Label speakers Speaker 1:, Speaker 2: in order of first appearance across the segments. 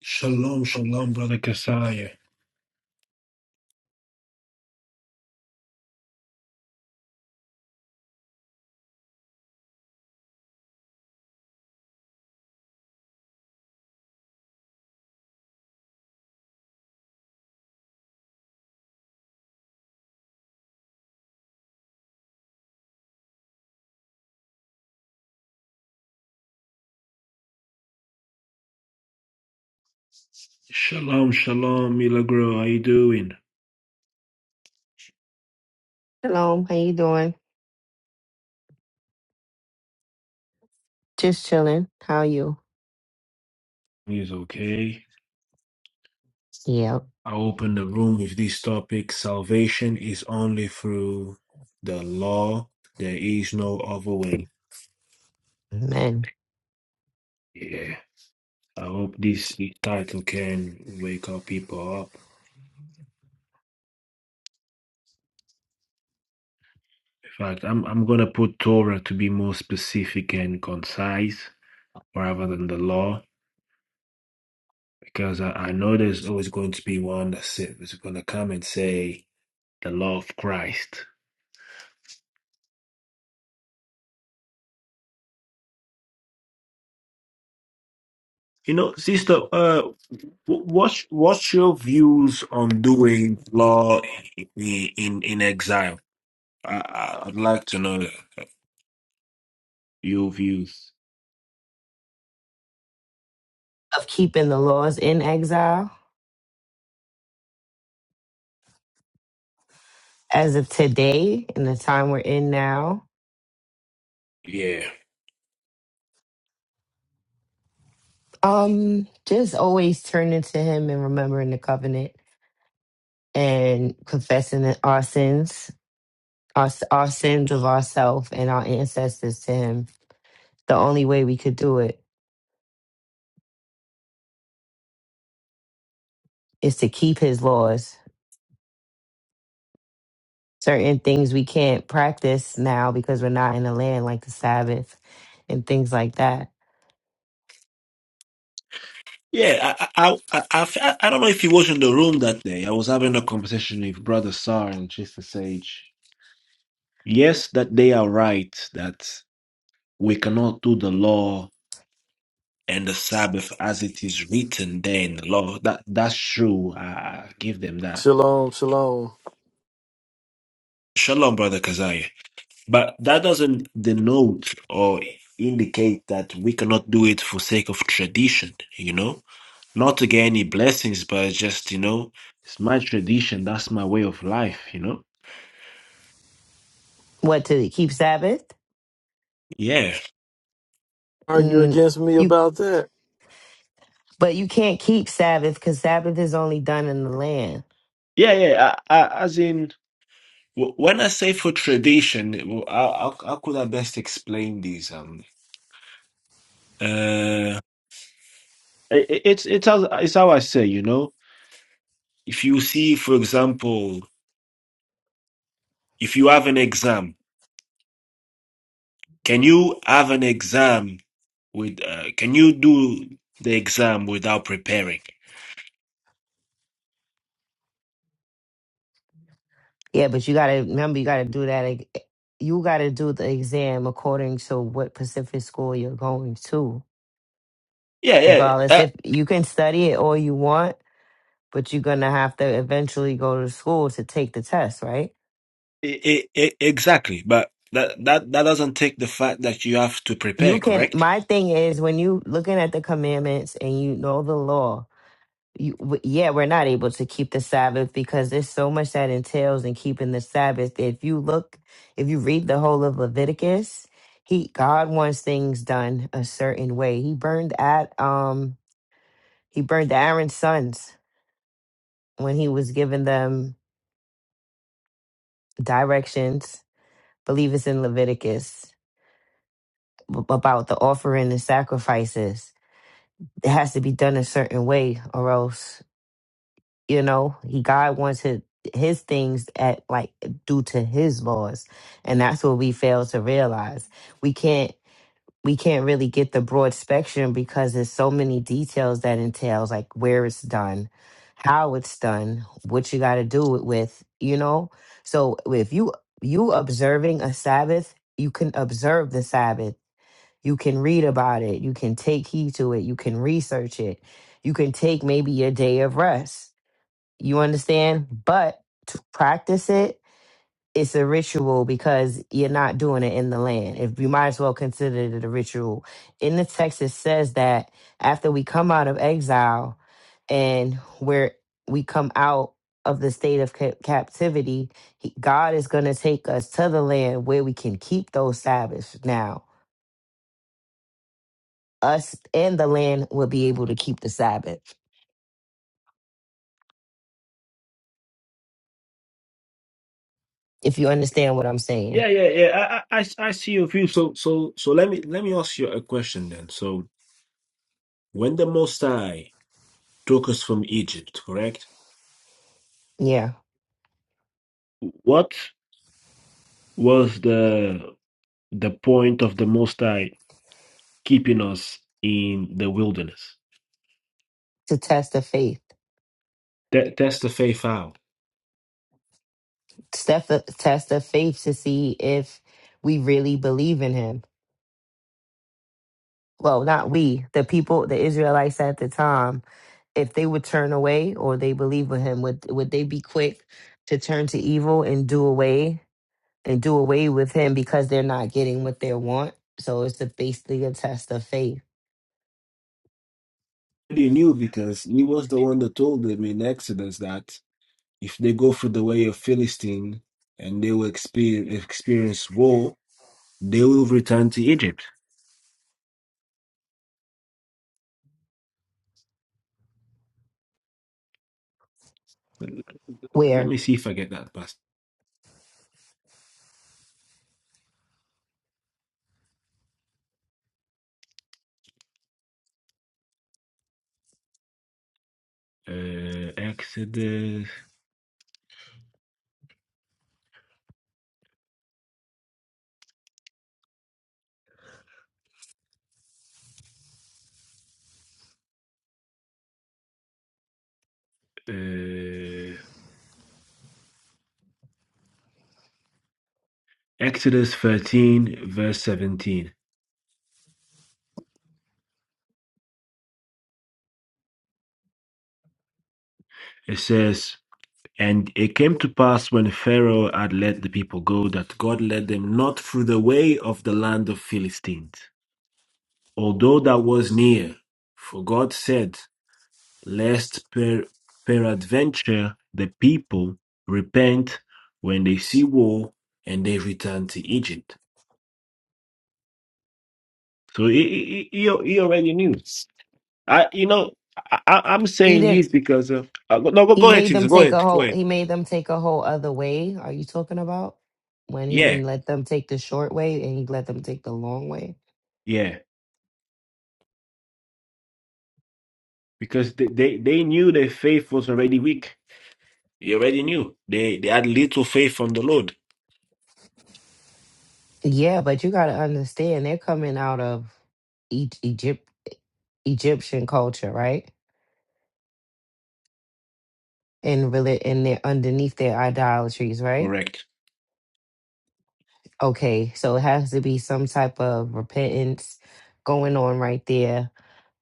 Speaker 1: Shalom, shalom, brother Kasaya. Shalom, shalom, Milagro. How you doing?
Speaker 2: Shalom, how you doing? Just chilling. How are you?
Speaker 1: He's okay.
Speaker 2: Yep.
Speaker 1: I open the room with this topic. Salvation is only through the law. There is no other way.
Speaker 2: Amen.
Speaker 1: Yeah. I hope this title can wake up people up. In fact, I'm I'm gonna put Torah to be more specific and concise rather than the law. Because I, I know there's always going to be one that's that's gonna come and say the law of Christ. You know, sister, uh, wh- what's what's your views on doing law in in, in exile? I, I- I'd like to know your views.
Speaker 2: Of keeping the laws in exile as of today, in the time we're in now.
Speaker 1: Yeah,
Speaker 2: Um, just always turning to him and remembering the covenant and confessing our sins, our, our sins of ourselves and our ancestors to him. The only way we could do it is to keep his laws. Certain things we can't practice now because we're not in the land, like the Sabbath and things like that
Speaker 1: yeah. I I, I I I fe- I don't know if he was in the room that day. I was having a conversation with Brother Sar and Sister Sage. Yes, that they are right that we cannot do the law and the Sabbath as it is written there in the law. That that's true. I, I give them that
Speaker 3: Shalom, shalom.
Speaker 1: Shalom, Brother Kazai. But that doesn't denote or indicate that we cannot do it for sake of tradition, you know? Not to get any blessings, but it's just, you know, it's my tradition. That's my way of life, you know?
Speaker 2: what to keep Sabbath?
Speaker 1: Yeah.
Speaker 3: Argue
Speaker 2: Mm,
Speaker 3: against me
Speaker 2: you
Speaker 3: about that.
Speaker 2: but you can't keep Sabbath because Sabbath is only done in the land.
Speaker 1: Yeah, yeah. I, I, as in, w- when I say for tradition, w- how, how, how could I best explain this? Um, uh, i- i- it's, it's, how, it's how I say, you know? If you see, for example, if you have an exam, Can you have an exam with? Uh, can you do the exam without preparing?
Speaker 2: Yeah, but you gotta remember you gotta do that. eg- You gotta do the exam according to what Pacific school you're going to.
Speaker 1: Yeah, yeah,
Speaker 2: Regardless,
Speaker 1: uh,
Speaker 2: if you can study it all you want, but you're gonna have to eventually go to school to take the test, right?
Speaker 1: I, I, I, exactly. But that that that doesn't take the fact that you have to
Speaker 2: You
Speaker 1: prepare,
Speaker 2: can.
Speaker 1: correct?
Speaker 2: My thing is when you looking at the commandments and you know the law. you, w- yeah, we're not able to keep the Sabbath because there's so much that entails in keeping the Sabbath. If you look, if you read the whole of Leviticus, he God wants things done a certain way. He burned at um he burned Aaron's sons when he was giving them directions. Believe it's in Leviticus ab- about the offering and sacrifices. It has to be done a certain way, or else you know he god wants his, his things at like due to his laws and that's what we fail to realize we can't we can't really get the broad spectrum because there's so many details that entails like where it's done how it's done what you got to do it with you know so if you you observing a sabbath you can observe the sabbath you can read about it you can take heed to it you can research it you can take maybe a day of rest you understand? But to practice it, it's a ritual because you're not doing it in the land. If you might as well consider it a ritual. In the text, it says that after we come out of exile and where we come out of the state of ca- captivity, he- God is going to take us to the land where we can keep those Sabbaths. Now, us and the land will be able to keep the Sabbath. If you understand what I'm saying,
Speaker 1: Yeah, yeah, yeah. I I, I I see your view. So so so let me let me ask you a question then. So when the Most High took us from Egypt, correct?
Speaker 2: yeah,
Speaker 1: What was the the point of the Most High keeping us in the wilderness?
Speaker 2: to test the faith.
Speaker 1: Te- test the faith out.
Speaker 2: step, test of faith to see if we really believe in him. Well, not we, the people, the Israelites at the time, if they would turn away or they believe with him, would would they be quick to turn to evil and do away and do away with him because they're not getting what they want? So it's the, basically a test of faith
Speaker 1: already knew because he was the one that told them in Exodus that if they go through the way of Philistine and they will experience, experience war, they will return to Egypt. Let let
Speaker 2: where
Speaker 1: me see if I get that past. Uh, Exodus, uh, Exodus 13, verse 17. It says, And it came to pass when Pharaoh had let the people go that God led them not through the way of the land of Philistines although that was near. For God said, Lest per- peradventure the people repent when they see war and they return to Egypt. So he, he, he he- already knew. I, you know, I, I- I'm
Speaker 2: he
Speaker 1: saying
Speaker 2: didn't.
Speaker 1: this because uh, uh, no, go,
Speaker 2: He
Speaker 1: go ahead,
Speaker 2: made
Speaker 1: Jesus,
Speaker 2: them
Speaker 1: go
Speaker 2: take a
Speaker 1: ahead, go
Speaker 2: whole.
Speaker 1: ahead.
Speaker 2: He made them take a whole other way. Are you talking about when he
Speaker 1: Yeah,
Speaker 2: didn't let them take the short way and he let them take the long way?
Speaker 1: yeah, because they, they, they knew their faith was already weak. They already knew they they had little faith from the Lord.
Speaker 2: Yeah, but you got to understand they're coming out of e- Egypt, Egyptian culture, right? And really, and they're underneath their idolatries, right?
Speaker 1: Correct.
Speaker 2: Okay, so it has to be some type of repentance going on right there,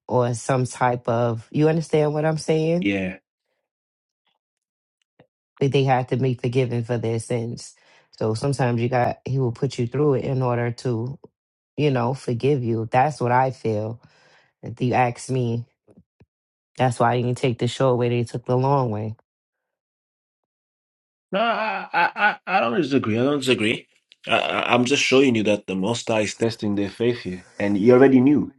Speaker 2: or some type of you understand what I'm saying?
Speaker 1: Yeah.
Speaker 2: That they have to be forgiven for their sins. So sometimes you got he will put you through it in order to, you know, forgive you. That's what I feel. If you ask me, That's why you can take the short way. They took the long way.
Speaker 1: No, I, I, I I don't disagree. I don't disagree. I, I- I'm just showing you that the Most High is testing their faith here, and you already knew.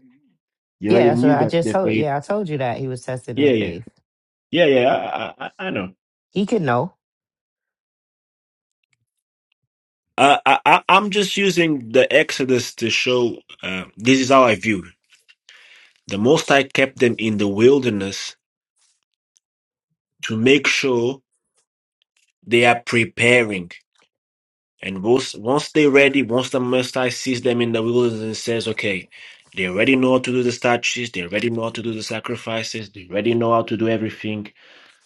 Speaker 1: You
Speaker 2: Yeah,
Speaker 1: already
Speaker 2: that's what
Speaker 1: knew
Speaker 2: I
Speaker 1: that
Speaker 2: just
Speaker 1: their
Speaker 2: told.
Speaker 1: faith.
Speaker 2: Yeah, I told you that he was testing
Speaker 1: Yeah,
Speaker 2: their
Speaker 1: yeah,
Speaker 2: faith.
Speaker 1: yeah, yeah. I, I, I I know.
Speaker 2: He could know.
Speaker 1: I, I, I- I'm just using the Exodus to show. Uh, this is how I view it. the Most High kept them in the wilderness to make sure they are preparing. And once, once they're ready, once the Most High sees them in the wilderness and says, okay, they already know how to do the statues, they already know how to do the sacrifices, they already know how to do everything.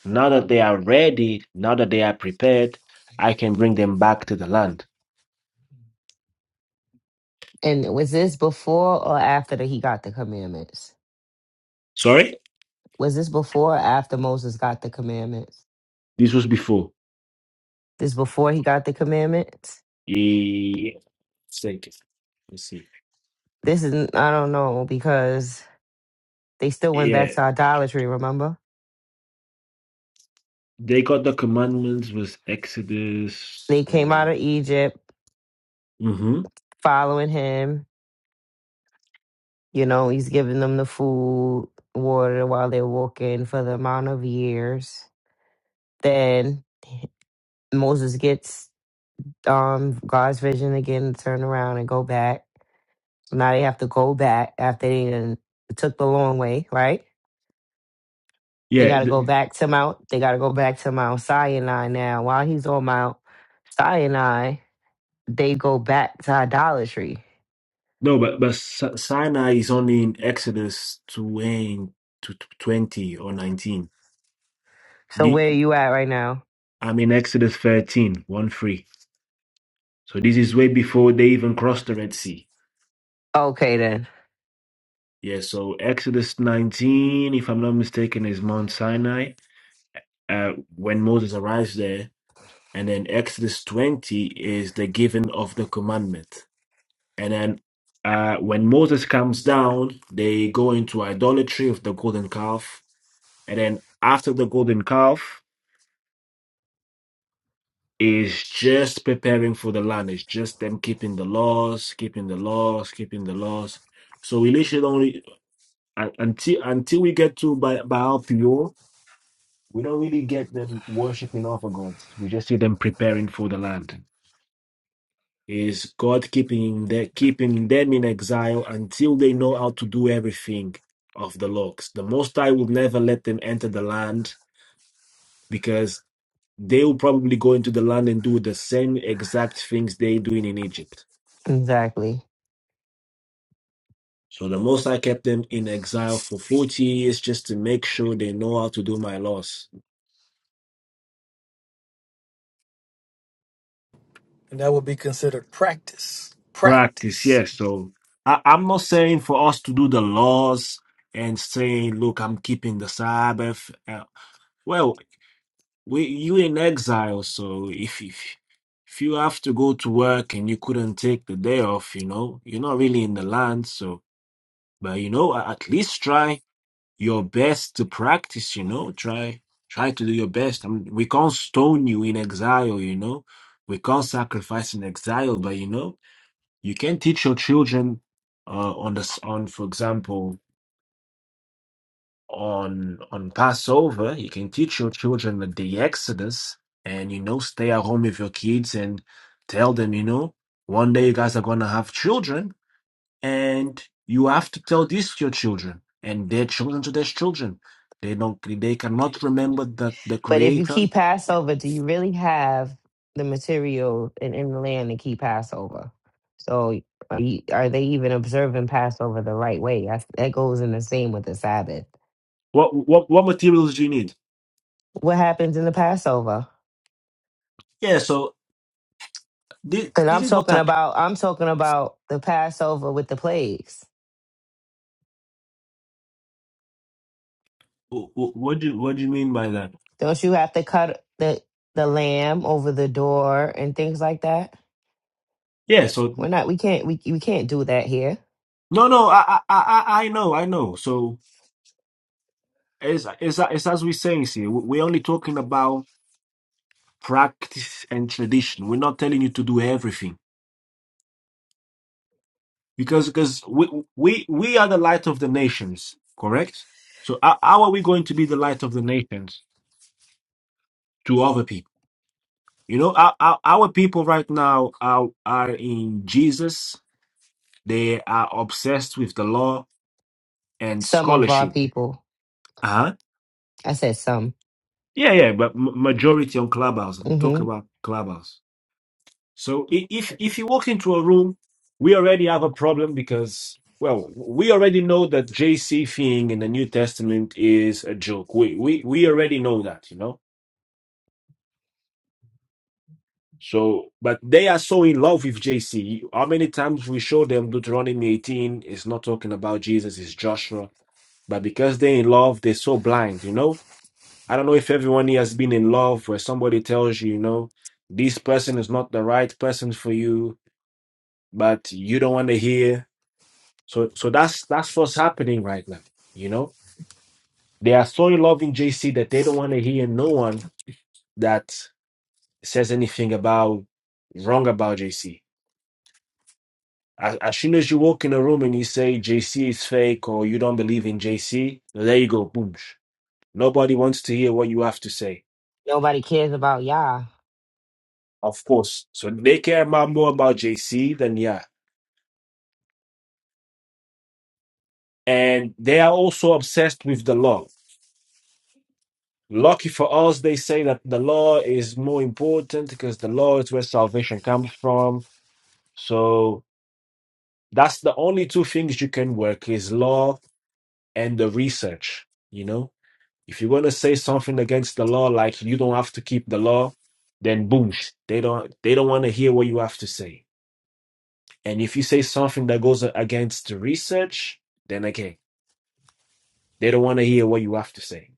Speaker 1: Now that they are ready, now that they are prepared, I can bring them back to the land.
Speaker 2: And was this before or after that he got the commandments?
Speaker 1: Sorry?
Speaker 2: Was this before or after Moses got the commandments?
Speaker 1: This was before.
Speaker 2: This before he got the commandments?
Speaker 1: Yeah. Thank you. Let's see.
Speaker 2: This is I don't know because they still went back
Speaker 1: Yeah.
Speaker 2: to idolatry. Remember,
Speaker 1: They got the commandments with Exodus.
Speaker 2: they came out of Egypt
Speaker 1: Mm-hmm.
Speaker 2: following him. You know, he's giving them the food, water while they're walking for the amount of years. Then Moses gets um God's vision again to turn around and go back. So now they have to go back after they done took the long way, right? They got to
Speaker 1: Yeah.
Speaker 2: go back to Mount. They got to go back to Mount Sinai now. While he's on Mount Sinai, they go back to idolatry.
Speaker 1: No, but but Si- Sinai is only in Exodus 20, to 20 or 19.
Speaker 2: So
Speaker 1: The,
Speaker 2: where are you at right now?
Speaker 1: I'm in Exodus thirteen one 3. So this is way before they even crossed the Red Sea.
Speaker 2: Okay, then
Speaker 1: Yeah, so Exodus 19, if I'm not mistaken, is Mount Sinai uh, when Moses arrives there. And then Exodus 20 is the giving of the commandment. And then uh, when Moses comes down, they go into idolatry of the golden calf And then after the golden calf is just preparing for the land. It's just them keeping the laws, keeping the laws, keeping the laws. So we literally only un- until until we get to by Baal Theor, we don't really get them worshiping other gods. We just see them preparing for the land. Is God keeping their keeping them in exile until they know how to do everything of the laws? The Most High will never let them enter the land because. they will probably go into the land and do the same exact things they're doing in Egypt.
Speaker 2: exactly.
Speaker 1: So the Most I kept them in exile for 40 years just to make sure they know how to do my laws.
Speaker 3: And that would be considered practice.
Speaker 1: Practice,
Speaker 3: Practice.
Speaker 1: yes. So I, I'm not saying for us to do the laws and saying, look, I'm keeping the Sabbath. Uh, well, we, you in exile, so if, if if you have to go to work and you couldn't take the day off, you know, you're not really in the land. So, but you know, a- at least try. your best to practice, you know. Try try to do your best. I mean, we can't stone you in exile, you know. We can't sacrifice in exile, but you know, you can teach your children uh, on this on, for example, on on Passover. You can teach your children the, the Exodus, and you know, stay at home with your kids and tell them, you know, one day you guys are gonna have children and you have to tell this to your children and their children to their children they don't they cannot remember the the
Speaker 2: But if you
Speaker 1: creator
Speaker 2: keep Passover, do you really have the material in, in the land to keep Passover? So are, you, are they even observing Passover the right way? That's, that goes in the same with the Sabbath.
Speaker 1: What what what materials do you need?
Speaker 2: What happens in the Passover?
Speaker 1: yeah so this,
Speaker 2: And
Speaker 1: this
Speaker 2: I'm
Speaker 1: is what
Speaker 2: talking
Speaker 1: i
Speaker 2: about I'm talking about the Passover with the plagues.
Speaker 1: wh- wh- what do you what do you mean by that
Speaker 2: Don't you have to cut the the lamb over the door and things like that?
Speaker 1: yeah so
Speaker 2: We're not we can't we we can't do that here.
Speaker 1: no no i i i, I I know i know so it's, it's, it's as we're saying see we're only talking about practice and tradition we're not telling you to do everything because because we we we are the light of the nations correct so how, how are we going to be the light of the nations to other people you know our, our, our people right now are are in jesus they are obsessed with the law and
Speaker 2: Some of our
Speaker 1: scholarship
Speaker 2: people,
Speaker 1: uh-huh
Speaker 2: I said some.
Speaker 1: yeah yeah but m- majority on clubhouse I'm
Speaker 2: hmm
Speaker 1: talking about clubhouse So if if you walk into a room, we already have a problem because well, we already know that JC thing in the New Testament is a joke. We we we already know that, you know. So, but they are so in love with JC. How many times we show them Deuteronomy 18 is not talking about Jesus, it's Joshua. But because they're in love, they're so blind, you know. I don't know if everyone here has been in love where somebody tells you, you know, this person is not the right person for you, but you don't want to hear So so that's that's what's happening right now. You know, they are so in love in JC that they don't want to hear no one that says anything about wrong about JC. As, as soon as you walk in a room and you say JC is fake or you don't believe in JC, there you go, boom. Nobody wants to hear what you have to say.
Speaker 2: Nobody cares about Yah.
Speaker 1: Of course. So they care about more about JC than yeah. And they are also obsessed with the law Lucky for us, they say that the law is more important because the law is where salvation comes from. So that's the only two things you can work is law and the research. You know, if you're going to say something against the law, like you don't have to keep the law, then boom, they don't they don't want to hear what you have to say. And if you say something that goes against the research, then again, they don't want to hear what you have to say.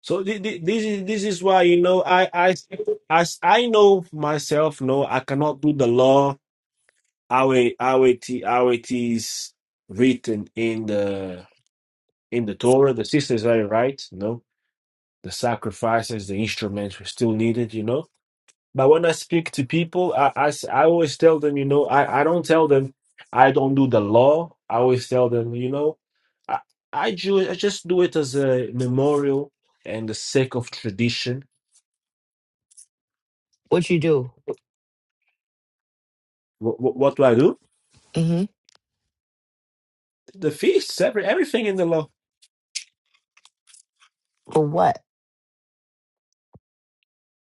Speaker 1: So thi- thi- this is this is why you know I I as I know myself. No, I cannot do the law how it how it how it is written in the in the Torah. The sisters are right. no the sacrifices, the instruments were still needed. You know, but when I speak to people, I I, s- I always tell them. You know, I I don't tell them I don't do the law. I always tell them. You know, I I, ju- I just do it as a memorial and the sake of tradition
Speaker 2: What you do?
Speaker 1: What, what, what do I do?
Speaker 2: hmm
Speaker 1: The feasts, every, everything in the law.
Speaker 2: For what?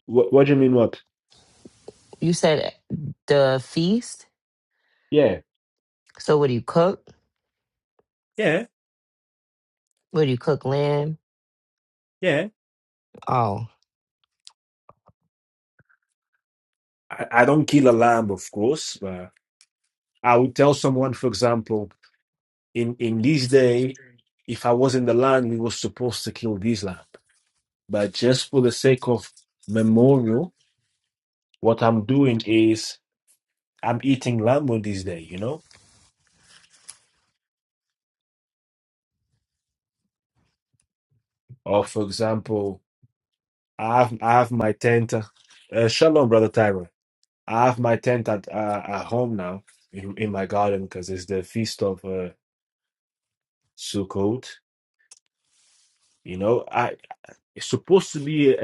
Speaker 1: What, what do you mean, what?
Speaker 2: You said the feast.
Speaker 1: Yeah.
Speaker 2: So what do you cook?
Speaker 1: Yeah,
Speaker 2: What do you cook? Lamb.
Speaker 1: yeah.
Speaker 2: Oh,
Speaker 1: I, I don't kill a lamb, of course, but I would tell someone, for example, in, in this day, if I was in the land, we were supposed to kill this lamb. But just for the sake of memorial, what I'm doing is I'm eating lamb on this day, you know? Or, for example, I have, I have my tent. Uh, shalom, brother Tyron. I have my tent at uh, at home now in, in my garden because it's the feast of uh, Sukkot. You know, I it's supposed to be a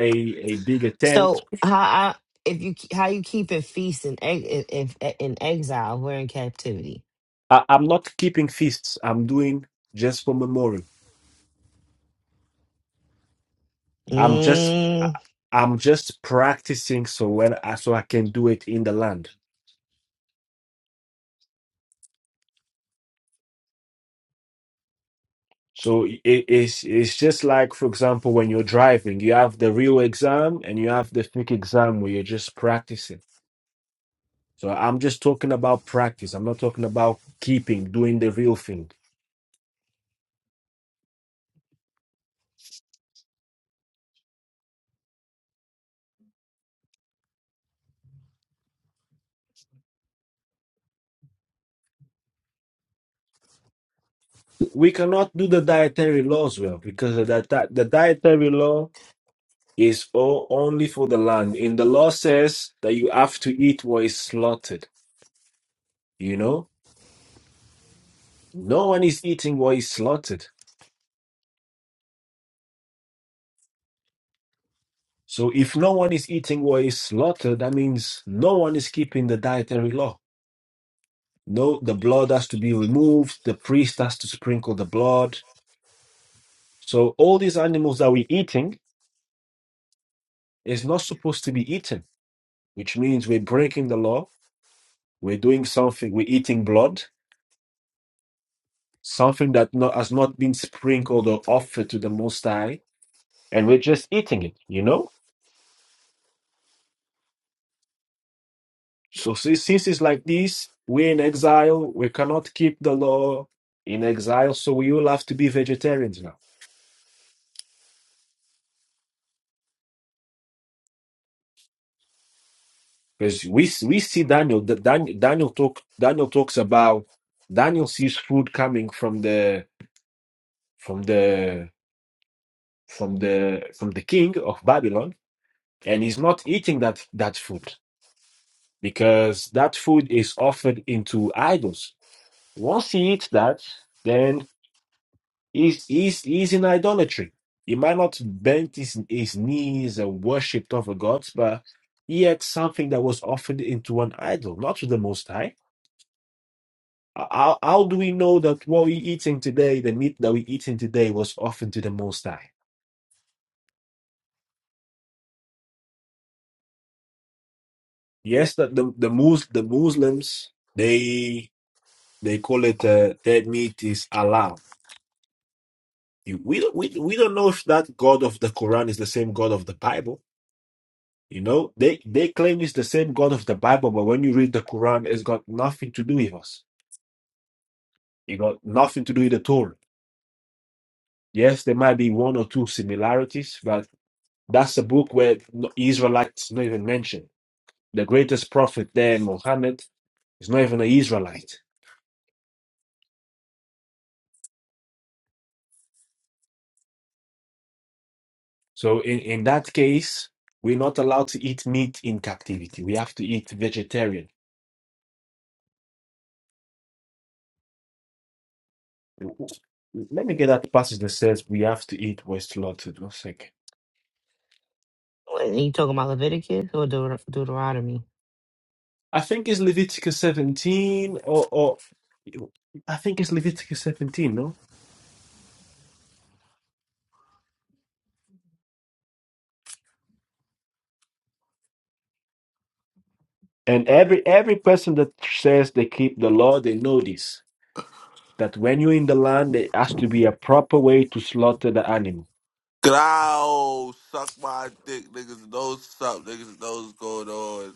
Speaker 1: a bigger tent.
Speaker 2: so how I, if you how you keep a feast in ex- if, if e, in exile? We're in captivity.
Speaker 1: I, I'm not keeping feasts. I'm doing just for memorial. I'm just I,
Speaker 2: Mm,
Speaker 1: I'm just practicing so when I, so I can do it in the land. So it, it's it's just like for example when you're driving, you have the real exam and you have the fake exam where you're just practicing. So I'm just talking about practice. I'm not talking about keeping, doing the real thing. We cannot do the dietary laws well because the, diet- the dietary law is all only for the land. In the law says that you have to eat what is slaughtered. You know, no one is eating what is slaughtered. So if no one is eating what is slaughtered, that means no one is keeping the dietary law. No, the blood has to be removed. The priest has to sprinkle the blood. So all these animals that we're eating Is not supposed to be eaten, which means we're breaking the law. We're doing something. We're eating blood, something that not, has not been sprinkled or offered to the Most High, and we're just eating it. You know. So si- since it's like this, we're in exile. We cannot keep the law in exile, so we will have to be vegetarians now. Because we s- we see Daniel. the Dan, Daniel talk. Daniel talks about. Daniel sees food coming from the from the from the from the king of Babylon and he's not eating that that food because that food is offered into idols. Once he eats that, then he's he's he's in idolatry. He might not bend his his knees and worshipped other gods, but he ate something that was offered into an idol, not to the Most High. How, how do we know that what we eating today, the meat that we eating today, was offered to the Most High? Yes, that the the, Mus- the Muslims they they call it uh, dead meat is halal You- we don't we, we don't know if that God of the Quran is the same God of the Bible. You know, they they claim it's the same God of the Bible, but when you read the Quran, it's got nothing to do with us. It got nothing to do with the Torah. Yes, there might be one or two similarities, but that's a book where no- Israelites not even mentioned. The greatest prophet there, Muhammad, is not even an Israelite. So in, in that case, we're not allowed to eat meat in captivity. We have to eat vegetarian Let me get that passage that says we have to eat what's slaughtered. One sec.
Speaker 2: what, you talking about Leviticus or Deut- Deuteronomy?
Speaker 1: I think it's Leviticus 17, or, or I think it's Leviticus 17, no? And every every person that says they keep the law, they know this. That when you're in the land, there has to be a proper way to slaughter the animal.
Speaker 4: Growl, suck my dick, niggas. Those suck, niggas. Those going on.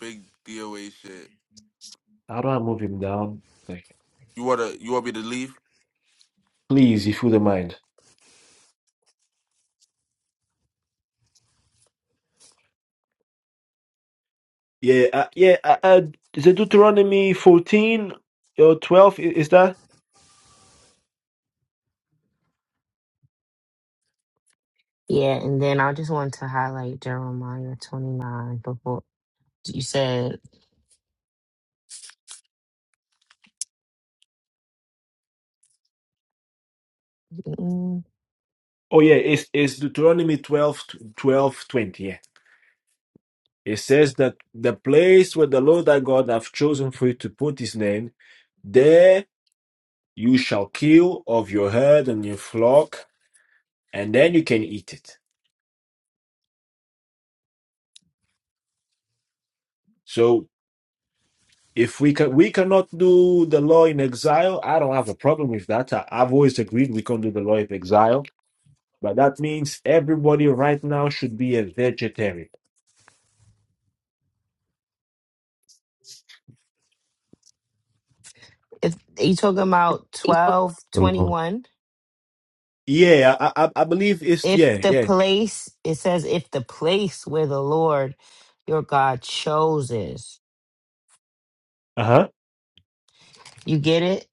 Speaker 4: Big DOA shit.
Speaker 1: How do I move him down? Like,
Speaker 4: You wanna, you want me to leave?
Speaker 1: please, if you don't mind. Yeah, uh, yeah. Uh, uh, is it Deuteronomy 14 or 12? I- Is that?
Speaker 2: Yeah, and then I just want to highlight Jeremiah twenty nine before you said mm,
Speaker 1: Oh yeah, it's it's Deuteronomy twelve twelve twenty? 12, It says that the place where the Lord thy God hath chosen for you to put his name, there you shall kill of your herd and your flock, and then you can eat it. So if we can, we cannot do the law in exile. I don't have a problem with that. I, I've always agreed we can't do the law in exile, but that means everybody right now should be a vegetarian.
Speaker 2: if you talking about twelve twenty one.
Speaker 1: Yeah, I I, I believe it's
Speaker 2: if
Speaker 1: yeah
Speaker 2: the
Speaker 1: yeah
Speaker 2: place it says if the place where the lord your god chose is
Speaker 1: uh huh
Speaker 2: you get it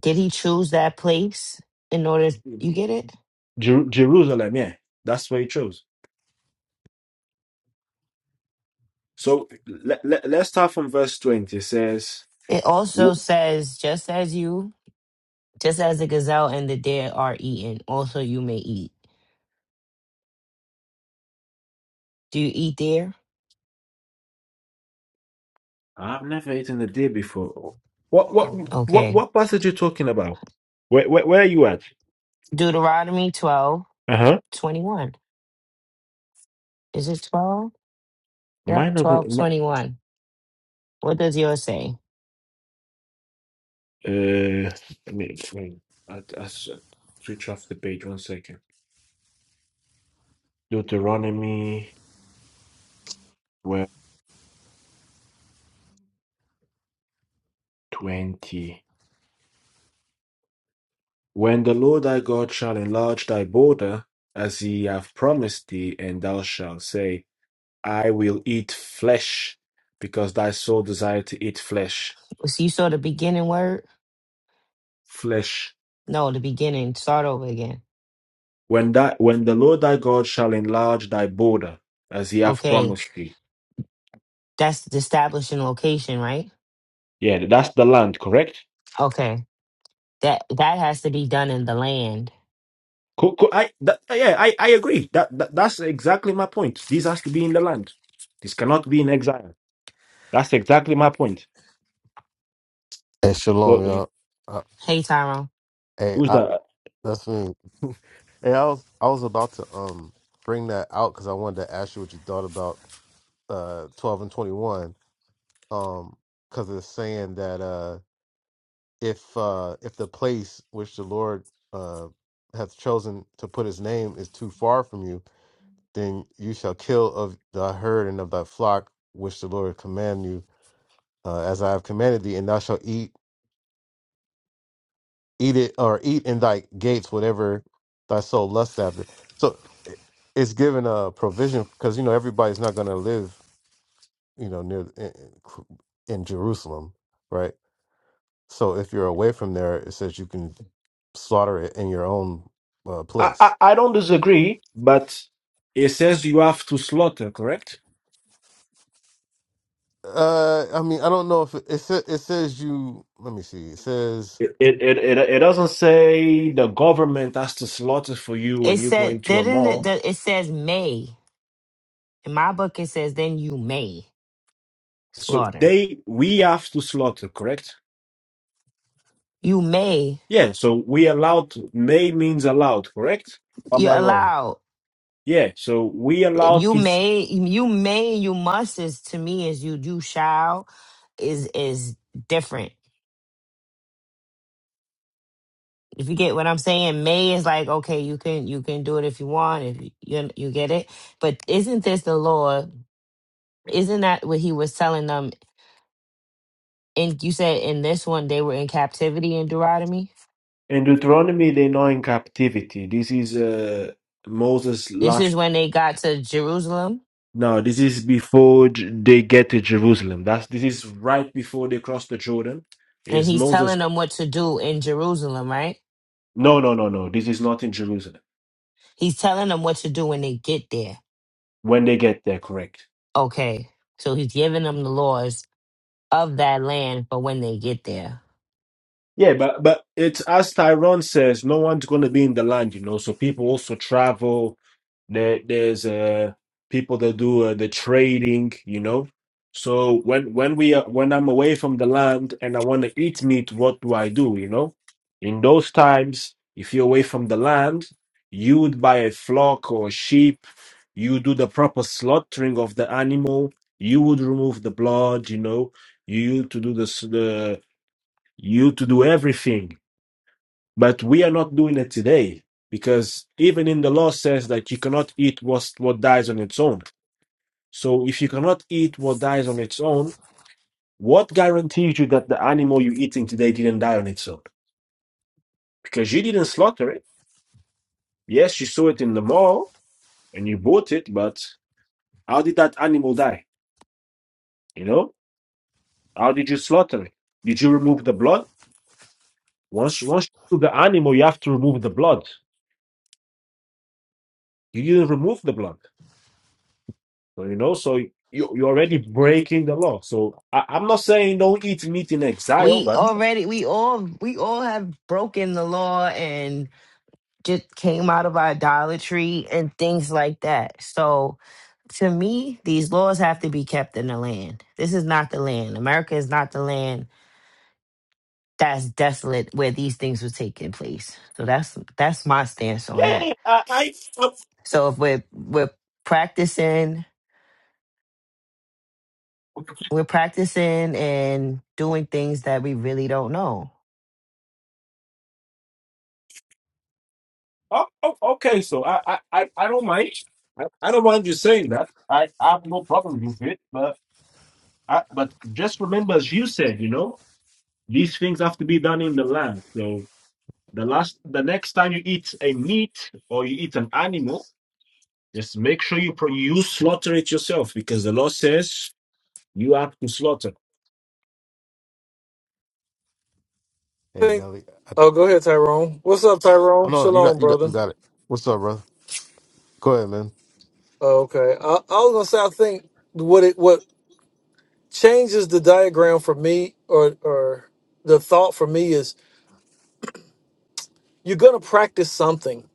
Speaker 2: did he choose that place in order you get it
Speaker 1: Jer- Jerusalem. Yeah, that's where he chose. So let, let, let's start from verse 20. It says,
Speaker 2: it also
Speaker 1: "Wh-
Speaker 2: says just as you just as the gazelle and the deer are eaten also you may eat do you eat deer
Speaker 1: I've never eaten a deer before. What what what
Speaker 2: okay
Speaker 1: what passage are you talking about? Where where, where are you at?
Speaker 2: deuteronomy 12
Speaker 1: Uh-huh.
Speaker 2: 21. is it 12 yep
Speaker 1: Mine doesn't
Speaker 2: 12
Speaker 1: mi-
Speaker 2: 21. what does yours say
Speaker 1: uh let me explain. I, I s- switch off the page one second. Deuteronomy 12, 20. When the Lord thy God shall enlarge thy border, as he hath promised thee, and thou shalt say. I will eat flesh because thy soul desire to eat flesh.
Speaker 2: so you saw the beginning word
Speaker 1: Flesh.
Speaker 2: no the beginning start over again
Speaker 1: When that when the Lord thy God shall enlarge thy border as he hath
Speaker 2: okay
Speaker 1: promised thee.
Speaker 2: That's the establishing location, right?
Speaker 1: Yeah, that's the land, correct?
Speaker 2: Okay. That that has to be done in the land.
Speaker 1: Co- co- I, that, yeah, I, I agree. That, that that's exactly my point. This has to be in the land. This cannot be in exile. That's exactly my point.
Speaker 5: Hey,
Speaker 1: So
Speaker 5: shalom,
Speaker 1: Yeah.
Speaker 5: y'all. Uh,
Speaker 2: Hey Tyrone.
Speaker 5: hey,
Speaker 1: who's
Speaker 5: I,
Speaker 1: that?
Speaker 5: that's me. hey, I was I was about to um bring that out because I wanted to ask you what you thought about uh twelve and twenty one. Um, because it's saying that uh if uh if the place which the Lord uh hath chosen to put His name is too far from you, then you shall kill of thy herd and of thy flock which the Lord command you, uh, as I have commanded thee, and thou shalt eat. eat it or eat in thy gates whatever thy soul lusts after. So it- it's given a provision because you know everybody's not going to live you know near in, in Jerusalem, right? So if you're away from there, it says you can slaughter it in your own uh,
Speaker 1: I, I,
Speaker 5: place.
Speaker 1: I don't disagree, but it says you have to slaughter, correct?
Speaker 5: Uh, I mean, I don't know if it, it sa- it says you. Let me see. It says,
Speaker 1: It, it it it it doesn't say the government has to slaughter for you
Speaker 2: It
Speaker 1: when you go
Speaker 2: said
Speaker 1: into a
Speaker 2: didn't it
Speaker 1: mall.
Speaker 2: that it says may. In my book it says then you may
Speaker 1: So
Speaker 2: slaughter.
Speaker 1: they we have to slaughter, correct?
Speaker 2: You may
Speaker 1: Yeah. So we allowed may means allowed, correct? Or Am
Speaker 2: you're
Speaker 1: I wrong?
Speaker 2: allowed.
Speaker 1: Yeah. So we allowed
Speaker 2: You
Speaker 1: to.
Speaker 2: may you may you must is to me is you do shall is is different. If you get what I'm saying, may is like okay, you can you can do it if you want, if you you you get it. But isn't this the law? Isn't that what he was telling them And you said in this one they were in captivity in Deuteronomy.
Speaker 1: In Deuteronomy, they know in captivity. This is uh, Moses'
Speaker 2: This is
Speaker 1: last.
Speaker 2: when they got to Jerusalem,
Speaker 1: No, this is before J- they get to Jerusalem. That's this is right before they cross the Jordan.
Speaker 2: and
Speaker 1: Is
Speaker 2: he's
Speaker 1: Moses?
Speaker 2: telling them what to do in Jerusalem, right?
Speaker 1: No, no, no, no. This is not in Jerusalem.
Speaker 2: He's telling them what to do when they get there.
Speaker 1: when they get there, correct.
Speaker 2: Okay, so he's giving them the laws of that land for when they get there.
Speaker 1: Yeah, but but it's as Tyrone says, no one's gonna be in the land, you know. So people also travel. There, there's uh people that do uh, the trading, you know. So when when we are, when I'm away from the land and I want to eat meat, what do I do, you know? In those times, if you're away from the land, you would buy a flock or sheep. You do the proper slaughtering of the animal. You would remove the blood, you know. You used to do this you to do everything. But we are not doing it today because even in the law says that you cannot eat what, what dies on its own. So if you cannot eat what dies on its own, what guarantees you that the animal you're eating today didn't die on its own? Because you didn't slaughter it. Yes, you saw it in the mall and you bought it, but how did that animal die? You know, how did you slaughter it? Did you remove the blood? Once, once you do the animal, you have to remove the blood. You didn't remove the blood. So you know, so you you're already breaking the law. So I, I'm not saying don't eat meat in exile,
Speaker 2: We
Speaker 1: but
Speaker 2: already, we all, we all have broken the law and just came out of idolatry and things like that. So to me, these laws have to be kept in the land. This is not the land. America is not the land that's desolate where these things were taking place. So that's that's my stance on that.
Speaker 1: yeah, I, I oh,
Speaker 2: So if we're we're practicing we're practicing and doing things that we really don't know.
Speaker 1: oh, oh, okay. So I, I I I don't mind. I, I don't mind you saying that. I, I have no problem with it. But I, but just remember, as you said, you know, these things have to be done in the land. So the last, the next time you eat a meat or you eat an animal, just make sure you pro- you slaughter it yourself because the law says you have to slaughter.
Speaker 5: "Hey
Speaker 3: Think-
Speaker 5: Nelly, I
Speaker 3: Oh,
Speaker 5: th-
Speaker 3: go ahead, Tyrone. What's up,
Speaker 5: oh
Speaker 3: Tyrone?
Speaker 5: no, you
Speaker 3: Shalom,
Speaker 5: got you got
Speaker 3: brother.
Speaker 5: you got it. What's up, brother? Go ahead, man.
Speaker 3: Oh, okay. I, I was gonna say I think what it what changes the diagram for me or or the thought for me is you're gonna practice something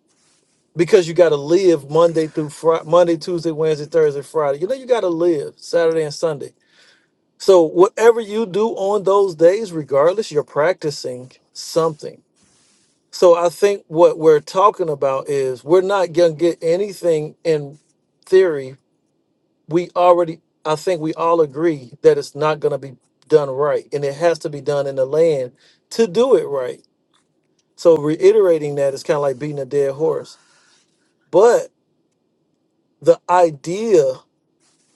Speaker 3: because you gotta live Monday through Friday, Monday, Tuesday, Wednesday, Thursday, Friday. You know you gotta live Saturday and Sunday So whatever you do on those days, regardless, you're practicing something. So I think what we're talking about is we're not gonna get anything in theory. We already I think we all agree that it's not gonna be done right and it has to be done in the land to do it right. So reiterating that is kind of like beating a dead horse. But the idea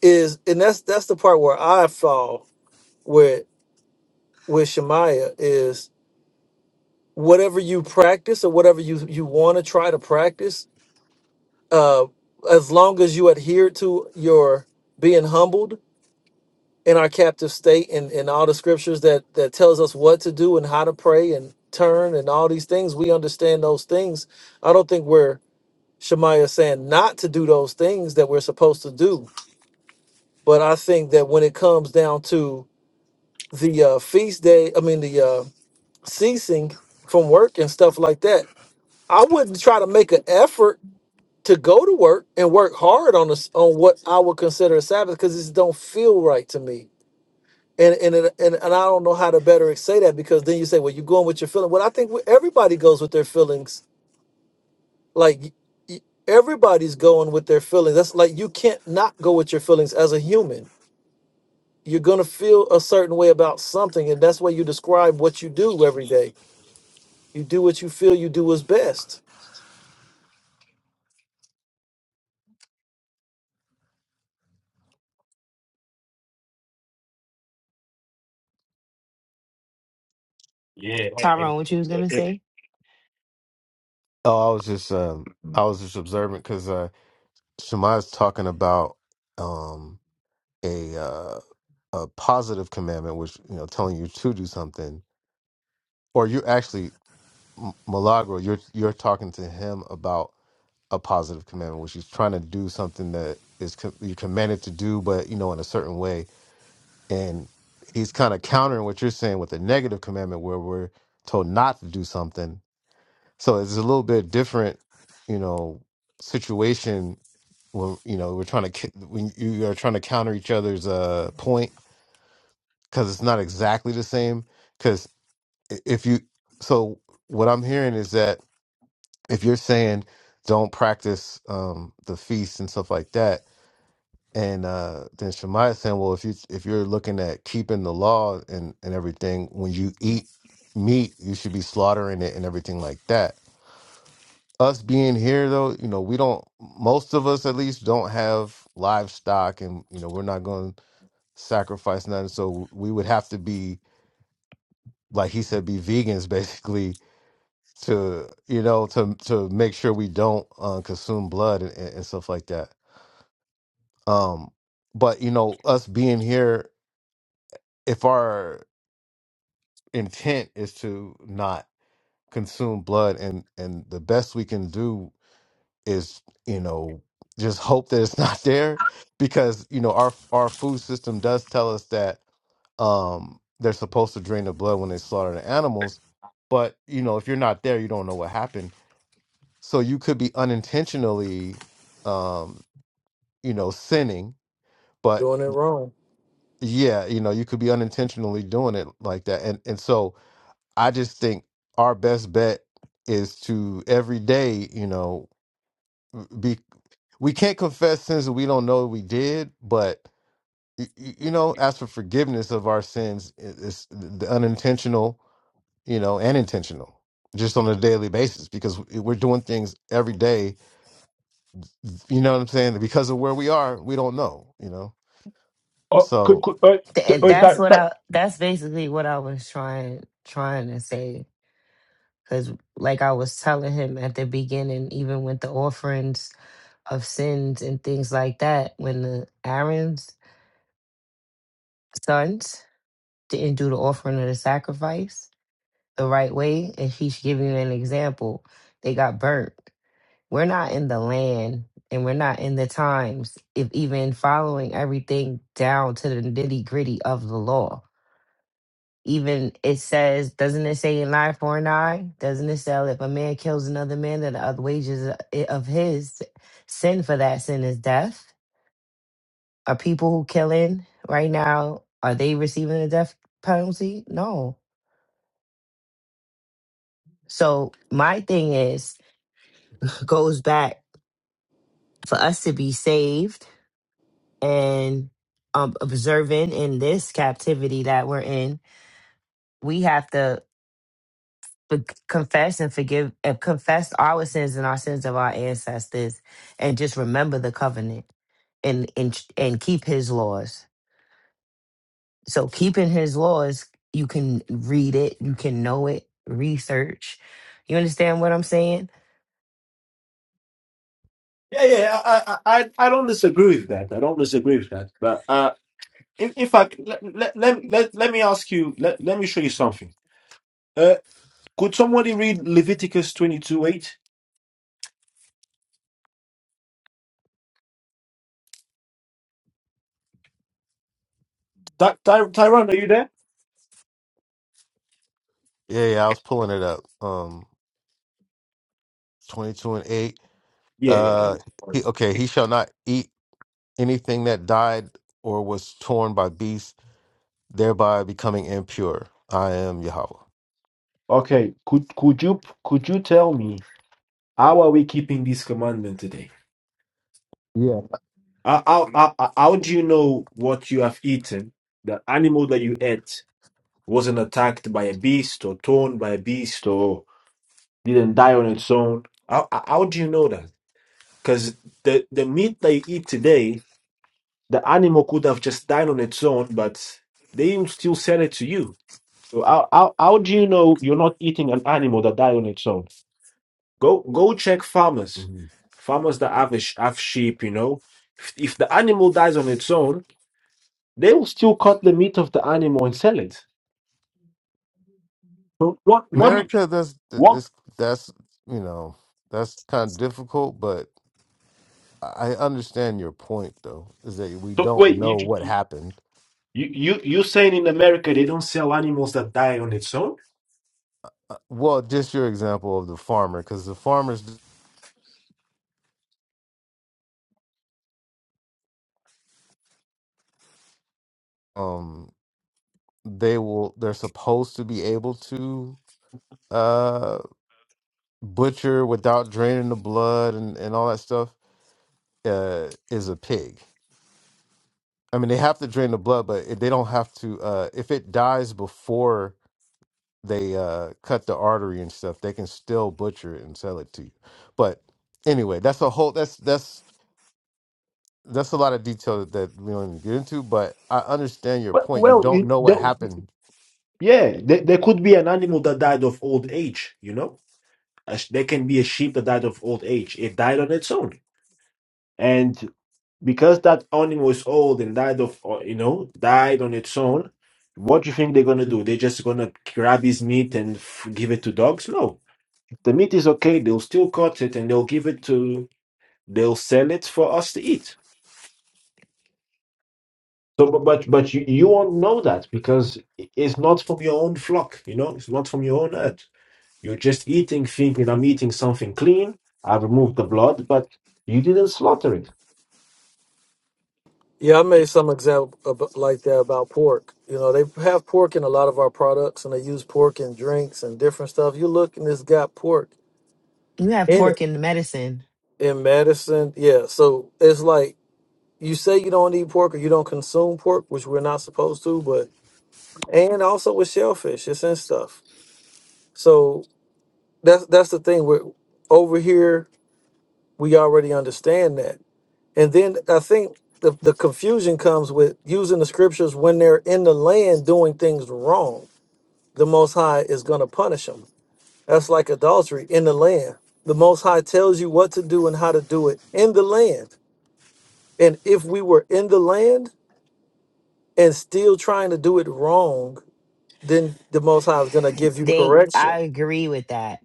Speaker 3: is and that's that's the part where I fall with with Shemaiah is whatever you practice or whatever you you want to try to practice uh as long as you adhere to your being humbled in our captive state and and all the scriptures that that tells us what to do and how to pray and turn and all these things we understand those things i don't think we're shemaiah saying not to do those things that we're supposed to do but i think that when it comes down to the uh feast day i mean the uh ceasing from work and stuff like that i wouldn't try to make an effort to go to work and work hard on this on what I would consider a Sabbath because it don't feel right to me. And and, it, and and I don't know how to better say that because then you say, well, you're going with your feeling. Well, I think we- everybody goes with their feelings. Like y- y- everybody's going with their feelings. That's like you can't not go with your feelings as a human. You're gonna feel a certain way about something, and that's why you describe what you do every day. You do what you feel you do is best.
Speaker 1: Yeah. I- I-
Speaker 2: Tyrone, what you was
Speaker 1: I-
Speaker 2: gonna say?
Speaker 1: I-
Speaker 5: Oh, I was just um, I was just observant because Shema is talking about um, a uh, a positive commandment, which you know, telling you to do something, or you actually M- Milagro, you're you're talking to him about a positive commandment, which he's trying to do something that is com- you're commanded to do, but you know, in a certain way, and he's kind of countering what you're saying with a negative commandment, where we're told not to do something, So it's a little bit different, you know, situation when you know we're trying to ki- when you are trying to counter each other's uh point because it's not exactly the same. Because if you so what I'm hearing is that if you're saying don't practice um the feast and stuff like that, and uh then Shemaiah is saying, well, if you if you're looking at keeping the law and and everything, when you eat meat, you should be slaughtering it and everything like that us being here though you know we don't most of us at least don't have livestock and you know we're not going to sacrifice nothing so we would have to be like he said be vegans basically to you know to to make sure we don't uh, consume blood and, and and stuff like that um but you know us being here if our intent is to not consume blood and and the best we can do is you know just hope that it's not there because you know our our food system does tell us that um they're supposed to drain the blood when they slaughter the animals but you know if you're not there you don't know what happened so you could be unintentionally um you know sinning but
Speaker 3: Doing it wrong.
Speaker 5: yeah you know you could be unintentionally doing it like that and and so i just think our best bet is to every day you know be. we can't confess sins that we don't know we did, but y- y- you know, as for forgiveness of our sins, i- it's the unintentional, you know, and intentional, just on a daily basis because we- are doing things every day. You know what I'm saying? Because of where we are, we don't know. You know,
Speaker 1: Oh, could,
Speaker 5: so
Speaker 1: could, uh, t-
Speaker 2: Th-
Speaker 1: uh,
Speaker 5: yeah,
Speaker 2: that's
Speaker 1: that,
Speaker 2: what
Speaker 1: that,
Speaker 2: I that's basically what I was trying trying to say Because, like I was telling him at the beginning, even with the offerings of sins and things like that, when the Aaron's sons didn't do the offering of the sacrifice the right way, and he's giving you an example, they got burnt. We're not in the land and we're not in the times, if even following everything down to the nitty gritty of the law Even it says, doesn't it say an eye for an eye? Doesn't it say if a man kills another man, that the wages of his sin for that sin is death? Are people who killing right now are they receiving the death penalty? No. So my thing is goes back for us to be saved and um, observant in this captivity that we're in. We have to. but confess and forgive and confess our sins and our sins of our ancestors and just remember the covenant and and and keep his laws so keeping his laws you can read it you can know it research you understand what i'm saying
Speaker 1: Yeah, yeah, I, I, I I don't disagree with that. I don't disagree with that. But uh, in, in fact, let, let, let, let, let me ask you, let, let me show you something. Uh, could somebody read Leviticus 22 8? Ty- Ty- Tyrone, are you there?
Speaker 5: yeah, yeah I was pulling it up. Um, 22 and 8.
Speaker 1: Yeah, yeah.
Speaker 5: Uh, he, okay, he shall not eat anything that died or was torn by beasts, thereby becoming impure. I am Yahweh.
Speaker 1: Okay, could could you could you tell me how are we keeping this commandment today? How, how, how, how do you know what you have eaten, the animal that you ate? wasn't attacked by a beast or torn by a beast or didn't die on its own. How, how how do you know that? Because the, the meat that you eat today, the animal could have just died on its own, but they even still sell it to you. So How, how, how do you know you're not eating an animal that died on its own? Go go check farmers,
Speaker 5: hmm
Speaker 1: farmers that have, a, sh- have sheep, you know. If, if the animal dies on its own, they will still cut the meat of the animal and sell it. So what, what, Mhm.
Speaker 5: America, that's
Speaker 1: what,
Speaker 5: it's, that's you know that's kind of difficult, but I understand your point though, is that we
Speaker 1: so
Speaker 5: don't know
Speaker 1: wait,
Speaker 5: what
Speaker 1: you,
Speaker 5: happened.
Speaker 1: You you you saying in America they don't sell animals that die on its own?
Speaker 5: Uh, Well, just your example of the farmer, because the farmers, um, they will they're supposed to be able to uh butcher without draining the blood and and all that stuff. Uh, is a pig. I mean, they have to drain the blood, but if they don't have to. Uh, if it dies before they uh cut the artery and stuff they can still butcher it and sell it to you but anyway that's a whole that's that's that's a lot of detail that we don't even get into but i understand your
Speaker 1: Well,
Speaker 5: point you
Speaker 1: well,
Speaker 5: don't
Speaker 1: it-
Speaker 5: know what
Speaker 1: the-
Speaker 5: happened
Speaker 1: yeah, there, there could be an animal that died of old age. You know, A sh- there can be a sheep that died of old age. It died on its own, and because that animal is old and died of, uh, you know, died on its own. What do you think they're gonna do? They're just gonna grab his meat and f- give it to dogs? No, if the meat is okay. They'll still cut it and they'll give it to. They'll sell it for us to eat So, but but, but you, you won't know that because it's not from your own flock. You know, it's not from your own herd. You're just eating, thinking I'm eating something clean. I removed the blood, but you didn't slaughter it.
Speaker 3: Yeah, I made some example ab- like that about pork. You know, they have pork in a lot of our products, and they use pork in drinks and different stuff. You look, and it's got pork
Speaker 2: you have
Speaker 3: in
Speaker 2: pork
Speaker 3: it
Speaker 2: in the medicine
Speaker 3: in medicine. Yeah, so it's like you say you don't eat pork or you don't consume pork, which we're not supposed to, but and also with shellfish, it's in stuff. So that's that's the thing. We're over here. We already understand that, and then I think the, the confusion comes with using the scriptures when they're in the land doing things wrong the Most High is going to punish them. That's like adultery in the land. The Most High tells you what to do and how to do it in the land. And if we were in the land and still trying to do it wrong, then the Most High is going to give you
Speaker 2: think i
Speaker 3: correction.
Speaker 2: agree with that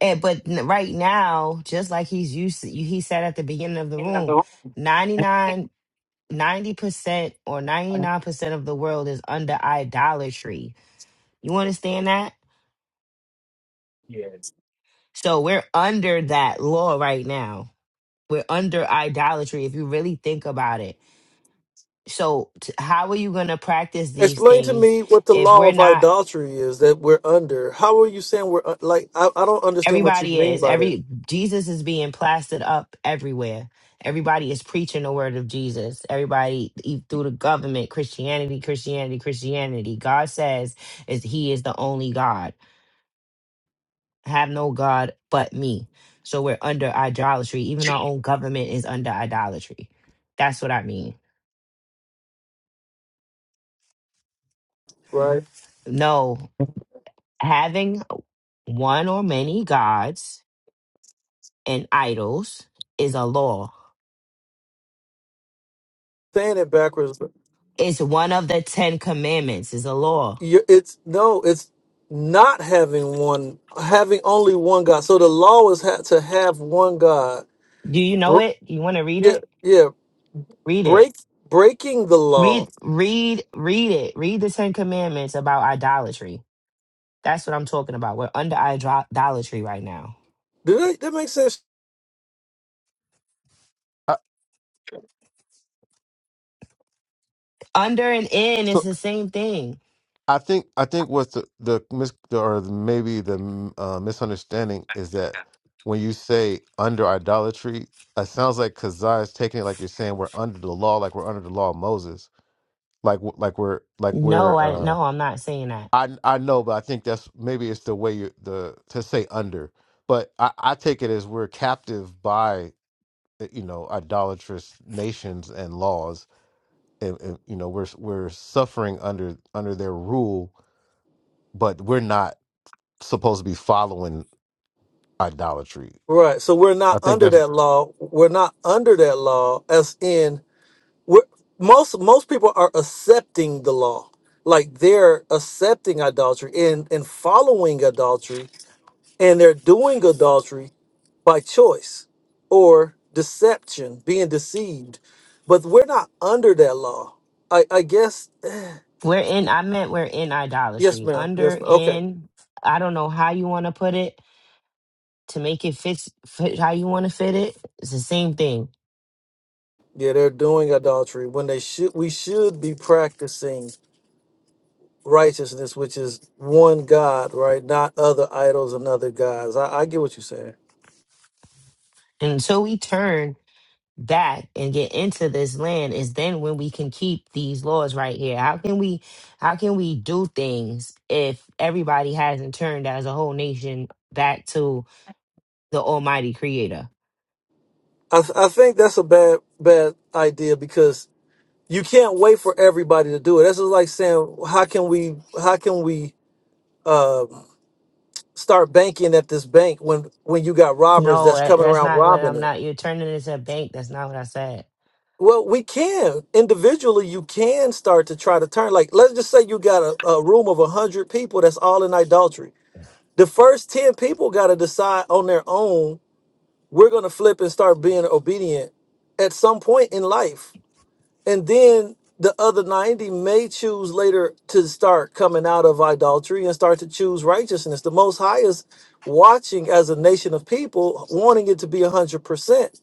Speaker 2: and but n- right now just like he's used to, he said at the beginning of the room ninety nine. 90% or 99% of the world is under idolatry. You understand that?
Speaker 1: Yeah.
Speaker 2: So we're under that law right now. We're under idolatry if you really think about it. So t- how are you going to practice these
Speaker 3: Explain to
Speaker 2: things
Speaker 3: me what the
Speaker 2: if
Speaker 3: law
Speaker 2: we're
Speaker 3: of
Speaker 2: not
Speaker 3: adultery is that we're under. How are you saying we're uh, like, I, I don't understand what you
Speaker 2: everybody
Speaker 3: mean
Speaker 2: is
Speaker 3: by that,
Speaker 2: every Jesus is being plastered up everywhere. Everybody is preaching the word of Jesus. Everybody e- through the government, Christianity, Christianity, Christianity. God says is he is the only God. have no God but me. So we're under idolatry. Even our own government is under idolatry. That's what I mean.
Speaker 3: right?
Speaker 2: No, having one or many gods and idols is a law.
Speaker 3: Saying it backwards.
Speaker 2: It's one of the Ten Commandments, is a law.
Speaker 3: you it's no, it's not having one, having only one God. So the law is had to have one God.
Speaker 2: Do you know
Speaker 3: Br-
Speaker 2: it? You want to read
Speaker 3: Yeah,
Speaker 2: it?
Speaker 3: yeah.
Speaker 2: Read it.
Speaker 3: Break breaking the law.
Speaker 2: Read, read, read it. Read the Ten Commandments about idolatry. That's what I'm talking about. We're under idol- idolatry right now.
Speaker 3: Do that that make sense?
Speaker 5: I,
Speaker 2: Under and in is
Speaker 5: so
Speaker 2: the same thing
Speaker 5: i think i think what's the the mis or maybe the mm, uh, misunderstanding is that when you say under idolatry it sounds like kazai is taking it like you're saying we're under the law like we're under the law of moses like w- like we're like
Speaker 2: No,
Speaker 5: we're
Speaker 2: I
Speaker 5: uh
Speaker 2: no, I'm not saying that.
Speaker 5: I I know, but I think that's maybe it's the way you the to say under, but I, I take it as we're captive by uh, you know idolatrous nations and laws, and, and you know we're we're suffering under under their rule, but we're not supposed to be following idolatry.
Speaker 3: Right. So we're
Speaker 5: I
Speaker 3: not
Speaker 5: think
Speaker 3: under
Speaker 5: that's
Speaker 3: that law. We're not under that law. As in, we're, most most people are accepting the law, like they're accepting adultery and and following adultery, and they're doing adultery by choice or deception, being deceived. But we're not under that law. I, I guess
Speaker 2: We're in I meant we're in
Speaker 3: yes,
Speaker 2: idolatry.
Speaker 3: ma'am. Yes,
Speaker 2: Under
Speaker 3: ma'am. Okay.
Speaker 2: in I don't know how you want to put it to make it fit, fit how you want to fit it. It's the same thing.
Speaker 3: Yeah, they're doing adultery when they should we should be practicing righteousness, which is one God, right? Not other idols and other gods. I, I get what you're saying.
Speaker 2: And until we turn back and get into this land is then when we can keep these laws right here. How can we how can we do things if everybody hasn't turned as a whole nation back to the almighty creator?
Speaker 3: I, th- I think that's a bad bad idea because you can't wait for everybody to do it. That's just like saying how can we how can we uh, start banking at this bank when when you got robbers
Speaker 2: No,
Speaker 3: that's
Speaker 2: that,
Speaker 3: coming
Speaker 2: that's
Speaker 3: around
Speaker 2: not what
Speaker 3: robbing
Speaker 2: I'm
Speaker 3: it
Speaker 2: not. You're turning into a bank. That's not what I said.
Speaker 3: well we can individually you can start to try to turn like let's just say you got a, a room of 100 people that's all in idolatry the first 10 people got to decide on their own we're going to flip and start being obedient at some point in life and then the other 90 may choose later to start coming out of idolatry and start to choose righteousness the most high is watching as a nation of people wanting it to be 100%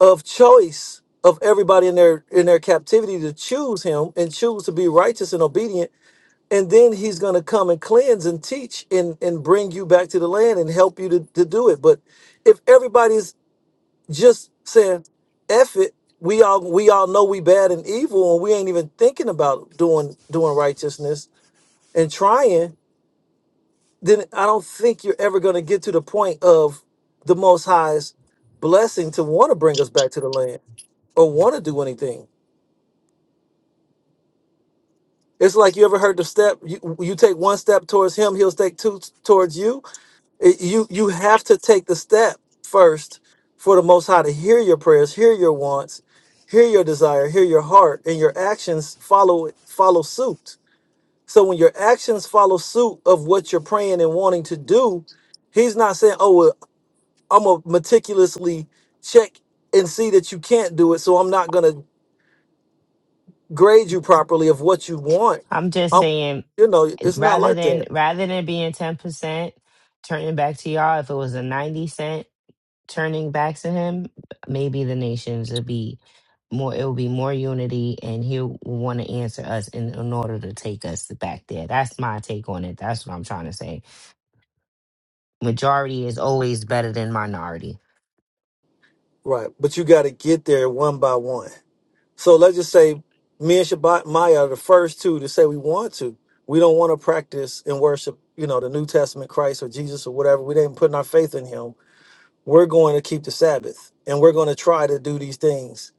Speaker 3: of choice of everybody in their in their captivity to choose him and choose to be righteous and obedient and then he's going to come and cleanse and teach and and bring you back to the land and help you to, to do it but if everybody's just saying, "F it." We all we all know we bad and evil, and we ain't even thinking about doing doing righteousness and trying. Then I don't think you're ever going to get to the point of the Most High's blessing to want to bring us back to the land or want to do anything. It's like you ever heard the step you you take one step towards Him, He'll take two towards you It- you you have to take the step first for the most high to hear your prayers hear your wants hear your desire hear your heart and your actions follow follow suit so when your actions follow suit of what you're praying and wanting to do he's not saying oh well, i'm gonna meticulously check and see that you can't do it so i'm not gonna grade you properly of what you want
Speaker 2: I'm just
Speaker 3: i
Speaker 2: saying,
Speaker 3: you know it's not
Speaker 2: rather
Speaker 3: like
Speaker 2: than
Speaker 3: that
Speaker 2: rather than being ten percent, turning back to y'all, if it was a ninety cent turning back to him, maybe the nations would be more. It would be more unity, and he'll want to answer us in, in order to take us back there. That's my take on it. That's what I'm trying to say. Majority is always better than minority.
Speaker 3: right but you got to get there one by one So let's just say me and Shabbat Maya are the first two to say we want to. We don't want to practice and worship, you know, the New Testament Christ or Jesus or whatever. We didn't put our faith in him. We're going to keep the Sabbath and we're going to try to do these things,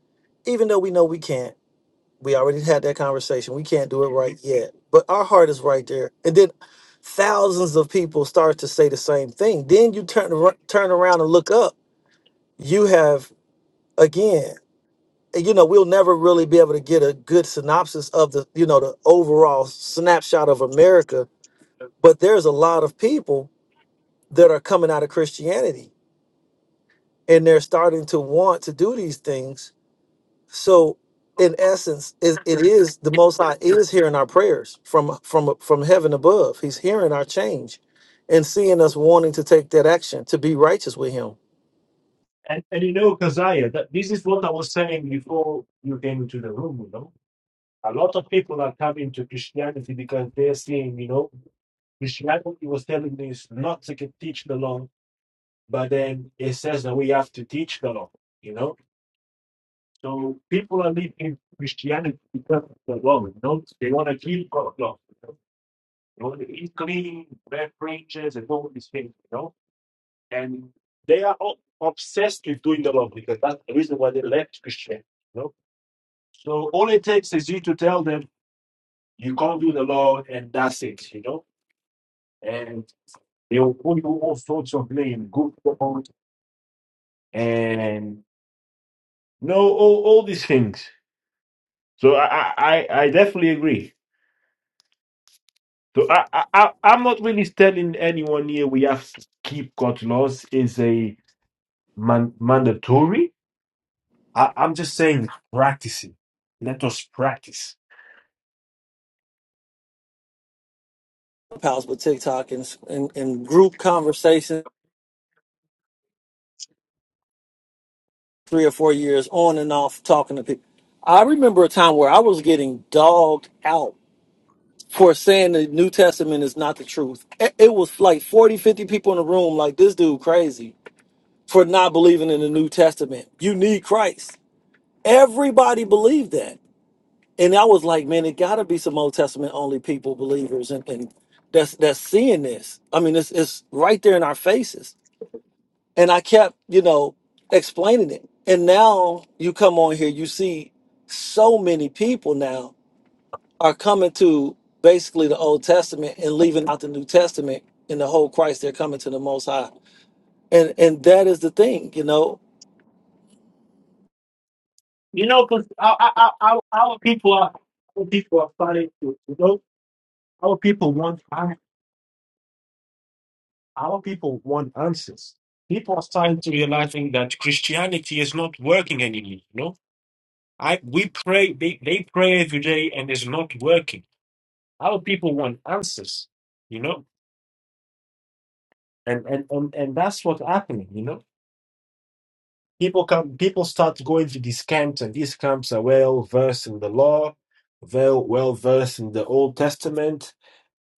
Speaker 3: even though we know we can't. We already had that conversation. We can't do it right yet, but our heart is right there. And then thousands of people start to say the same thing. Then you turn ar- turn around and look up. You have again you know we'll never really be able to get a good synopsis of the you know the overall snapshot of america but there's a lot of people that are coming out of christianity and they're starting to want to do these things so in essence it, it is the most high is hearing our prayers from from from heaven above he's hearing our change and seeing us wanting to take that action to be righteous with him
Speaker 1: And, and you know, Kazaya, that this is what I was saying before you came into the room, you know. A lot of people are coming to Christianity because they're seeing, you know, Christianity was telling me is not to get- teach the law. but then it says that we have to teach the law, you know. So people are leaving Christianity because of the law, you know. They want to keep God's law, you know. They want to eat clean, wear fringes, and all these things, you know. And they are all obsessed with doing the law because that's the reason why they left Christianity, you know. So all it takes is you to tell them you can't do the law, and that's it, you know. And they will put you all sorts of blame, good God, and no, all, all these things. So I, I, I I definitely agree. So I, I, I- I'm not really telling anyone here we have to keep court laws is a man, mandatory. I, I'm just saying, practicing. Let us practice.
Speaker 3: house with tiktok and, and and group conversations three or four years on and off talking to people. I remember a time where I was getting dogged out for saying the New Testament is not the truth. It it was like 40, 50 people in the room, like this dude crazy for not believing in the New Testament. You need Christ. Everybody believed that. And I was like, man, it gotta be some Old Testament only people, believers, and, and that's that's seeing this. I mean, it's it's right there in our faces. And I kept, you know, explaining it. And now you come on here, you see so many people now are coming to basically the Old Testament and leaving out the New Testament and the whole Christ. They're coming to the Most High. And and that is the thing, you know.
Speaker 1: You know, because our, our, our our our people are our people are starting to you know Our people want an- our people want answers. People are starting to realizing that Christianity is not working anymore. You know, I we pray they, they pray every day and it's not working. Our people want answers, you know, and and and, and that's what's happening, you know. People come, people start going to these camps, and these camps are well versed in the law, well well versed in the Old Testament,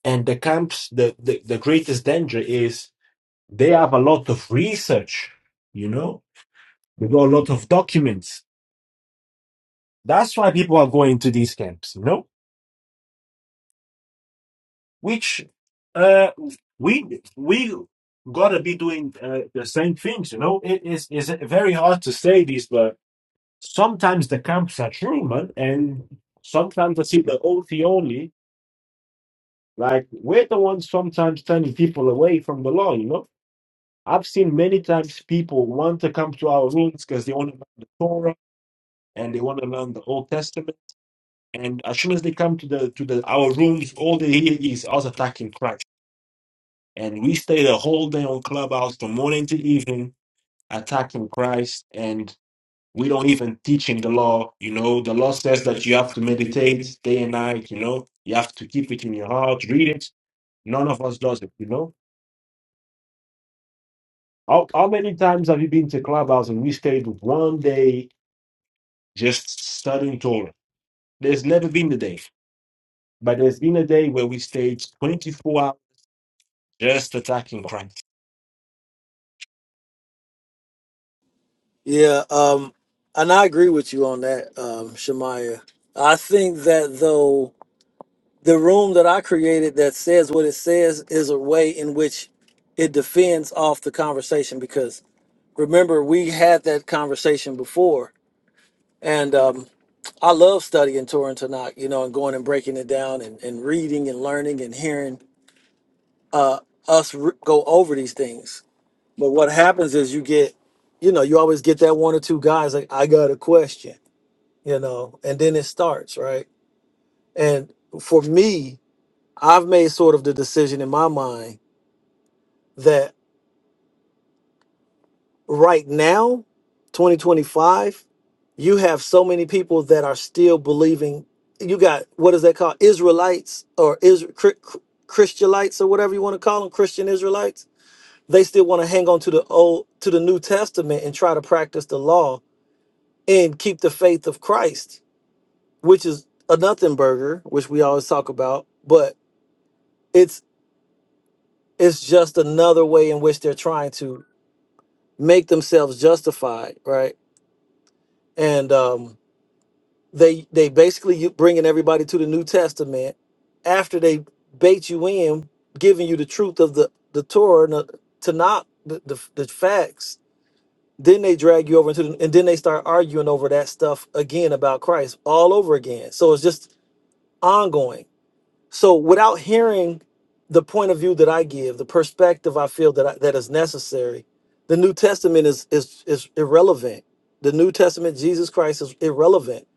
Speaker 1: and the camps. The, the the greatest danger is they have a lot of research, you know. They got a lot of documents. That's why people are going to these camps, you know which uh, we we gotta be doing uh, the same things. You know, it is is very hard to say this, but sometimes the camps are true, man, and sometimes I see the OT only. Like we're the ones sometimes turning people away from the law. You know, I've seen many times people want to come to our rooms because they want to learn the Torah and they want to learn the Old Testament. And as soon as they come to the to the our rooms, all they hear is us attacking Christ And we stayed a whole day on Clubhouse from morning to evening attacking Christ. And we don't even teach in the law. You know, the law says that you have to meditate day and night. You know, you have to keep it in your heart, read it. None of us does it, you know. How, how many times have you been to Clubhouse and we stayed one day just studying Torah? There's never been a day, but there's been a day where we stayed 24 hours just attacking Christ.
Speaker 3: Yeah, um, and I agree with you on that, um, Shemaya. I think that though the room that I created that says what it says is a way in which it defends off the conversation because remember we had that conversation before and um, i love studying torah and tanakh you know and going and breaking it down and, and reading and learning and hearing uh, us re- go over these things but what happens is you get you know you always get that one or two guys like i got a question you know and then it starts right and for me i've made sort of the decision in my mind right now, 2025, you have so many people that are still believing. You got what is that called? Israelites or Israel Christianites or whatever you want to call them, Christian Israelites. They still want to hang on to the old to the New Testament and try to practice the law and keep the faith of Christ, which is a nothing burger, which we always talk about, but it's it's just another way in which they're trying to make themselves justified, right? And um They they basically you- bringing everybody to the New Testament after they bait you in, giving you the truth of the the Torah and the- to not the, the the facts. Then they drag you over into the, and then they start arguing over that stuff again about Christ all over again. So it's just ongoing so without hearing the point of view that I give, the perspective I feel that I, that is necessary, the New Testament is is is irrelevant. The New Testament Jesus Christ is irrelevant.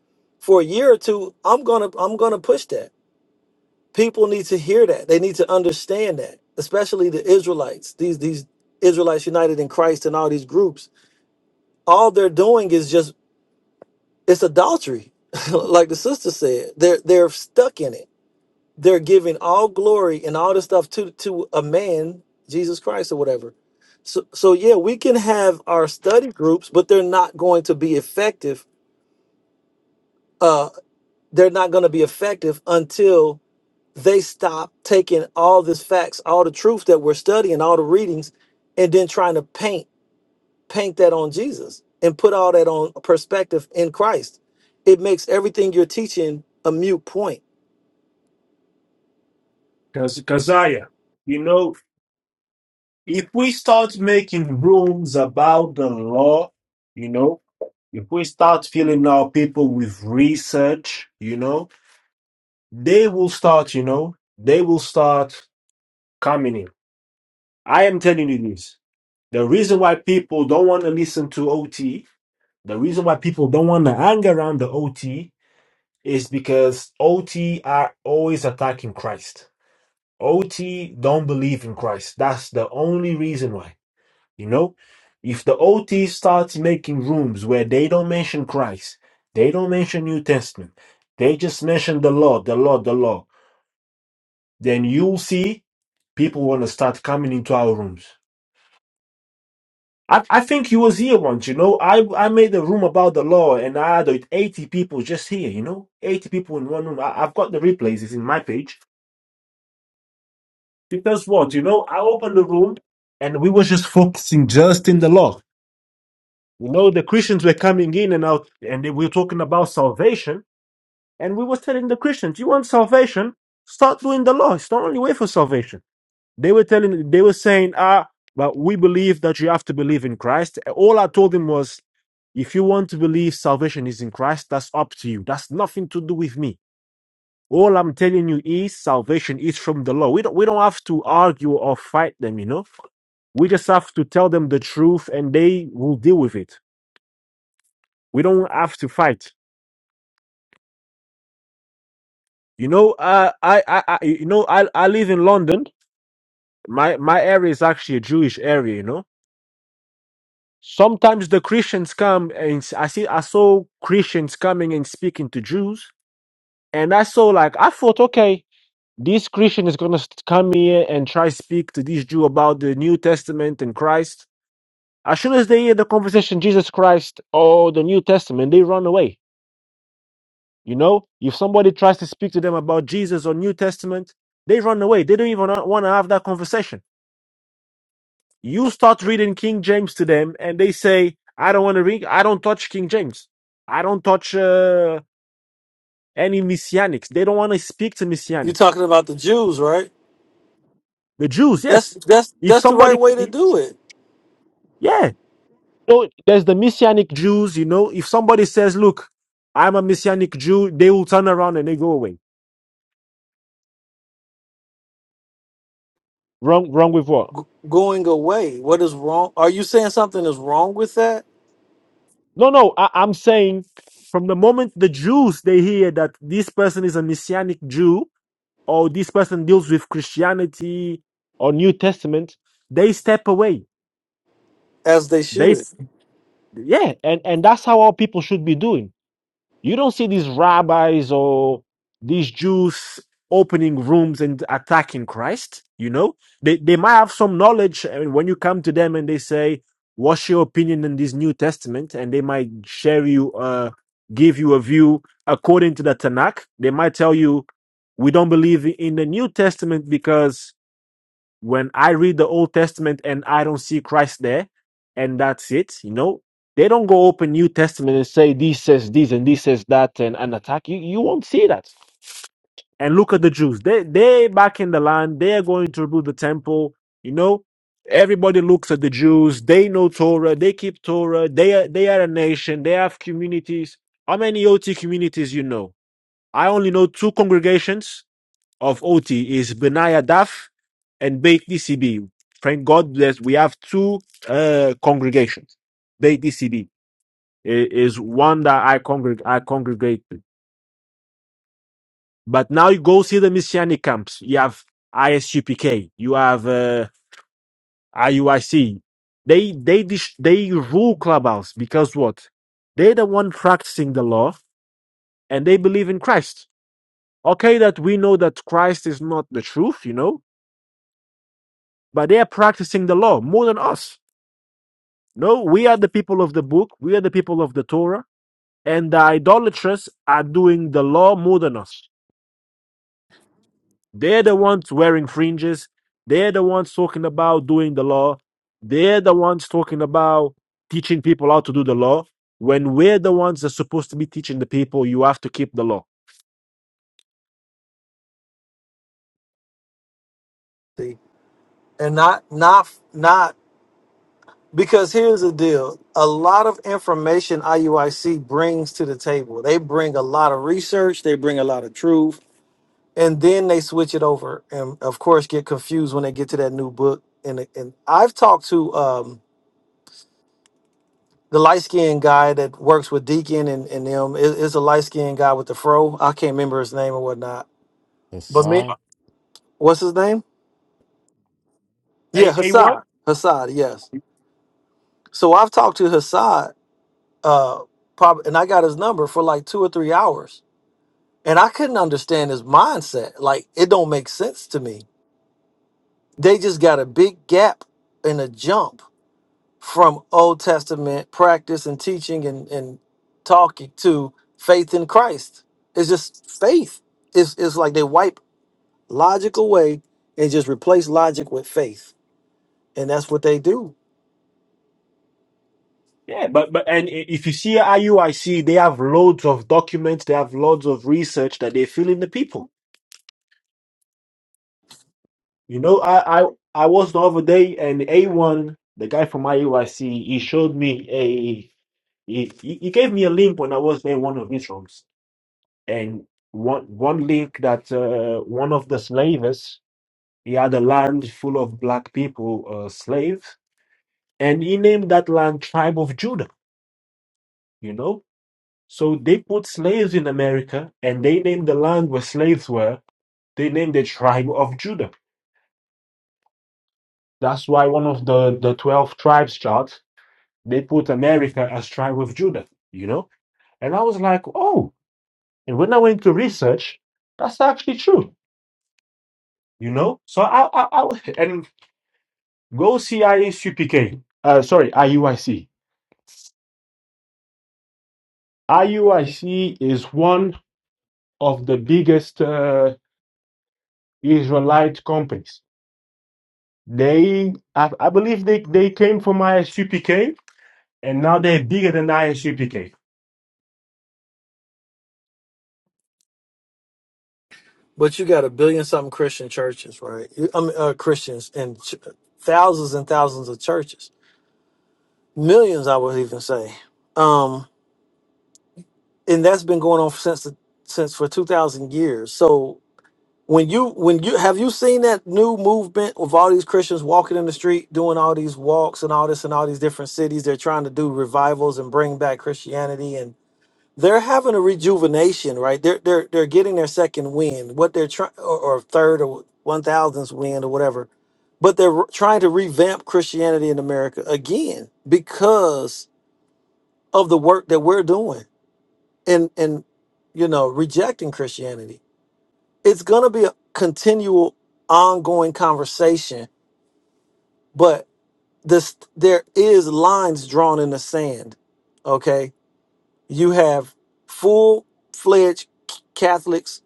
Speaker 3: For a year or two, I'm going to I'm going to push that. People need to hear that. They need to understand that, especially the Israelites. These these Israelites united in Christ and all these groups, all they're doing is just it's adultery. like the sister said, they're they're stuck in it they're giving all glory and all this stuff to to a man jesus christ or whatever so so yeah we can have our study groups but they're not going to be effective uh they're not going to be effective until they stop taking all this facts all the truth that we're studying all the readings and then trying to paint paint that on jesus and put all that on perspective in christ it makes everything you're teaching a mute point
Speaker 1: Kaz- Kaziah. you know, if we start making rules about the law, you know, if we start filling our people with research, you know, they will start, you know, they will start coming in. I am telling you this. The reason why people don't want to listen to OT, the reason why people don't want to hang around the OT is because OT are always attacking Christ. OT don't believe in Christ. That's the only reason why. You know, if the OT starts making rooms where they don't mention Christ, they don't mention New Testament, they just mention the law, the law, the law, then you'll see people want to start coming into our rooms. I, I think you was here once, you know. I I made a room about the law and I had like 80 people just here, you know. 80 people in one room. I, I've got the replays, it's in my page. Because what, you know, I opened the room and we were just focusing just in the law. You know, the Christians were coming in and out, and they were talking about salvation. And we were telling the Christians, you want salvation? Start doing the law. It's the only way for salvation. They were telling, they were saying, ah, but we believe that you have to believe in Christ. All I told them was, if you want to believe salvation is in Christ, that's up to you. That's nothing to do with me. All I'm telling you is salvation is from the law. We don't we don't have to argue or fight them, you know. We just have to tell them the truth and they will deal with it. We don't have to fight. You know, uh, I, I, I, you know, I, I live in London. My, my area is actually a Jewish area. You know, sometimes the Christians come and s- I see, I saw Christians coming and speaking to Jews, and I saw like I thought, okay, this Christian is gonna st- come here and try speak to this Jew about the New Testament and Christ. As soon as they hear the conversation, Jesus Christ or the New Testament, they run away. You know, if somebody tries to speak to them about Jesus or New Testament, they run away. They don't even want to have that conversation You start reading King James to them, and they say, "I don't want to read. I don't touch King James. I don't touch uh, any messianics. They don't want to speak to
Speaker 3: you're
Speaker 1: messianics.
Speaker 3: talking about the jews right
Speaker 1: The Jews,
Speaker 3: That's
Speaker 1: yes.
Speaker 3: that's
Speaker 1: If
Speaker 3: that's the right
Speaker 1: somebody,
Speaker 3: way to do it.
Speaker 1: yeah, so there's the messianic Jews. You know, if somebody says, "Look, I'm a messianic Jew," they will turn around and they go away. Wrong, wrong with what?
Speaker 3: G- going away. What is wrong? Are you saying something is wrong with that?
Speaker 1: No, no. I, I'm saying, from the moment the Jews they hear that this person is a messianic Jew, or this person deals with Christianity or New Testament, they step away.
Speaker 3: As they
Speaker 1: They,
Speaker 3: should.
Speaker 1: s- yeah, and, and that's how all people should be doing. You don't see these rabbis or these Jews opening rooms and attacking Christ. You know, they, they might have some knowledge. And when you come to them and they say, What's your opinion in this New Testament? And they might share you, uh, give you a view according to the Tanakh. They might tell you, We don't believe in the New Testament because when I read the Old Testament and I don't see Christ there, and that's it, you know, they don't go open New Testament and say this says this and this says that and, and attack. You you won't see that. And look at the Jews. They they back in the land, they are going to rebuild the temple, you know. Everybody looks at the Jews, they know Torah, they keep Torah, they are they are a nation, they have communities. How many OT communities you know? I only know two congregations of OT is Benaya Daf and Beit DCB. Thank God bless. We have two uh, congregations. Beit DCB is one that I, congreg- I congregate with. But now you go see the Messianic camps. You have ISUPK. You have uh, IUIC. They they dis- they rule clubhouse because what? They're the one practicing the law and they believe in Christ. Okay, that we know that Christ is not the truth, you know, but they are practicing the law more than us No, we are the people of the book, we are the people of the Torah, and the idolatrous are doing the law more than us. They're the ones wearing fringes, they're the ones talking about doing the law, they're the ones talking about teaching people how to do the law. When we're the ones that's supposed to be teaching the people, you have to keep the law.
Speaker 3: See? And not not not because here's the deal. A lot of information IUIC brings to the table. They bring a lot of research, they bring a lot of truth, and then they switch it over and of course get confused when they get to that new book. And and I've talked to um the light skinned guy that works with Deacon and, and them is, is a light skinned guy with the fro. I can't remember his name or whatnot. But me, what's his name?
Speaker 1: A,
Speaker 3: Yeah,
Speaker 1: a what?
Speaker 3: Hassad. Hassad, yes. So I've talked to Hassad, uh, probably, and I got his number for like two or three hours, and I couldn't understand his mindset. Like it don't make sense to me. They just got a big gap and a jump from Old Testament practice and teaching and, and talking to faith in Christ. It's just faith. It's, it's like they wipe logic away and just replace logic with faith. And that's what they do.
Speaker 1: Yeah, but but and i- if you see IUIC, they have loads of documents, they have loads of research that they're feeling the people. You know, I I I was the other day and A1, the guy from IUIC, he showed me a he, he he gave me a link when I was in one of his rooms. And one one link that uh, one of the slavers, he had a land full of black people, uh, slaves, and he named that land Tribe of Judah, you know? So they put slaves in America and they named the land where slaves were, they named the Tribe of Judah. That's why one of the the 12 tribes chart They put America as tribe with Judah, you know? And I was like, oh, and when I went to research, that's actually true, you know? So I, I, I and go see IACPK, uh, sorry, IUIC. IUIC is one of the biggest uh, Israelite companies. They, I, I believe they, they came from ISUPK and now they're bigger than ISUPK.
Speaker 3: But you got a billion something Christian churches, right? You- I mean, uh, Christians and ch- thousands and thousands of churches, millions, I would even say. Um, and that's been going on since the, since for 2000 years. So When you when you have you seen that new movement of all these Christians walking in the street doing all these walks and all this in all these different cities they're trying to do revivals and bring back Christianity and they're having a rejuvenation right they're they're they're getting their second wind what they're trying or, or third or one thousandth wind or whatever but they're re- trying to revamp Christianity in America again because of the work that we're doing and and you know rejecting Christianity it's going to be a continual ongoing conversation but this there is lines drawn in the sand okay you have full-fledged catholics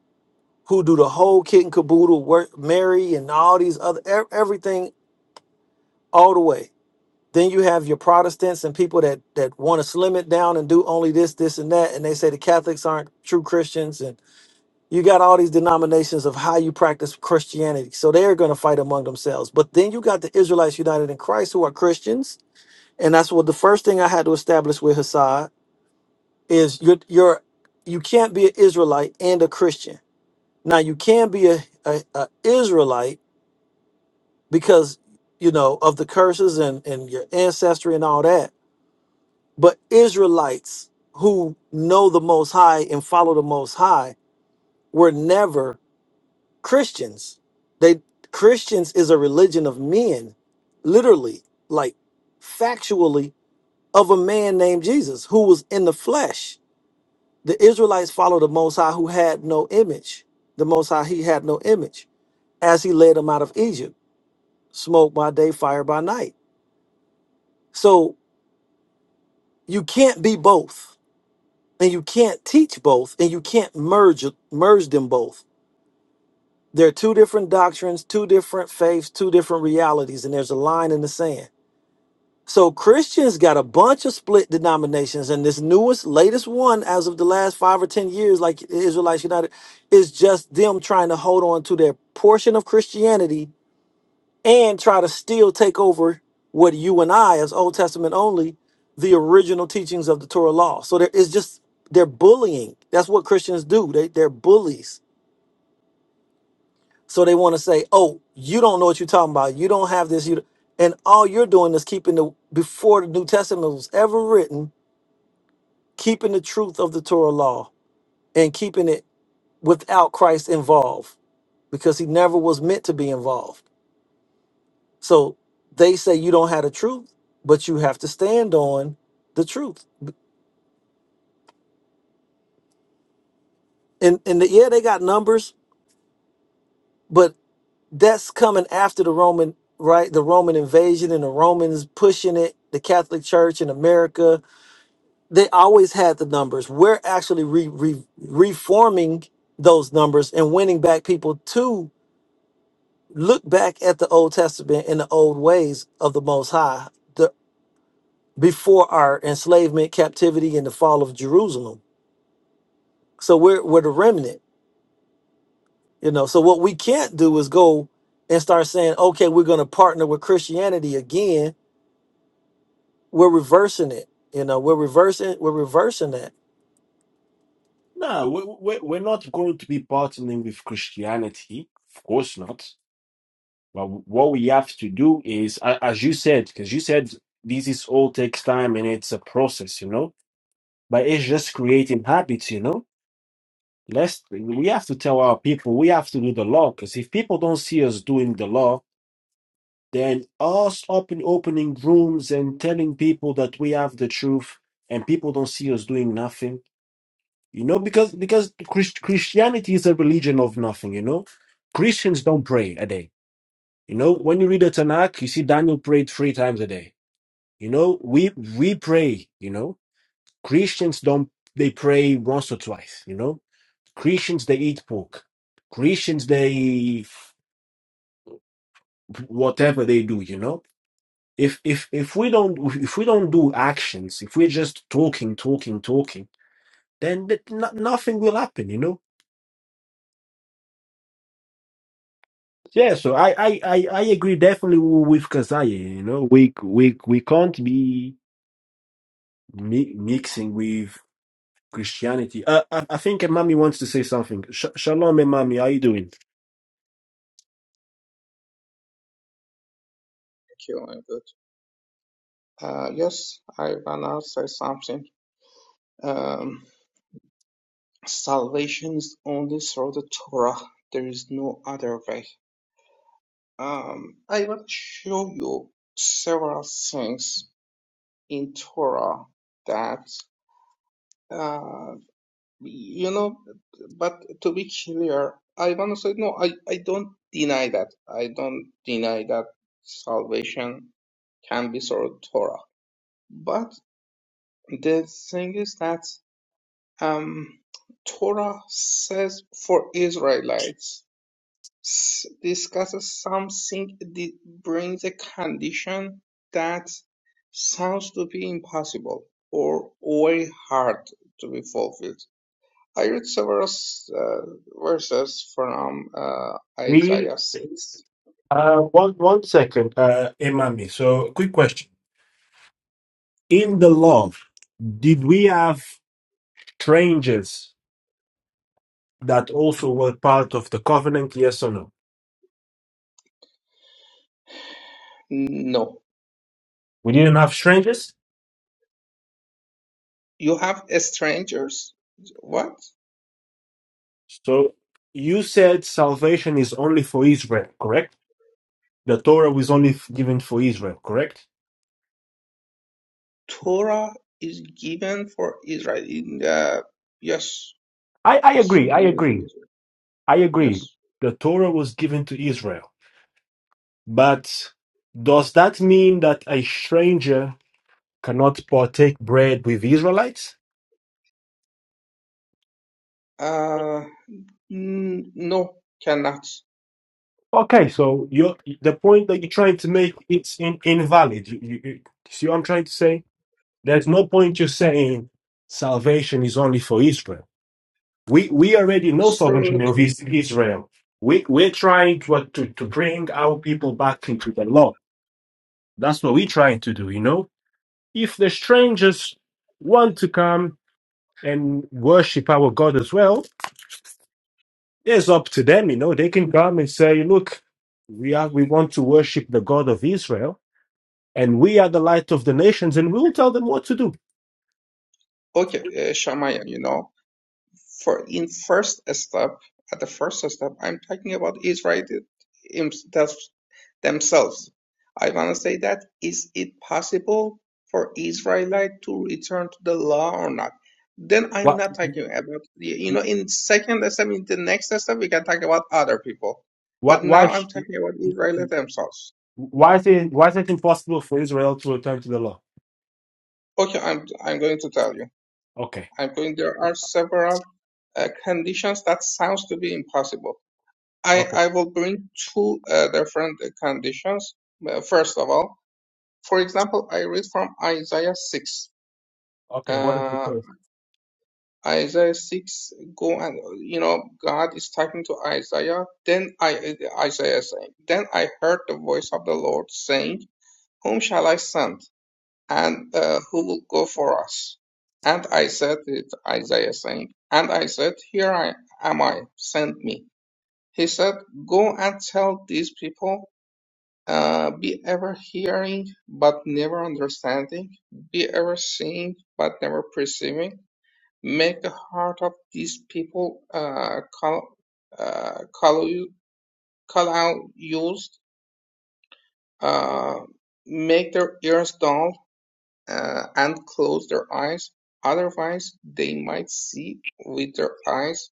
Speaker 3: who do the whole kit and caboodle work mary and all these other e- everything all the way then you have your protestants and people that that want to slim it down and do only this this and that and they say the catholics aren't true christians you got all these denominations of how you practice Christianity. So they're going to fight among themselves. But then you got the Israelites united in Christ who are Christians. And that's what the first thing I had to establish with Hassad is you're, you're you can't be an Israelite and a Christian. Now you can be a, a, a Israelite because you know of the curses and, and your ancestry and all that. But Israelites who know the most high and follow the most high were never Christians. They Christians is a religion of men, literally, like factually, of a man named Jesus who was in the flesh. The Israelites followed the Most High who had no image. The Most High, he had no image as he led them out of Egypt, smoke by day, fire by night. So you can't be both, and you can't teach both, and you can't merge merge them both. They're two different doctrines, two different faiths, two different realities, and there's a line in the sand So Christians got a bunch of split denominations, and this newest, latest one, as of the last five or ten years, like Israelites United, is just them trying to hold on to their portion of Christianity and try to still take over what you and I, as Old Testament only, the original teachings of the Torah law. So there is just they're bullying. That's what Christians do. They they're bullies. So they want to say, "Oh, you don't know what you're talking about. You don't have this. You," don't-" and all you're doing is keeping the before the New Testament was ever written keeping the truth of the Torah law and keeping it without Christ involved because he never was meant to be involved. So they say you don't have the truth, but you have to stand on the truth. And and the, yeah, they got numbers, but that's coming after the Roman right, the Roman invasion and the Romans pushing it, the Catholic Church in America, they always had the numbers. We're actually re, re, reforming those numbers and winning back people too look back at the Old Testament and the old ways of the Most High the, before our enslavement, captivity, and the fall of Jerusalem. So we're we're the remnant, you know. So what we can't do is go and start saying, okay, we're going to partner with Christianity again. We're reversing it, you know. We're reversing. We're reversing that.
Speaker 1: No, we, we, we're not going to be partnering with Christianity. Of course not. But what we have to do is, a- as you said, because you said this is all takes time and it's a process, you know. But it's just creating habits, you know. Let's we have to tell our people we have to do the law because if people don't see us doing the law, then us open opening rooms and telling people that we have the truth, and people don't see us doing nothing, you know, because because Christ- Christianity is a religion of nothing, you know. Christians don't pray a day. You know, when you read the Tanakh, you see Daniel prayed three times a day. You know, we we pray, you know. Christians don't they pray once or twice, you know. Christians they eat pork. Christians they whatever they do, you know. If if if we don't if we don't do actions, if we're just talking, talking, talking, then th- no, nothing will happen, you know. Yeah, so I I I, I agree definitely with Kazaya, you know. We we we can't be mi- mixing with Christianity. Uh, I, I think Emami wants to say something. Sh- Shalom, Emami. How you doing?
Speaker 6: Killing good. Uh, yes, I wanna say something. Um, salvation is only through the Torah. There is no other way. Um, I will show you several things in Torah that uh, you know. But to be clear, I wanna say no. I I don't deny that. I don't deny that salvation can be through Torah. But the thing is that Um, Torah says for Israelites s- discusses something that brings a condition that sounds to be impossible or very hard to be fulfilled. I read several uh, verses from uh,
Speaker 1: We
Speaker 6: Isaiah 6.
Speaker 1: uh, one one second, uh, Emami. So, quick question: In the law, did we have strangers that also were part of the covenant? Yes or no?
Speaker 6: No,
Speaker 1: We didn't have strangers.
Speaker 6: you have strangers. What?
Speaker 1: So, you said salvation is only for Israel, correct? The Torah was only f- given for Israel, correct?
Speaker 6: Torah is given for Israel. In, uh, yes,
Speaker 1: I, I
Speaker 6: is
Speaker 1: agree. I
Speaker 6: given to
Speaker 1: agree.
Speaker 6: Israel.
Speaker 1: I agree.
Speaker 6: Yes.
Speaker 1: The Torah was given to Israel. But does that mean that a stranger cannot partake bread with Israelites?
Speaker 6: Uh, n- no, cannot.
Speaker 1: Okay, so you the point that you're trying to make it's in, invalid. You, you, you see what I'm trying to say? There's no point you saying salvation is only for Israel. We we already know salvation
Speaker 6: Sure.
Speaker 1: of
Speaker 6: sure.
Speaker 1: Is- Israel. We we're trying to, to to bring our people back into the law. That's what we're trying to do. You know, if the strangers want to come and worship our God as well, Yeah, It's up to them, you know. They can come and say, look, we are we want to worship the God of Israel, and we are the light of the nations, and we'll tell them what to do.
Speaker 6: Okay, uh, Shamaya, you know, for in first step, at the first step, I'm talking about Israel themselves. themselves. I want to say that is it possible for Israelite to return to the law or not? Then I'm
Speaker 1: Why
Speaker 6: not talking about the- you know in second step, in the next step, we can talk about other people,
Speaker 1: why
Speaker 6: but
Speaker 1: why,
Speaker 6: now I'm
Speaker 1: sh-
Speaker 6: talking about Israelite themselves.
Speaker 1: why is it why is it impossible for Israel to return to the law?
Speaker 6: Okay, I'm I'm going to tell you.
Speaker 1: Okay.
Speaker 6: I'm going, there are several uh, conditions that sounds to be impossible. I,
Speaker 1: Okay.
Speaker 6: I will bring two uh, different uh, conditions. Uh, First of all, for example, I read from Isaiah 6.
Speaker 1: Okay, what is it
Speaker 6: Uh,
Speaker 1: says?
Speaker 6: Isaiah 6, go and, you know, God is talking to Isaiah. Then I, Isaiah saying, Then I heard the voice of the Lord saying, Whom shall I send? and uh, who will go for us? And I said, it, Isaiah saying, and I said, here I am I, send me. He said, go and tell these people, uh, be ever hearing, but never understanding, be ever seeing, but never perceiving. Make the heart of these people, uh, call, uh, call, call out used, uh, make their ears dull, uh, and close their eyes. Otherwise, they might see with their eyes,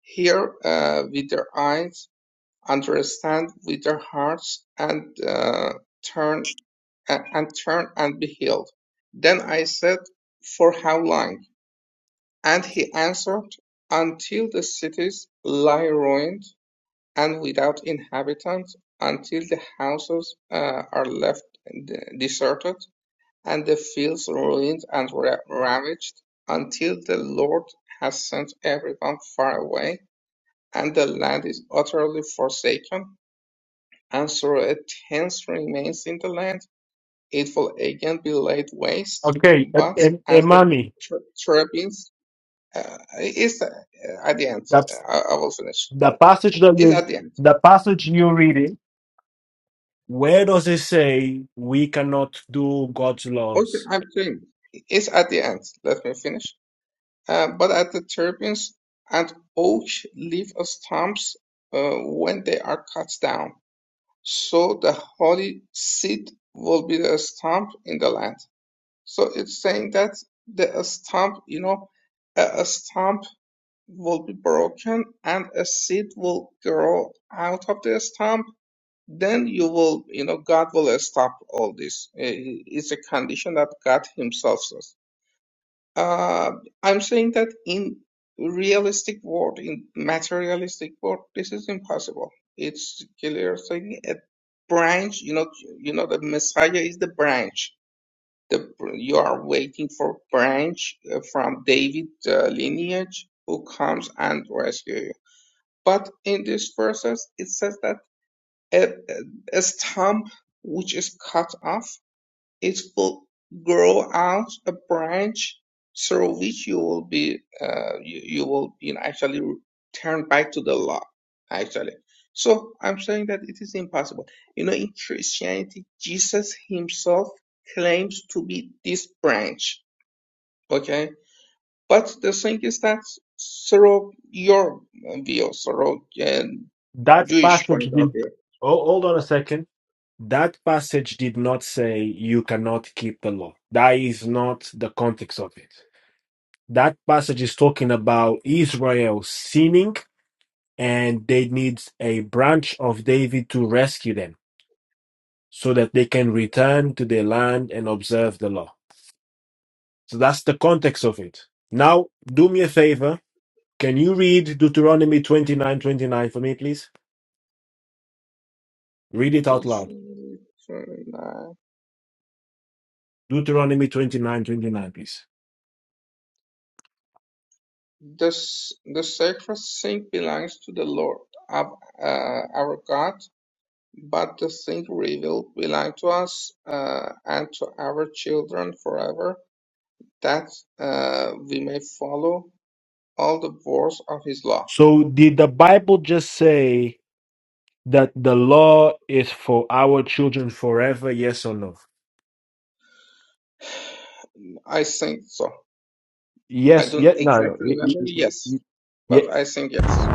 Speaker 6: hear uh, with their eyes, understand with their hearts, and uh, turn a- and turn and be healed. Then I said, For how long? And he answered, Until the cities lie ruined and without inhabitants, until the houses uh, are left uh, deserted and the fields ruined and ra- ravaged, until the Lord has sent everyone far away, and the land is utterly forsaken, and so a tenth remains in the land. It will again be laid waste,
Speaker 1: Okay, and,
Speaker 6: but
Speaker 1: and,
Speaker 6: as
Speaker 1: and
Speaker 6: the
Speaker 1: mommy,
Speaker 6: ter- terebinth, uh, is uh, at the end.
Speaker 1: that's
Speaker 6: uh, I, I will finish.
Speaker 1: the passage that
Speaker 6: It's at
Speaker 1: you
Speaker 6: the end.
Speaker 1: the passage you're reading. Where does it say we cannot do God's
Speaker 6: Okay,
Speaker 1: laws?
Speaker 6: I'm doing. It's at the end. Let me finish Uh, but at the turbines and oak leaf stumps uh, when they are cut down. So the holy seed will be the stump in the land. So it's saying that the stump, you know, a, a stump will be broken and a seed will grow out of the stump. Then you will, you know, God will stop all this. Uh, It's a condition that God Himself uh, I'm saying that in realistic world, in materialistic world, this is impossible. It's clear saying a branch, you know, you know, the Messiah is the branch. The you are waiting for branch uh, from David uh, lineage who comes and rescue you. But in this verses, it says that a, a a stump which is cut off it will grow out a branch through which you will be uh, you, you will you know, actually turn back to the law actually. So I'm saying that it is impossible. You know, in Christianity, Jesus himself claims to be this branch. Okay, but the thing is that through your view, through uh,
Speaker 1: That
Speaker 6: Jewish
Speaker 1: passage
Speaker 6: point of
Speaker 1: did.
Speaker 6: view
Speaker 1: Oh, hold on a second. That passage did not say you cannot keep the law. That is not the context of it. That passage is talking about Israel sinning and they need a branch of David to rescue them so that they can return to their land and observe the law. So that's the context of it. Now, do me a favor. Can you read Deuteronomy 29:29 for me, please? Read it out loud.
Speaker 6: 239.
Speaker 1: Deuteronomy 29:29, please.
Speaker 6: This, the sacred thing belongs to the Lord of, uh, our God, but the thing revealed belong to us uh, and to our children forever, that uh, we may follow all the words of His law.
Speaker 1: So, did the Bible just say that the law is for our children forever, yes or no?
Speaker 6: I think so. I
Speaker 1: Yes,
Speaker 6: don't
Speaker 1: Yet no, no.
Speaker 6: exactly
Speaker 1: y- y-
Speaker 6: remember,
Speaker 1: y-
Speaker 6: yes,
Speaker 1: y- Yeah,
Speaker 6: but I think yes,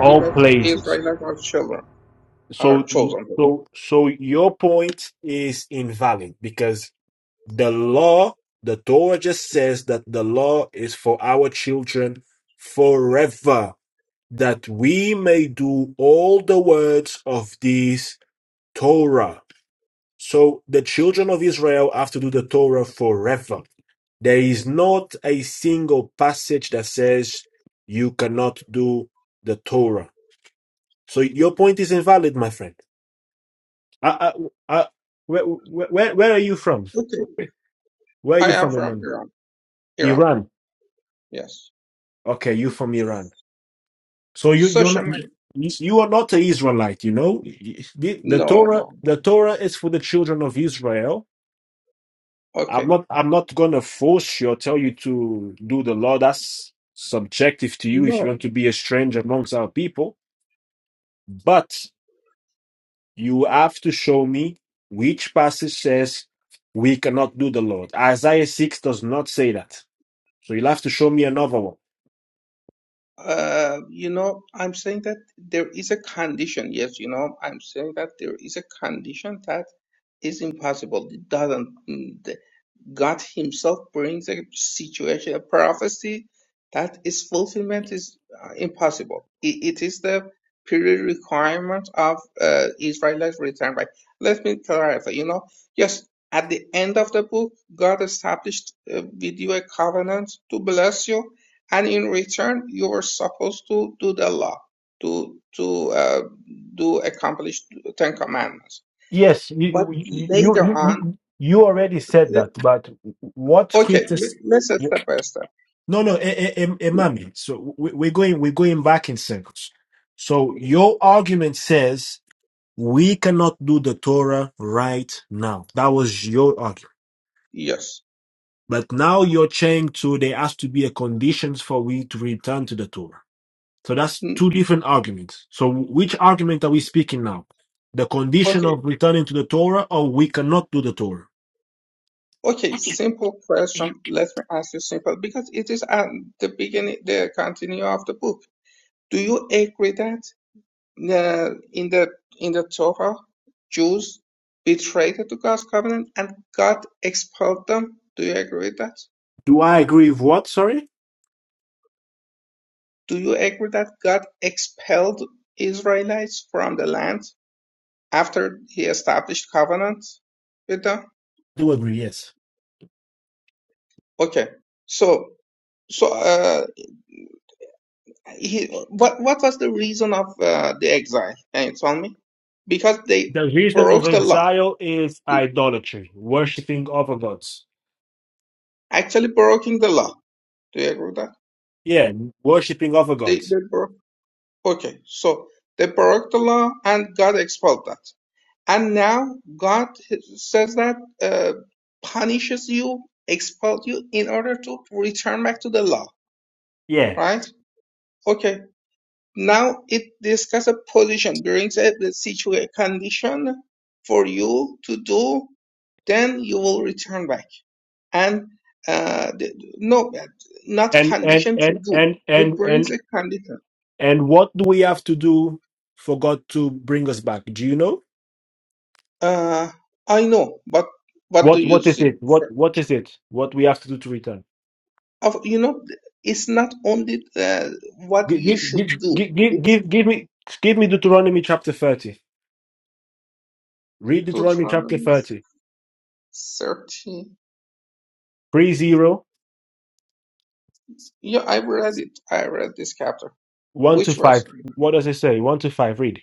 Speaker 1: all
Speaker 6: because
Speaker 1: places.
Speaker 6: Israelites are children, are
Speaker 1: So, y-
Speaker 6: chosen people.
Speaker 1: so, so your point is invalid because the law, the Torah just says that the law is for our children forever, that we may do all the words of this Torah. So the children of Israel have to do the Torah forever. There is not a single passage that says you cannot do the Torah. So your point is invalid, my friend. I, I, I, where, where, where are you from?
Speaker 6: Okay,
Speaker 1: Where are you
Speaker 6: I am
Speaker 1: from,
Speaker 6: from
Speaker 1: Iman?
Speaker 6: Iran. Iran,
Speaker 1: Iran.
Speaker 6: yes.
Speaker 1: Okay, you from Iran. So you, you're
Speaker 6: Social
Speaker 1: not. You
Speaker 6: media,
Speaker 1: you are not an Israelite, you know. The, the
Speaker 6: no,
Speaker 1: Torah,
Speaker 6: no.
Speaker 1: the Torah is for the children of Israel, I'm
Speaker 6: Okay,
Speaker 1: not I'm not gonna force you or tell you to do the law. That's subjective to you if you
Speaker 6: no.
Speaker 1: want to be a stranger amongst our people. But you have to show me which passage says we cannot do the Lord. Isaiah 6 does not say that. So you'll have to show me another one.
Speaker 6: Uh, you know, I'm saying that there is a condition. Yes, you know, I'm saying that there is a condition that is impossible. It doesn't. God Himself brings a situation, a prophecy that its fulfillment is uh, impossible. It, it is the period requirement of uh, Israel's return. Right? Let me clarify. You know, yes, at the end of the book, God established uh, with you a covenant to bless you, and in return, you were supposed to do the law, to to uh, do accomplish Ten Commandments.
Speaker 1: Yes,
Speaker 6: But
Speaker 1: you you you
Speaker 6: later
Speaker 1: you,
Speaker 6: on,
Speaker 1: you you already said that, but what
Speaker 6: Okay, le-
Speaker 1: scriptures?
Speaker 6: let's uh, step by step.
Speaker 1: No, no, eh, eh, eh, eh,
Speaker 6: Mm,
Speaker 1: mommy. So we, we're going, we're going back in circles. So your argument says we cannot do the Torah right now. That was your argument.
Speaker 6: Yes.
Speaker 1: But now you're saying to there has to be a conditions for we to return to the Torah. So that's two
Speaker 6: Mm,
Speaker 1: different arguments. So which argument are we speaking now? The condition
Speaker 6: Okay.
Speaker 1: of returning to the Torah, or we cannot do the Torah?
Speaker 6: Okay. Simple question. Let me ask you simple because it is at the beginning, the continue of the book. Do you agree that uh, in the in the Torah, Jews betrayed to God's covenant and God expelled them? Do you agree with that?
Speaker 1: Do I agree with what? Sorry.
Speaker 6: Do you agree that God expelled Israelites from the land after He established covenant with them?
Speaker 1: Do agree? Yes.
Speaker 6: Okay. So. So, uh, he, what what was the reason of uh, the exile? Can you tell me? Because they
Speaker 1: The reason of
Speaker 6: broke the law.
Speaker 1: exile is
Speaker 6: They
Speaker 1: idolatry, worshipping other gods.
Speaker 6: actually breaking the law. Do you agree with that?
Speaker 1: Yeah, worshipping other
Speaker 6: They
Speaker 1: gods.
Speaker 6: they broke. Okay, so they broke the law and God expelled that. And now God says that uh, punishes you, expelled you in order to return back to the law.
Speaker 1: Yeah.
Speaker 6: Right? Okay. Now it discusses a position brings up the situation condition for you to do, then you will return back. And uh, the, no, not
Speaker 1: And and
Speaker 6: condition to
Speaker 1: and
Speaker 6: do.
Speaker 1: and
Speaker 6: It
Speaker 1: and
Speaker 6: brings
Speaker 1: and
Speaker 6: a condition.
Speaker 1: and what do we have to do for God to bring us back? Do you know?
Speaker 6: Uh, I know, but what do
Speaker 1: What
Speaker 6: you
Speaker 1: what is it?
Speaker 6: think?
Speaker 1: What
Speaker 6: sir?
Speaker 1: what is it? What we have to do to return?
Speaker 6: Of- You know, it's not only uh, what
Speaker 1: Give
Speaker 6: you
Speaker 1: give
Speaker 6: should
Speaker 1: give
Speaker 6: do.
Speaker 1: give give,
Speaker 6: It's
Speaker 1: give, give me give me Deuteronomy chapter 30. Read Deuteronomy chapter
Speaker 6: Deuteronomy
Speaker 1: 30.
Speaker 6: 13.
Speaker 1: Three zero
Speaker 6: Yeah, I read it. I read this chapter.
Speaker 1: one to
Speaker 6: Which verse?
Speaker 1: 5. What does it say? 1 to 5 read.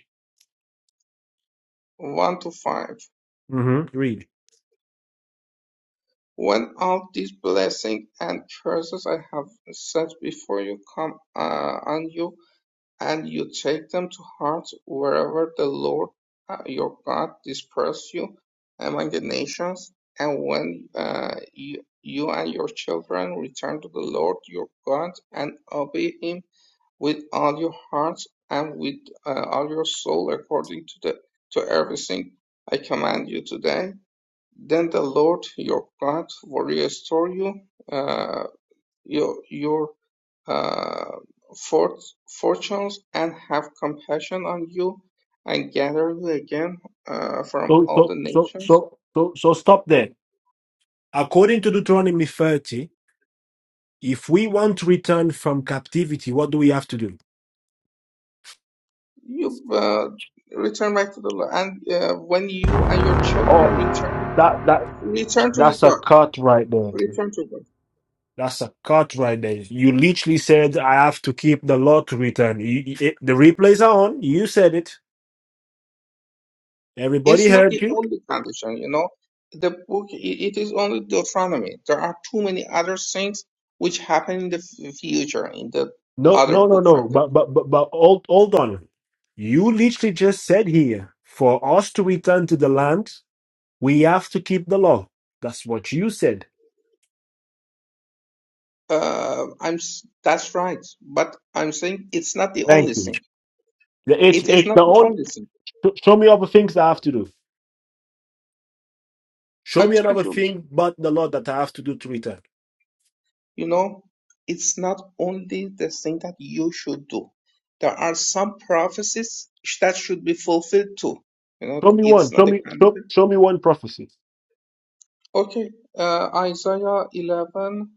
Speaker 6: One to five.
Speaker 1: Mhm. Read.
Speaker 6: When all these blessings and curses I have set before you come uh, on you, and you take them to heart wherever the Lord uh, your God disperses you among the nations, and when uh, you, you and your children return to the Lord your God and obey Him with all your heart and with uh, all your soul according to the to everything I command you today then the Lord your God will restore you, uh, your, your uh, fort, fortunes, and have compassion on you, and gather you again uh, from
Speaker 1: So,
Speaker 6: all
Speaker 1: so,
Speaker 6: the
Speaker 1: so,
Speaker 6: nations.
Speaker 1: so, so, so stop there. According to Deuteronomy 30, if we want to return from captivity, what do we have to do?
Speaker 6: You uh, return back to the Lord, and uh, when you and your
Speaker 1: Oh,
Speaker 6: children return,
Speaker 1: that, that,
Speaker 6: return to
Speaker 1: that's a
Speaker 6: God,
Speaker 1: cut right there.
Speaker 6: return to God.
Speaker 1: That's a cut right there. You literally said, I have to keep the law to return. You, you- it- the replays are on. You said it. Everybody
Speaker 6: It's not
Speaker 1: heard
Speaker 6: the
Speaker 1: you.
Speaker 6: only condition, you know. The book, i- it is only Deuteronomy. There are too many other things which happen in the f- future in the
Speaker 1: No,
Speaker 6: other
Speaker 1: no, no,
Speaker 6: books
Speaker 1: no.
Speaker 6: of the.
Speaker 1: But, but, but, but hold, hold on. You literally just said here, for us to return to the land, We have to keep the law. That's what you said.
Speaker 6: Uh, I'm s- that's right, but I'm saying it's not the only
Speaker 1: Thank you.
Speaker 6: thing.
Speaker 1: The- It's
Speaker 6: It is
Speaker 1: it's
Speaker 6: not
Speaker 1: the
Speaker 6: the
Speaker 1: only.
Speaker 6: only thing.
Speaker 1: sh- Show me other things I have to do. Show
Speaker 6: I
Speaker 1: me another
Speaker 6: told you,
Speaker 1: thing but the law that I have to do to return.
Speaker 6: you know, it's not only the thing that you should do. There are some prophecies sh- that should be fulfilled too. You know,
Speaker 1: Show me
Speaker 6: it's
Speaker 1: one.
Speaker 6: not
Speaker 1: Show
Speaker 6: the
Speaker 1: me show,
Speaker 6: condition.
Speaker 1: show me one prophecy.
Speaker 6: Okay, uh, Isaiah 11.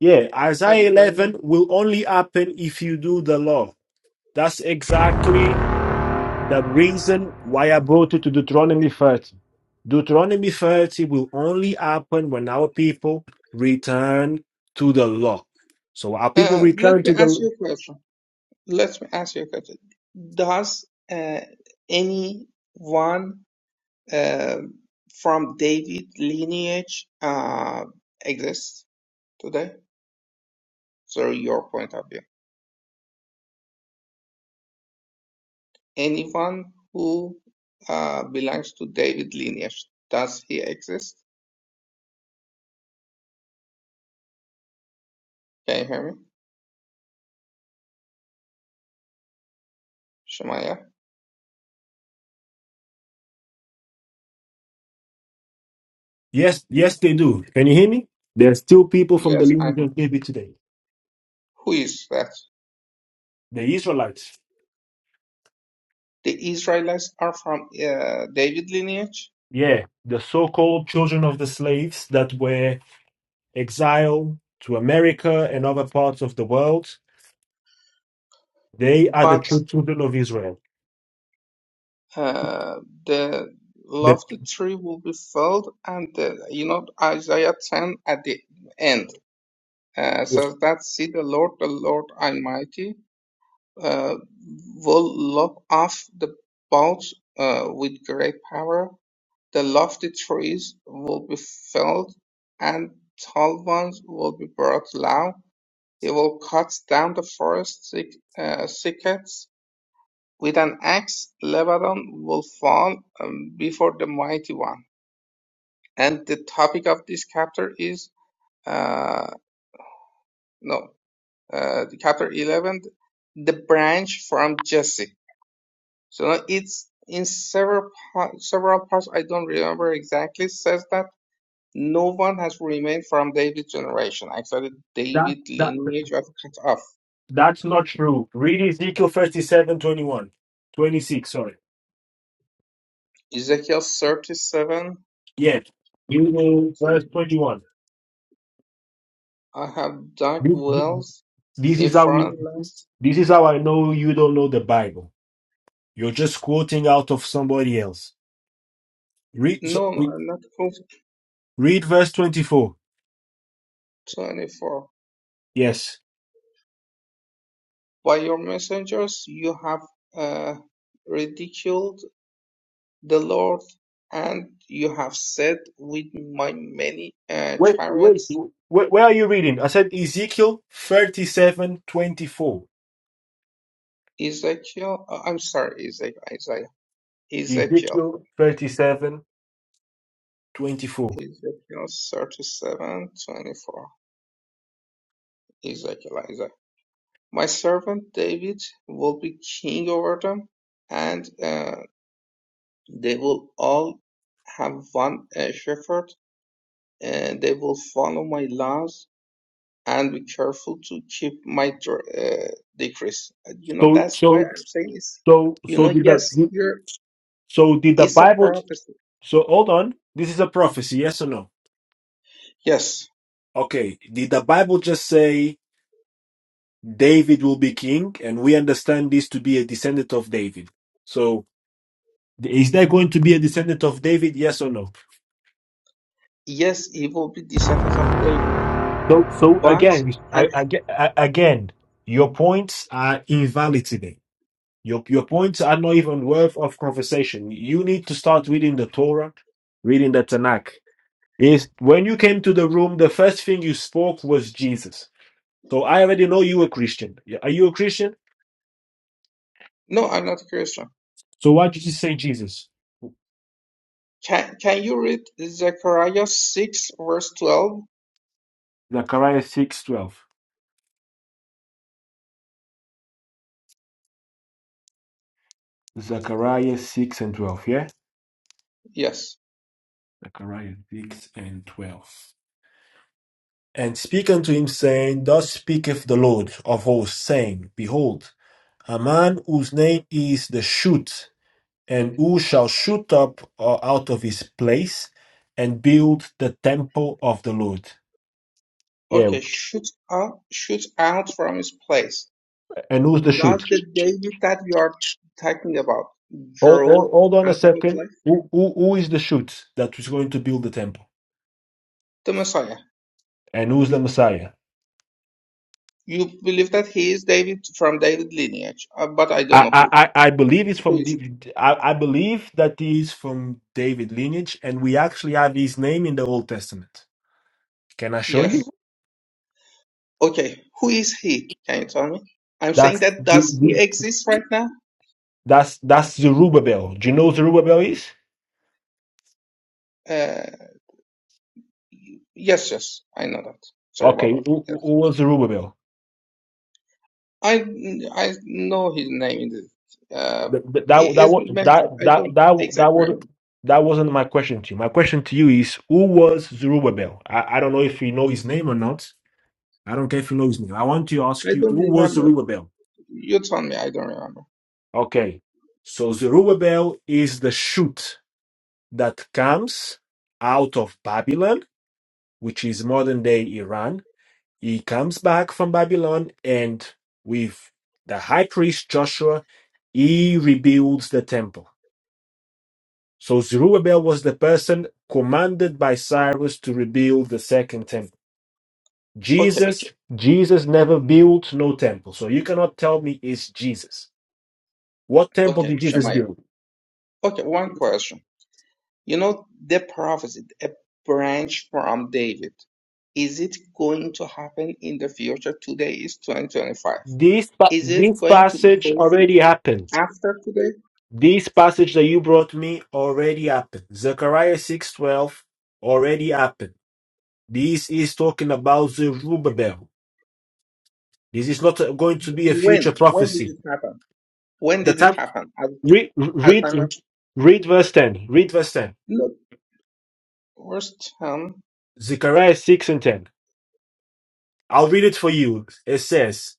Speaker 1: Yeah,
Speaker 6: I
Speaker 1: Isaiah
Speaker 6: agree.
Speaker 1: 11 will only happen if you do the law. That's exactly the reason why I brought you to Deuteronomy 30. Deuteronomy 30 will only happen when our people return to the law. So our people
Speaker 6: Uh, let
Speaker 1: return
Speaker 6: me
Speaker 1: to
Speaker 6: ask
Speaker 1: the
Speaker 6: you a question. Let me ask you a question. Does uh, anyone uh, from David lineage uh, exist today? So your point of view. Anyone who uh, belongs to David lineage, does he exist? Can you hear me, Shemaya?
Speaker 1: Yes, yes, they do. Can you hear me? There's still people from the
Speaker 6: Yes, I
Speaker 1: lineage
Speaker 6: am.
Speaker 1: of David today.
Speaker 6: Who is that?
Speaker 1: The Israelites.
Speaker 6: The Israelites are from uh, David lineage,
Speaker 1: Yeah, the so-called children of the slaves that were exiled to America and other parts of the world. They are the
Speaker 6: but
Speaker 1: true children of Israel.
Speaker 6: uh, the
Speaker 1: The,
Speaker 6: love the tree will be filled and uh, you know isaiah 10 at the end uh, says that see the lord the lord almighty uh, will lop off the boughs uh, with great power the lofty trees will be felled and tall ones will be brought low he will cut down the forest thick, uh, thickets with an axe Lebanon will fall um, before the mighty one. And the topic of this chapter is uh, no, uh, chapter 11, the branch from Jesse. So it's in several several parts. I don't remember exactly. Says that no one has remained from David's generation. Actually,
Speaker 1: that,
Speaker 6: David
Speaker 1: that,
Speaker 6: lineage was cut off.
Speaker 1: that's not true. Read Ezekiel 37, twenty-one. 26, sorry.
Speaker 6: Ezekiel 37.
Speaker 1: Yeah. You know, verse 21.
Speaker 6: I have dug
Speaker 1: This this-
Speaker 6: wells
Speaker 1: this
Speaker 6: in
Speaker 1: is how we,
Speaker 6: foreign lands
Speaker 1: this is how I know you don't know the Bible You're just quoting out of somebody else. Read, so-
Speaker 6: No,
Speaker 1: read
Speaker 6: not proof
Speaker 1: read verse 24.
Speaker 6: 24.
Speaker 1: Yes.
Speaker 6: By your messengers you have uh, ridiculed the Lord, and you have said, With my many uh,
Speaker 1: Wait, wait.
Speaker 6: chariots,
Speaker 1: Where, where are you reading? I said Ezekiel 37 24.
Speaker 6: Ezekiel, uh, I'm sorry, Ezekiel, Isaiah, Ezekiel,
Speaker 1: Ezekiel 37 24.
Speaker 6: Ezekiel 37, 24, Ezekiel, Isaiah. My servant David will be king over them, and uh, they will all have one uh, shepherd and they will follow my laws and be careful to keep my dr- uh, decrees. And, You know, that's why
Speaker 1: So, so,
Speaker 6: I'm saying is,
Speaker 1: so,
Speaker 6: you
Speaker 1: so
Speaker 6: know,
Speaker 1: did
Speaker 6: yes,
Speaker 1: the,
Speaker 6: here
Speaker 1: so did the
Speaker 6: is a
Speaker 1: Bible,
Speaker 6: prophecy.
Speaker 1: so hold on. This is a prophecy, yes or no?
Speaker 6: Yes,
Speaker 1: Okay. Did the Bible just say David will be king? And we understand this to be a descendant of David. So. Is there going to be a descendant of David? Yes or no?
Speaker 6: yes, it will be descendants of David,
Speaker 1: So, so
Speaker 6: but
Speaker 1: again,
Speaker 6: I'm
Speaker 1: I, I, ge- I- again, your points are invalid today. Your your points are not even worth of conversation. You need to start reading the Torah, reading the Tanakh. Is when you came to the room, the first thing you spoke was Jesus. So I already know you a Christian. Yeah, Are you a Christian?
Speaker 6: no, I'm not Christian.
Speaker 1: So why did you say Jesus?
Speaker 6: Can can you read Zechariah six verse twelve?
Speaker 1: Zechariah six twelve. Zechariah six and twelve. Yeah.
Speaker 6: Yes.
Speaker 1: Zechariah six and twelve. and speak unto him, saying, Thus speaketh the Lord of hosts, saying, Behold, a man whose name is the shoot, and who shall shoot up uh, out of his place and build the temple of the Lord. Yeah,
Speaker 6: Okay, shoot out, shoot out from his place.
Speaker 1: and who's the shoot?
Speaker 6: Does the David that you are talking about
Speaker 1: Hold, hold,
Speaker 6: grow
Speaker 1: hold on a
Speaker 6: out of a place?
Speaker 1: second. Who, who, who is the shoot that is going to build the temple?
Speaker 6: the Messiah.
Speaker 1: And who's the Messiah?
Speaker 6: You believe that he is David from David lineage, uh, but I don't
Speaker 1: I,
Speaker 6: know
Speaker 1: I,
Speaker 6: who.
Speaker 1: I I believe it's
Speaker 6: Who
Speaker 1: from
Speaker 6: is
Speaker 1: the, I, I believe that he is from David lineage, and we actually have his name in the Old Testament. Can I
Speaker 6: he?
Speaker 1: show you?
Speaker 6: Yes. Okay. Who is he? Can you tell me? I'm saying
Speaker 1: That's
Speaker 6: that does he
Speaker 1: the-
Speaker 6: exist right now?
Speaker 1: that's that's Zerubbabel. Do you know who Zerubbabel is?
Speaker 6: Uh, yes, yes. I know that.
Speaker 1: Okay,
Speaker 6: Zerubbabel.
Speaker 1: who, who
Speaker 6: Yes.
Speaker 1: who was Zerubbabel?
Speaker 6: I I know his name. In the, uh,
Speaker 1: Th- th-
Speaker 6: it
Speaker 1: That that
Speaker 6: is
Speaker 1: was that
Speaker 6: mentioned. I
Speaker 1: that
Speaker 6: don't
Speaker 1: that that
Speaker 6: exactly
Speaker 1: was
Speaker 6: remember.
Speaker 1: that wasn't my question to you. My question to you is who was Zerubbabel? I, I don't know if you know his name or not. I don't care if you know his name. I want to ask
Speaker 6: I
Speaker 1: you
Speaker 6: don't
Speaker 1: who was
Speaker 6: remember.
Speaker 1: Zerubbabel?
Speaker 6: You tell me. I don't remember.
Speaker 1: Okay, so Zerubbabel is the shoot that comes out of Babylon, which is modern day Iran He comes back from Babylon and with the high priest Joshua, he rebuilds the temple. So Zerubbabel was the person commanded by Cyrus to rebuild the second temple.
Speaker 6: Okay.
Speaker 1: Jesus, Jesus never built no temple. So you cannot tell me it's Jesus. What temple
Speaker 6: Okay.
Speaker 1: did Jesus
Speaker 6: Shemaiah.
Speaker 1: build?
Speaker 6: Okay. One question. You know, they prophesied a branch from David. Is it going to happen in the future? Today is 2025.
Speaker 1: This, pa-
Speaker 6: Is it
Speaker 1: this
Speaker 6: going to be
Speaker 1: passage
Speaker 6: fulfilled
Speaker 1: already happened.
Speaker 6: after today?
Speaker 1: This passage that you brought me already happened. Zechariah 6.12 already happened. This is talking about Zerubbabel. This is not going to be a
Speaker 6: When?
Speaker 1: future
Speaker 6: When did
Speaker 1: prophecy.
Speaker 6: it happen? When
Speaker 1: The
Speaker 6: did it
Speaker 1: time
Speaker 6: happen? At,
Speaker 1: read
Speaker 6: at
Speaker 1: read
Speaker 6: time of,
Speaker 1: read verse ten. Read verse ten.
Speaker 6: no, first, um,
Speaker 1: Zechariah six and ten. I'll read it for you. It says,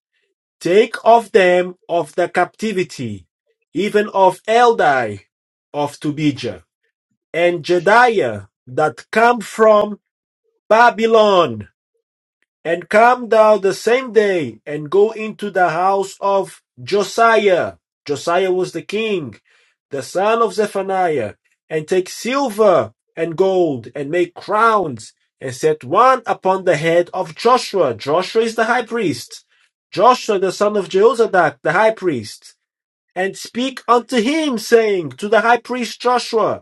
Speaker 1: "Take of them of the captivity, even of Eldai, of Tubijah, and Jediah that come from Babylon." And come thou the same day, and go into the house of Josiah. Josiah was the king, the son of Zephaniah, and take silver and gold, and make crowns, and set one upon the head of Joshua. Joshua is the high priest. Joshua, the son of Jehozadak, the high priest. And speak unto him, saying, To the high priest Joshua,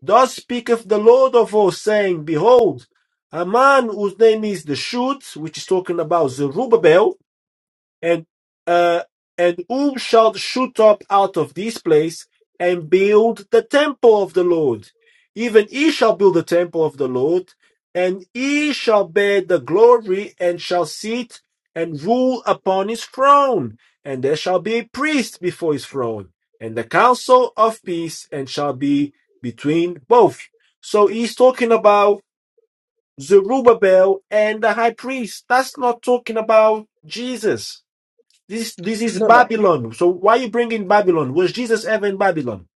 Speaker 1: Thus speaketh the Lord of hosts, saying, Behold, a man whose name is the Shoot, which is talking about Zerubbabel, and uh, and who shall shoot up out of this place and build the temple of the Lord? Even he shall build the temple of the Lord, and he shall bear the glory and shall sit and rule upon his throne, and there shall be a priest before his throne, and the council of peace, and shall be between both. So he's talking about Zerubbabel and the high priest. That's not talking about Jesus. This this is
Speaker 6: no, no.
Speaker 1: Babylon. So why are you bringing Babylon? Was Jesus ever in Babylon?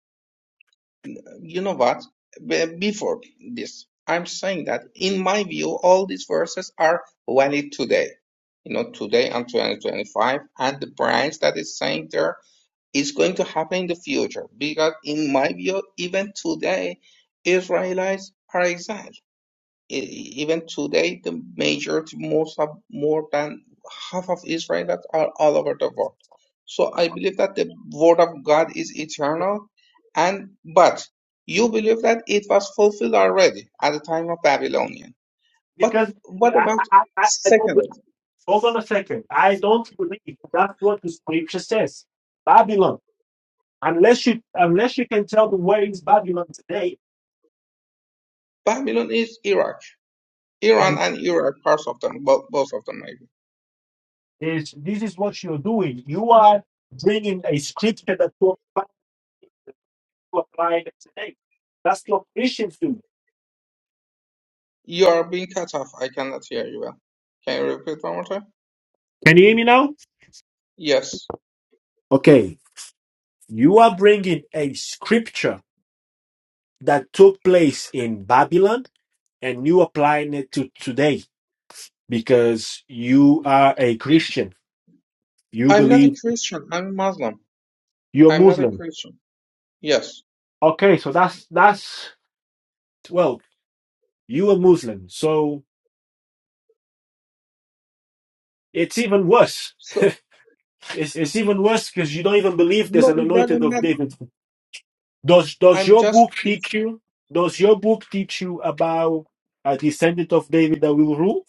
Speaker 6: You know what? Be- Before this, I'm saying that in my view, all these verses are valid today. You know, today and 2025, and the branch that is saying there Is going to happen in the future because, in my view, even today, Israelites are exiled. E- Even today, the majority, most of, more than half of Israelites are all over the world. So I believe that the word of God is eternal, and but you believe that it was fulfilled already at the time of Babylonian. But
Speaker 1: Because
Speaker 6: what
Speaker 1: I,
Speaker 6: about
Speaker 1: I, I, I don't.
Speaker 6: secondly,
Speaker 1: Hold on a second. I don't believe that's what the scripture says. Babylon. Unless you unless you can tell me where is Babylon today,
Speaker 6: Babylon is Iraq, Iran
Speaker 1: and
Speaker 6: and Iraq, parts of them, bo- both of them, maybe.
Speaker 1: is this is what you're doing. You are bringing a scripture that you apply it today. That's what Christians do.
Speaker 6: You are being cut off. I cannot hear you well. Can you repeat one more time?
Speaker 1: Can you hear me now?
Speaker 6: Yes.
Speaker 1: Okay, you are bringing a scripture that took place in Babylon and you applying it to today because you are a Christian. You
Speaker 6: I'm not a
Speaker 1: believe
Speaker 6: Christian. I'm a Muslim.
Speaker 1: you're
Speaker 6: I'm not a
Speaker 1: Muslim.
Speaker 6: Christian. Yes.
Speaker 1: Okay, so that's that's well, you are Muslim. So it's even worse.
Speaker 6: So,
Speaker 1: it's, it's even worse because you don't even believe there's
Speaker 6: no,
Speaker 1: an
Speaker 6: it
Speaker 1: anointed
Speaker 6: doesn't
Speaker 1: of
Speaker 6: matter.
Speaker 1: David. Does does
Speaker 6: I'm
Speaker 1: your
Speaker 6: just,
Speaker 1: book teach
Speaker 6: it's,
Speaker 1: you? Does your book teach you about a descendant of David that will rule?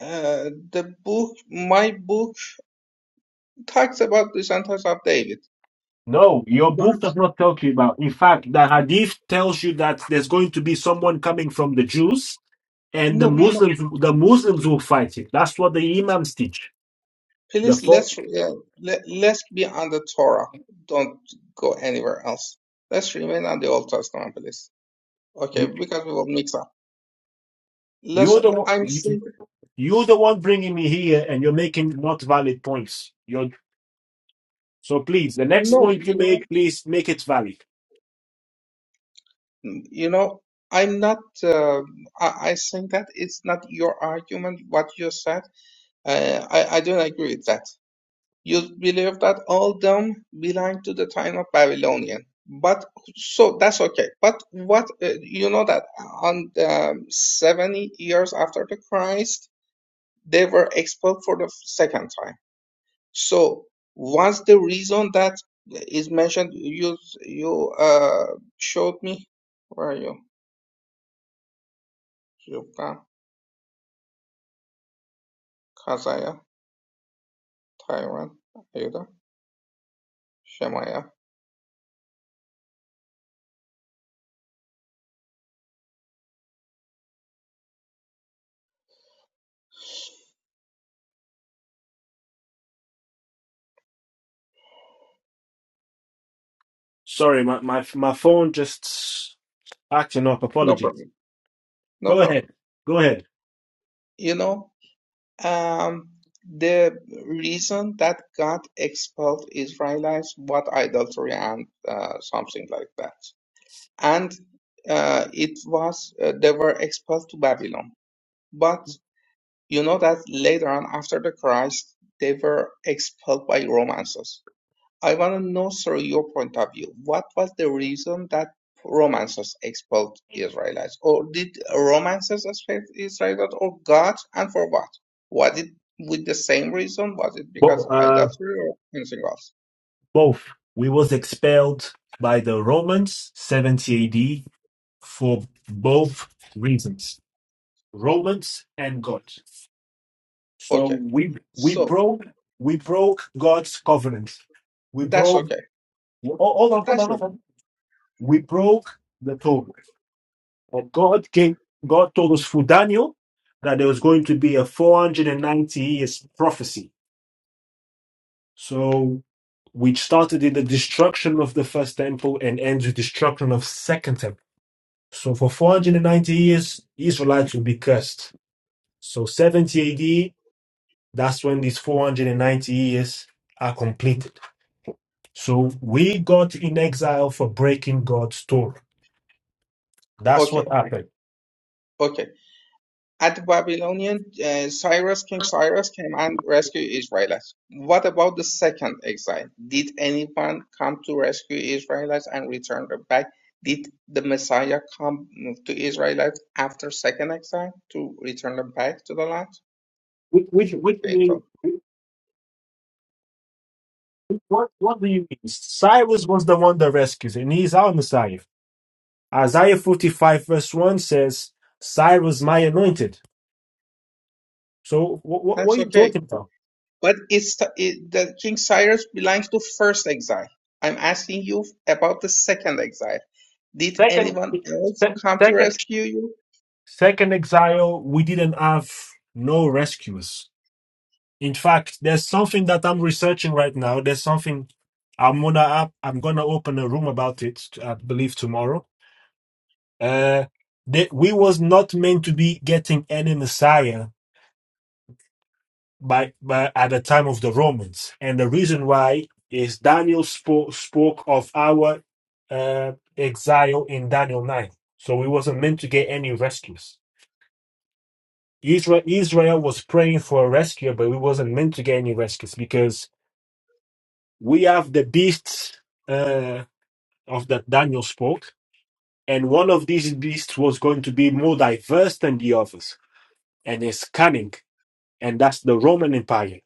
Speaker 6: uh, the book, my book talks about the sentence of David.
Speaker 1: No, your book
Speaker 6: But,
Speaker 1: does not tell you about. In fact, the Hadith tells you that there's going to be someone coming from the Jews and the
Speaker 6: no, you know,
Speaker 1: Muslims, the Muslims will fight it. That's what the imams teach. The
Speaker 6: please
Speaker 1: fo-
Speaker 6: let's, uh, let, let's be on the Torah. Don't go anywhere else. Let's remain on the Old Testament, please. Okay,
Speaker 1: you,
Speaker 6: because we will mix up. Let's,
Speaker 1: you're the one,
Speaker 6: I'm
Speaker 1: you,
Speaker 6: saying,
Speaker 1: you're the one bringing me here, and you're making not valid points. You're so please. The next
Speaker 6: no,
Speaker 1: point
Speaker 6: you
Speaker 1: you
Speaker 6: know,
Speaker 1: make, please make it valid.
Speaker 6: You know, I'm not, uh, I, I think that it's not your argument, what you said. Uh, I, I don't agree with that. You believe that all them belong to the time of Babylonian. But so that's okay. But what, uh, you know that on the um, 70 years after the Christ, they were expelled for the second time. So what's the reason that is mentioned, you, you, uh, showed me, where are you? Kazaja, Taiwan, Ayuda, Shemaya.
Speaker 1: Sorry, my my my phone just acting up.
Speaker 6: No
Speaker 1: Apologies.
Speaker 6: problem. No
Speaker 1: Go
Speaker 6: problem.
Speaker 1: ahead. Go ahead.
Speaker 6: You know, um, the reason that God expelled Israelites was idolatry and uh, something like that. And uh, it was, uh, they were expelled to Babylon. But you know that later on, after the Christ, they were expelled by Romans. I want to know through your point of view, what was the reason that Romances expelled Israelites? Or did Romances expel Israelites or God and for what? Was it with the same reason? Was it
Speaker 1: Bo-
Speaker 6: because of
Speaker 1: uh,
Speaker 6: idolatry or anything else?
Speaker 1: both. We was expelled by the Romans 70 AD for both reasons. Romans and God. So
Speaker 6: Okay,
Speaker 1: we we
Speaker 6: so
Speaker 1: broke we broke God's covenant. We
Speaker 6: that's
Speaker 1: broke
Speaker 6: okay.
Speaker 1: oh, hold on, hold on,
Speaker 6: That's
Speaker 1: hold
Speaker 6: okay.
Speaker 1: on. We broke the Torah. And God came God told us through Daniel that there was going to be a 490 years prophecy. So which started in the destruction of the first temple and ends with destruction of second temple. So for 490 years, Israelites will be cursed. So 70 AD, that's when these 490 years are complete So we got in exile for breaking God's Torah. That's
Speaker 6: Okay,
Speaker 1: what happened.
Speaker 6: okay. At the Babylonian, uh, Cyrus, King Cyrus came and rescued Israelites. What about the second exile? Did anyone come to rescue Israelites and return them back? Did the Messiah come to Israelites after second exile to return them back to the land?
Speaker 1: Which, which, which
Speaker 6: Okay,
Speaker 1: mean,
Speaker 6: so
Speaker 1: what, what do you mean? Cyrus was the one that rescues, and he's our Messiah. Isaiah 45, verse 1 says, Cyrus, my anointed. So what, what, what are
Speaker 6: that's
Speaker 1: you
Speaker 6: okay.
Speaker 1: talking about?
Speaker 6: But it's it, the King Cyrus belongs to first exile. I'm asking you about the second exile. Did
Speaker 1: Second,
Speaker 6: anyone
Speaker 1: se-
Speaker 6: else come to
Speaker 1: second,
Speaker 6: rescue you?
Speaker 1: second exile, we didn't have no rescuers. In fact, there's something that I'm researching right now. There's something I'm gonna up. I'm gonna open a room about it. I believe tomorrow. Uh, that we was not meant to be getting any Messiah by by at the time of the Romans, and the reason why is Daniel spoke spoke of our uh, exile in Daniel nine. So we wasn't meant to get any rescues. Israel Israel was praying for a rescue, but we wasn't meant to get any rescues because we have the beasts uh, of that Daniel spoke, and one of these beasts was going to be more diverse than the others, and is cunning, and that's the Roman Empire.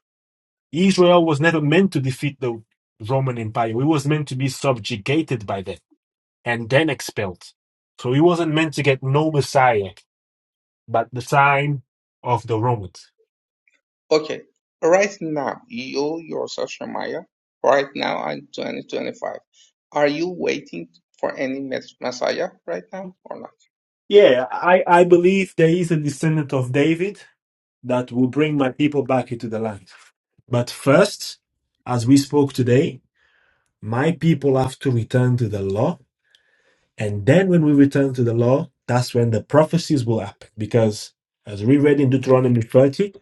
Speaker 1: Israel was never meant to defeat the Roman Empire; it was meant to be subjugated by them and then expelled. So he wasn't meant to get no Messiah, but the time of the Romans.
Speaker 6: Okay, right now, you yourself, Shamaya, right now in 2025, are you waiting for any mes- Messiah right now or not?
Speaker 1: Yeah, I, I believe there is a descendant of David that will bring my people back into the land. But first, as we spoke today, my people have to return to the law. And then when we return to the law, that's when the prophecies will happen. Because as we read in Deuteronomy 30,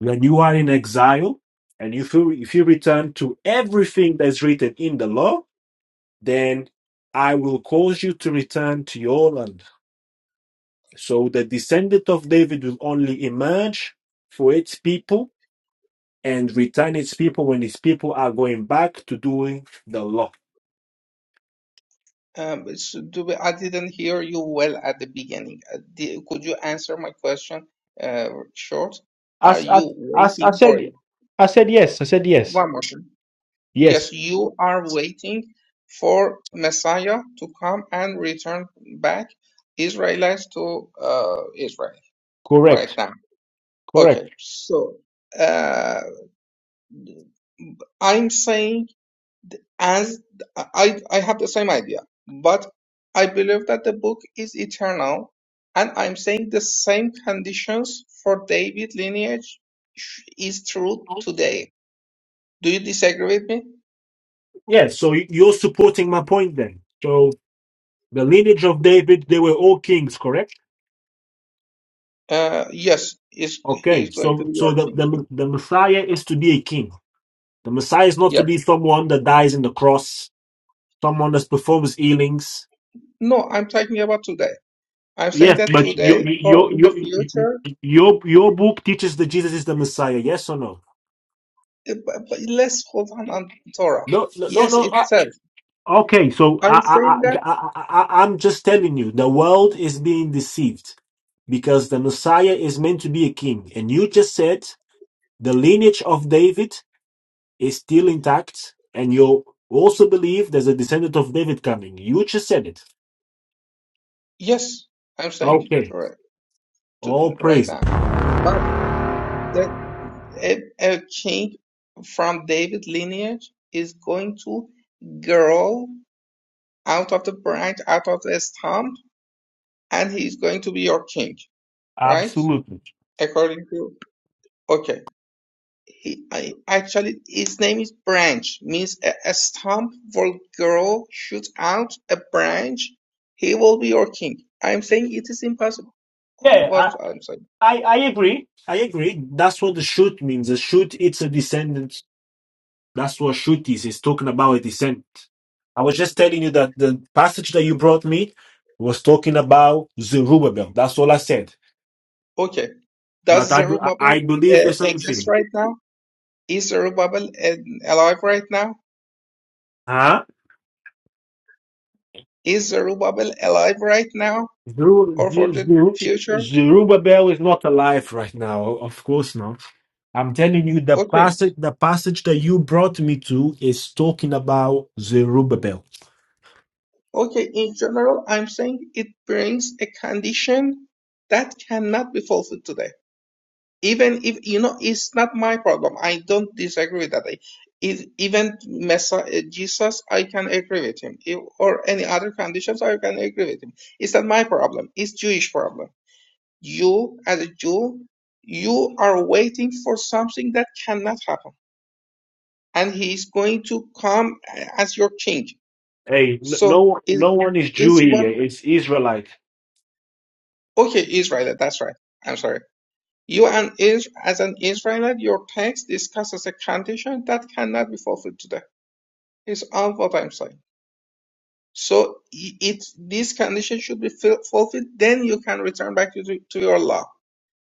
Speaker 1: when you are in exile and if you, if you return to everything that's written in the law, then I will cause you to return to your land. So the descendant of David will only emerge for its people and return its people when its people are going back to doing the law.
Speaker 6: Um, s- do we, I didn't hear you well at the beginning. Uh, di- could you answer my question uh, short? Are
Speaker 1: As as
Speaker 6: you
Speaker 1: as I
Speaker 6: waiting for
Speaker 1: said, I said yes. I said yes.
Speaker 6: one more time?
Speaker 1: Yes,
Speaker 6: Yes, you are waiting for Messiah to come and return back Israelites to uh, Israel right
Speaker 1: correct,
Speaker 6: now.
Speaker 1: correct.
Speaker 6: Okay, so uh, I'm saying as I I have the same idea, but I believe that the book is eternal, and I'm saying the same conditions for David lineage sh- is true today. Do you disagree with me?
Speaker 1: Yes. So y- you're supporting my point then. So the lineage of David, they were all kings, correct?
Speaker 6: Uh, yes, is
Speaker 1: Okay.
Speaker 6: he's going to
Speaker 1: So
Speaker 6: be
Speaker 1: so
Speaker 6: your
Speaker 1: the
Speaker 6: king?
Speaker 1: the, the Messiah is to be a king. The Messiah is not to
Speaker 6: Yes.
Speaker 1: be someone that dies in the cross, someone that performs healings.
Speaker 6: No, I'm talking about today. I'm saying
Speaker 1: Yes,
Speaker 6: that
Speaker 1: but you,
Speaker 6: today or
Speaker 1: you,
Speaker 6: in the
Speaker 1: you, you, you,
Speaker 6: future.
Speaker 1: your your book teaches that Jesus is the Messiah. Yes or no?
Speaker 6: eh, But, but let's hold on on Torah.
Speaker 1: No, no, no,
Speaker 6: Yes,
Speaker 1: no.
Speaker 6: it
Speaker 1: I-
Speaker 6: says.
Speaker 1: okay, so I,
Speaker 6: I'm
Speaker 1: I,
Speaker 6: saying that,
Speaker 1: I, I, I- I'm just telling you, the world is being deceived because the Messiah is meant to be a king, and you just said the lineage of David is still intact, and you also believe there's a descendant of David coming. You just said it.
Speaker 6: Yes, I'm saying it
Speaker 1: Okay,
Speaker 6: right, to,
Speaker 1: all
Speaker 6: right
Speaker 1: praise.
Speaker 6: now. but that A, a king from David lineage is going to grow out of the branch, out of the stump, and he's going to be your king, right?
Speaker 1: Absolutely.
Speaker 6: According to okay, he I, actually his name is branch, means a, a stump will grow, shoot out a branch. He will be your king. I'm saying it is impossible. All
Speaker 1: Yeah, I,
Speaker 6: what I'm saying.
Speaker 1: I, I agree. I agree. That's what the shoot means. A shoot, it's a descendant That's what Shutis is talking about descent. I was just telling you that the passage that you brought me was talking about Zerubbabel. That's all I said.
Speaker 6: Okay.
Speaker 1: But
Speaker 6: Does
Speaker 1: I I I
Speaker 6: Zerubbabel
Speaker 1: believe
Speaker 6: uh,
Speaker 1: the same
Speaker 6: exist
Speaker 1: thing.
Speaker 6: right now? Is Zerubbabel uh, alive right now?
Speaker 1: Huh?
Speaker 6: Is Zerubbabel alive right now
Speaker 1: Zeru-
Speaker 6: or for
Speaker 1: Zeru-
Speaker 6: the future?
Speaker 1: Zerubbabel is not alive right now. Of course not. I'm telling you the
Speaker 6: Okay.
Speaker 1: passage the passage that you brought me to is talking about Zerubbabel.
Speaker 6: Okay. In general, I'm saying it brings a condition that cannot be fulfilled today. Even if, you know, it's not my problem. I don't disagree with that. I- If, even Messiah, Jesus, I can agree with him. If, or any other conditions, I can agree with him. It's not my problem. It's Jewish problem You, as a Jew, you are waiting for something that cannot happen, and he is going to come as your king.
Speaker 1: Hey, n-
Speaker 6: So
Speaker 1: no,
Speaker 6: is
Speaker 1: no one is Jew
Speaker 6: is
Speaker 1: here.
Speaker 6: what?
Speaker 1: It's Israelite.
Speaker 6: Okay, Israelite. That's right. I'm sorry. You and is as an Israelite, your text discusses a condition that cannot be fulfilled today. Is all what I'm saying. So i- it this condition should be ful- fulfilled, then you can return back to, to your law.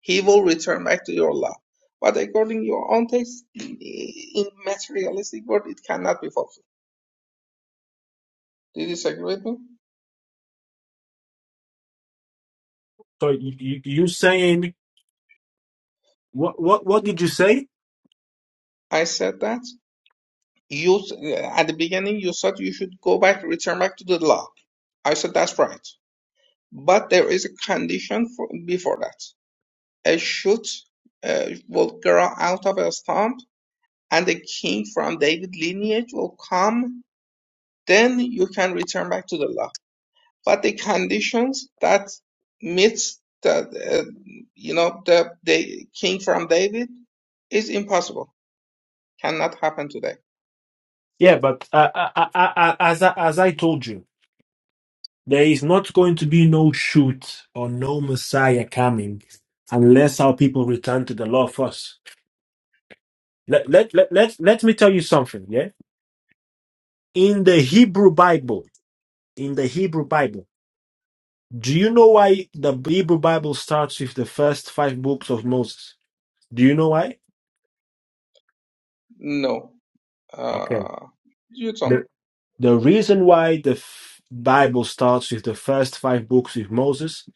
Speaker 6: He will return back to your love. But according to your own taste, in materialistic world, it cannot be fulfilled. Do you disagree with me?
Speaker 1: So you, you, you saying what? What? What did you say?
Speaker 6: I said that. You uh, at the beginning you said you should go back, return back to the law. I said that's right. But there is a condition for, before that. A shoot uh, will grow out of a stump, and a king from David lineage will come. Then you can return back to the law. but the conditions that meets the uh, you know the the king from David is impossible. Cannot happen today.
Speaker 1: Yeah, but uh, I, I, I, I- as I, as I told you, there is not going to be no shoot or no Messiah coming unless our people return to the law first. Let let let let, let me tell you something. Yeah, in the Hebrew Bible, in the Hebrew Bible, do you know why the Hebrew Bible starts with the first five books of Moses? Do you know why?
Speaker 6: No.
Speaker 1: Okay.
Speaker 6: Uh, you don't.
Speaker 1: The the reason why the f- Bible starts with the first five books with Moses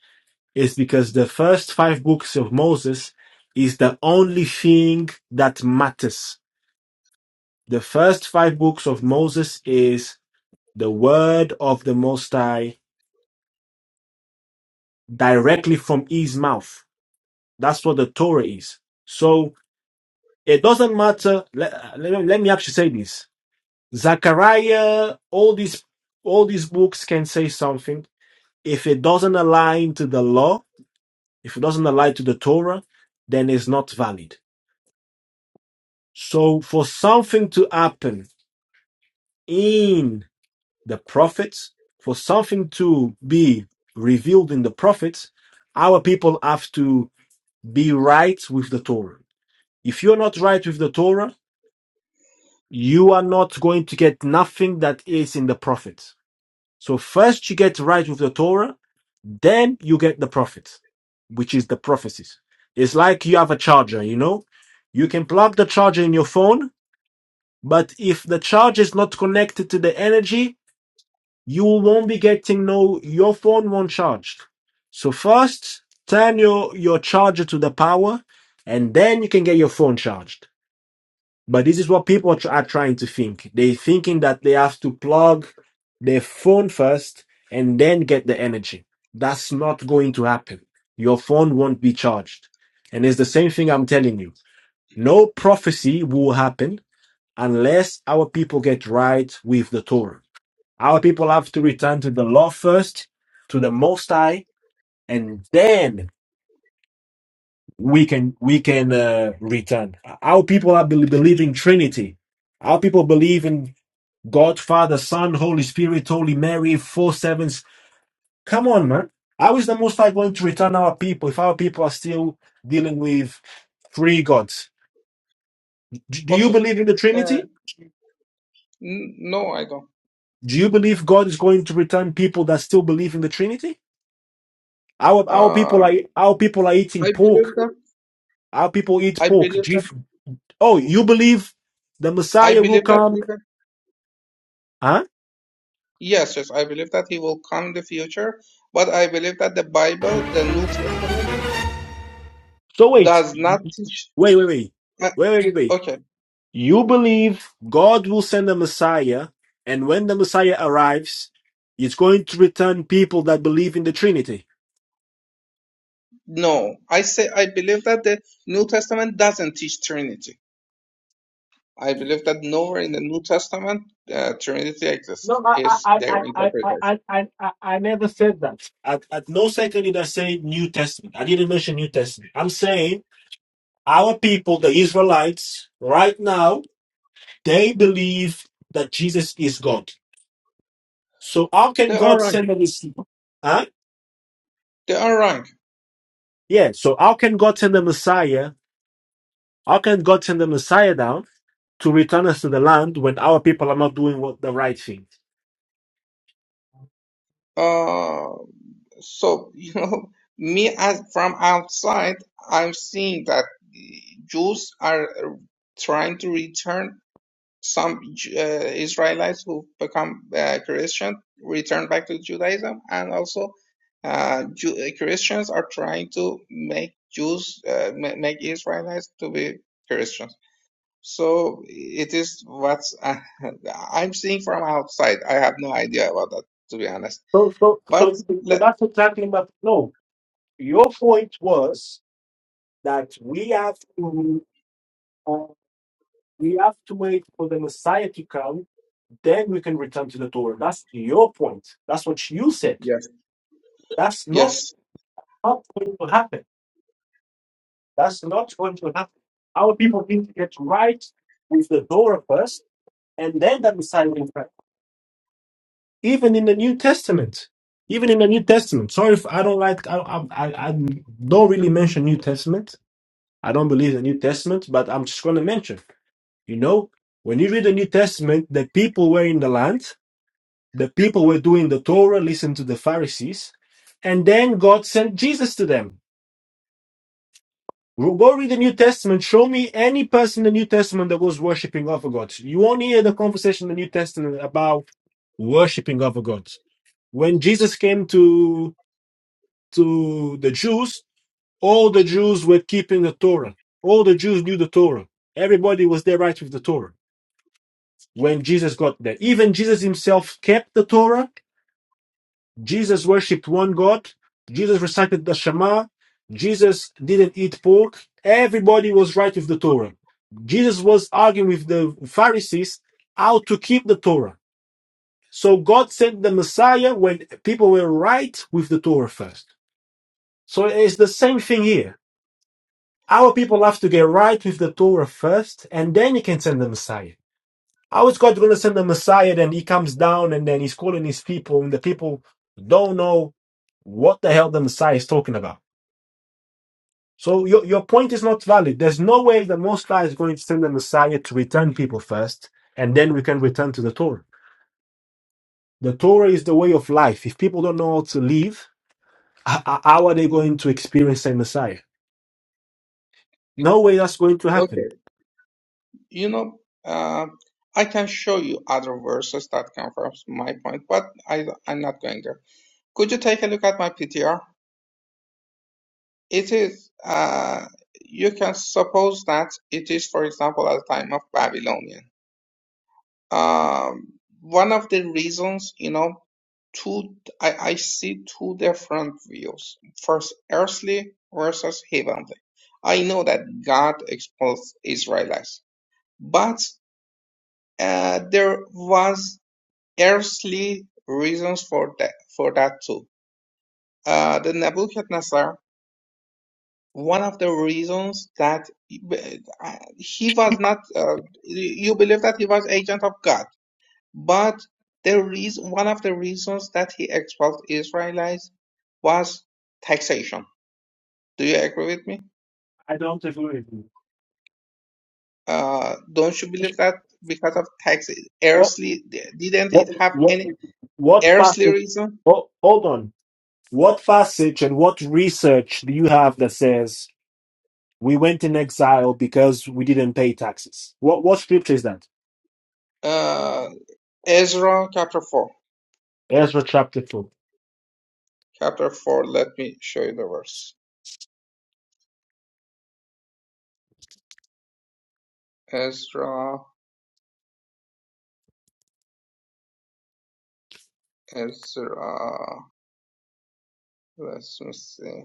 Speaker 1: is because the first five books of Moses is the only thing that matters. The first five books of Moses is the word of the Most High directly from his mouth. That's what the Torah is. So it doesn't matter. Let, let, me- let me actually say this. Zechariah, all these all these books can say something If it doesn't align to the law, if it doesn't align to the Torah, then it's not valid. So for something to happen in the prophets, for something to be revealed in the prophets, our people have to be right with the Torah. If you're not right with the Torah, you are not going to get nothing that is in the prophets So first you get right with the Torah, then you get the prophets, which is the prophecies. It's like you have a charger, you know? You can plug the charger in your phone, but if the charger is not connected to the energy, you won't be getting no your phone won't charge. So first turn your, your charger to the power and then you can get your phone charged. But this is what people are trying to think. They thinking that they have to plug their phone first and then get the energy. That's not going to happen. Your phone won't be charged. And it's the same thing I'm telling you. No prophecy will happen unless our people get right with the Torah. Our people have to return to the law first, to the Most High, and then we can we can uh, return. Our people are bel- believing Trinity. Our people believe in God, Father, Son, Holy Spirit, Holy Mary, four sevens. Come on, man. How is the Most High going to return our people if our people are still dealing with three gods? D- Do you
Speaker 6: Okay.
Speaker 1: believe in the
Speaker 6: Uh,
Speaker 1: Trinity?
Speaker 6: n- no, I don't.
Speaker 1: Do you believe God is going to return people that still believe in the Trinity? Our our people
Speaker 6: Uh,
Speaker 1: are our people are eating
Speaker 6: I believe
Speaker 1: pork.
Speaker 6: that.
Speaker 1: Our people eat
Speaker 6: I
Speaker 1: pork.
Speaker 6: believe
Speaker 1: Do you,
Speaker 6: that.
Speaker 1: oh, you believe the
Speaker 6: I
Speaker 1: Messiah will
Speaker 6: believe that.
Speaker 1: come?
Speaker 6: Even,
Speaker 1: Huh?
Speaker 6: yes, yes. I believe that he will come in the future. But I believe that the Bible, the New Testament,
Speaker 1: So wait,
Speaker 6: does not
Speaker 1: wait,
Speaker 6: teach.
Speaker 1: wait, wait,
Speaker 6: Uh,
Speaker 1: wait, wait, wait.
Speaker 6: okay.
Speaker 1: You believe God will send a Messiah, and when the Messiah arrives, it's going to return people that believe in the Trinity.
Speaker 6: No, I say I believe that the New Testament doesn't teach Trinity. I believe that nowhere in the New Testament uh, Trinity exists.
Speaker 1: No, I,
Speaker 6: Is
Speaker 1: I, I,
Speaker 6: their
Speaker 1: I, I,
Speaker 6: interpretation?
Speaker 1: I, I, I I never said that. At, at no second did I say New Testament. I didn't mention New Testament. I'm saying our people, the Israelites, right now, they believe that Jesus is God. So how can
Speaker 6: They are
Speaker 1: God
Speaker 6: wrong.
Speaker 1: send a Messiah? Huh?
Speaker 6: They are wrong.
Speaker 1: Yeah. So how can God send a Messiah How can God send the Messiah down to return us to the land when our people are not doing what the right thing?
Speaker 6: Uh, so you know, me as from outside, I'm seeing that Jews are uh, trying to return Some Ju- uh, Israelites who become uh, Christian return back to Judaism, and also uh, Ju- uh, Christians are trying to make Jews, uh, ma- make Israelites to be Christians. So it is what uh, I'm seeing from outside. I have no idea about that, to be honest.
Speaker 1: So, so,
Speaker 6: But
Speaker 1: so, so
Speaker 6: let,
Speaker 1: that's exactly my no. Your point was that we have to uh, we have to wait for the Messiah to come Then we can return to the Torah. That's your point. That's what you said.
Speaker 6: yes,
Speaker 1: That's not
Speaker 6: yes,
Speaker 1: not going to happen. That's not going to happen. Our people need to get right with the Torah first, and then that Messiah will come. Even in the New Testament. Even in the New Testament. Sorry if I don't like, I, I, I I don't really mention New Testament. I don't believe the New Testament, but I'm just going to mention, you know, when you read the New Testament, the people were in the land. The people were doing the Torah, listened to the Pharisees, and then God sent Jesus to them. Go read the New Testament. Show me any person in the New Testament that was worshipping other gods. You won't hear the conversation in the New Testament about worshipping other gods. When Jesus came to to the Jews, all the Jews were keeping the Torah. All the Jews knew the Torah. Everybody was there right with the Torah. When Jesus got there, even Jesus himself kept the Torah Jesus worshipped one God. Jesus recited the Shema. Jesus didn't eat pork. Everybody was right with the Torah. Jesus was arguing with the Pharisees how to keep the Torah. So God sent the Messiah when people were right with the Torah first. So it's the same thing here. Our people have to get right with the Torah first, and then you can send the Messiah. How is God going to send the Messiah? Then he comes down and then he's calling his people, and the people don't know what the hell the Messiah is talking about. So your, your point is not valid. There's no way the Most High is going to send the Messiah to return people first, and then we can return to the Torah. The Torah is the way of life. If people don't know how to live, h- h- how are they going to experience the Messiah? No way that's going to happen.
Speaker 6: okay. You know, uh, I can show you other verses that confirms my point, but I, I'm not going there. Could you take a look at my PTR? It is, uh, you can suppose that it is, for example, at the time of Babylonian. Um, one of the reasons, you know, two, I, I see two different views. First, earthly versus heavenly. I know that God exposed Israelites, but uh, there was earthly reasons for that, for that too. Uh, the Nebuchadnezzar one of the reasons that he was not uh, you believe that he was agent of god but the reason one of the reasons that he expelled israelites was taxation do you agree with me
Speaker 1: I don't agree with you.
Speaker 6: uh, don't you believe that because of tax
Speaker 1: What
Speaker 6: earthly didn't it
Speaker 1: what
Speaker 6: have
Speaker 1: what
Speaker 6: any
Speaker 1: what
Speaker 6: earthly
Speaker 1: passage?
Speaker 6: reason
Speaker 1: Oh, hold on. What passage and what research do you have that says we went in exile because we didn't pay taxes? What what scripture is that?
Speaker 6: uh, ezra chapter 4
Speaker 1: Ezra chapter four.
Speaker 6: Chapter 4 Let me show you the verse. Ezra, Ezra, let me see.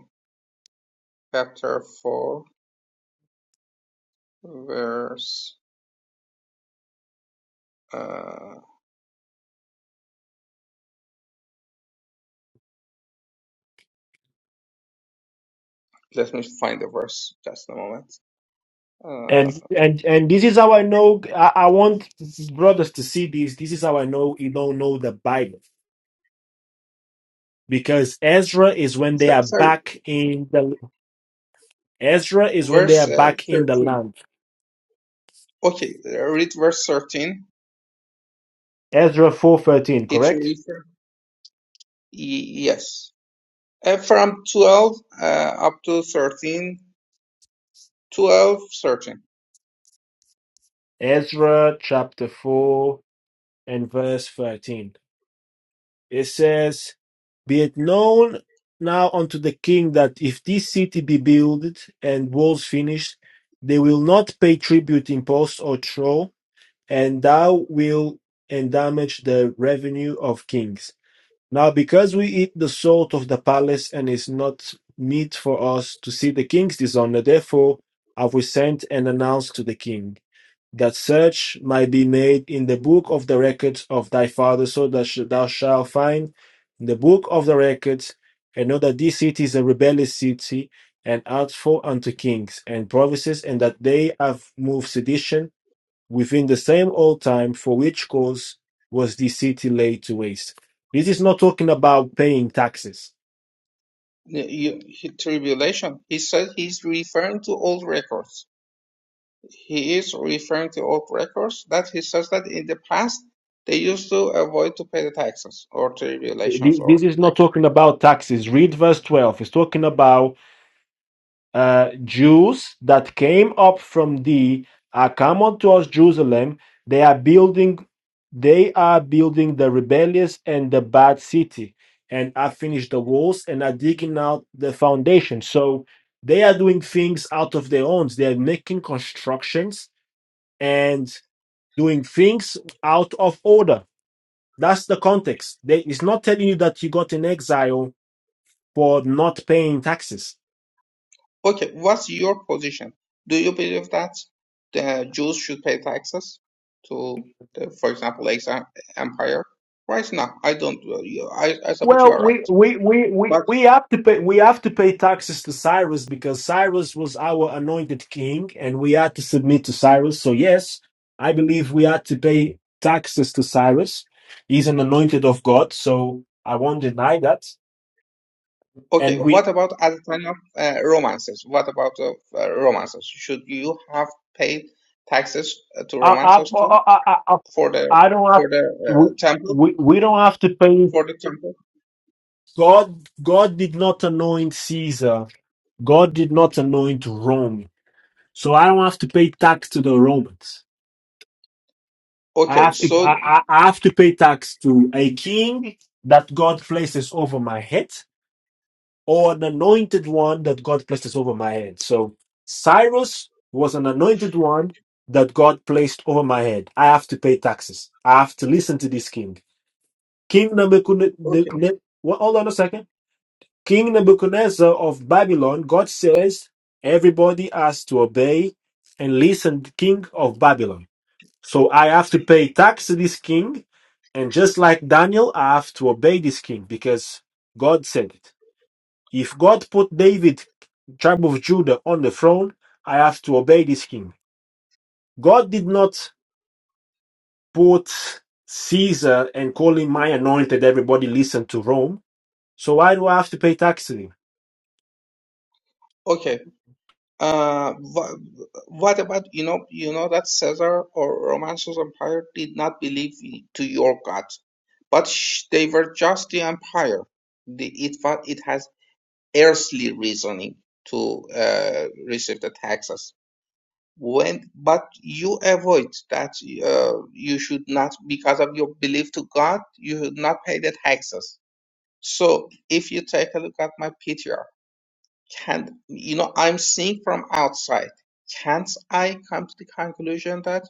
Speaker 6: Chapter 4, verse. Uh, let me find the verse just a moment. Uh,
Speaker 1: And and and this is how I know. I, I want brothers to see this. This is how I know you don't know the Bible because Ezra is when they
Speaker 6: so-
Speaker 1: are
Speaker 6: sorry,
Speaker 1: back in the Ezra is when they
Speaker 6: verse
Speaker 1: are
Speaker 6: uh,
Speaker 1: back in the
Speaker 6: 13.
Speaker 1: land.
Speaker 6: Okay, uh, read verse 13.
Speaker 1: Ezra four thirteen,
Speaker 6: It
Speaker 1: correct?
Speaker 6: reads, yes. Uh, from 12 uh, up to 13, 12, thirteen.
Speaker 1: Ezra chapter four and verse thirteen. It says, Be it known now unto the king that if this city be builded and walls finished, they will not pay tribute, impost, or troll, and thou wilt endamage the revenue of kings. Now, because we eat the salt of the palace, and is not meet for us to see the kings dishonor, therefore have we sent and announced to the king that search might be made in the book of the records of thy father, so that thou shalt find in the book of the records, and know that this city is a rebellious city, and artful unto kings and provinces, and that they have moved sedition within the same old time for which cause was the city laid to waste. This is not talking about paying taxes.
Speaker 6: you- tribulation. He said he's referring to old records he is referring to old records that he says that in the past they used to avoid to pay the taxes or tribulations
Speaker 1: Th-
Speaker 6: or
Speaker 1: This is
Speaker 6: like
Speaker 1: not
Speaker 6: that.
Speaker 1: talking about taxes. Read verse 12. It's talking about uh, Jews that came up from thee are come unto Jerusalem. They are building, they are building the rebellious and the bad city, and are finished the walls and are digging out the foundation. So they are doing things out of their own. They are making constructions and doing things out of order. That's the context. They, it's not telling you that you got in exile for not paying taxes
Speaker 6: Okay, what's your position? Do you believe that the Jews should pay taxes to, the, for example, ex empire? Right now, I don't. uh, you- I, I suppose you are
Speaker 1: Well, we
Speaker 6: right.
Speaker 1: we we we
Speaker 6: But
Speaker 1: we have to pay we have to pay taxes to Cyrus because Cyrus was our anointed king, and we had to submit to Cyrus. So yes, I believe we had to pay taxes to Cyrus. He's an anointed of God, so I won't deny that.
Speaker 6: okay,
Speaker 1: And we,
Speaker 6: what about at the time of uh, romances? What about uh, uh, romances? Should you have paid taxes uh, to
Speaker 1: I, I,
Speaker 6: romances too?
Speaker 1: I, I, I
Speaker 6: for the
Speaker 1: I don't have
Speaker 6: for the
Speaker 1: we,
Speaker 6: uh, temple
Speaker 1: we we don't have to pay.
Speaker 6: for the temple
Speaker 1: God God did not anoint Caesar. God did not anoint Rome, so I don't have to pay tax to the Romans. I
Speaker 6: okay
Speaker 1: have to I,
Speaker 6: so
Speaker 1: I I have to pay tax to a king that God places over my head or an anointed one that God places over my head. So Cyrus was an anointed one that God placed over my head. I have to pay taxes. I have to listen to this king. King
Speaker 6: okay
Speaker 1: Nebuchadnezzar, hold on a second. King Nebuchadnezzar of Babylon, God says everybody has to obey and listen to King of Babylon. So I have to pay tax to this king, and just like Daniel, I have to obey this king because God said it. If God put David, tribe of Judah, on the throne, I have to obey this king. God did not put Caesar and call him my anointed, everybody listen to Rome. So why do I have to pay tax to him?
Speaker 6: okay uh wha- what about you know you know that caesar or roman empire did not believe i- to your god but sh- they were just the empire the, it wa- it has earthly reasoning to uh, receive the taxes when but you avoid that uh, you should not because of your belief to god you should not pay the taxes So if you take a look at my PTR, can you know I'm seeing from outside. Can't I come to the conclusion that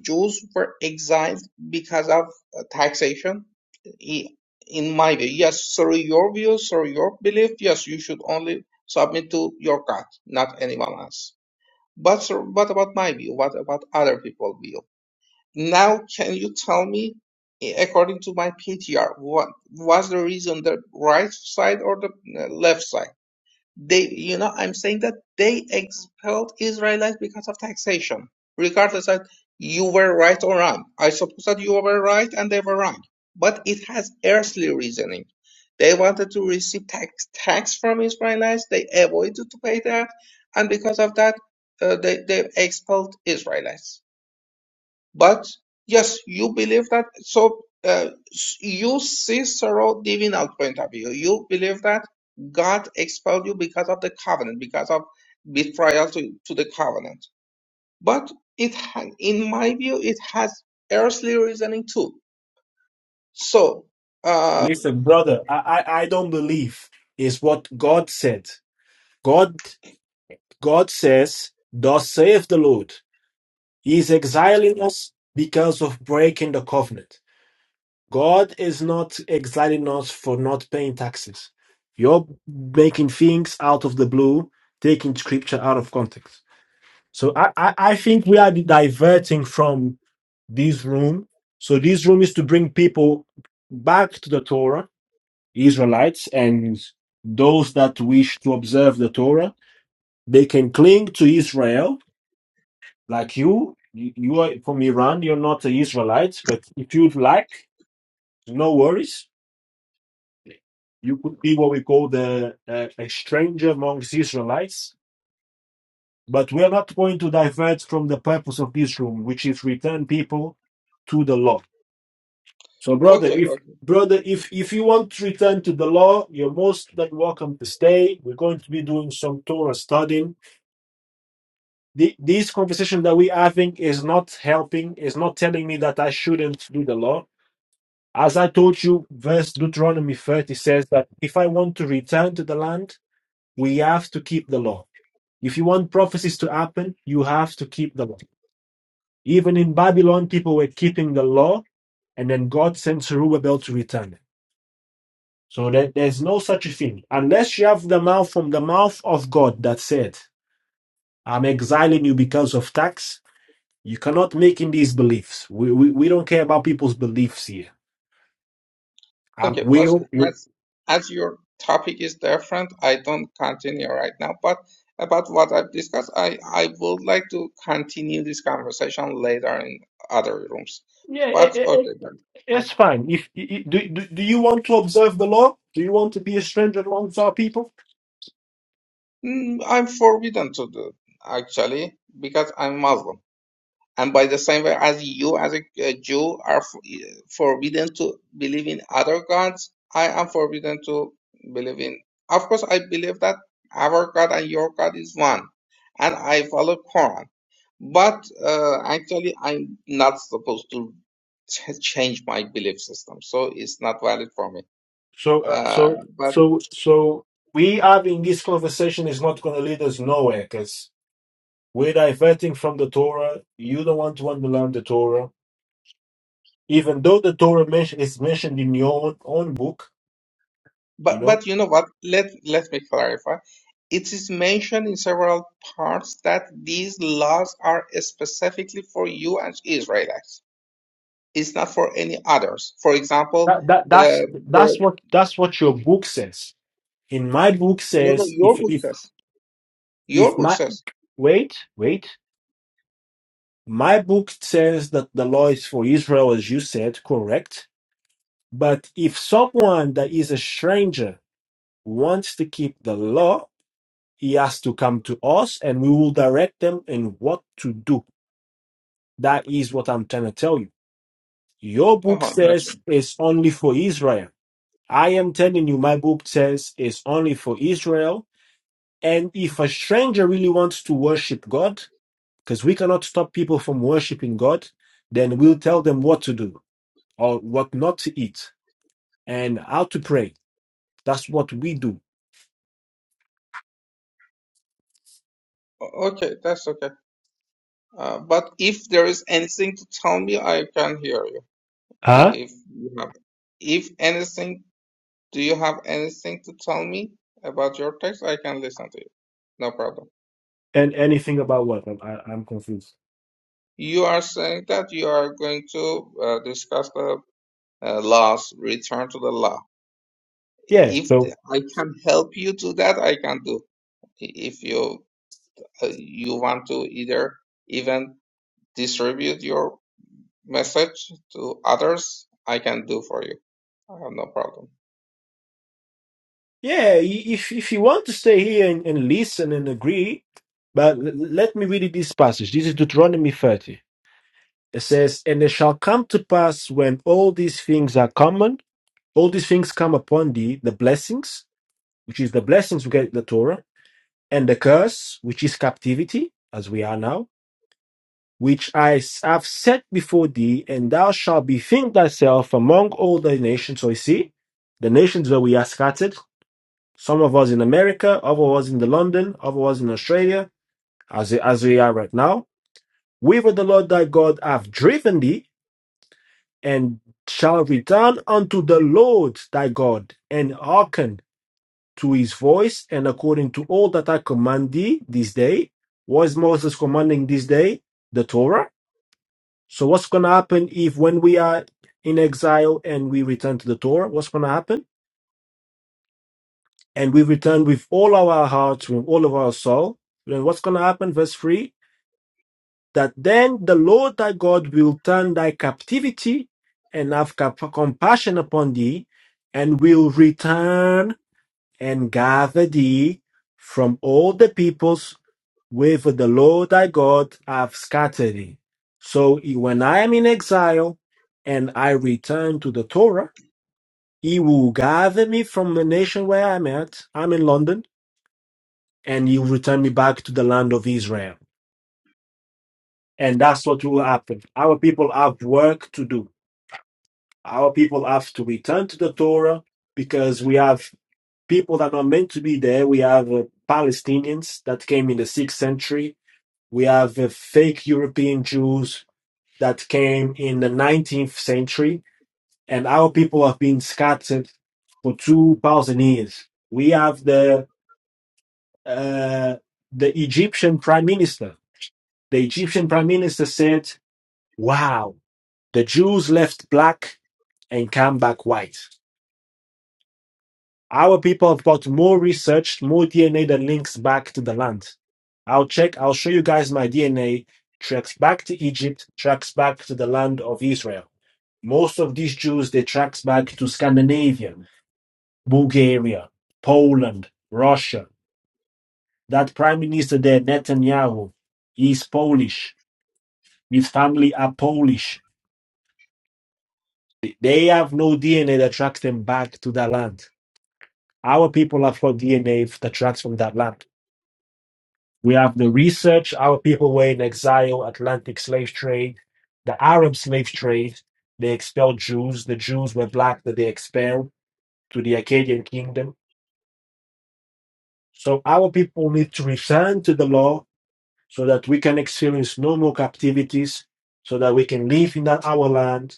Speaker 6: Jews were exiled because of uh, taxation? I- In my view, yes. Sorry, your view, sorry, your belief. Yes, you should only submit to your God, not anyone else. But sir, what about my view? What about other people's view? Now, can you tell me, i- according to my PTR, what was the reason the right side or the uh, left side? They, you know, I'm saying that they expelled Israelites because of taxation, regardless that you were right or wrong. I suppose that you were right and they were wrong, but it has earthly reasoning. They wanted to receive tax tax from Israelites. They avoided to pay that, and because of that, uh, they they expelled Israelites. But yes, you believe that. So uh, s- you see sorrow divinal point of view. You believe that God expelled you because of the covenant, because of betrayal to, to the covenant. But it, ha- in my view, it has earthly reasoning too. So, uh,
Speaker 1: Listen, brother, I, I, I don't believe is what God said. God God says, Thus saith the Lord. He is exiling us because of breaking the covenant. God is not exiling us for not paying taxes. You're making things out of the blue, taking scripture out of context. So I, I, I think we are diverting from this room. So this room is to bring people back to the Torah, Israelites, and those that wish to observe the Torah. They can cling to Israel Like you, you you are from Iran. You're not an Israelite, but if you'd like, no worries. You could be what we call the uh, a stranger amongst Israelites. But we are not going to divert from the purpose of this room, which is return people to the law. So, brother,
Speaker 6: okay,
Speaker 1: if brother, if if you want to return to the law, you're most than welcome to stay. We're going to be doing some Torah studying. The, this conversation that we're having is not helping. Is not telling me that I shouldn't do the law. As I told you, verse Deuteronomy 30 says that if I want to return to the land, we have to keep the law. If you want prophecies to happen, you have to keep the law. Even in Babylon, people were keeping the law, and then God sent Zerubbabel to return it. So there- there's no such a thing. Unless you have the mouth from the mouth of God that said, I'm exiling you because of tax, you cannot make in these beliefs. We, we, we don't care about people's beliefs here. I
Speaker 6: Okay, but
Speaker 1: will. will-
Speaker 6: as, as your topic is different, I don't continue right now. But about what I've discussed, I, I would like to continue this conversation later in other rooms. But
Speaker 1: Yeah,
Speaker 6: okay, then.
Speaker 1: It's
Speaker 6: As,
Speaker 1: fine. If do, do, do you want to observe the law? Do you want to be a stranger amongst our people?
Speaker 6: mm, I'm forbidden to do actually because I'm Muslim. and by the same way as you as a a Jew are f- forbidden to believe in other gods, I am forbidden to believe in. Of course, I believe that our God and your God is one, and I follow Quran. But uh, actually, I'm not supposed to ch- change my belief system, so it's not valid for me.
Speaker 1: So uh,
Speaker 6: Uh,
Speaker 1: so
Speaker 6: but
Speaker 1: so so we having this conversation is not going to lead us nowhere because we're diverting from the Torah. You don't want to underline the Torah, even though the Torah mention, is mentioned in your own, own book. You
Speaker 6: But
Speaker 1: know
Speaker 6: but you know what? Let let me clarify. It is mentioned in several parts that these laws are specifically for you as Israelites. It's not for any others. For example,
Speaker 1: that, that that's
Speaker 6: the
Speaker 1: that's
Speaker 6: the
Speaker 1: what that's what your book says. In my book
Speaker 6: no no
Speaker 1: says
Speaker 6: your
Speaker 1: if
Speaker 6: book
Speaker 1: if
Speaker 6: says
Speaker 1: if
Speaker 6: your book
Speaker 1: my
Speaker 6: says.
Speaker 1: wait wait My book says that the law is for Israel, as you said, correct. But if someone that is a stranger wants to keep the law, he has to come to us and we will direct them in what to do. That is what I'm trying to tell you. Your
Speaker 6: Uh
Speaker 1: book
Speaker 6: huh. That's
Speaker 1: says
Speaker 6: right.
Speaker 1: it's only for Israel. I am telling you, my book says it's only for Israel. And if a stranger really wants to worship God, because we cannot stop people from worshiping God, then we'll tell them what to do or what not to eat and how to pray. That's what we do.
Speaker 6: O- Okay, that's okay. Uh, but if there is anything to tell me, I can hear you.
Speaker 1: Huh?
Speaker 6: If you have, if anything, do you have anything to tell me about your text? I can listen to you. No problem.
Speaker 1: And anything about what? I'm, I, I'm confused.
Speaker 6: You are saying that you are going to uh, discuss the uh, laws, return to the law.
Speaker 1: Yeah.
Speaker 6: If th-
Speaker 1: So
Speaker 6: I can help you do that, I can do. If you uh, you want to either even distribute your message to others, I can do for you. I have no problem.
Speaker 1: Yeah, i- if if you want to stay here and, and listen and agree, but l- let me read you this passage. This is Deuteronomy 30. It says, And it shall come to pass when all these things are common, all these things come upon thee, the blessings, which is the blessings we get in the Torah, and the curse, which is captivity, as we are now which I have set before thee, and thou shalt bethink thyself among all the nations. So you see, the nations where we are scattered, some of us in America, other of us in the London, other of us in Australia, as, as we are right now, whither the Lord thy God hath driven thee, and shall return unto the Lord thy God, and hearken to his voice, and according to all that I command thee this day. Was Moses commanding this day? The Torah So what's going to happen if when we are in exile and we return to the Torah, what's going to happen? And we return with all our hearts, with all of our soul. Then what's going to happen? Verse 3, that then the Lord thy God will turn thy captivity and have cap- compassion upon thee and will return and gather thee from all the peoples with the Lord thy God I have scattered thee. So when I am in exile and I return to the Torah, he will gather me from the nation where I'm at. I'm in London, and he will return me back to the land of Israel. And that's what will happen. Our people have work to do. Our people have to return to the Torah because we have people that are meant to be there. We have uh, Palestinians that came in the sixth century. We have uh, fake European Jews that came in the 19th century, and our people have been scattered for 2,000 years. We have the uh, the Egyptian prime minister. The Egyptian prime minister said, "Wow, the Jews left black and came back white." Our people have got more research, more DNA that links back to the land. I'll check. I'll show you guys my DNA tracks back to Egypt, tracks back to the land of Israel. Most of these Jews they trace back to Scandinavia, Bulgaria, Poland, Russia. That prime minister there, Netanyahu, he's Polish. His family are Polish. They have no DNA that tracks them back to that land. Our people have got DNA that tracks from that land. We have the research. Our people were in exile, Atlantic slave trade, the Arab slave trade. They expelled Jews. The Jews were black that they expelled to the Akkadian kingdom So our people need to return to the law so that we can experience no more captivities, so that we can live in that our land.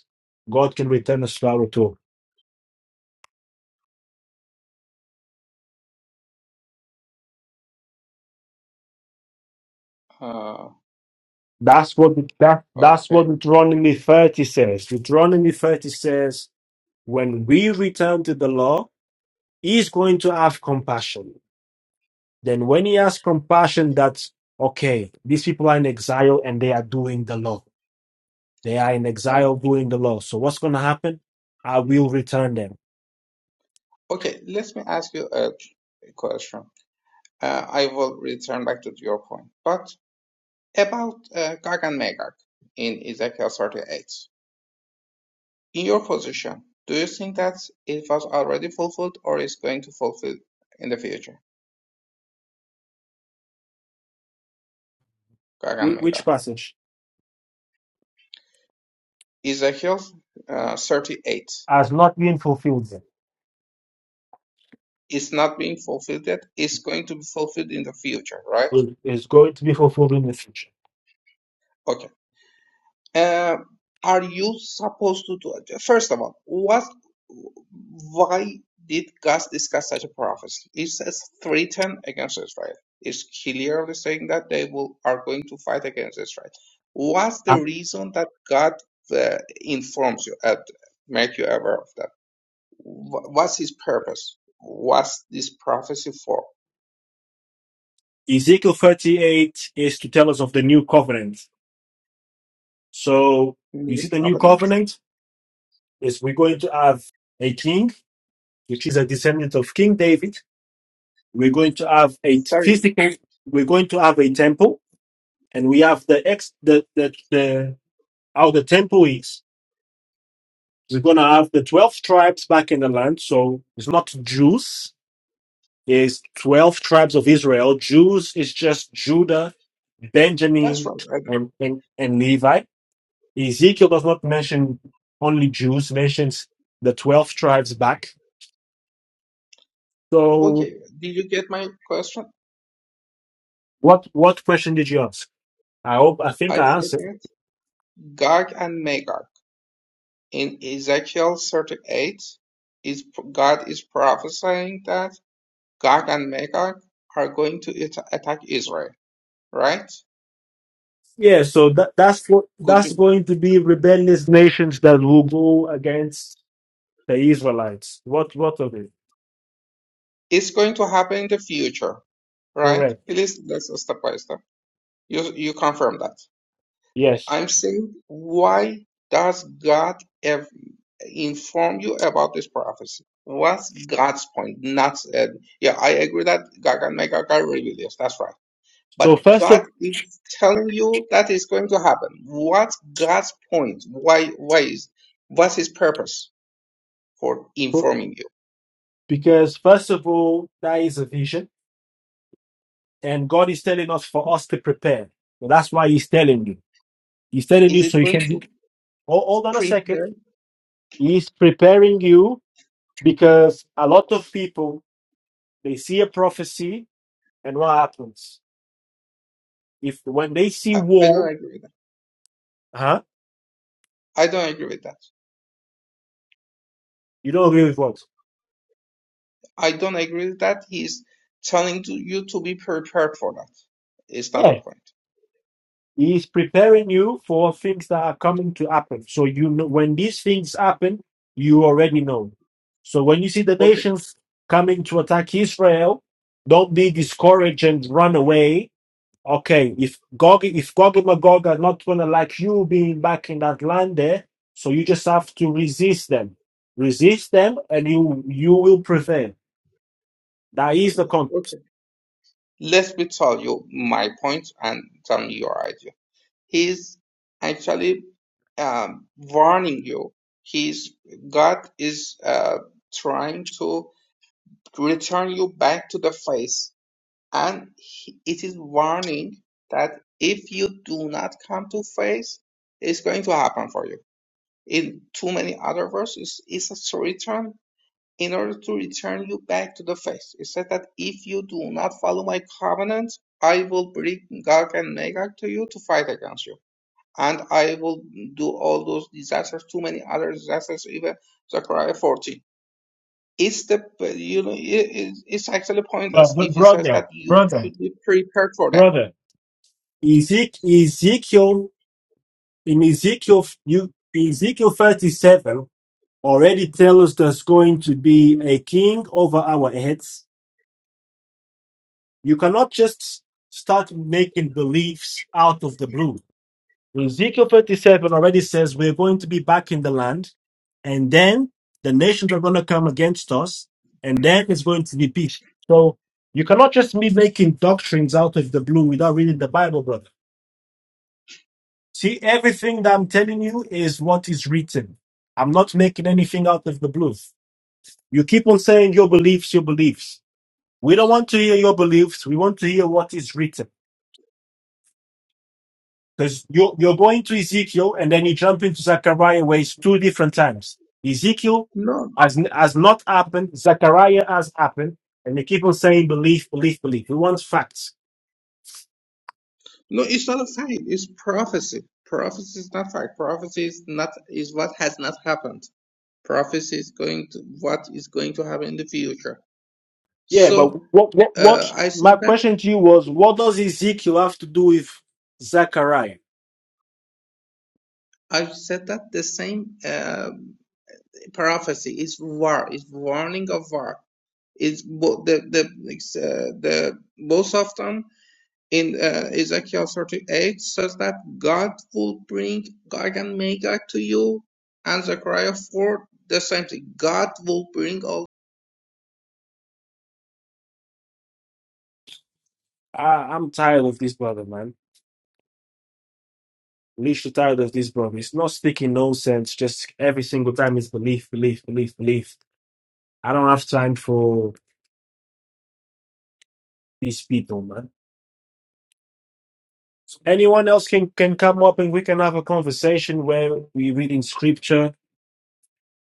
Speaker 1: God can return us to our tool.
Speaker 6: Uh,
Speaker 1: That's what that, that's
Speaker 6: okay.
Speaker 1: what Deuteronomy 30 says. Deuteronomy 30 says, when we return to the law, he's going to have compassion. Then when he has compassion, that's okay, these people are in exile and they are doing the law. They are in
Speaker 6: Uh,
Speaker 1: exile doing the law. So what's gonna happen? I will return them.
Speaker 6: okay, let me ask you a question. Uh, I will return back to your point. But about uh, Gog and Magog in Ezekiel 38. In your position, do you think that it was already fulfilled or is going to fulfill in the future? Gagan
Speaker 1: Whi- Which
Speaker 6: Mega.
Speaker 1: passage
Speaker 6: Ezekiel uh, 38.
Speaker 1: has not been fulfilled yet.
Speaker 6: It's not being fulfilled yet. It's going to be fulfilled in the future, right?
Speaker 1: Will- is going to be fulfilled in the future?
Speaker 6: Okay. uh, are you supposed to do it? First of all, what, why did God discuss such a prophecy? It says threaten against Israel. It's clearly saying that they will are going to fight against Israel. What's the
Speaker 1: And
Speaker 6: reason that God uh, informs you and make you aware of that? Wha- What's His purpose? What's this prophecy for?
Speaker 1: Ezekiel 38 is to tell us of the new covenant. So you see,
Speaker 6: New
Speaker 1: the new
Speaker 6: covenant?
Speaker 1: covenant is we're going to have a king, which is a descendant of King David. We're going to have a t-
Speaker 6: Sorry.
Speaker 1: physical. We're going to have a temple, and we have the ex the the, the how the temple is. We're gonna have the twelve tribes back in the land. So it's not Jews. There's 12 tribes of Israel. Jews is just Judah,
Speaker 6: That's
Speaker 1: Benjamin,
Speaker 6: right. I
Speaker 1: and, and, and Levi. Ezekiel does not mention only Jews, mentions the 12 tribes back. So
Speaker 6: Okay. Did you get my question?
Speaker 1: what what question did you ask? I hope I think
Speaker 6: I
Speaker 1: I
Speaker 6: said
Speaker 1: answered.
Speaker 6: that Gog and Magog in Ezekiel 38 is God is prophesying that Gog and Magog are going to at- attack Israel, right?
Speaker 1: Yeah, so that, that's what
Speaker 6: Could
Speaker 1: that's
Speaker 6: you?
Speaker 1: going to be rebellious nations that will go against the Israelites. What what of it?
Speaker 6: It's going to happen in the future, right?
Speaker 1: Correct.
Speaker 6: Please let's step by step. You you confirm that.
Speaker 1: Yes.
Speaker 6: I'm saying, why does God ev- inform you about this prophecy? What's God's point? Not uh, yeah, I agree that God can make a guy rebellious. That's right.
Speaker 1: So
Speaker 6: But
Speaker 1: first
Speaker 6: God
Speaker 1: of
Speaker 6: is telling you that is going to happen. What's God's point? Why? Why is? What's His purpose for informing you?
Speaker 1: because first of all, that is a vision And God is telling us for us to prepare. So that's why He's telling you. He's telling
Speaker 6: Is
Speaker 1: you so
Speaker 6: it
Speaker 1: you
Speaker 6: going
Speaker 1: can be.
Speaker 6: to
Speaker 1: Oh, hold on a second.
Speaker 6: prepare?
Speaker 1: He's preparing you because a lot of people they see a prophecy and what happens if when they see
Speaker 6: I, I don't
Speaker 1: war,
Speaker 6: agree with
Speaker 1: huh?
Speaker 6: that. I don't agree with that.
Speaker 1: You don't agree with what?
Speaker 6: I don't agree with that. He's telling to you to be prepared for that. It's not the
Speaker 1: Yeah,
Speaker 6: point.
Speaker 1: He's preparing you for things that are coming to happen. So you know when these things happen, you already know. So when you see the
Speaker 6: Okay,
Speaker 1: nations coming to attack Israel, don't be discouraged and run away Okay, if Gog, if Gog and Magog are not gonna like you being back in that land there, so you just have to resist them, resist them, and you you will prevail. That is the context.
Speaker 6: okay. Let me tell you my point and tell me your idea. He's actually um, warning you. He's God is uh, trying to return you back to the face, and he, it is warning that if you do not come to face, it's going to happen for you. In too many other verses, it's a return in order to return you back to the faith. It said that if you do not follow my covenant, I will bring Gog and Magog to you to fight against you. And I will do all those disasters, too many other disasters, even Zechariah 14. It's the, you know, it- it's actually
Speaker 1: But,
Speaker 6: pointless
Speaker 1: but
Speaker 6: if it says
Speaker 1: brother,
Speaker 6: that you
Speaker 1: brother,
Speaker 6: should be prepared for that.
Speaker 1: brother, Ezek- Ezekiel in Ezekiel you Ezekiel thirty seven already tells us there's going to be a king over our heads. You cannot just start making beliefs out of the blue. Ezekiel 37 already says we're going to be back in the land, and then the nations are going to come against us, and then it's going to be peace. So you cannot just be making doctrines out of the blue without reading the Bible, brother. See, everything that I'm telling you is what is written. I'm not making anything out of the blue. You keep on saying your beliefs, your beliefs. We don't want to hear your beliefs. We want to hear what is written. Because you, you're going to Ezekiel and then you jump into Zechariah where it's two different times. Ezekiel
Speaker 6: No,
Speaker 1: has, has not happened. Zechariah has happened. And they keep on saying belief, belief, belief. We want facts.
Speaker 6: No, it's not a fact. It's prophecy. Prophecy is not fact. Prophecy is not is what has not happened. Prophecy is going to what is going to happen in the future.
Speaker 1: Yeah, but
Speaker 6: So
Speaker 1: what, what,
Speaker 6: uh,
Speaker 1: what,
Speaker 6: I said
Speaker 1: my
Speaker 6: that
Speaker 1: question to you was, what does Ezekiel have to do with Zechariah?
Speaker 6: I said that the same uh, prophecy is war. Is warning of war. Is both the the uh, the both of them. in uh, Ezekiel 38 says that God will bring Gog and Magog to you, and Zechariah 4 the same thing. God will bring all
Speaker 1: I, I'm tired of this brother, man. Literally tired of this brother. It's not speaking nonsense. Just every single time it's belief, belief, belief, belief. I don't have time for these people, man. Anyone else can can come up and we can have a conversation where we read in scripture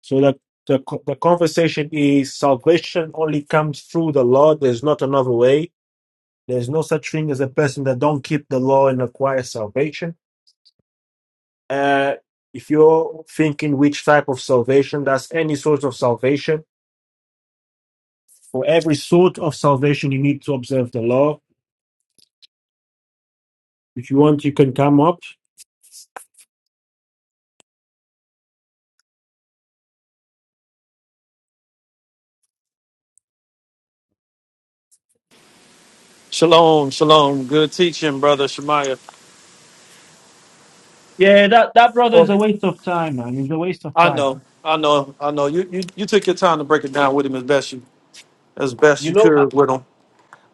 Speaker 1: so that the, co- the conversation is salvation only comes through the law. There's not another way. There's no such thing as a person that don't keep the law and acquire salvation. Uh, if you're thinking which type of salvation, that's any sort of salvation. For every sort of salvation, you need to observe the law. If you want, you can come up.
Speaker 3: Shalom, shalom. Good teaching, brother Shemaiah.
Speaker 1: Yeah, that, that brother is
Speaker 3: Well,
Speaker 1: a waste of time, man. He's a waste of
Speaker 3: I know,
Speaker 1: time.
Speaker 3: I know, I know. You you, you took your time to break it down with him as best you as best
Speaker 1: You
Speaker 3: you
Speaker 1: know,
Speaker 3: could with him.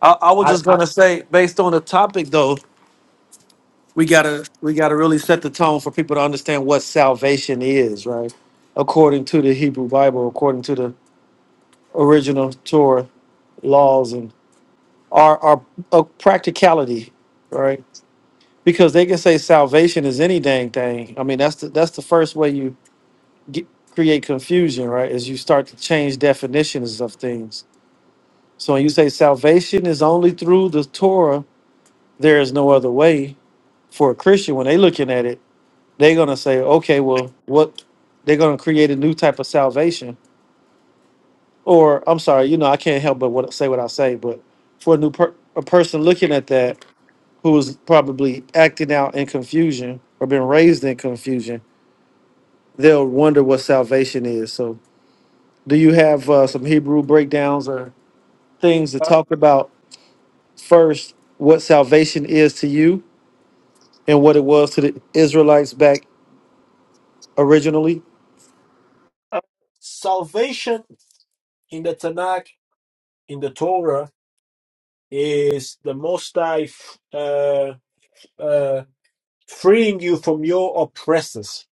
Speaker 3: I, I was
Speaker 1: I,
Speaker 3: just
Speaker 1: I
Speaker 3: gonna say, based on the topic though, we gotta we gotta really set the tone for people to understand what salvation is, right? According to the Hebrew Bible, according to the original Torah laws and our our uh, practicality, right? Because they can say salvation is any dang thing. I mean, that's the that's the first way you get, create confusion, right? Is you start to change definitions of things. So when you say salvation is only through the Torah, there is no other way for a Christian, when they looking at it, they're gonna say, okay, well, what they're gonna create a new type of salvation, or I'm sorry, you know, I can't help but what, say what I say, but for a new per, a person looking at that who is probably acting out in confusion or been raised in confusion, they'll wonder what salvation is. So, do you have uh, some Hebrew breakdowns or things to
Speaker 1: Uh,
Speaker 3: talk about first? What salvation is to you and what it was to the Israelites back originally?
Speaker 1: uh, salvation in the Tanakh, in the Torah, is the Most High f- uh, uh, freeing you from your oppressors.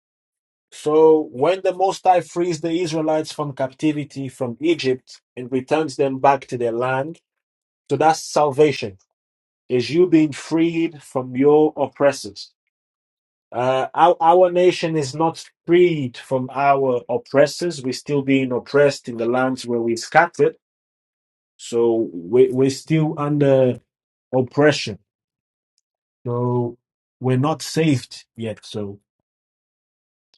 Speaker 1: So when the Most High frees the Israelites from captivity from Egypt and returns them back to their land, so that's salvation. Is you being freed from your oppressors. Uh, our, our nation is not freed from our oppressors. We're still being oppressed in the lands where we scattered. So we, we're still under oppression. So we're not saved yet. So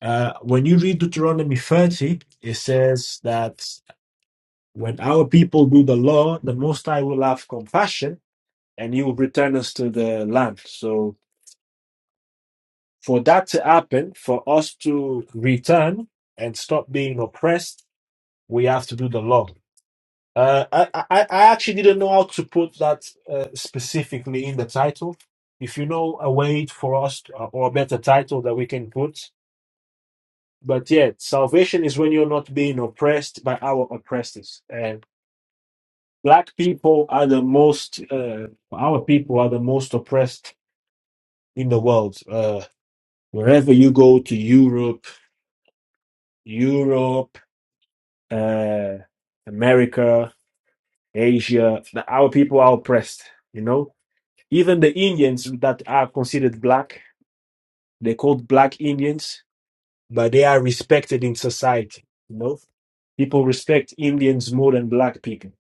Speaker 1: uh, when you read Deuteronomy 30, it says that when our people do the law, the Most High will have compassion and He will return us to the land. So for that to happen, for us to return and stop being oppressed, we have to do the law. Uh, I, I, I actually didn't know how to put that uh, specifically in the title. If you know a way for us to, or a better title that we can put, but yeah, salvation is when you're not being oppressed by our oppressors. And black people are the most, uh, our people are the most oppressed in the world. Uh, wherever you go to Europe, Europe, uh, America, Asia, the- our people are oppressed. You know, Even the Indians that are considered black, they're called black Indians, but they are respected in society. You know, people respect Indians more than black people,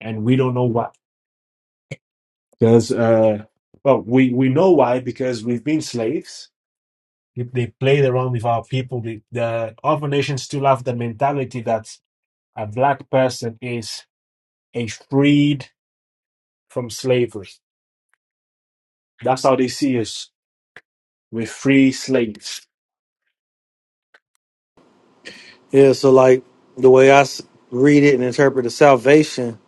Speaker 1: and we don't know why. Because, uh, well, we we know why because we've been slaves. If They played around with our people. The, the other nations still have the mentality that a black person is a freed from slavery. That's how they see us. We're free slaves.
Speaker 3: Yeah, so like the way I s- read it and interpret the salvation,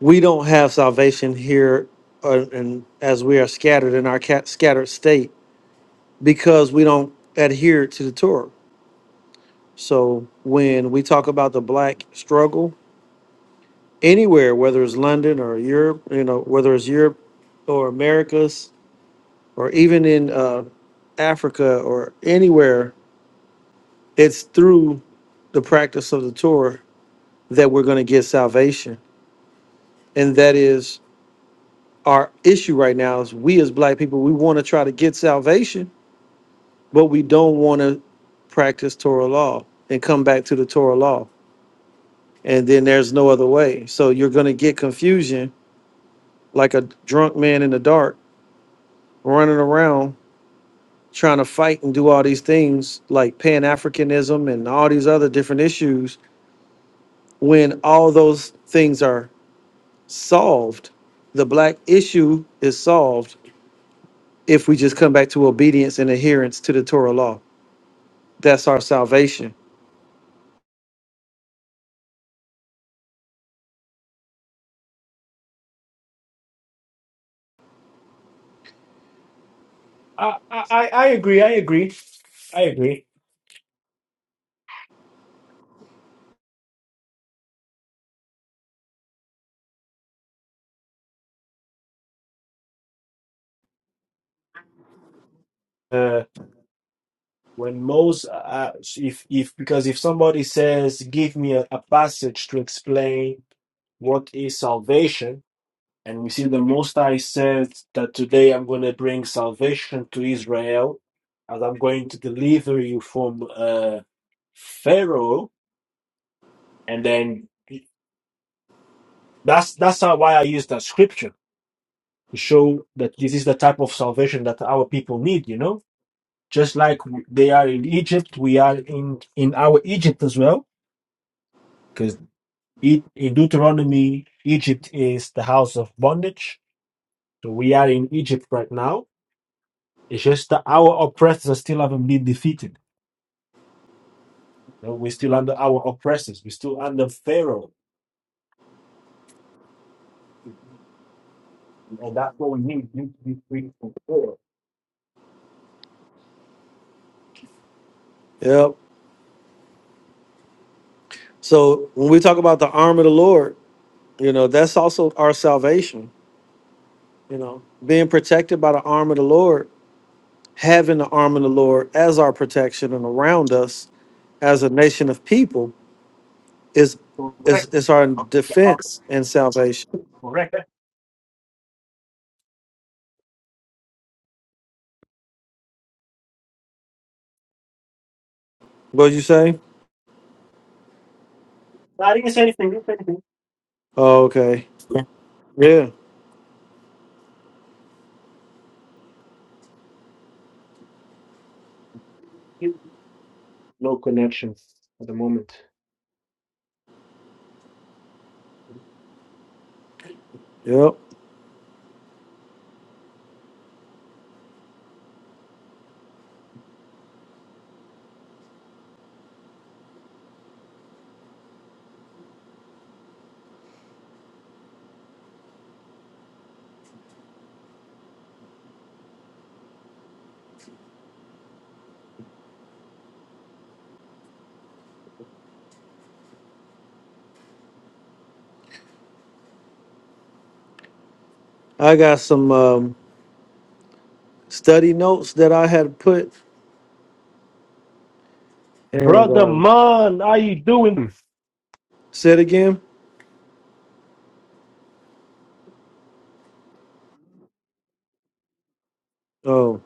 Speaker 3: we don't have salvation here, uh, and as we are scattered in our ca- scattered state because we don't adhere to the Torah. So when we talk about the black struggle anywhere, whether it's London or Europe, you know, whether it's Europe or Americas, or even in uh, Africa or anywhere, it's through the practice of the Torah that we're going to get salvation, and that is our issue right now is we as black people we want to try to get salvation but we don't want to practice torah law and come back to the torah law and then there's no other way so you're going to get confusion like a drunk man in the dark running around trying to fight and do all these things like pan-africanism and all these other different issues when all those things are solved the black issue is solved if we just come back to obedience and adherence to the torah law That's our salvation.
Speaker 1: I, I, I I agree. I agree. I agree. Uh, when most, uh, if if because if somebody says, "Give me a, a passage to explain what is salvation," and we see the Most High says that today I'm going to bring salvation to Israel, as I'm going to deliver you from uh, Pharaoh, and then that's that's how, why I use that scripture to show that this is the type of salvation that our people need. You know just like w- they are in Egypt, we are in in our Egypt as well, because in Deuteronomy, Egypt is the house of bondage. So we are in Egypt right now. It's just that our oppressors still haven't been defeated. You know, we're still under our oppressors. We're still under Pharaoh, and that's what we need. We need to be free from Pharaoh.
Speaker 3: Yep. So when we talk about the arm of the Lord, you know, that's also our salvation, you know, being protected by the arm of the Lord, having the arm of the Lord as our protection and around us as a nation of people is is
Speaker 1: Correct.
Speaker 3: is our
Speaker 1: uh,
Speaker 3: defense and salvation.
Speaker 1: Correct.
Speaker 3: What you say?
Speaker 1: No, I didn't say anything. didn't say anything.
Speaker 3: Oh, okay. Yeah.
Speaker 1: No connections at the moment.
Speaker 3: Yep. I got some um, study notes that I had put and
Speaker 1: Brother
Speaker 3: um,
Speaker 1: Man, how you doing?
Speaker 3: said again. Oh,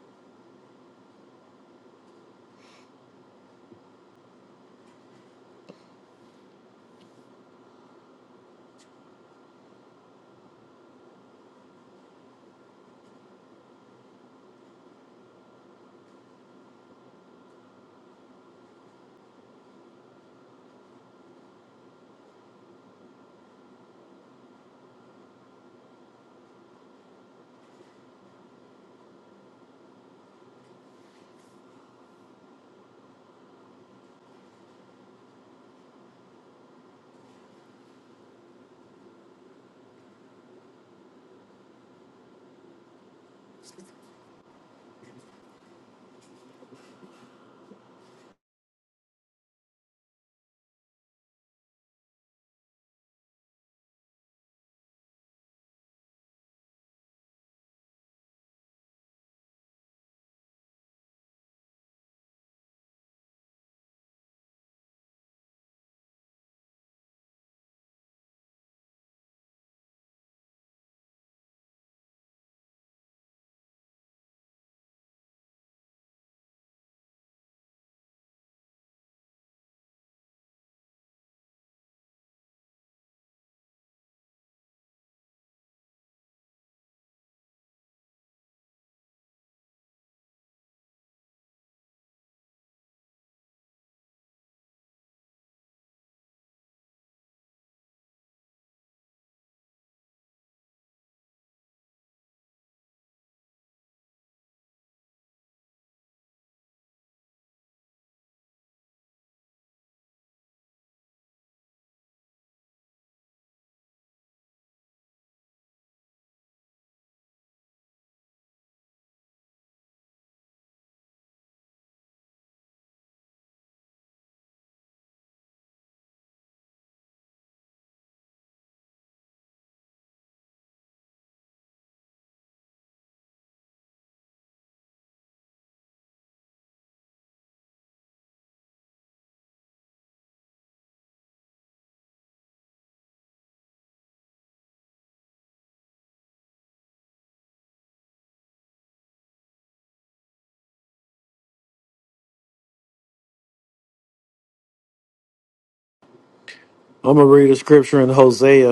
Speaker 3: I'm gonna read a scripture in Hosea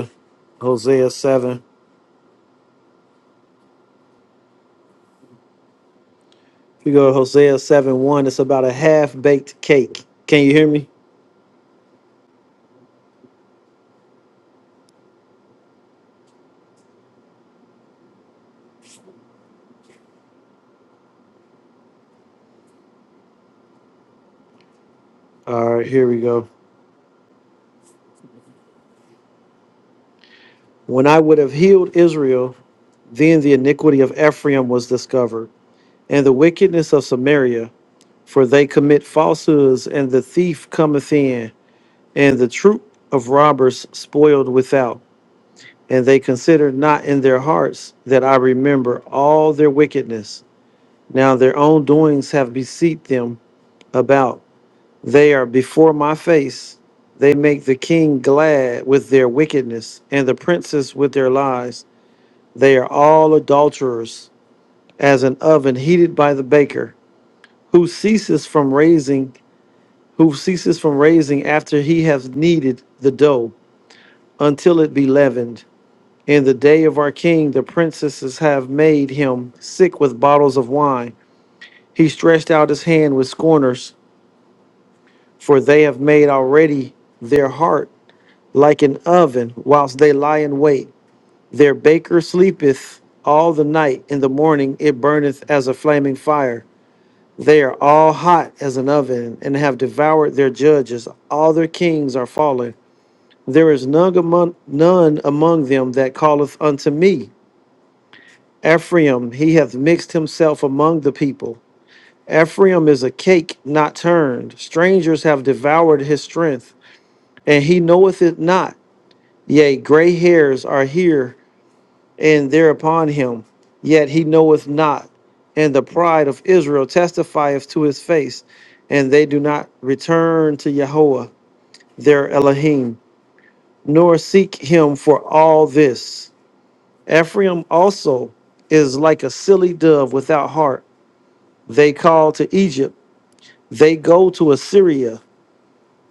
Speaker 3: Hosea 7. If you go to Hosea 7 1, it's about a half baked cake. Can you hear me? All right, here we go. When I would have healed Israel, then the iniquity of Ephraim was discovered, and the wickedness of Samaria, for they commit falsehoods, and the thief cometh in, and the troop of robbers spoiled without. And they consider not in their hearts that I remember all their wickedness. Now their own doings have beset them about. They are before my face. They make the king glad with their wickedness, and the princes with their lies. They are all adulterers, as an oven heated by the baker, who ceases from raising, who ceases from raising after he has kneaded the dough, until it be leavened. In the day of our king, the princesses have made him sick with bottles of wine. He stretched out his hand with scorners, for they have made already their heart like an oven whilst they lie in wait. Their baker sleepeth all the night. In the morning it burneth as a flaming fire. They are all hot as an oven and have devoured their judges. All their kings are fallen. There is none among, none among them that calleth unto me. Ephraim, he hath mixed himself among the people. Ephraim is a cake not turned. Strangers have devoured his strength, and he knoweth it not. Yea, gray hairs are here and there upon him. Yet he knoweth not, and the pride of Israel testifieth to his face, and they do not return to Yahweh their Elohim, nor seek him for all this. Ephraim also is like a silly dove without heart. They call to Egypt, they go to Assyria.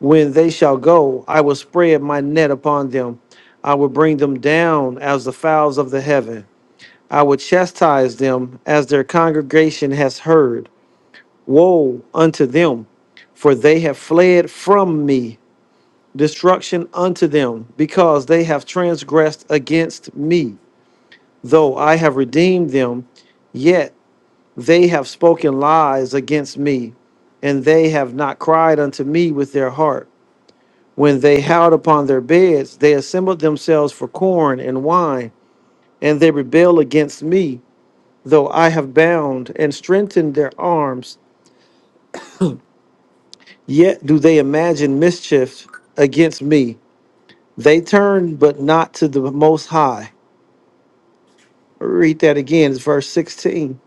Speaker 3: When they shall go, I will spread my net upon them. I will bring them down as the fowls of the heaven. I will chastise them as their congregation has heard. Woe unto them, for they have fled from me. Destruction unto them, because they have transgressed against me. Though I have redeemed them, yet they have spoken lies against me, and they have not cried unto me with their heart. When they howled upon their beds, they assembled themselves for corn and wine, and they rebel against me. Though I have bound and strengthened their arms, yet do they imagine mischief against me. They turn, but not to the Most High. Read that again, it's verse 16.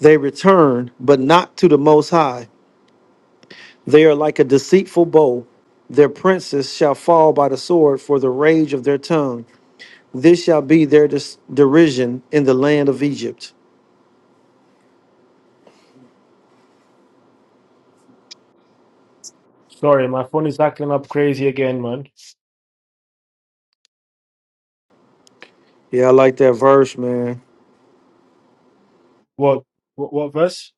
Speaker 3: They return, but not to the Most High. They are like a deceitful bow. Their princes shall fall by the sword for the rage of their tongue. This shall be their dis- derision in the land of Egypt.
Speaker 1: Sorry, my phone is acting up crazy again, man.
Speaker 3: Yeah, I like that verse, man.
Speaker 1: What? What, what verse?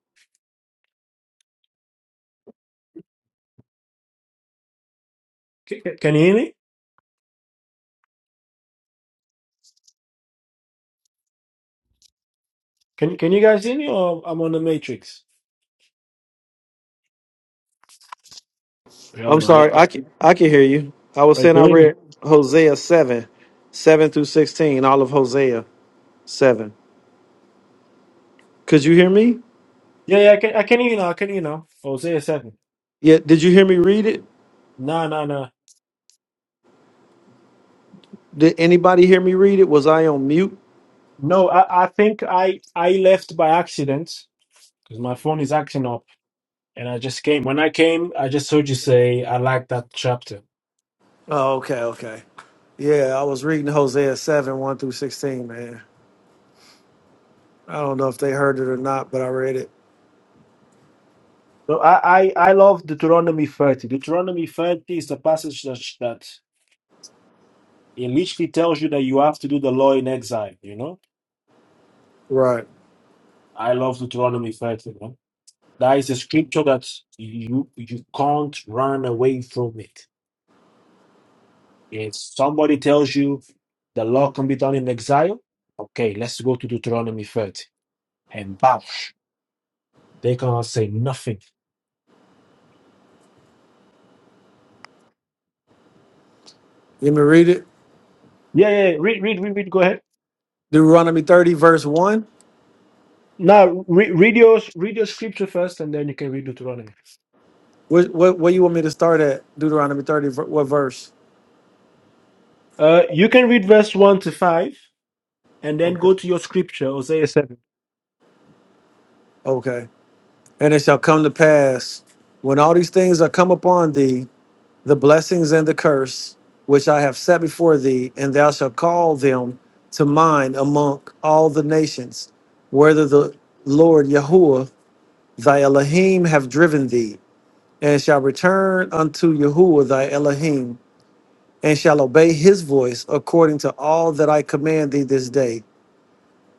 Speaker 1: C- c- can you hear me? Can Can you guys hear me? Or I'm on the matrix. Wait,
Speaker 3: I'm
Speaker 1: hold on.
Speaker 3: sorry.
Speaker 1: Let, let,
Speaker 3: I can I can hear you. I was
Speaker 1: wait,
Speaker 3: saying
Speaker 1: can
Speaker 3: I
Speaker 1: you hear me?
Speaker 3: read Hosea seven, seven through sixteen, all of Hosea seven. Could you hear me?
Speaker 1: Yeah, yeah. I can, I can hear you now. I can hear you now. Hosea seven.
Speaker 3: Yeah. Did you hear me read it?
Speaker 1: No, no, no.
Speaker 3: Did anybody hear me read it? Was I on mute?
Speaker 1: No, I, I think I I left by accident because my phone is acting up, and I just came. When I came, I just heard you say I like that chapter.
Speaker 3: Oh, okay, okay. Yeah, I was reading Hosea seven, one through sixteen, man. I don't know if they heard it or not, but I read it.
Speaker 1: So I I, I love Deuteronomy thirty. Deuteronomy thirty is the passage that It literally tells you that you have to do the law in exile, you know?
Speaker 3: Right.
Speaker 1: I love Deuteronomy 30, man. That is a scripture that you you can't run away from it. If somebody tells you the law can be done in exile, okay, let's go to Deuteronomy 30. And bouch, they can't say nothing.
Speaker 3: You want me to read it?
Speaker 1: Yeah, yeah, yeah, read, read, read, read, go ahead.
Speaker 3: Deuteronomy thirty, verse one.
Speaker 1: Now, re- read, your, read your scripture first, and then you can read Deuteronomy.
Speaker 3: What what what you want me to start at? Deuteronomy thirty, ver- what verse?
Speaker 1: Uh, you can read verse 1 to 5, and then
Speaker 3: Okay.
Speaker 1: go to your scripture, Hosea 7.
Speaker 3: Okay. And it shall come to pass when all these things are come upon thee, the blessings and the curse which I have set before thee, and thou shalt call them to mind among all the nations, whether the Lord Yahuwah thy Elohim have driven thee, and shall return unto Yahuwah thy Elohim, and shall obey his voice according to all that I command thee this day,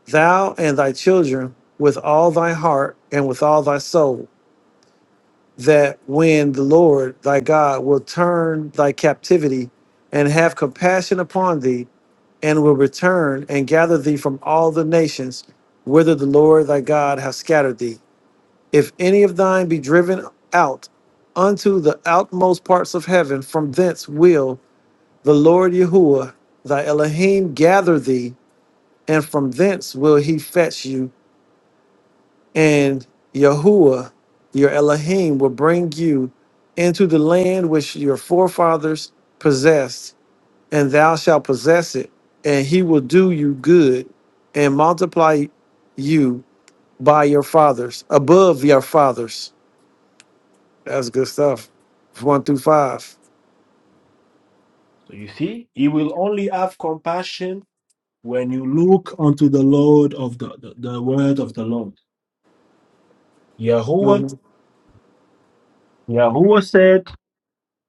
Speaker 3: thou and thy children with all thy heart and with all thy soul that when the Lord thy God will turn thy captivity and have compassion upon thee, and will return and gather thee from all the nations whither the Lord thy God hath scattered thee. If any of thine be driven out unto the outmost parts of heaven, from thence will the Lord Yahuwah thy Elohim gather thee, and from thence will he fetch you and Yahuwah, your Elohim, will bring you into the land which your forefathers possessed, and thou shalt possess it, and he will do you good and multiply you by your fathers, above your fathers. That's good stuff. One through 5
Speaker 1: So you see, he will only have compassion when you look unto the Lord of the, the, the word of the Lord. Yahweh,
Speaker 3: Mm-hmm.
Speaker 1: Yahweh said,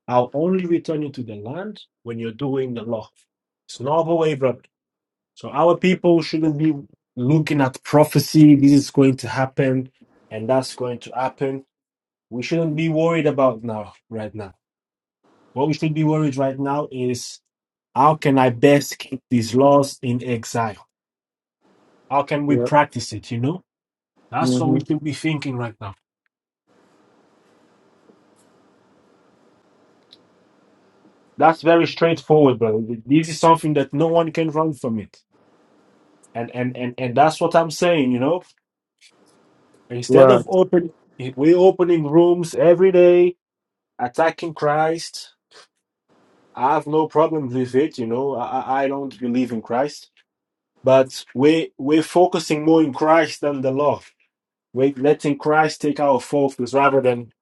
Speaker 1: I'll only return you to the land when you're doing the law. It's not the way, brother. So our people shouldn't be looking at prophecy. This is going to happen and that's going to happen. We shouldn't be worried about now, right now. What we should be worried right now is how can I best keep these laws in exile? How can we
Speaker 3: Yep.
Speaker 1: practice it, you know? That's what we
Speaker 3: hmm
Speaker 1: should be thinking right now. That's very straightforward, bro. This is something that no one can run from it, and and and and that's what I'm saying. You know, instead
Speaker 3: Right.
Speaker 1: of open, we're opening rooms every day, attacking Christ. I have no problems with it. You know, I I I don't believe in Christ, but we we're focusing more in Christ than the law. We're letting Christ take our focus rather than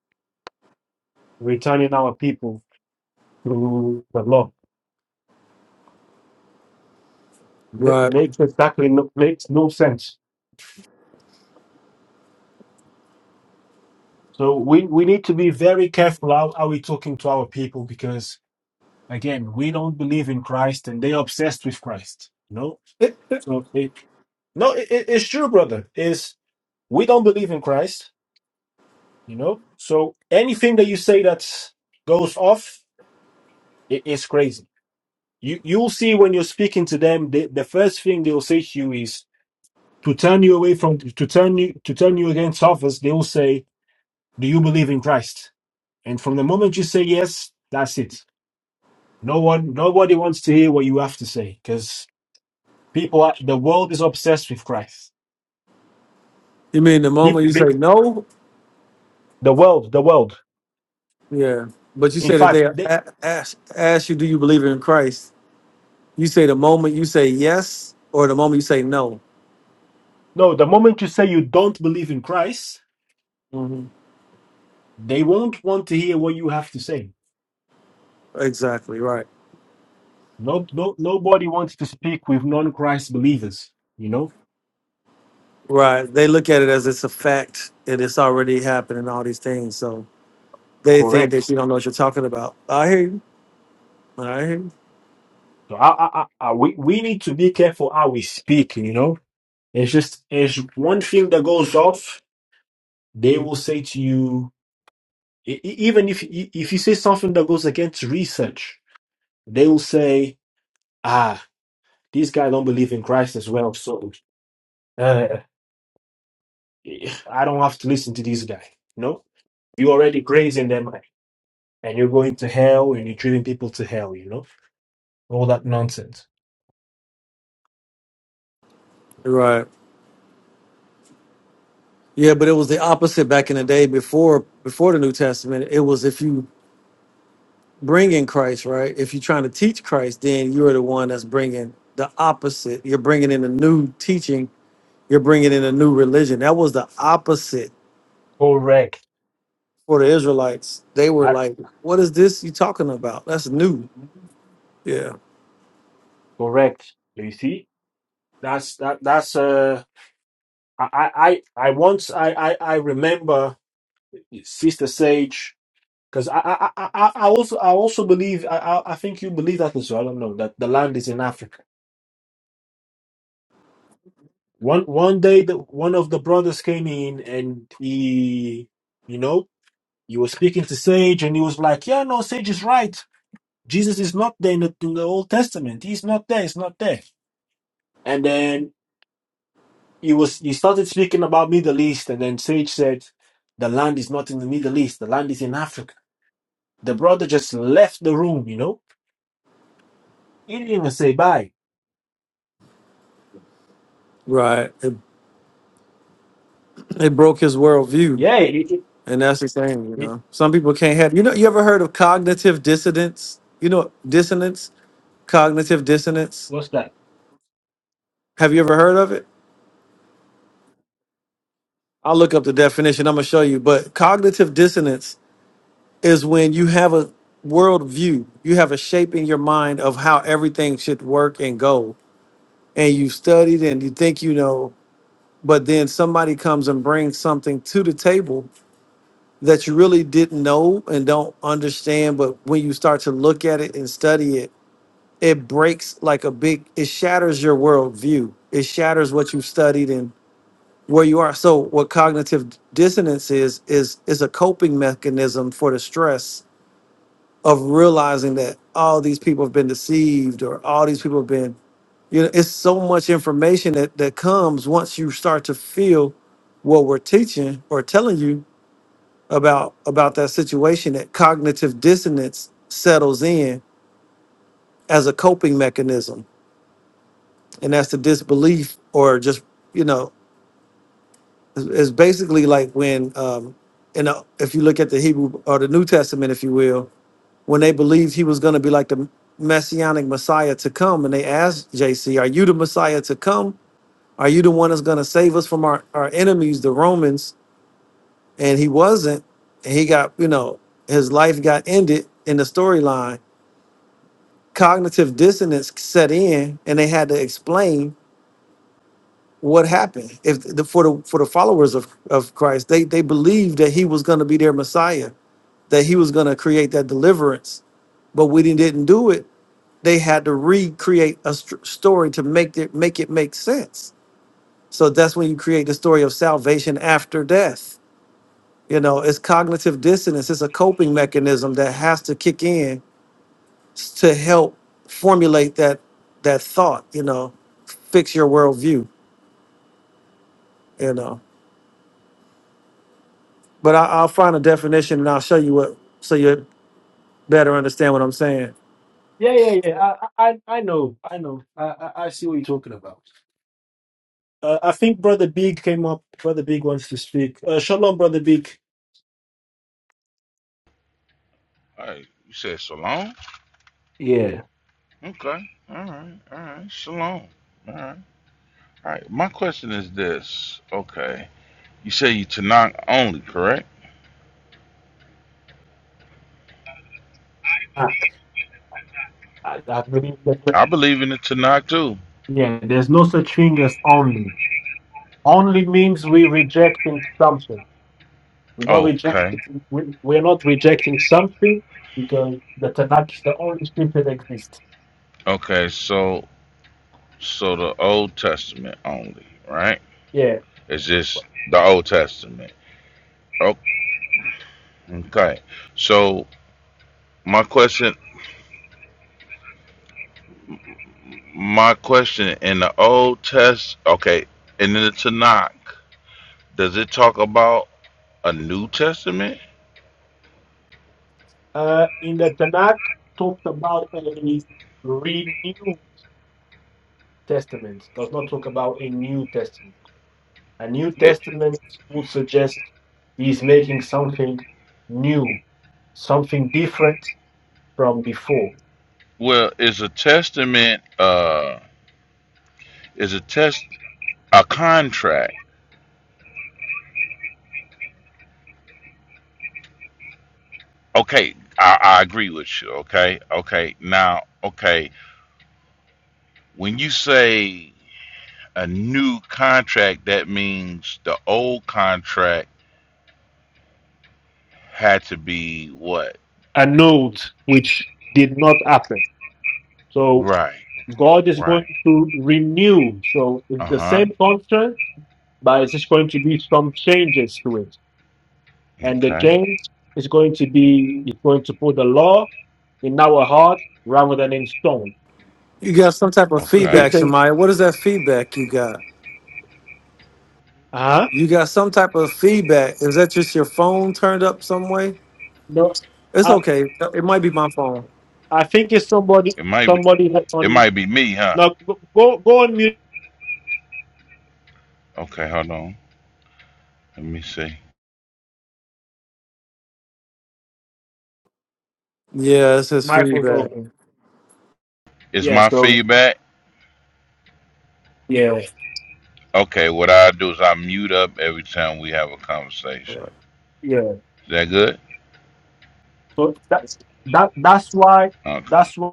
Speaker 1: returning our people to the law. Ma-
Speaker 3: Right.
Speaker 1: Makes exactly no, makes no sense. So we, we need to be very careful how, how we're talking to our people because again, we don't believe in Christ and they're obsessed with Christ. You know?
Speaker 3: Eh,
Speaker 1: So it no, it, it- it's true, brother. Is we don't believe in Christ, you know? So anything that you say that goes off, it is crazy. You you'll see when you're speaking to them, the, the first thing they'll say to you is to turn you away from to turn you to turn you against others, they will say, Do you believe in Christ? And from the moment you say yes, that's it No one, nobody wants to hear what you have to say because people, are, the world is obsessed with Christ.
Speaker 3: You mean the moment
Speaker 1: People,
Speaker 3: you say no?
Speaker 1: the world, the world.
Speaker 3: Yeah. But you
Speaker 1: In
Speaker 3: said that
Speaker 1: fact,
Speaker 3: they
Speaker 1: they,
Speaker 3: a- ask, ask you, do you believe in Christ? You say the moment you say yes or the moment you say no.
Speaker 1: no, the moment you say you don't believe in Christ,
Speaker 3: hmm
Speaker 1: they won't want to hear what you have to say.
Speaker 3: Exactly right.
Speaker 1: No, no, nobody wants to speak with non-Christ believers. You know,
Speaker 3: Right. They look at it as it's a fact and it's already happened and all these things. So they think
Speaker 1: correct.
Speaker 3: that you don't know what you're talking about. I hear you. I hear you.
Speaker 1: So I, I, I, I- we, we need to be careful how we speak. You know, it's just it's one thing that goes off. They will say to you, E- e- even if e- if you say something that goes against research, they will say, "Ah, these guys don't believe in Christ as well, so uh, I don't have to listen to these guys." No, you already grazing them, and you're going to hell, and you're driving people to hell. You know all that nonsense.
Speaker 3: Right. Yeah, but it was the opposite back in the day before before the New Testament. It was if you bring in Christ, right? If you're trying to teach Christ, then you're the one that's bringing the opposite. You're bringing in a new teaching. You're bringing in a new religion. That was the opposite
Speaker 1: Correct.
Speaker 3: for the Israelites, they were
Speaker 1: I,
Speaker 3: like, "What is this you talking about? That's new." Yeah,
Speaker 1: correct. You see, that's that. That's uh, I I I I once I I, I remember Sister Sage. Because I, I, I, I I also I also believe I, I I think you believe that as well. I don't know that the land is in Africa. One one day, the, one of the brothers came in and he, you know, he was speaking to Sage and he was like, "Yeah, no, Sage is right. Jesus is not there in the, in the Old Testament. He's not there. It's not there." And then he was he started speaking about Middle East, and then Sage said, "The land is not in the Middle East. The land is in Africa." The brother just left the room. You know, he didn't even say bye.
Speaker 3: right. It, it broke his worldview,
Speaker 1: Yeah, it,
Speaker 3: and that's the thing, you
Speaker 1: it,
Speaker 3: know. Some people can't have. You know, you ever heard of cognitive dissonance? You know, dissonance, cognitive dissonance.
Speaker 1: What's that?
Speaker 3: Have you ever heard of it? I'll look up the definition. I'm gonna show you. But cognitive dissonance is when you have a worldview, you have a shape in your mind of how everything should work and go, and you've studied and you think you know but then somebody comes and brings something to the table that you really didn't know and don't understand but when you start to look at it and study it it breaks like a big it shatters your worldview it shatters what you've studied and where you are so what cognitive dissonance is is is a coping mechanism for the stress of realizing that all these people have been deceived or all these people have been you know, it's so much information that, that comes once you start to feel what we're teaching or telling you about about that situation that cognitive dissonance settles in as a coping mechanism. And that's the disbelief or just, you know, it's it's basically like when um and uh, if you look at the Hebrew or the New Testament, if you will, when they believed he was going to be like the messianic Messiah to come, and they asked JC, "Are you the Messiah to come?" Are you the one that's going to save us from our, our enemies, the Romans? And he wasn't. And he got, you know, his life got ended in the storyline. Cognitive dissonance set in, and they had to explain what happened. If the, for the for the followers of, of Christ, they they believed that he was going to be their Messiah, that he was going to create that deliverance. But when he didn't do it, they had to recreate a st- story to make it make it make sense. So that's when you create the story of salvation after death You know, it's cognitive dissonance. It's a coping mechanism that has to kick in to help formulate that that thought. You know, fix your worldview. You know, but I, I'll find a definition and I'll show you what so you better understand what I'm saying.
Speaker 1: Yeah, yeah, yeah. I, I, I know. I know. I, I, I see what you're talking about. Uh, I think Brother Big came up. Brother Big wants to speak. Uh, shalom, Brother Big.
Speaker 7: Hey, you said Shalom?
Speaker 1: Yeah.
Speaker 7: Okay. All right. All right. Shalom. All right. All right. My question is this. Okay. You say you Tanakh only, correct?
Speaker 1: I, I, I believe that.
Speaker 7: I believe in the Tanakh too.
Speaker 1: Yeah, there's no such thing as only. Only means we rejecting something. We're not
Speaker 7: Okay.
Speaker 1: rejecting. We, we're not rejecting something because the Tanakh is the only scripture that exists.
Speaker 7: Okay. So, so the Old Testament only, right?
Speaker 1: Yeah.
Speaker 7: It's just the Old Testament. Oh, Okay. So my question, my question in the Old Test, okay, and in the Tanakh, does it talk about a New Testament?
Speaker 1: Uh, in the Tanakh, talked about a renewal. Testament does not talk about a New Testament. A New Testament would suggest he's making something new, something different from before,
Speaker 7: Well, is a testament uh is a test a contract? Okay, I, I agree with you. Okay, okay. Now, okay, when you say a new contract, that means the old contract had to be what?
Speaker 1: a note which did not happen. So
Speaker 7: Right,
Speaker 1: God is going
Speaker 7: right.
Speaker 1: to renew. So
Speaker 7: Uh
Speaker 1: it's the
Speaker 7: huh.
Speaker 1: same contract, but it's just going to be some changes to it. And the
Speaker 7: Okay,
Speaker 1: change is going to be, it's going to put the law in our heart rather than in stone.
Speaker 3: You got some type of
Speaker 1: If it
Speaker 3: feedback,
Speaker 7: okay.
Speaker 1: can,
Speaker 3: Shemaya. What is that feedback you got?
Speaker 1: uh,
Speaker 3: You got some type of feedback. Is that just your phone turned up some way?
Speaker 1: no.
Speaker 3: It's
Speaker 1: Uh,
Speaker 3: okay. It might be my phone.
Speaker 1: I think it's somebody
Speaker 7: It might be
Speaker 1: somebody that's
Speaker 7: it
Speaker 1: on
Speaker 7: might be me, huh?
Speaker 1: no go go go on mute.
Speaker 7: Okay, hold on. Let me see.
Speaker 3: Yeah, it says
Speaker 1: Michael's
Speaker 3: feedback.
Speaker 1: open.
Speaker 7: Is
Speaker 1: Yeah,
Speaker 7: my
Speaker 1: so
Speaker 7: feedback?
Speaker 1: yeah,
Speaker 7: Okay, what I do is I mute up every time we have a conversation.
Speaker 1: yeah.
Speaker 7: Is that good?
Speaker 1: So that's that that's why
Speaker 7: Okay.
Speaker 1: that's why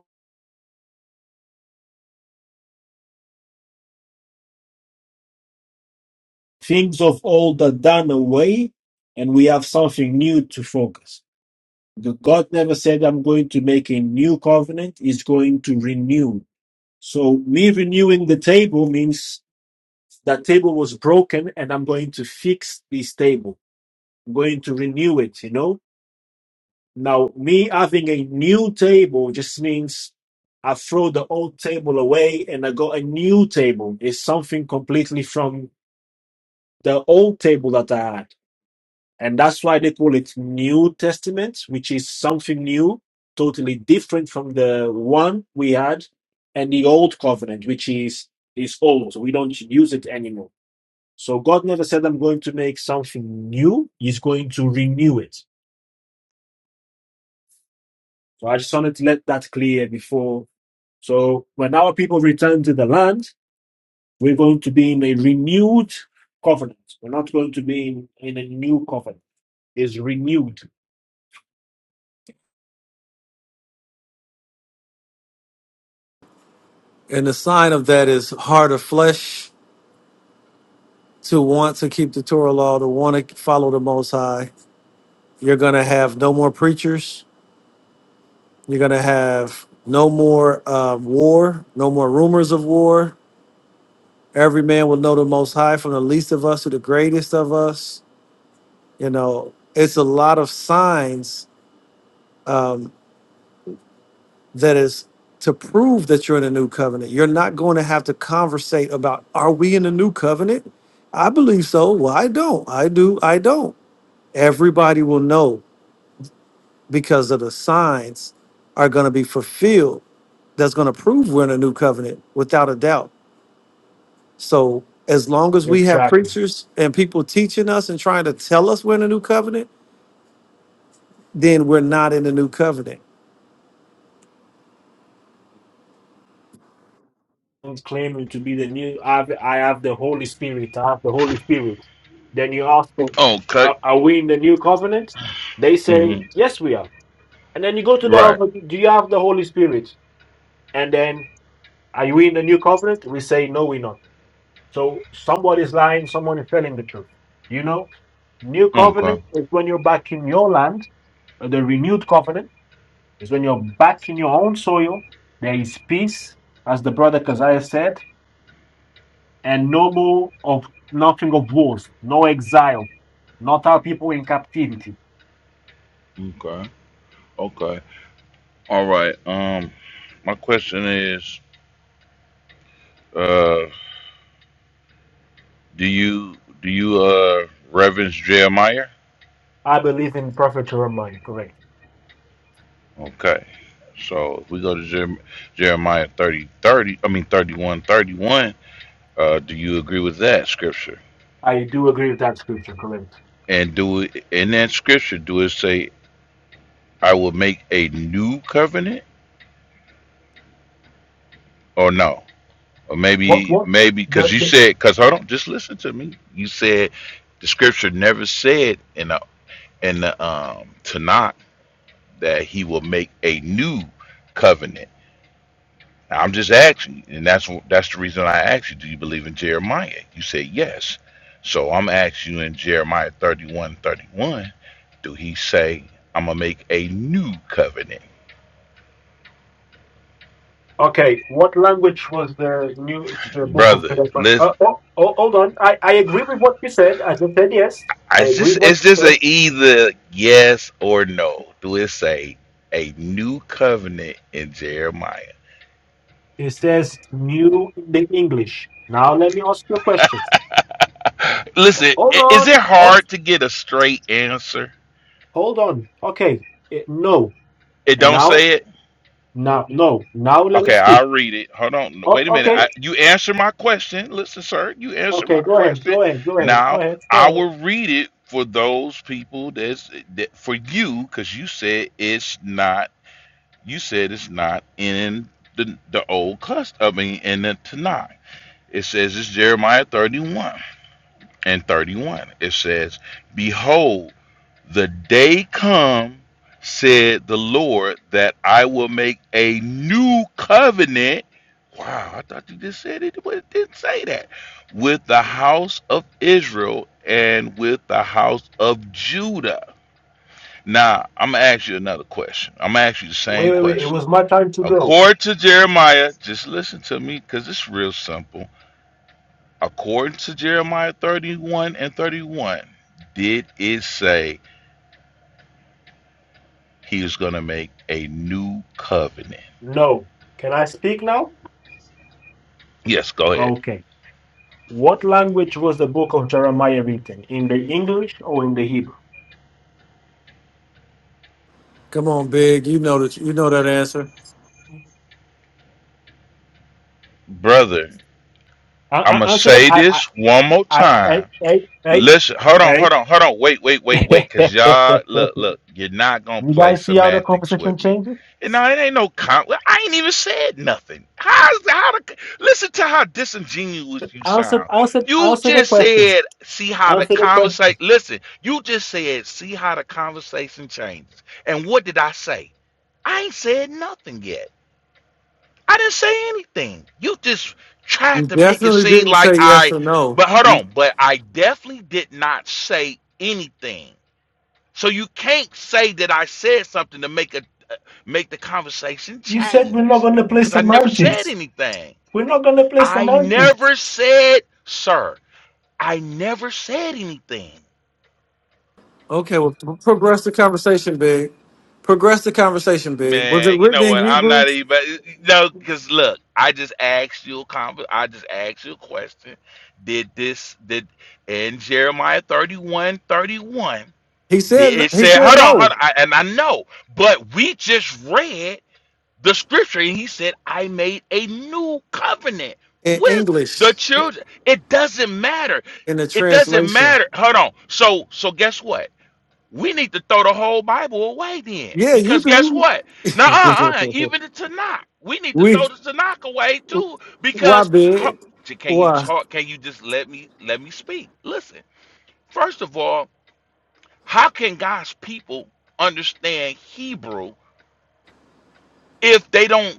Speaker 1: things of old are done away and we have something new to focus. The God never said I'm going to make a new covenant, he's going to renew. So me renewing the table means that table was broken and I'm going to fix this table. I'm going to renew it, you know? Now, me having a new table just means I throw the old table away and I got a new table. It's something completely from the old table that I had. And that's why they call it New Testament, which is something new, totally different from the one we had and the old covenant, which is is old. So we don't use it anymore. So God never said I'm going to make something new. He's going to renew it. So I just wanted to let that clear before So when our people return to the land, we're going to be in a renewed covenant. We're not going to be in, in a new covenant. It's renewed.
Speaker 3: And the sign of that is heart of flesh to want to keep the Torah law, to want to follow the Most High. You're going to have no more preachers. You're going to have no more uh, war, no more rumors of war. Every man will know the Most High from the least of us to the greatest of us. You know, it's a lot of signs um, that is to prove that you're in a new covenant. You're not going to have to conversate about, are we in a new covenant? I believe so. Well, I don't. I do. I don't. Everybody will know because of the signs are going to be fulfilled that's going to prove we're in a new covenant without a doubt so as long as we have
Speaker 1: Exactly.
Speaker 3: preachers and people teaching us and trying to tell us we're in a new covenant then we're not in the new covenant
Speaker 1: And claiming to be the new, I have, I have the Holy Spirit. I have the Holy Spirit. Then you ask them,
Speaker 7: Okay.
Speaker 1: are, are we in the new covenant? They say,
Speaker 7: Mm-hmm.
Speaker 1: yes, we are. And then you go to the
Speaker 7: Right.
Speaker 1: altar, do you have the Holy Spirit? And then, are we in the new covenant? We say, no, we're not. So somebody's lying, someone is telling the truth. You know? New covenant
Speaker 7: Okay.
Speaker 1: is when you're back in your land. Uh, The renewed covenant is when you're back in your own soil. There is peace, as the brother Kaziah said, and no more of nothing of wars, no exile, not our people in captivity.
Speaker 7: Okay. Okay. All right. Um, my question is, uh, do you do you uh reverence Jeremiah?
Speaker 1: I believe in Prophet Jeremiah, correct.
Speaker 7: Okay. So if we go to Jer- Jeremiah thirty thirty, I mean thirty one thirty one. Uh, do you agree with that scripture?
Speaker 1: I do agree with that scripture, correct.
Speaker 7: And do it in that scripture? Do it say, "I will make a new covenant"? Or no? Or
Speaker 1: What
Speaker 7: maybe,
Speaker 1: what
Speaker 7: maybe, because
Speaker 1: the,
Speaker 7: you
Speaker 1: the
Speaker 7: said, because hold on, just listen to me. You said the scripture never said in the in the um Tanakh that he will make a new covenant. Now, I'm just asking, you, and that's wh- that's the reason I asked you. Do you believe in Jeremiah? You said yes. So I'm asking you in Jeremiah 31 31. do he say I'm gonna make a new covenant,
Speaker 1: okay, what language was the new the book of
Speaker 7: brother?
Speaker 1: Jeremiah? Uh, oh, oh, hold on. I, I agree with what you said. I just said yes. I
Speaker 7: Is this
Speaker 1: agreed what
Speaker 7: is
Speaker 1: you
Speaker 7: this
Speaker 1: said.
Speaker 7: a either yes or no? Do it say a new covenant in Jeremiah?
Speaker 1: It says new in the English. Now let me ask you a question.
Speaker 7: Listen,
Speaker 1: Hold
Speaker 7: i- is
Speaker 1: on.
Speaker 7: it
Speaker 1: Oh,
Speaker 7: hard to get a straight answer?
Speaker 1: hold on. Okay. Eh, no.
Speaker 7: It
Speaker 1: And
Speaker 7: don't
Speaker 1: now,
Speaker 7: say it.
Speaker 1: now, no. Now let me
Speaker 7: Okay, I'll
Speaker 1: speak.
Speaker 7: read it. Hold on.
Speaker 1: Oh,
Speaker 7: Wait a minute.
Speaker 1: okay.
Speaker 7: I, you answer my question. Listen, sir, you answer my
Speaker 1: Okay. Go ahead.
Speaker 7: question.
Speaker 1: Go ahead. Go ahead. Go
Speaker 7: Now
Speaker 1: ahead. Go
Speaker 7: I
Speaker 1: ahead.
Speaker 7: will read it for those people that's that for you because you said it's not. You said it's not in the the old custom. I mean, in the Tanakh. It says, it's Jeremiah 31 and 31. It says, Behold, the day come, said the Lord, that I will make a new covenant. Wow, I thought you just said it, but it didn't say that. With the house of Israel and with the house of Judah. Now, I'm going to ask you another question. I'm going to ask you the
Speaker 1: Wait,
Speaker 7: same
Speaker 1: wait, wait. It
Speaker 7: question.
Speaker 1: was my time to go.
Speaker 7: According to Jeremiah, just listen to me because it's real simple according to Jeremiah 31 and 31, did it say he was going to make a new covenant?
Speaker 1: No. Can I speak now?
Speaker 7: Yes, go ahead.
Speaker 1: Okay. What language was the book of Jeremiah written? In the English or in the Hebrew?
Speaker 3: come on big you know that you know that answer
Speaker 7: Brother,
Speaker 1: I,
Speaker 7: I'm going
Speaker 1: I
Speaker 7: to
Speaker 1: answer them.
Speaker 7: say
Speaker 1: I, I,
Speaker 7: this one more
Speaker 1: I,
Speaker 7: time
Speaker 1: I, I,
Speaker 7: Let's hold on, hold on, hold on. Wait, wait, wait, wait.
Speaker 1: I,
Speaker 7: Cause y'all,
Speaker 1: I.
Speaker 7: look, look. You're not gonna
Speaker 1: You
Speaker 7: play
Speaker 1: guys see how the
Speaker 7: semantics
Speaker 1: conversation
Speaker 7: with me.
Speaker 1: changes?
Speaker 7: And no, it ain't no con. well, I ain't even said nothing. How's how the listen to how disingenuous you
Speaker 1: Answer,
Speaker 7: sound.
Speaker 1: answer,
Speaker 7: You
Speaker 1: answer the
Speaker 7: just
Speaker 1: question.
Speaker 7: said, see how the
Speaker 1: Answer the question.
Speaker 7: conversation. Listen, you just said, see how the conversation changes. And what did I say? I ain't said nothing yet. I didn't say anything. You just
Speaker 3: you
Speaker 7: tried to make it
Speaker 3: definitely
Speaker 7: seem
Speaker 3: didn't
Speaker 7: like
Speaker 3: say yes
Speaker 7: I,
Speaker 3: or no
Speaker 7: but hold on, but I definitely did not say anything. So you can't say that I said something to make a make the conversation
Speaker 1: You said we're not
Speaker 7: change
Speaker 1: going to play
Speaker 7: because I never said
Speaker 1: semantics.
Speaker 7: anything.
Speaker 1: We're not going to play
Speaker 7: I
Speaker 1: semantics.
Speaker 7: never said, sir. I never said anything.
Speaker 3: okay well p- progress the conversation big progress the conversation big was it
Speaker 7: Man, you
Speaker 3: written
Speaker 7: know
Speaker 3: in
Speaker 7: what? I'm
Speaker 3: hebrew
Speaker 7: not even no, because look, I just asked you a conver- I just asked you a question. Did this did in Jeremiah 31 31?
Speaker 3: he said
Speaker 7: did it
Speaker 3: he
Speaker 7: said,
Speaker 3: said
Speaker 7: hold on, hold on,
Speaker 3: no
Speaker 7: I, and I know, but we just read the scripture and he said, I made a new covenant
Speaker 3: in
Speaker 7: with the
Speaker 3: english
Speaker 7: children. It doesn't matter.
Speaker 3: in the
Speaker 7: It doesn't
Speaker 3: translation
Speaker 7: matter. Hold on. So so guess what? We need to throw the whole Bible away then.
Speaker 3: Yeah, you
Speaker 7: Because guess
Speaker 3: do.
Speaker 7: what? Now, uh, uh, even the Tanakh, we need to
Speaker 3: we
Speaker 7: throw the Tanakh away too.
Speaker 3: why
Speaker 7: Because ho-
Speaker 3: big?
Speaker 7: can you
Speaker 3: Why?
Speaker 7: talk? Can you just let me let me speak? Listen. First of all, how can God's people understand Hebrew if they don't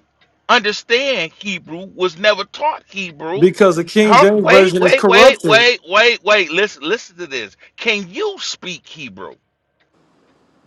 Speaker 7: understand Hebrew? Was never taught Hebrew.
Speaker 3: Because the King
Speaker 7: How,
Speaker 3: James
Speaker 7: wait,
Speaker 3: version is
Speaker 7: wait, wait,
Speaker 3: corrupted.
Speaker 7: wait, wait, wait. Listen, listen to this. Can you speak Hebrew?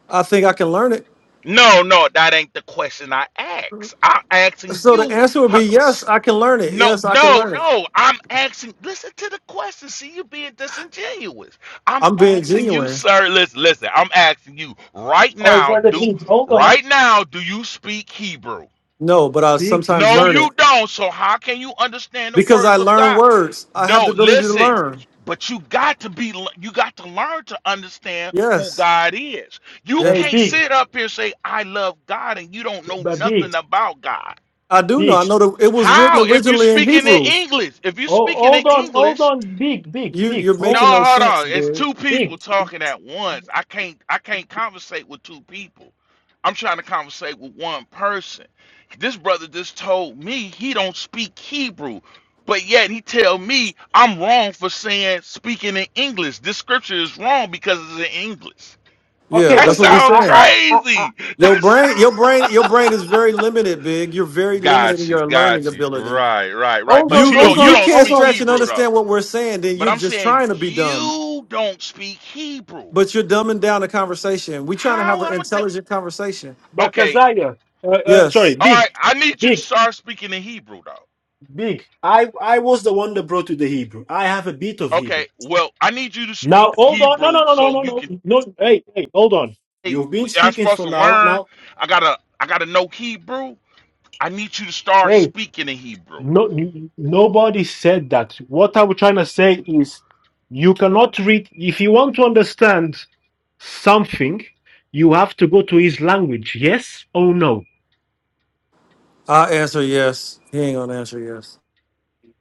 Speaker 3: I think I can learn it.
Speaker 7: No, no, that ain't the question I asked. I'm asking
Speaker 3: So the
Speaker 7: you.
Speaker 3: answer would
Speaker 7: Her,
Speaker 3: be yes,
Speaker 7: s-
Speaker 3: I can learn it.
Speaker 7: no,
Speaker 3: Yes, I can
Speaker 7: no,
Speaker 3: learn it.
Speaker 7: no. I'm asking. Listen to the question. See, you being disingenuous. I'm
Speaker 3: I'm being
Speaker 7: asking you,
Speaker 3: genuine.
Speaker 7: sir. Listen, listen. I'm asking you right
Speaker 1: Oh,
Speaker 7: now.
Speaker 1: brother
Speaker 7: Do
Speaker 1: Big, hold on.
Speaker 7: right now? Do you speak Hebrew?
Speaker 3: No, but I
Speaker 1: Big,
Speaker 3: sometimes
Speaker 7: No,
Speaker 3: learn
Speaker 7: you
Speaker 3: it
Speaker 7: don't. So how can you understand the
Speaker 3: because I
Speaker 7: words of
Speaker 3: learn
Speaker 7: God?
Speaker 3: words. I have the
Speaker 7: No,
Speaker 3: ability to
Speaker 7: listen.
Speaker 3: learn.
Speaker 7: But you got to be you got to learn to understand who
Speaker 3: Yes.
Speaker 7: God is. You
Speaker 3: Yeah.
Speaker 1: hey,
Speaker 7: can't
Speaker 1: big,
Speaker 7: sit up here and say I love God and you don't know
Speaker 1: but big,
Speaker 7: nothing about God.
Speaker 3: I do know.
Speaker 1: big.
Speaker 3: I know that it was written
Speaker 7: How if you are
Speaker 3: originally in
Speaker 7: speaking in
Speaker 3: Hebrew.
Speaker 7: English? If you are
Speaker 1: Oh,
Speaker 7: speaking in
Speaker 1: hold on, hold
Speaker 7: English
Speaker 1: on, big, big,
Speaker 3: You
Speaker 1: big,
Speaker 3: you're
Speaker 7: no,
Speaker 1: hold,
Speaker 3: making no
Speaker 7: hold on.
Speaker 3: sense,
Speaker 7: It's
Speaker 3: big.
Speaker 7: two people
Speaker 1: big.
Speaker 7: talking at once. I can't I can't conversate with two people. I'm trying to conversate with one person. This brother just told me he don't speak Hebrew, but yet he tell me I'm wrong for saying speaking in English. This scripture is wrong because it's in English.
Speaker 3: Yeah,
Speaker 1: Okay,
Speaker 7: That
Speaker 3: that's
Speaker 1: but
Speaker 3: what
Speaker 1: I,
Speaker 3: we're
Speaker 7: sound
Speaker 1: I,
Speaker 3: saying.
Speaker 1: I, I, I
Speaker 7: crazy. That
Speaker 3: Your brain, your brain,
Speaker 7: sound...
Speaker 3: your brain is very limited, big. You're very limited in
Speaker 7: got you,
Speaker 3: your learning
Speaker 7: got you.
Speaker 3: ability.
Speaker 7: Right, right, right.
Speaker 1: hold on,
Speaker 7: But
Speaker 3: You,
Speaker 7: you
Speaker 3: if
Speaker 1: hold
Speaker 7: don't you
Speaker 3: you
Speaker 1: on,
Speaker 7: don't
Speaker 3: can't
Speaker 1: hold
Speaker 7: speak
Speaker 1: on,
Speaker 3: stretch and
Speaker 7: Hebrew
Speaker 3: understand what we're saying, then
Speaker 7: but
Speaker 3: you're
Speaker 7: I'm
Speaker 3: just
Speaker 7: saying
Speaker 3: trying to be dumb.
Speaker 7: you don't speak Hebrew.
Speaker 3: But you're dumbing down the conversation. We're trying to have
Speaker 7: How
Speaker 3: an
Speaker 7: am I? de-
Speaker 3: intelligent conversation.
Speaker 1: but
Speaker 7: okay.
Speaker 1: Kazaya, uh, uh, sorry,
Speaker 3: Yes,
Speaker 7: All
Speaker 1: big,
Speaker 7: right. I need you to
Speaker 1: big,
Speaker 7: start speaking in Hebrew, though.
Speaker 1: big. I, I was the one that brought you the Hebrew. I have a bit of Hebrew.
Speaker 7: Okay. Well, I need you to
Speaker 1: Now
Speaker 7: speak
Speaker 1: hold on. No,
Speaker 7: Hebrew
Speaker 1: no, no, no,
Speaker 7: so
Speaker 1: no,
Speaker 7: you can.
Speaker 1: no. No, hey, hey, hold on.
Speaker 7: Hey,
Speaker 1: You've been
Speaker 7: I'm
Speaker 1: speaking
Speaker 7: supposed
Speaker 1: for
Speaker 7: to
Speaker 1: now.
Speaker 7: learn.
Speaker 1: Now
Speaker 7: I gotta. I gotta know Hebrew. I need you to start
Speaker 1: wait.
Speaker 7: speaking in Hebrew.
Speaker 1: No, n- nobody said that. What I'm trying to say is, you cannot read. If you want to understand something, you have to go to his language. Yes or no?
Speaker 3: I answer yes. He ain't gonna answer yes.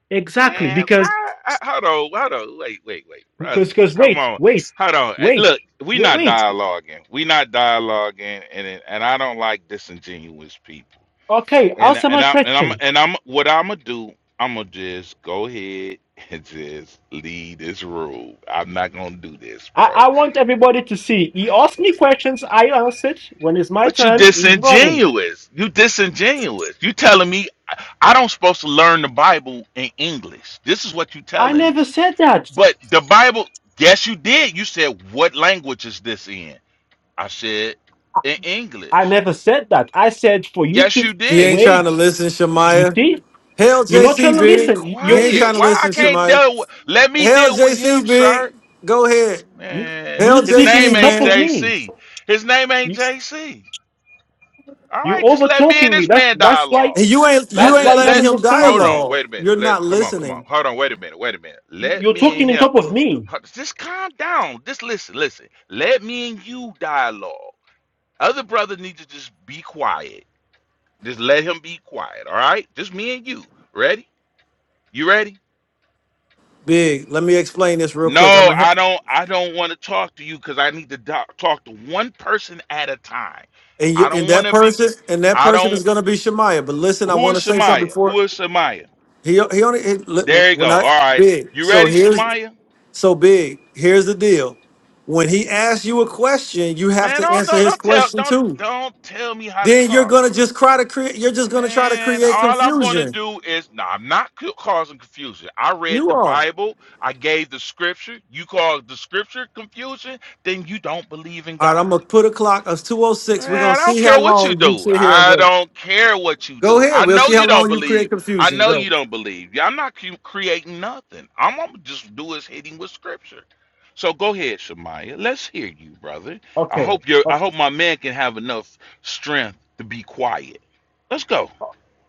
Speaker 1: Exactly.
Speaker 7: Man,
Speaker 1: Because
Speaker 7: how, how, hold on, hold on, wait, wait, wait, brothers,
Speaker 1: because because
Speaker 7: come
Speaker 1: wait,
Speaker 7: on,
Speaker 1: wait,
Speaker 7: hold on. Eh,
Speaker 1: wait,
Speaker 7: Look, we
Speaker 1: wait,
Speaker 7: not
Speaker 1: wait.
Speaker 7: dialoguing, we not dialoguing, and it- and I don't like disingenuous people.
Speaker 1: Okay,
Speaker 7: And
Speaker 1: answer
Speaker 7: and
Speaker 1: my
Speaker 7: I and I'm
Speaker 1: question.
Speaker 7: and I'm what I'm gonna do. I'm gonna just go ahead and just leave this room. I'm not gonna do this,
Speaker 1: I,
Speaker 7: bro.
Speaker 1: I want everybody to see. He asked me questions. I answered. When it's my
Speaker 7: But you
Speaker 1: turn, he's running.
Speaker 7: disingenuous. You disingenuous. You telling me I I don't supposed to learn the Bible in English. This is what you
Speaker 1: I
Speaker 7: telling
Speaker 1: never
Speaker 7: me.
Speaker 1: said that.
Speaker 7: But the Bible, yes, you did. You said, "What language is this in?" I said, "In
Speaker 1: I
Speaker 7: English."
Speaker 1: never said that. I said for you
Speaker 7: Yes,
Speaker 1: to
Speaker 7: you
Speaker 3: He
Speaker 7: did.
Speaker 3: ain't trying to
Speaker 1: wait.
Speaker 3: listen,
Speaker 1: You
Speaker 3: Shemaya.
Speaker 1: see,
Speaker 3: Hell,
Speaker 1: you're not trying
Speaker 3: JC,
Speaker 1: to
Speaker 7: Man, be
Speaker 3: big.
Speaker 1: listen.
Speaker 3: He
Speaker 1: You
Speaker 3: ain't
Speaker 1: you
Speaker 7: quiet.
Speaker 3: trying to
Speaker 7: Why I
Speaker 3: listen,
Speaker 1: you
Speaker 7: can't
Speaker 3: Shemaya.
Speaker 7: deal with? Let me
Speaker 3: Hell,
Speaker 7: deal with him,
Speaker 3: JC,
Speaker 7: sir.
Speaker 3: big. Go ahead.
Speaker 1: you,
Speaker 7: Man,
Speaker 3: Hell,
Speaker 1: you
Speaker 7: his
Speaker 1: speaking
Speaker 7: name
Speaker 3: JC,
Speaker 1: in
Speaker 7: ain't
Speaker 1: top of
Speaker 3: man.
Speaker 1: me.
Speaker 7: JC. His name ain't
Speaker 1: You
Speaker 7: JC. All
Speaker 1: you
Speaker 7: right, just
Speaker 1: over
Speaker 7: let me in
Speaker 1: talking me.
Speaker 7: this
Speaker 1: That's
Speaker 7: man
Speaker 1: that's why
Speaker 7: dialogue.
Speaker 3: And you ain't you
Speaker 7: Let
Speaker 1: that's
Speaker 3: ain't
Speaker 1: why
Speaker 7: let
Speaker 1: you're not
Speaker 3: letting
Speaker 7: let
Speaker 3: him
Speaker 7: hold
Speaker 1: understanding.
Speaker 7: on,
Speaker 3: dialogue.
Speaker 7: wait a
Speaker 3: You're
Speaker 7: minute. Let
Speaker 3: not
Speaker 7: come on, come on.
Speaker 3: listening.
Speaker 7: Hold on, wait a minute, wait a minute. Let
Speaker 1: You're
Speaker 7: me and
Speaker 1: talking in
Speaker 7: him
Speaker 1: top of me.
Speaker 7: huh, just calm down. Just listen, listen. Let me and you dialogue. Other brother need to just be quiet. Just let him be quiet, all right? Just me and you. Ready? You ready?
Speaker 3: Big, let me explain this real quick. I'm
Speaker 7: No,
Speaker 3: a,
Speaker 7: I don't. I don't want to talk to you because I need to do- talk to one person at a time.
Speaker 3: and you,
Speaker 7: I
Speaker 3: and
Speaker 7: don't want
Speaker 3: that
Speaker 7: to be.
Speaker 3: person and that
Speaker 7: I
Speaker 3: person
Speaker 7: don't.
Speaker 3: is going to be Shemaiah. But listen, I
Speaker 7: Who
Speaker 3: want
Speaker 7: is
Speaker 3: to say something
Speaker 7: Shemaya? Who
Speaker 3: before
Speaker 7: is Shemaya?
Speaker 3: he he only he, li-
Speaker 7: There you go.
Speaker 3: when I
Speaker 7: All right,
Speaker 3: big.
Speaker 7: you
Speaker 3: So
Speaker 7: ready,
Speaker 3: here's
Speaker 7: Shemaya?
Speaker 3: so big. Here's the deal. When he asks you a question, you have
Speaker 7: Man,
Speaker 3: to
Speaker 7: don't
Speaker 3: answer
Speaker 7: don't
Speaker 3: his
Speaker 7: don't tell
Speaker 3: question
Speaker 7: don't
Speaker 3: too.
Speaker 7: don't tell me how to
Speaker 3: Then you're
Speaker 7: talk,
Speaker 3: gonna just try to create. You're just gonna try to
Speaker 7: man.
Speaker 3: create
Speaker 7: All I'm gonna
Speaker 3: confusion.
Speaker 7: do is no. I'm not c- causing confusion. I read
Speaker 3: You
Speaker 7: the
Speaker 3: are.
Speaker 7: Bible. I gave the scripture. You cause the scripture confusion, then you don't believe in
Speaker 3: All right,
Speaker 7: God.
Speaker 3: I'm gonna put a clock. of
Speaker 7: Man,
Speaker 3: 206. We're gonna
Speaker 7: I don't
Speaker 3: see
Speaker 7: care
Speaker 3: how
Speaker 7: what you
Speaker 3: long you
Speaker 7: do.
Speaker 3: sit here and
Speaker 7: I
Speaker 3: wait.
Speaker 7: don't care what you
Speaker 3: Go
Speaker 7: do.
Speaker 3: ahead.
Speaker 7: I
Speaker 3: We'll
Speaker 7: know
Speaker 3: see how
Speaker 7: you don't
Speaker 3: long you create
Speaker 7: believe. I
Speaker 3: confusion.
Speaker 7: know you
Speaker 3: Go.
Speaker 7: don't believe. Yeah, I'm not cre- creating nothing. I'm gonna just do is hitting with scripture. So go ahead, Shemaiah. Let's hear you, brother. I
Speaker 1: Okay.
Speaker 7: hope you I
Speaker 1: o-
Speaker 7: hope my man can have enough strength to be quiet. Let's go.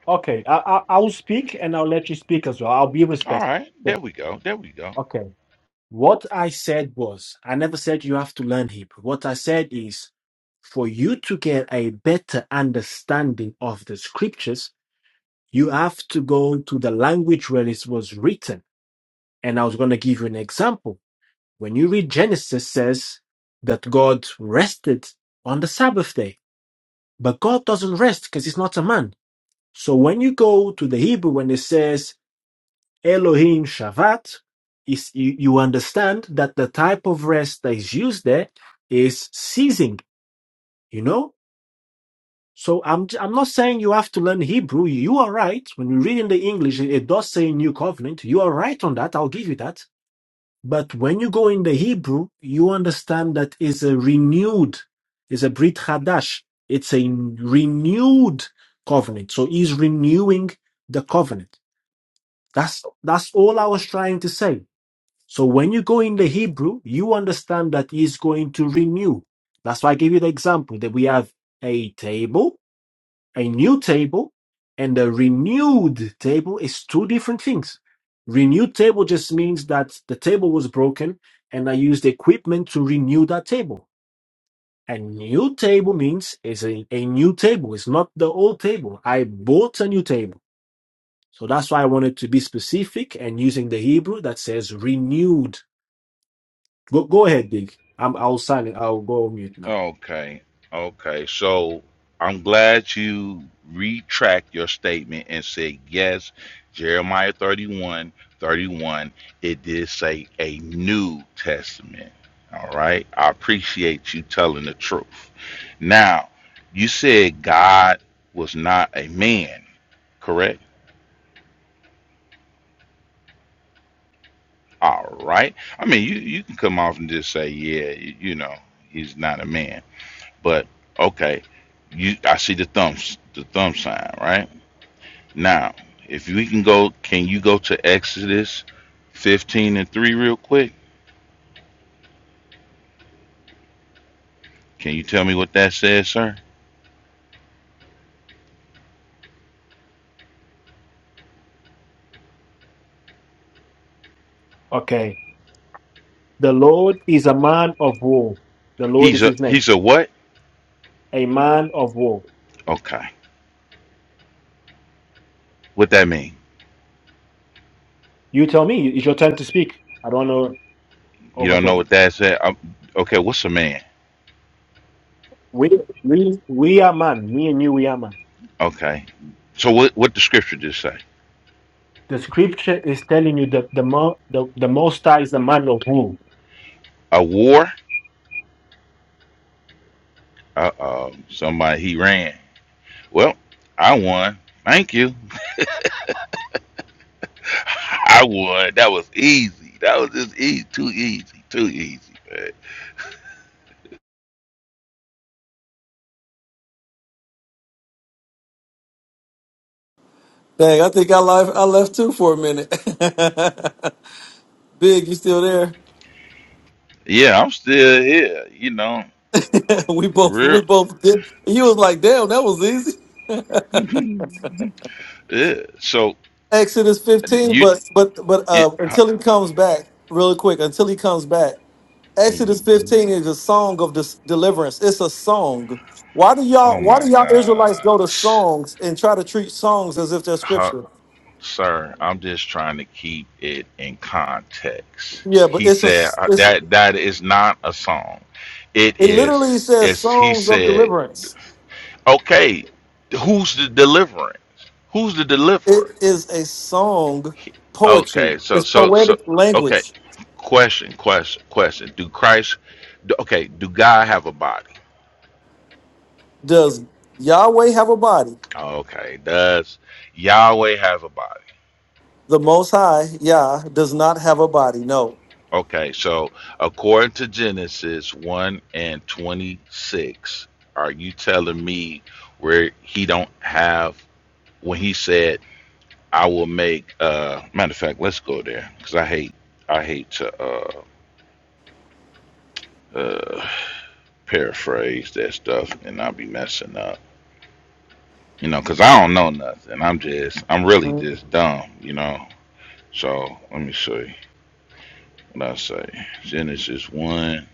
Speaker 1: Okay. I I, I will speak and I'll let you speak as well. I'll be
Speaker 7: All
Speaker 1: respectful.
Speaker 7: right.
Speaker 1: Yeah.
Speaker 7: There we go. There we go.
Speaker 1: Okay. What I said was, I never said you have to learn Hebrew. What I said is, for you to get a better understanding of the scriptures, you have to go to the language where it was written. And I was going to give you an example. When you read Genesis says that God rested on the Sabbath day, but God doesn't rest because he's not a man. So when you go to the Hebrew, when it says Elohim Shabbat is you, you understand that the type of rest that is used there is ceasing, you know? So I'm i I'm not saying you have to learn Hebrew. You are right. When you read in the English, it does say New Covenant. You are right on that. I'll give you that. But when you go in the Hebrew, you understand that is a renewed, is a Brit Hadash. It's a renewed covenant. So he's renewing the covenant. That's that's all I was trying to say. So when you go in the Hebrew, you understand that he's going to renew. That's why I gave you the example that we have a table, a new table, and a renewed table is two different things. Renewed table just means that the table was broken and I used equipment to renew that table. A new table means it's a, a new table. It's not the old table. I bought a new table. So that's why I wanted to be specific and using the Hebrew that says renewed Go, go ahead, Dick. I'm, I'll silent. I'll go on mute now.
Speaker 7: Okay. Okay. So I'm glad you retract your statement and said, yes, Jeremiah 31, 31, it did say a New Testament. All right. I appreciate you telling the truth. Now, you said God was not a man, correct? All right. I mean, you, you can come off and just say, yeah, you, you know, he's not a man. But okay, you I see the thumbs the thumb sign, right? Now, if we can go can you go to Exodus fifteen and three real quick? Can you tell me what that says, sir?
Speaker 1: Okay. The Lord is a man of war. The Lord
Speaker 7: He's
Speaker 1: is
Speaker 7: a
Speaker 1: his name.
Speaker 7: he's a what?
Speaker 1: A man of war.
Speaker 7: Okay. What that mean?
Speaker 1: You tell me. It's your time to speak. I don't know
Speaker 7: You
Speaker 1: over
Speaker 7: don't know
Speaker 1: talking.
Speaker 7: what that said? Um, okay, what's a man?
Speaker 1: We, we, we are man. Me and you, we are man.
Speaker 7: Okay. So what what the scripture just say?
Speaker 1: The scripture is telling you that the, mo, the, the Most High is a man of war.
Speaker 7: A war? Uh oh. Somebody he ran. Well, I won. Thank you. I would. That was easy. That was just easy. Too easy. Too easy. man.
Speaker 3: Dang, I think I left. I left too for a minute. Big, you still there?
Speaker 7: yeah, I'm still here. You know,
Speaker 3: we both. We
Speaker 7: real.
Speaker 3: both did. You was like, "Damn, that was easy."
Speaker 7: Yeah. So
Speaker 3: Exodus 15,
Speaker 7: you.
Speaker 3: but but but
Speaker 7: eh,
Speaker 3: uh,
Speaker 7: huh,
Speaker 3: until he comes back, really quick. Until he comes back, Exodus
Speaker 7: mm,
Speaker 3: 15 is a song of dis- deliverance. It's a song. Why do
Speaker 7: Oh
Speaker 3: y'all? Why do
Speaker 7: my
Speaker 3: y'all Israelites
Speaker 7: God,
Speaker 3: go to songs and try to treat songs as if they're
Speaker 7: Huh,
Speaker 3: scripture?
Speaker 7: sir. I'm just trying to keep it in context.
Speaker 3: Yeah, but
Speaker 7: He
Speaker 3: it's
Speaker 7: said uh,
Speaker 3: a. It's
Speaker 7: that that is not a song. It
Speaker 3: it
Speaker 7: is.
Speaker 3: literally says
Speaker 7: It's. He
Speaker 3: songs of
Speaker 7: said,
Speaker 3: deliverance.
Speaker 7: okay. Who's the deliverance? Who's the deliverer?
Speaker 3: It is a song poetry.
Speaker 7: Okay, so
Speaker 3: It's
Speaker 7: so so
Speaker 3: poetic
Speaker 7: okay.
Speaker 3: language.
Speaker 7: Question, question, question. Do Christ do, okay, do God have a body?
Speaker 3: Does Yahweh have a body?
Speaker 7: Okay. Does Yahweh have a body?
Speaker 3: The Most High, Yah, does not have a body. No.
Speaker 7: Okay, so according to Genesis 1 and 26, are you telling me where he don't have when he said I will make uh matter of fact, let's go there cuz I hate I hate to uh uh paraphrase that stuff and I'll be messing up. You know, cause I don't know nothing. I'm just, I'm really
Speaker 3: Mhm.
Speaker 7: just dumb, you know. So let me see what I say. Genesis one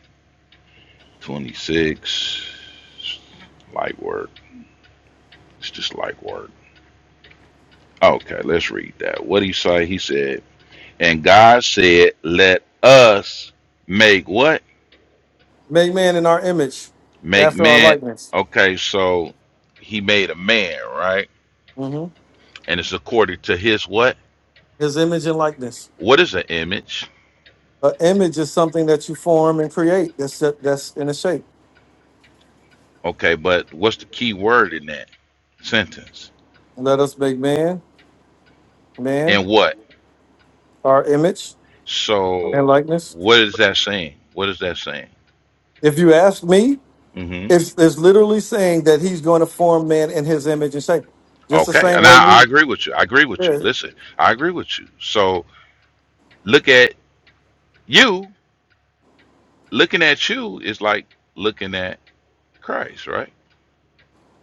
Speaker 7: twenty six. 26. Light work. It's just light work. Okay, let's read that. What did he say? He said, and God said, let us make what?
Speaker 3: Make man in our image,
Speaker 7: Make
Speaker 3: after our
Speaker 7: man.
Speaker 3: likeness.
Speaker 7: Okay, so he made a man, right?
Speaker 3: Mhm.
Speaker 7: And it's according to his what?
Speaker 3: His image and likeness.
Speaker 7: What is an image?
Speaker 3: An image is something that you form and create. That's that's in a shape.
Speaker 7: Okay, but what's the key word in that sentence?
Speaker 3: Let us make man, man,
Speaker 7: And what?
Speaker 3: our image and
Speaker 7: So
Speaker 3: likeness.
Speaker 7: what is that saying? What is that saying?
Speaker 3: If you ask me,
Speaker 7: hmm
Speaker 3: it's, it's literally saying that he's going to form man in his image and shape. Just the
Speaker 7: Okay.
Speaker 3: same
Speaker 7: And
Speaker 3: way
Speaker 7: I, I
Speaker 3: you
Speaker 7: agree with you. I agree with you.
Speaker 3: Yeah.
Speaker 7: Listen, I agree with you. So look at you. Looking at you is like looking at Christ, right?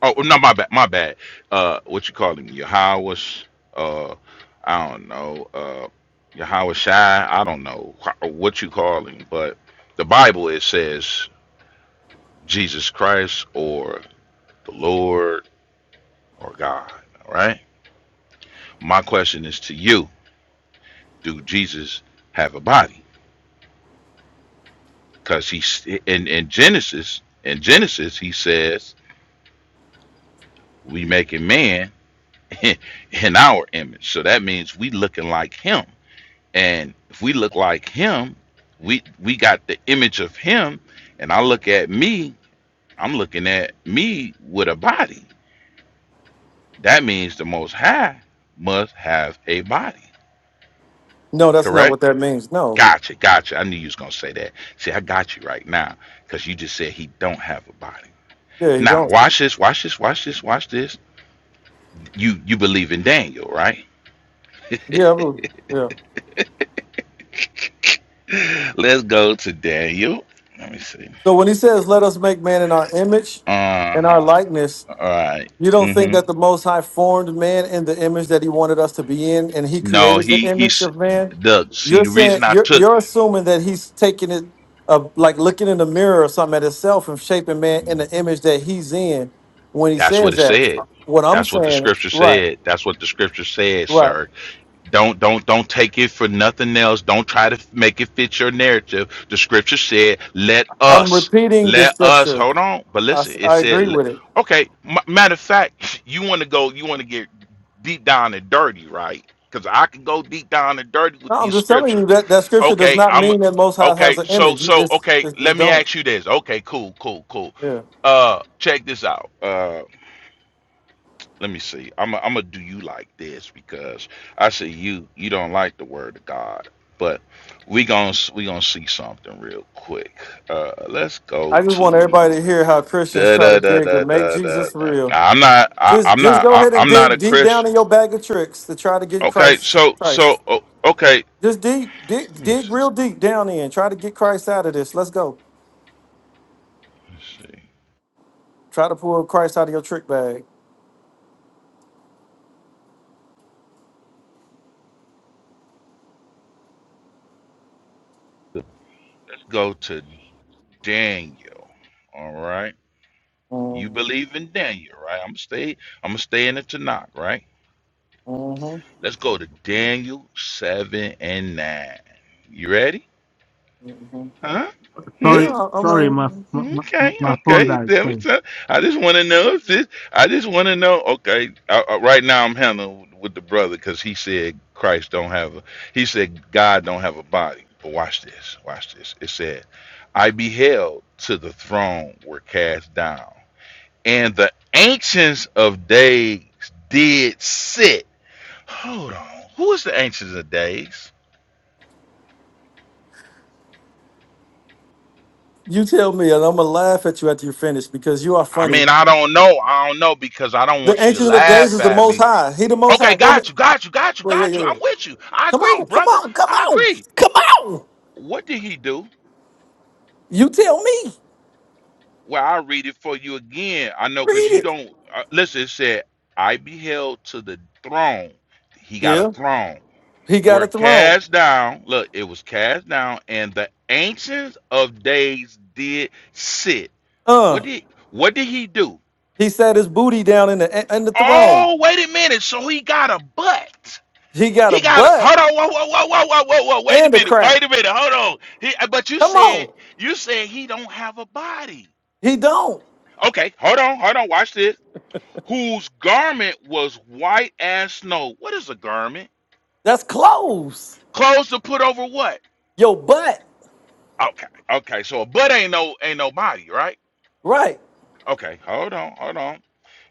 Speaker 7: Oh no, my bad. My bad. Uh, what you call him? Yahweh. Uh, I don't know. Uh, Yahweh Shai. I don't know wh- what you call him, but the Bible it says Jesus Christ or the Lord or God, right? My question is to you: Do Jesus have a body? Because he's in in Genesis. In Genesis, he says, "We make a man in our image." So that means we looking like him. And if we look like him, we we got the image of him. And I look at me. I'm looking at me with a body. That means the Most High must have a body.
Speaker 3: No, that's not
Speaker 7: Correct?
Speaker 3: what that means. No.
Speaker 7: Gotcha, gotcha. I knew you was gonna say that. See, I got you right now, because you just said he don't have a body.
Speaker 3: Yeah, he
Speaker 7: Now,
Speaker 3: don't.
Speaker 7: watch this, watch this, watch this, watch this. You you believe in Daniel, right?
Speaker 3: Yeah, I would- yeah.
Speaker 7: Let's go to Daniel. Let me see.
Speaker 3: So when he says, "Let us make man in our image,
Speaker 7: Uh
Speaker 3: in our
Speaker 7: huh.
Speaker 3: likeness,"
Speaker 7: All right.
Speaker 3: you don't think
Speaker 7: Mm-hmm.
Speaker 3: that the Most High formed man in the image that He wanted us to be in, and He
Speaker 7: No,
Speaker 3: created the
Speaker 7: he
Speaker 3: image
Speaker 7: he's
Speaker 3: of man.
Speaker 7: Doug. See,
Speaker 3: You're
Speaker 7: the
Speaker 3: saying
Speaker 7: reason I
Speaker 3: you're
Speaker 7: took
Speaker 3: you're assuming that He's taking it, uh, like looking in the mirror or something at Himself and shaping man in the image that He's in. When He
Speaker 7: that's what
Speaker 3: says
Speaker 7: it
Speaker 3: that,
Speaker 7: said.
Speaker 3: what I'm
Speaker 7: That's what the
Speaker 3: saying,
Speaker 7: scripture
Speaker 3: right,
Speaker 7: said. That's what the scripture said,
Speaker 3: right.
Speaker 7: sir. Don't don't don't take it for nothing else. Don't try to f- make it fit your narrative. The scripture said, "Let
Speaker 3: I'm
Speaker 7: us,
Speaker 3: repeating this
Speaker 7: let us."
Speaker 3: scripture.
Speaker 7: Hold on, but
Speaker 3: I,
Speaker 7: listen,
Speaker 3: s-
Speaker 7: it
Speaker 3: I
Speaker 7: said,
Speaker 3: agree
Speaker 7: le-
Speaker 3: with it.
Speaker 7: "Okay." M- matter of fact, you want to go, you want to get deep down and dirty, right? Because I can go deep down and dirty with
Speaker 3: No, I'm
Speaker 7: these
Speaker 3: just telling
Speaker 7: scripture.
Speaker 3: you that that scripture does
Speaker 7: Okay,
Speaker 3: not
Speaker 7: I'm
Speaker 3: mean that Most High has
Speaker 7: okay.
Speaker 3: an
Speaker 7: So
Speaker 3: image.
Speaker 7: so
Speaker 3: It's
Speaker 7: okay,
Speaker 3: it's just
Speaker 7: let me
Speaker 3: don't.
Speaker 7: ask you this. Okay, cool, cool, cool.
Speaker 3: Yeah.
Speaker 7: Uh, check this out. Uh, let me see. I'm a, I'm gonna do you like this because I see you you don't like the word of God, but we gonna s- we gonna see something real quick. Uh, let's go
Speaker 3: I just want
Speaker 7: to
Speaker 3: everybody to hear how Christians
Speaker 7: da
Speaker 3: try
Speaker 7: da
Speaker 3: to
Speaker 7: da
Speaker 3: dig to
Speaker 7: da
Speaker 3: make
Speaker 7: da da.
Speaker 3: Jesus
Speaker 7: da.
Speaker 3: real.
Speaker 7: I'm not I,
Speaker 3: Just
Speaker 7: I'm
Speaker 3: just
Speaker 7: not
Speaker 3: go
Speaker 7: I,
Speaker 3: ahead and
Speaker 7: I'm not a
Speaker 3: dig deep down
Speaker 7: Christian.
Speaker 3: in your bag of tricks to try to get
Speaker 7: Okay,
Speaker 3: Christ
Speaker 7: so
Speaker 3: Christ.
Speaker 7: so oh, okay.
Speaker 3: Just deep dig
Speaker 7: Let me
Speaker 3: dig
Speaker 7: see.
Speaker 3: real deep down in. Try to get Christ out of this. Let's go.
Speaker 7: Let's see.
Speaker 3: Try to pull Christ out of your trick bag.
Speaker 7: Let's go to Daniel. All right. You
Speaker 3: Mm-hmm.
Speaker 7: believe in Daniel, right? I'm gonna stay. I'm gonna stay in it tonight, right? Let's go to Daniel 7 and 9. You ready?
Speaker 3: Mm-hmm.
Speaker 7: Huh? Hmm?
Speaker 3: Yeah,
Speaker 1: Sorry,
Speaker 3: I- I'm
Speaker 1: sorry,
Speaker 3: ready.
Speaker 1: my my, my
Speaker 7: Okay,
Speaker 1: my phone
Speaker 7: okay.
Speaker 1: died.
Speaker 7: Damn it,
Speaker 1: Sorry.
Speaker 7: son. I just want to know if this, I just want to know. Okay, I, I- right now I'm handling with the brother because he said Christ don't have a, he said God don't have a body. But watch this, watch this. It said, I beheld to the throne were cast down, and the ancients of days did sit. Hold on. Who is the ancients of days?
Speaker 3: You tell me, and I'm gonna laugh at you after you finish because you are
Speaker 7: I
Speaker 3: funny.
Speaker 7: mean, I don't know. I don't know because I don't
Speaker 3: The
Speaker 7: want you to
Speaker 3: Ancient of Days
Speaker 7: laugh
Speaker 3: is the
Speaker 7: at
Speaker 3: Most
Speaker 7: me.
Speaker 3: High. He the Most
Speaker 7: Okay,
Speaker 3: High. Go ahead.
Speaker 7: got you, got you, got you,
Speaker 3: Wait, yeah,
Speaker 7: got
Speaker 3: yeah.
Speaker 7: you. I'm
Speaker 3: yeah.
Speaker 7: with you. I
Speaker 3: Come
Speaker 7: agree,
Speaker 3: on, come
Speaker 7: brother.
Speaker 3: on, come
Speaker 7: I
Speaker 3: on,
Speaker 7: agree.
Speaker 3: come on.
Speaker 7: What did he do?
Speaker 3: You tell me.
Speaker 7: Well, I read it for you again. I know because
Speaker 3: Read
Speaker 7: you
Speaker 3: it.
Speaker 7: don't uh, listen. It said, "I beheld to the throne." He got a
Speaker 3: Yeah.
Speaker 7: throne.
Speaker 3: He got
Speaker 7: Were
Speaker 3: a throne.
Speaker 7: cast down. Look, it was cast down, and the ancients of days did sit. What
Speaker 3: Uh.
Speaker 7: did what did he do?
Speaker 3: He sat his booty down in the in the throne.
Speaker 7: Oh, wait a minute. So he got a butt.
Speaker 3: He got a
Speaker 7: He got a hold
Speaker 3: butt
Speaker 7: on, whoa, whoa, whoa, whoa, whoa, whoa, whoa. Wait a
Speaker 3: and a
Speaker 7: minute,
Speaker 3: crack.
Speaker 7: wait a minute, hold on. He, uh, but you
Speaker 3: Come
Speaker 7: said
Speaker 3: on.
Speaker 7: you said he don't have a body.
Speaker 3: He don't.
Speaker 7: Okay, hold on, hold on. Watch this. Whose garment was white as snow? What is a garment?
Speaker 3: That's close.
Speaker 7: Clothes to put over what?
Speaker 3: Your butt.
Speaker 7: Okay, okay. So a butt ain't no ain't no body, right?
Speaker 3: Right.
Speaker 7: Okay, hold on, hold on.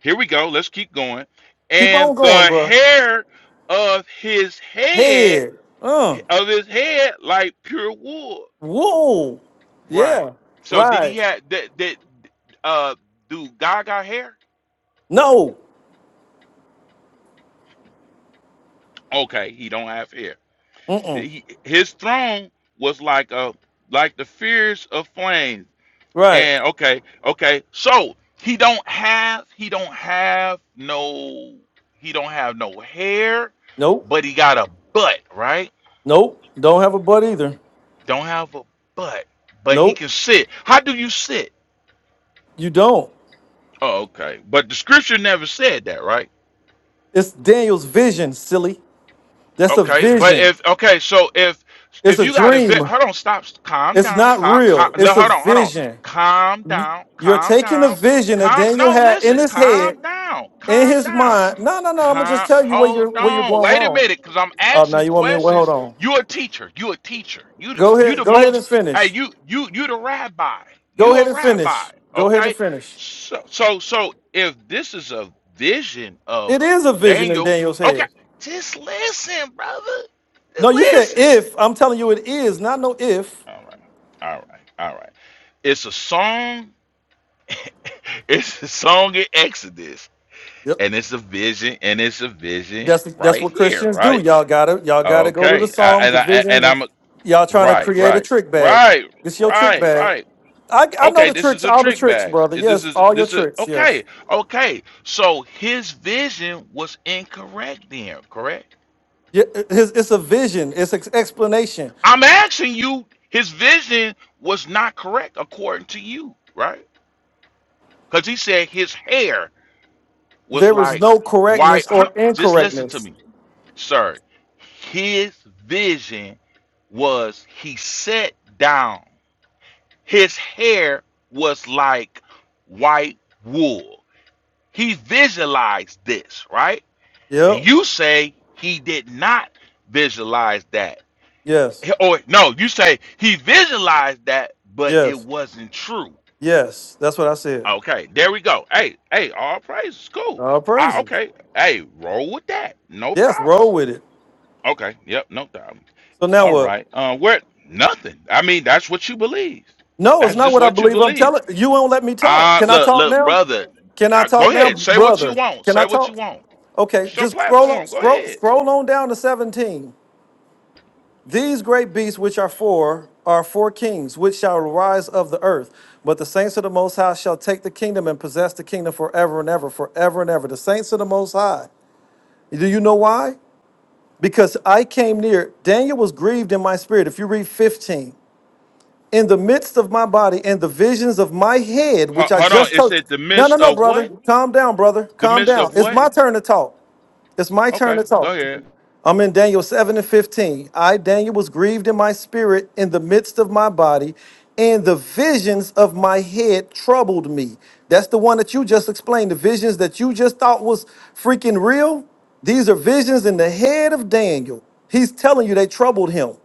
Speaker 7: Here we go. Let's keep going.
Speaker 3: Keep
Speaker 7: And
Speaker 3: on going,
Speaker 7: the
Speaker 3: bro.
Speaker 7: hair of his head
Speaker 3: Head. Uh.
Speaker 7: of his head like pure wool
Speaker 3: Whoa. Yeah.
Speaker 7: Right. So did he
Speaker 3: Right.
Speaker 7: have that? Did, uh do God got hair?
Speaker 3: No.
Speaker 7: Okay, he don't have hair.
Speaker 3: Mm-mm.
Speaker 7: He, he- his throne was like a like the fierce of flames.
Speaker 3: Right.
Speaker 7: And okay, okay. So he don't have he don't have no he don't have no hair,
Speaker 3: Nope.
Speaker 7: but he got a butt, right?
Speaker 3: Nope. Don't have a butt either.
Speaker 7: Don't have a butt, but he
Speaker 3: Nope.
Speaker 7: can sit. How do you sit?
Speaker 3: You don't.
Speaker 7: Oh, okay. But the scripture never said that, right?
Speaker 3: It's Daniel's vision, silly. That's a
Speaker 7: Okay, but
Speaker 3: vision.
Speaker 7: if okay, so if
Speaker 3: It's
Speaker 7: if
Speaker 3: a
Speaker 7: you got a vet,
Speaker 3: dream.
Speaker 7: hold on, stop, calm
Speaker 3: It's
Speaker 7: down,
Speaker 3: not
Speaker 7: calm, calm,
Speaker 3: real.
Speaker 7: le-
Speaker 3: It's a
Speaker 7: hold on, hold on,
Speaker 3: vision.
Speaker 7: calm
Speaker 3: You-
Speaker 7: down,
Speaker 3: You're
Speaker 7: calm
Speaker 3: taking a
Speaker 7: down,
Speaker 3: vision that
Speaker 7: calm.
Speaker 3: Daniel
Speaker 7: No,
Speaker 3: had in
Speaker 7: listen,
Speaker 3: his head,
Speaker 7: calm down,
Speaker 3: in
Speaker 7: calm
Speaker 3: his
Speaker 7: down.
Speaker 3: mind. No, no, no. I'm gonna just
Speaker 7: Con-
Speaker 3: tell you where you're
Speaker 7: hold
Speaker 3: where you're
Speaker 7: on.
Speaker 3: going
Speaker 7: Wait a
Speaker 3: wrong.
Speaker 7: minute, because I'm
Speaker 3: Oh, now
Speaker 7: asking
Speaker 3: you want me to well, hold
Speaker 7: questions.
Speaker 3: on.
Speaker 7: You're a teacher. You're a teacher. You
Speaker 3: Go
Speaker 7: you
Speaker 3: ahead.
Speaker 7: the
Speaker 3: Go ahead
Speaker 7: most.
Speaker 3: and
Speaker 7: Hey,
Speaker 3: finish.
Speaker 7: you you you the rabbi.
Speaker 3: Go
Speaker 7: You
Speaker 3: ahead
Speaker 7: a
Speaker 3: and
Speaker 7: rabbi.
Speaker 3: finish. Go ahead and
Speaker 7: Okay.
Speaker 3: finish.
Speaker 7: So so so if this is a vision of
Speaker 3: It is a vision in
Speaker 7: Daniel,
Speaker 3: Daniel's
Speaker 7: okay,
Speaker 3: head.
Speaker 7: just listen, brother.
Speaker 3: No,
Speaker 7: Just
Speaker 3: you said
Speaker 7: listen.
Speaker 3: if. I'm telling you, it is not no if.
Speaker 7: All right. All right. All right. It's a song. It's a song in Exodus,
Speaker 3: Yep.
Speaker 7: and it's a vision, and it's a vision
Speaker 3: That's that's
Speaker 7: right
Speaker 3: what
Speaker 7: here,
Speaker 3: Christians
Speaker 7: right?
Speaker 3: do. Y'all gotta y'all gotta go to the
Speaker 7: Okay, I,
Speaker 3: Psalms,
Speaker 7: and
Speaker 3: the
Speaker 7: I
Speaker 3: visions.
Speaker 7: and
Speaker 3: And
Speaker 7: I'm
Speaker 3: y'all trying to
Speaker 7: right,
Speaker 3: create a
Speaker 7: right,
Speaker 3: trick bag.
Speaker 7: right,
Speaker 3: It's your trick
Speaker 7: right,
Speaker 3: bag.
Speaker 7: right.
Speaker 3: I I know
Speaker 7: Okay,
Speaker 3: the
Speaker 7: this
Speaker 3: tricks,
Speaker 7: is a
Speaker 3: all the
Speaker 7: trick
Speaker 3: tricks,
Speaker 7: bag.
Speaker 3: brother.
Speaker 7: This
Speaker 3: Yes,
Speaker 7: is
Speaker 3: all your
Speaker 7: this is
Speaker 3: tricks. Yes.
Speaker 7: okay, okay. So his vision was incorrect then, correct?
Speaker 3: Yeah, it- it's, it's a vision. It's an explanation.
Speaker 7: I'm asking you, his vision was not correct according to you, right? Because he said his hair was
Speaker 3: There is
Speaker 7: like
Speaker 3: no
Speaker 7: white.
Speaker 3: correctness or
Speaker 7: hun- Just listen to
Speaker 3: incorrectness.
Speaker 7: me, sir. His vision was he sat down. His hair was like white wool. He visualized this, right? And
Speaker 3: Yep.
Speaker 7: you say he did not visualize that.
Speaker 3: Yes.
Speaker 7: Or no, you say he visualized that, but it
Speaker 3: Yes.
Speaker 7: wasn't true.
Speaker 3: Yes. That's what I said.
Speaker 7: Okay, there we go. Hey, hey, all praise. Cool.
Speaker 3: All
Speaker 7: I,
Speaker 3: praises.
Speaker 7: okay. Hey, roll with that. No
Speaker 3: Yes.
Speaker 7: problem.
Speaker 3: Roll with it.
Speaker 7: Okay. Yep. No problem.
Speaker 3: So now
Speaker 7: All
Speaker 3: what?
Speaker 7: right. Uh, where nothing. I mean, that's what you believe.
Speaker 3: No, it's
Speaker 7: That's
Speaker 3: not
Speaker 7: just
Speaker 3: what I
Speaker 7: what you
Speaker 3: believe. I'm
Speaker 7: believe.
Speaker 3: telling you. Won't let me talk.
Speaker 7: Uh,
Speaker 3: Can I
Speaker 7: look,
Speaker 3: talk
Speaker 7: look,
Speaker 3: now?
Speaker 7: brother.
Speaker 3: Can I
Speaker 7: I, go
Speaker 3: talk now,
Speaker 7: ahead. Say what you
Speaker 3: brother?
Speaker 7: want.
Speaker 3: Can
Speaker 7: Say
Speaker 3: I
Speaker 7: what you
Speaker 3: talk?
Speaker 7: want.
Speaker 3: Okay,
Speaker 7: It's your
Speaker 3: just scroll on,
Speaker 7: platform. Go
Speaker 3: scroll
Speaker 7: ahead.
Speaker 3: scroll on down to 17. These great beasts which are four are four kings which shall rise of the earth, but the saints of the most high shall take the kingdom and possess the kingdom forever and ever, forever and ever. The saints of the most high. Do you know why? Because I came near. Daniel was grieved in my spirit. If you read 15 in the midst of my body and the visions of my head,
Speaker 7: Ho-
Speaker 3: which I
Speaker 7: hold on.
Speaker 3: just
Speaker 7: It
Speaker 3: told. you.
Speaker 7: said the
Speaker 3: No, no,
Speaker 7: midst
Speaker 3: no,
Speaker 7: of
Speaker 3: brother.
Speaker 7: what?
Speaker 3: Calm down, brother.
Speaker 7: The
Speaker 3: Calm
Speaker 7: midst
Speaker 3: down.
Speaker 7: of
Speaker 3: It's
Speaker 7: what?
Speaker 3: my turn to talk. It's my turn
Speaker 7: Okay.
Speaker 3: to
Speaker 7: Go
Speaker 3: talk.
Speaker 7: ahead.
Speaker 3: I'm in Daniel 7 and 15. I, Daniel, was grieved in my spirit in the midst of my body, and the visions of my head troubled me. That's the one that you just explained. The visions that you just thought was freaking real. These are visions in the head of Daniel. He's telling you they troubled him.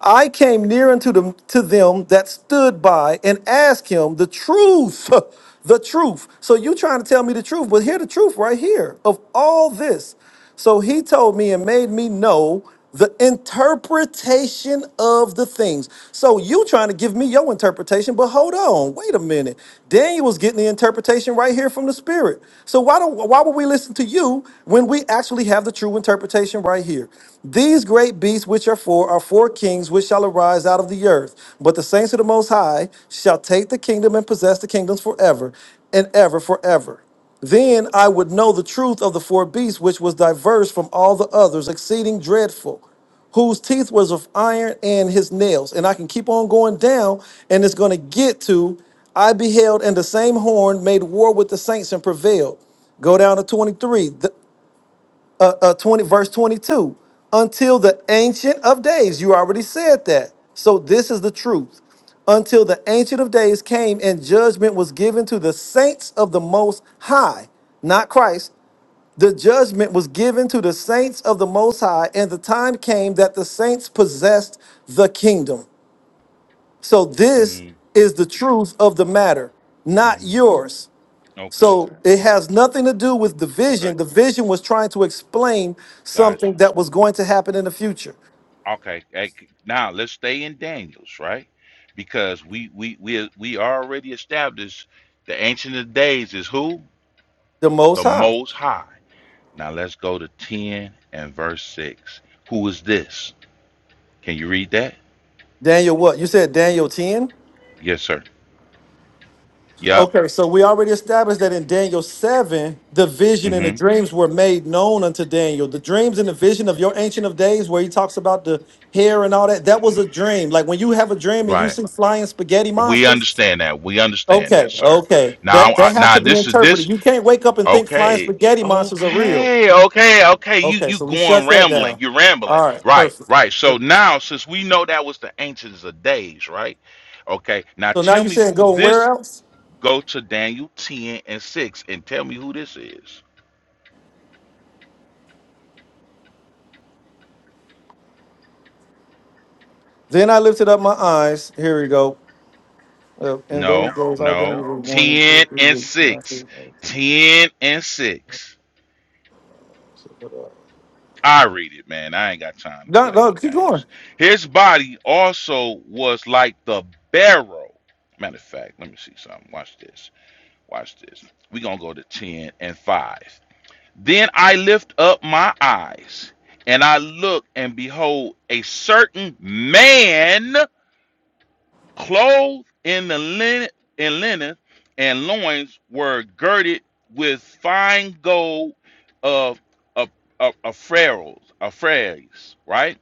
Speaker 3: I came near unto them to them that stood by and asked him the truth. The truth. So you trying to tell me the truth, but hear the truth right here of all this. So he told me and made me know the interpretation of the things. So you trying to give me your interpretation, but hold on, wait a minute. Daniel was getting the interpretation right here from the spirit. So why don't why would we listen to you when we actually have the true interpretation right here? Savior. These great beasts which are four are four kings which shall arise out of the earth. But the saints of the Most High shall take the kingdom and possess the kingdoms forever and ever forever. Then I would know the truth of the four beasts, which was diverse from all the others, exceeding dreadful, whose teeth was of iron and his nails. And I can keep on going down, and it's going to get to I beheld, and the same horn made war with the saints and prevailed. Go down to 23 uh, uh, 20 verse 22 until the ancient of days you already said that so this is the truth until the ancient of days came and judgment was given to the saints of the most high not christ the judgment was given to the saints of the Most High, and the time came that the saints possessed the kingdom. So, this
Speaker 7: hmm
Speaker 3: is the truth of the matter, not
Speaker 7: hmm
Speaker 3: yours.
Speaker 7: Okay.
Speaker 3: So it has nothing to do with the
Speaker 7: Okay.
Speaker 3: vision. The vision was trying to explain
Speaker 7: Got
Speaker 3: something
Speaker 7: you.
Speaker 3: that was going to happen in the future.
Speaker 7: Okay. Hey, c- now let's stay in Daniel's, right? Because we we we we already established the ancient of days is who?
Speaker 3: The Most
Speaker 7: The
Speaker 3: High.
Speaker 7: most high. Now let's go to 10 and verse 6. Who is this? Can you read that?
Speaker 3: Daniel, what? You said Daniel 10?
Speaker 7: Yes, sir. Yep.
Speaker 3: Okay, so we already established that in Daniel 7, the vision and the
Speaker 7: hmm
Speaker 3: dreams were made known unto Daniel. The dreams and the vision of your Ancient of Days, where he talks about the hair and all that, that was a dream. Like when you have a dream and you
Speaker 7: Right.
Speaker 3: see flying spaghetti
Speaker 7: We
Speaker 3: monsters,
Speaker 7: understand that. We understand that,
Speaker 3: Okay,
Speaker 7: sir.
Speaker 3: okay.
Speaker 7: Now,
Speaker 3: That
Speaker 7: I,
Speaker 3: that has
Speaker 7: now
Speaker 3: to be
Speaker 7: this is this.
Speaker 3: interpreted. You can't wake up and think flying
Speaker 7: Okay.
Speaker 3: spaghetti monsters are real.
Speaker 7: Okay. Okay. Okay. You
Speaker 3: Okay,
Speaker 7: you
Speaker 3: so we
Speaker 7: going
Speaker 3: shut that
Speaker 7: rambling.
Speaker 3: down.
Speaker 7: You're rambling.
Speaker 3: All right,
Speaker 7: Right.
Speaker 3: perfect.
Speaker 7: Right. So now, since we know that was the ancients of days, right? Okay. Now
Speaker 3: So now
Speaker 7: tell
Speaker 3: you're
Speaker 7: me
Speaker 3: saying
Speaker 7: who
Speaker 3: go where
Speaker 7: this.
Speaker 3: else?
Speaker 7: Go to Daniel ten and six and tell me who this is.
Speaker 3: Then I lifted up my eyes. Here we go. Uh, in those
Speaker 7: No.
Speaker 3: days, I then
Speaker 7: No.
Speaker 3: was born in two
Speaker 7: Ten
Speaker 3: or three
Speaker 7: and
Speaker 3: weeks. When I see
Speaker 7: six.
Speaker 3: face.
Speaker 7: Ten and six. I read it, man. I ain't got time to
Speaker 3: no,
Speaker 7: play
Speaker 3: no,
Speaker 7: no
Speaker 3: keep going.
Speaker 7: games. His body also was like the barrel. Matter of fact, let me see something. Watch this. Watch this. we going to go to 10 and 5. Then I lift up my eyes and I look, and behold, a certain man clothed in the linen, in linen and loins were girded with fine gold of a pharaohs, a pharaohs, right?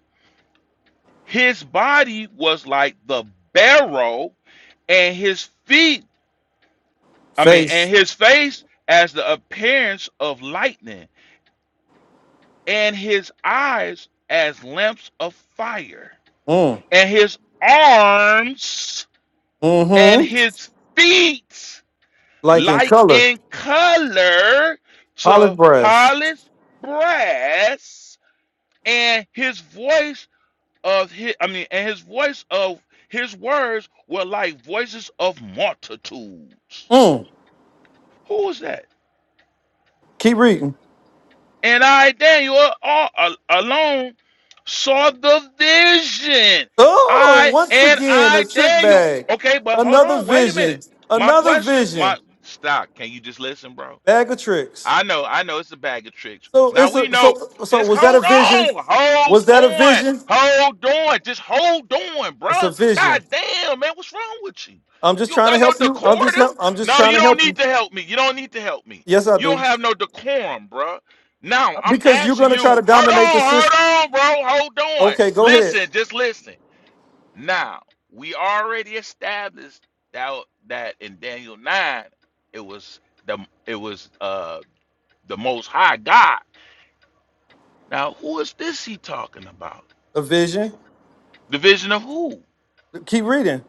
Speaker 7: His body was like the barrel, and his feet, I mean, and
Speaker 3: Face.
Speaker 7: his face as the appearance of lightning, and his eyes as lamps of fire,
Speaker 3: Mm.
Speaker 7: and his arms and
Speaker 3: Mm-hmm.
Speaker 7: his feet
Speaker 3: Like in
Speaker 7: like
Speaker 3: color.
Speaker 7: in color
Speaker 3: Polished
Speaker 7: to
Speaker 3: brass.
Speaker 7: polished brass, and his voice of his, I mean, and his voice of his words were like voices of multitudes.
Speaker 3: Mm.
Speaker 7: Who was that?
Speaker 3: Keep reading.
Speaker 7: And I, Daniel, all, al- alone saw the vision.
Speaker 3: Oh,
Speaker 7: I
Speaker 3: once
Speaker 7: and
Speaker 3: again, a
Speaker 7: I,
Speaker 3: trick
Speaker 7: Daniel.
Speaker 3: bag.
Speaker 7: Okay, but hold
Speaker 3: Another
Speaker 7: on, wait a
Speaker 3: vision.
Speaker 7: minute. My
Speaker 3: Another
Speaker 7: question, my
Speaker 3: vision.
Speaker 7: stop. Can you just listen, bro?
Speaker 3: Bag of tricks.
Speaker 7: I know, I know it's a bag of tricks.
Speaker 3: So
Speaker 7: Now
Speaker 3: it's
Speaker 7: we
Speaker 3: a
Speaker 7: know.
Speaker 3: so so
Speaker 7: Just
Speaker 3: was that a
Speaker 7: hold
Speaker 3: vision?
Speaker 7: on, hold
Speaker 3: Was that a
Speaker 7: on,
Speaker 3: vision?
Speaker 7: hold on, just hold on,
Speaker 3: It's a
Speaker 7: bruh.
Speaker 3: vision.
Speaker 7: God damn, man, what's wrong with you?
Speaker 3: I'm just
Speaker 7: You don't
Speaker 3: trying to
Speaker 7: got no
Speaker 3: help you. I'm just help.
Speaker 7: decorum.
Speaker 3: I'm just
Speaker 7: No,
Speaker 3: trying
Speaker 7: you
Speaker 3: to
Speaker 7: don't
Speaker 3: help
Speaker 7: need
Speaker 3: you.
Speaker 7: to help me. You don't need to help me.
Speaker 3: Yes, I
Speaker 7: You don't
Speaker 3: do.
Speaker 7: have no decorum, bruh. Now I'm
Speaker 3: Because you're
Speaker 7: asking
Speaker 3: gonna
Speaker 7: you,
Speaker 3: try to
Speaker 7: hold
Speaker 3: dominate the
Speaker 7: on, hold
Speaker 3: system.
Speaker 7: on, bro, hold on.
Speaker 3: Okay, go ahead.
Speaker 7: Listen, just listen. Now we already established that that in Daniel nine, it was the it was uh the most high God. Now, who is this he talking about?
Speaker 3: A vision.
Speaker 7: The vision of who?
Speaker 3: Keep reading.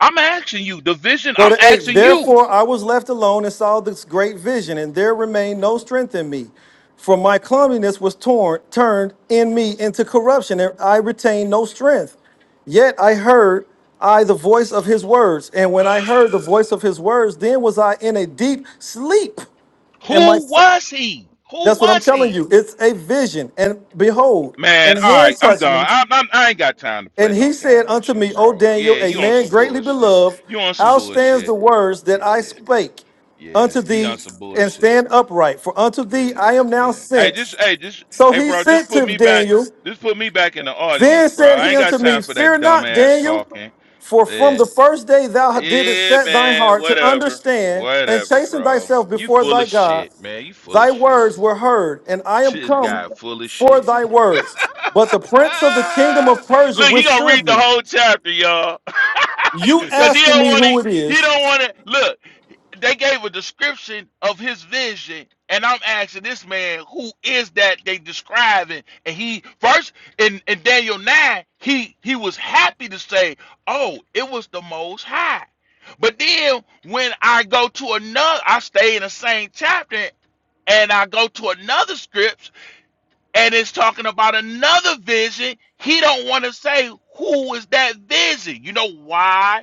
Speaker 7: I'm asking you, the vision,
Speaker 3: Go
Speaker 7: I'm
Speaker 3: to eight.
Speaker 7: asking you,
Speaker 3: Therefore, I was left alone and saw this great vision, and there remained no strength in me. For my clumsiness was torn, turned in me into corruption, and I retained no strength. Yet I heard I the voice of his words, and when I heard the voice of his words, then was I in a deep sleep. And my
Speaker 7: who
Speaker 3: fa-
Speaker 7: was he? Who
Speaker 3: that's what I'm
Speaker 7: was
Speaker 3: telling
Speaker 7: he?
Speaker 3: you. It's a vision, and behold,
Speaker 7: Man,
Speaker 3: and
Speaker 7: all right,
Speaker 3: hand
Speaker 7: I'm
Speaker 3: touched
Speaker 7: gone.
Speaker 3: me.
Speaker 7: i i I ain't got time to play
Speaker 3: And he
Speaker 7: no
Speaker 3: said
Speaker 7: game with
Speaker 3: unto
Speaker 7: you,
Speaker 3: me, O
Speaker 7: bro. Yeah,
Speaker 3: Daniel, a
Speaker 7: you on
Speaker 3: man
Speaker 7: some
Speaker 3: greatly
Speaker 7: bullshit.
Speaker 3: beloved,
Speaker 7: You on some
Speaker 3: outstands
Speaker 7: bullshit.
Speaker 3: the words that I
Speaker 7: Yeah,
Speaker 3: spake
Speaker 7: yeah,
Speaker 3: unto
Speaker 7: he on
Speaker 3: thee,
Speaker 7: some
Speaker 3: and
Speaker 7: bullshit.
Speaker 3: stand upright, for unto thee
Speaker 7: Yeah,
Speaker 3: I am now
Speaker 7: yeah. Hey, just,
Speaker 3: sent.
Speaker 7: hey, just,
Speaker 3: So
Speaker 7: hey,
Speaker 3: he
Speaker 7: bro, just
Speaker 3: sent
Speaker 7: put
Speaker 3: to
Speaker 7: me back.
Speaker 3: Daniel.
Speaker 7: Just put me back in the audience,
Speaker 3: Then
Speaker 7: bro.
Speaker 3: said
Speaker 7: I
Speaker 3: he
Speaker 7: ain't got
Speaker 3: unto
Speaker 7: time
Speaker 3: me,
Speaker 7: for that
Speaker 3: Fear not,
Speaker 7: dumbass
Speaker 3: Daniel,
Speaker 7: talking.
Speaker 3: for from
Speaker 7: Yeah.
Speaker 3: the first day thou didst
Speaker 7: Yeah,
Speaker 3: set thy
Speaker 7: man,
Speaker 3: heart to
Speaker 7: whatever.
Speaker 3: understand and
Speaker 7: Whatever,
Speaker 3: chasten
Speaker 7: bro.
Speaker 3: thyself
Speaker 7: You
Speaker 3: before
Speaker 7: full
Speaker 3: thy
Speaker 7: of
Speaker 3: God,
Speaker 7: shit, man. You full of
Speaker 3: thy
Speaker 7: shit.
Speaker 3: words were heard, and I am
Speaker 7: This
Speaker 3: come
Speaker 7: guy full of
Speaker 3: for
Speaker 7: shit.
Speaker 3: thy words. But the prince of the kingdom
Speaker 7: Ah!
Speaker 3: of Persia
Speaker 7: Look, he gonna
Speaker 3: withstood
Speaker 7: read the
Speaker 3: me
Speaker 7: whole chapter, y'all.
Speaker 3: you
Speaker 7: Cause he
Speaker 3: asking
Speaker 7: don't
Speaker 3: me
Speaker 7: wanna
Speaker 3: who it
Speaker 7: he
Speaker 3: is?
Speaker 7: don't wanna look they gave a description of his vision, and I'm asking this man, who is that they describing? And he first in, in Daniel 9, he he was happy to say, Oh, it was the most high. But then when I go to another, I stay in the same chapter and I go to another script and it's talking about another vision. He don't want to say who is that vision. You know why?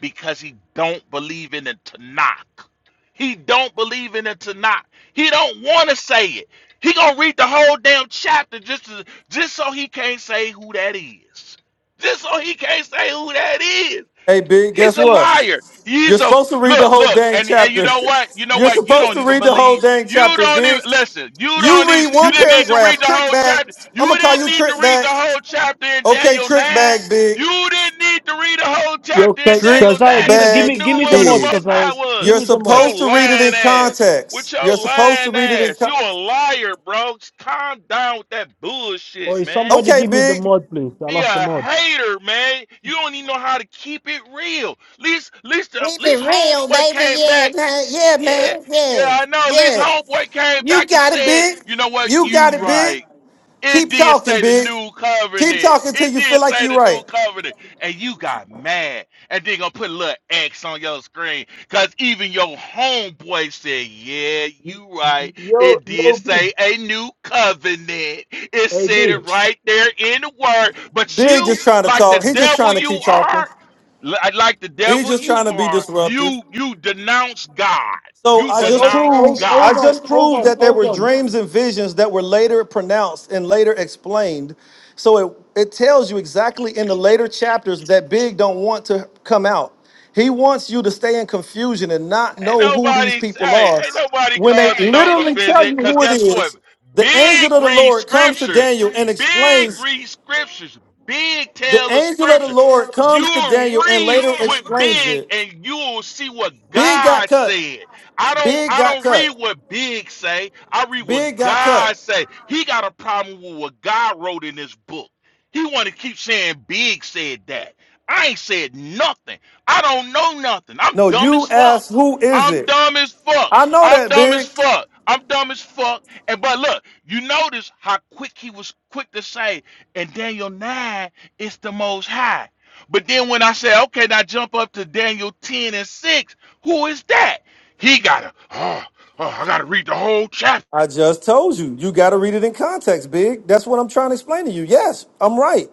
Speaker 7: because he don't believe in the Tanakh. He don't believe in the Tanakh. He don't want to say it. He gonna read the whole damn chapter just to, just so he can't say who that is. Just so he can't say who that is.
Speaker 3: Hey, big,
Speaker 7: He's
Speaker 3: guess
Speaker 7: a
Speaker 3: what?
Speaker 7: liar.
Speaker 3: You're
Speaker 7: He's a
Speaker 3: supposed to read the
Speaker 7: look,
Speaker 3: whole
Speaker 7: look,
Speaker 3: dang
Speaker 7: and and you
Speaker 3: chapter.
Speaker 7: know what? You know
Speaker 3: You're
Speaker 7: what? You
Speaker 3: supposed
Speaker 7: don't
Speaker 3: to
Speaker 7: even
Speaker 3: read the
Speaker 7: believe.
Speaker 3: whole dang
Speaker 7: You
Speaker 3: chapter,
Speaker 7: don't even
Speaker 3: big.
Speaker 7: listen. You
Speaker 3: You
Speaker 7: don't even.
Speaker 3: read
Speaker 7: You
Speaker 3: one
Speaker 7: didn't need to read
Speaker 3: paragraph,
Speaker 7: the
Speaker 3: trick
Speaker 7: whole
Speaker 3: bag.
Speaker 7: chapter.
Speaker 3: I'm gonna
Speaker 7: You
Speaker 3: call
Speaker 7: didn't
Speaker 3: you
Speaker 7: need to
Speaker 3: trick
Speaker 7: read
Speaker 3: bag.
Speaker 7: the whole chapter in
Speaker 3: Okay,
Speaker 7: Daniel
Speaker 3: trick bag,
Speaker 7: nine.
Speaker 3: big.
Speaker 7: You didn't need to read the whole chapter
Speaker 1: Okay.
Speaker 7: in
Speaker 3: Trick
Speaker 7: Daniel
Speaker 1: Josiah,
Speaker 7: nine
Speaker 1: give, me-
Speaker 7: because
Speaker 1: give
Speaker 7: you
Speaker 1: me,
Speaker 7: knew
Speaker 3: bag,
Speaker 1: give me the
Speaker 7: where the
Speaker 1: mod,
Speaker 3: big.
Speaker 7: Most
Speaker 1: Josiah.
Speaker 7: High was.
Speaker 1: Give
Speaker 3: You're
Speaker 1: me the
Speaker 7: With
Speaker 1: mod.
Speaker 7: your
Speaker 3: supposed to read it in
Speaker 7: lying ass. With
Speaker 3: context.
Speaker 7: your
Speaker 3: You're supposed to
Speaker 7: lying
Speaker 3: read it in
Speaker 7: ass. You
Speaker 3: con-
Speaker 7: a liar, bro. Just Calm down with that
Speaker 1: Or
Speaker 7: bullshit,
Speaker 1: is
Speaker 7: man.
Speaker 1: somebody
Speaker 3: Okay,
Speaker 1: give me the
Speaker 3: big.
Speaker 1: mod, please? I
Speaker 7: Be
Speaker 1: lost the
Speaker 7: a
Speaker 1: mod.
Speaker 7: hater, man. You don't even know how to keep it real. Least, least, uh, least
Speaker 3: Real bad,
Speaker 7: homeboy came back.
Speaker 3: man. Yeah,
Speaker 7: Yeah,
Speaker 3: man. Yeah.
Speaker 7: yeah, I know. Least
Speaker 3: Yeah.
Speaker 7: homeboy came
Speaker 3: You
Speaker 7: back and
Speaker 3: got it,
Speaker 7: said,
Speaker 3: big.
Speaker 7: "You know what?
Speaker 3: You
Speaker 7: You
Speaker 3: got it, big.
Speaker 7: right. It
Speaker 3: Keep
Speaker 7: did
Speaker 3: talking,
Speaker 7: say the
Speaker 3: Big.
Speaker 7: new
Speaker 3: Keep
Speaker 7: covenant.
Speaker 3: talking till
Speaker 7: It
Speaker 3: you feel
Speaker 7: did
Speaker 3: like
Speaker 7: say
Speaker 3: you're
Speaker 7: the new
Speaker 3: right.
Speaker 7: covenant. And you got mad. And then gonna put a little X on your screen. Cause even your homeboy said, Yeah, you right.
Speaker 1: Yo,
Speaker 7: It did
Speaker 1: yo, B,
Speaker 7: say a new covenant. It
Speaker 1: hey,
Speaker 7: said
Speaker 1: B.
Speaker 7: it right there in the word. But
Speaker 3: Big
Speaker 7: you,
Speaker 3: just trying to
Speaker 7: like the
Speaker 3: talk. He just
Speaker 7: devil
Speaker 3: trying to
Speaker 7: you
Speaker 3: keep talking.
Speaker 7: are, li- uh, like the
Speaker 3: He
Speaker 7: devil
Speaker 3: just
Speaker 7: you
Speaker 3: trying to be
Speaker 7: are,
Speaker 3: disruptive.
Speaker 7: you you denounce God.
Speaker 3: So
Speaker 7: You
Speaker 3: I
Speaker 1: Oi,
Speaker 3: just
Speaker 1: hold,
Speaker 7: denounced
Speaker 1: hold,
Speaker 3: proved I
Speaker 1: hold
Speaker 7: God.
Speaker 1: on,
Speaker 3: just
Speaker 1: hold
Speaker 3: proved
Speaker 1: on,
Speaker 3: that there
Speaker 1: hold
Speaker 3: were
Speaker 1: on.
Speaker 3: dreams and visions that were later pronounced and later explained. So it, it tells you exactly in the later chapters that Big don't want to come out. He wants you to stay in confusion and not
Speaker 7: Ain't
Speaker 3: know who these
Speaker 7: nobody,
Speaker 3: people
Speaker 7: hey,
Speaker 3: are.
Speaker 7: ain't nobody
Speaker 3: When they
Speaker 7: causing no
Speaker 3: literally tell
Speaker 7: confusion.
Speaker 3: you
Speaker 7: Cause
Speaker 3: who it
Speaker 7: guess what?
Speaker 3: is, the
Speaker 7: Big
Speaker 3: angel of the
Speaker 7: read
Speaker 3: Lord comes to
Speaker 7: scriptures,
Speaker 3: Daniel and
Speaker 7: big
Speaker 3: explains
Speaker 7: read scriptures, big
Speaker 3: The
Speaker 7: tell of
Speaker 3: angel of the
Speaker 7: scripture.
Speaker 3: Lord comes to
Speaker 7: You'll
Speaker 3: Daniel and
Speaker 7: read
Speaker 3: later
Speaker 7: what
Speaker 3: explains
Speaker 7: big,
Speaker 3: it.
Speaker 7: and you'll see what
Speaker 3: Big got
Speaker 7: God
Speaker 3: cut.
Speaker 7: said. I don't,
Speaker 3: Big
Speaker 7: I
Speaker 3: got
Speaker 7: don't read
Speaker 3: cut.
Speaker 7: what big say. I read what
Speaker 3: Big got
Speaker 7: God
Speaker 3: cut.
Speaker 7: say. He got a problem with what God wrote in this book. He want to keep saying big said that. I ain't said nothing. I don't know nothing. I'm
Speaker 3: No,
Speaker 7: dumb as
Speaker 3: you
Speaker 7: fuck.
Speaker 3: asked, who is
Speaker 7: I'm
Speaker 3: it?
Speaker 7: dumb as fuck.
Speaker 3: I know
Speaker 7: I'm
Speaker 3: that,
Speaker 7: dumb as
Speaker 3: Big.
Speaker 7: fuck. I'm dumb as fuck. And but look, you notice how quick he was quick to say, in Daniel 9 it's the most high. But then when I say, okay, now jump up to Daniel 10 and 6, who is that? He gotta, oh, oh I gotta read the whole chapter
Speaker 3: I just told you. You got to read it in context, Big. That's what I'm trying to explain to you. Yes, I'm right.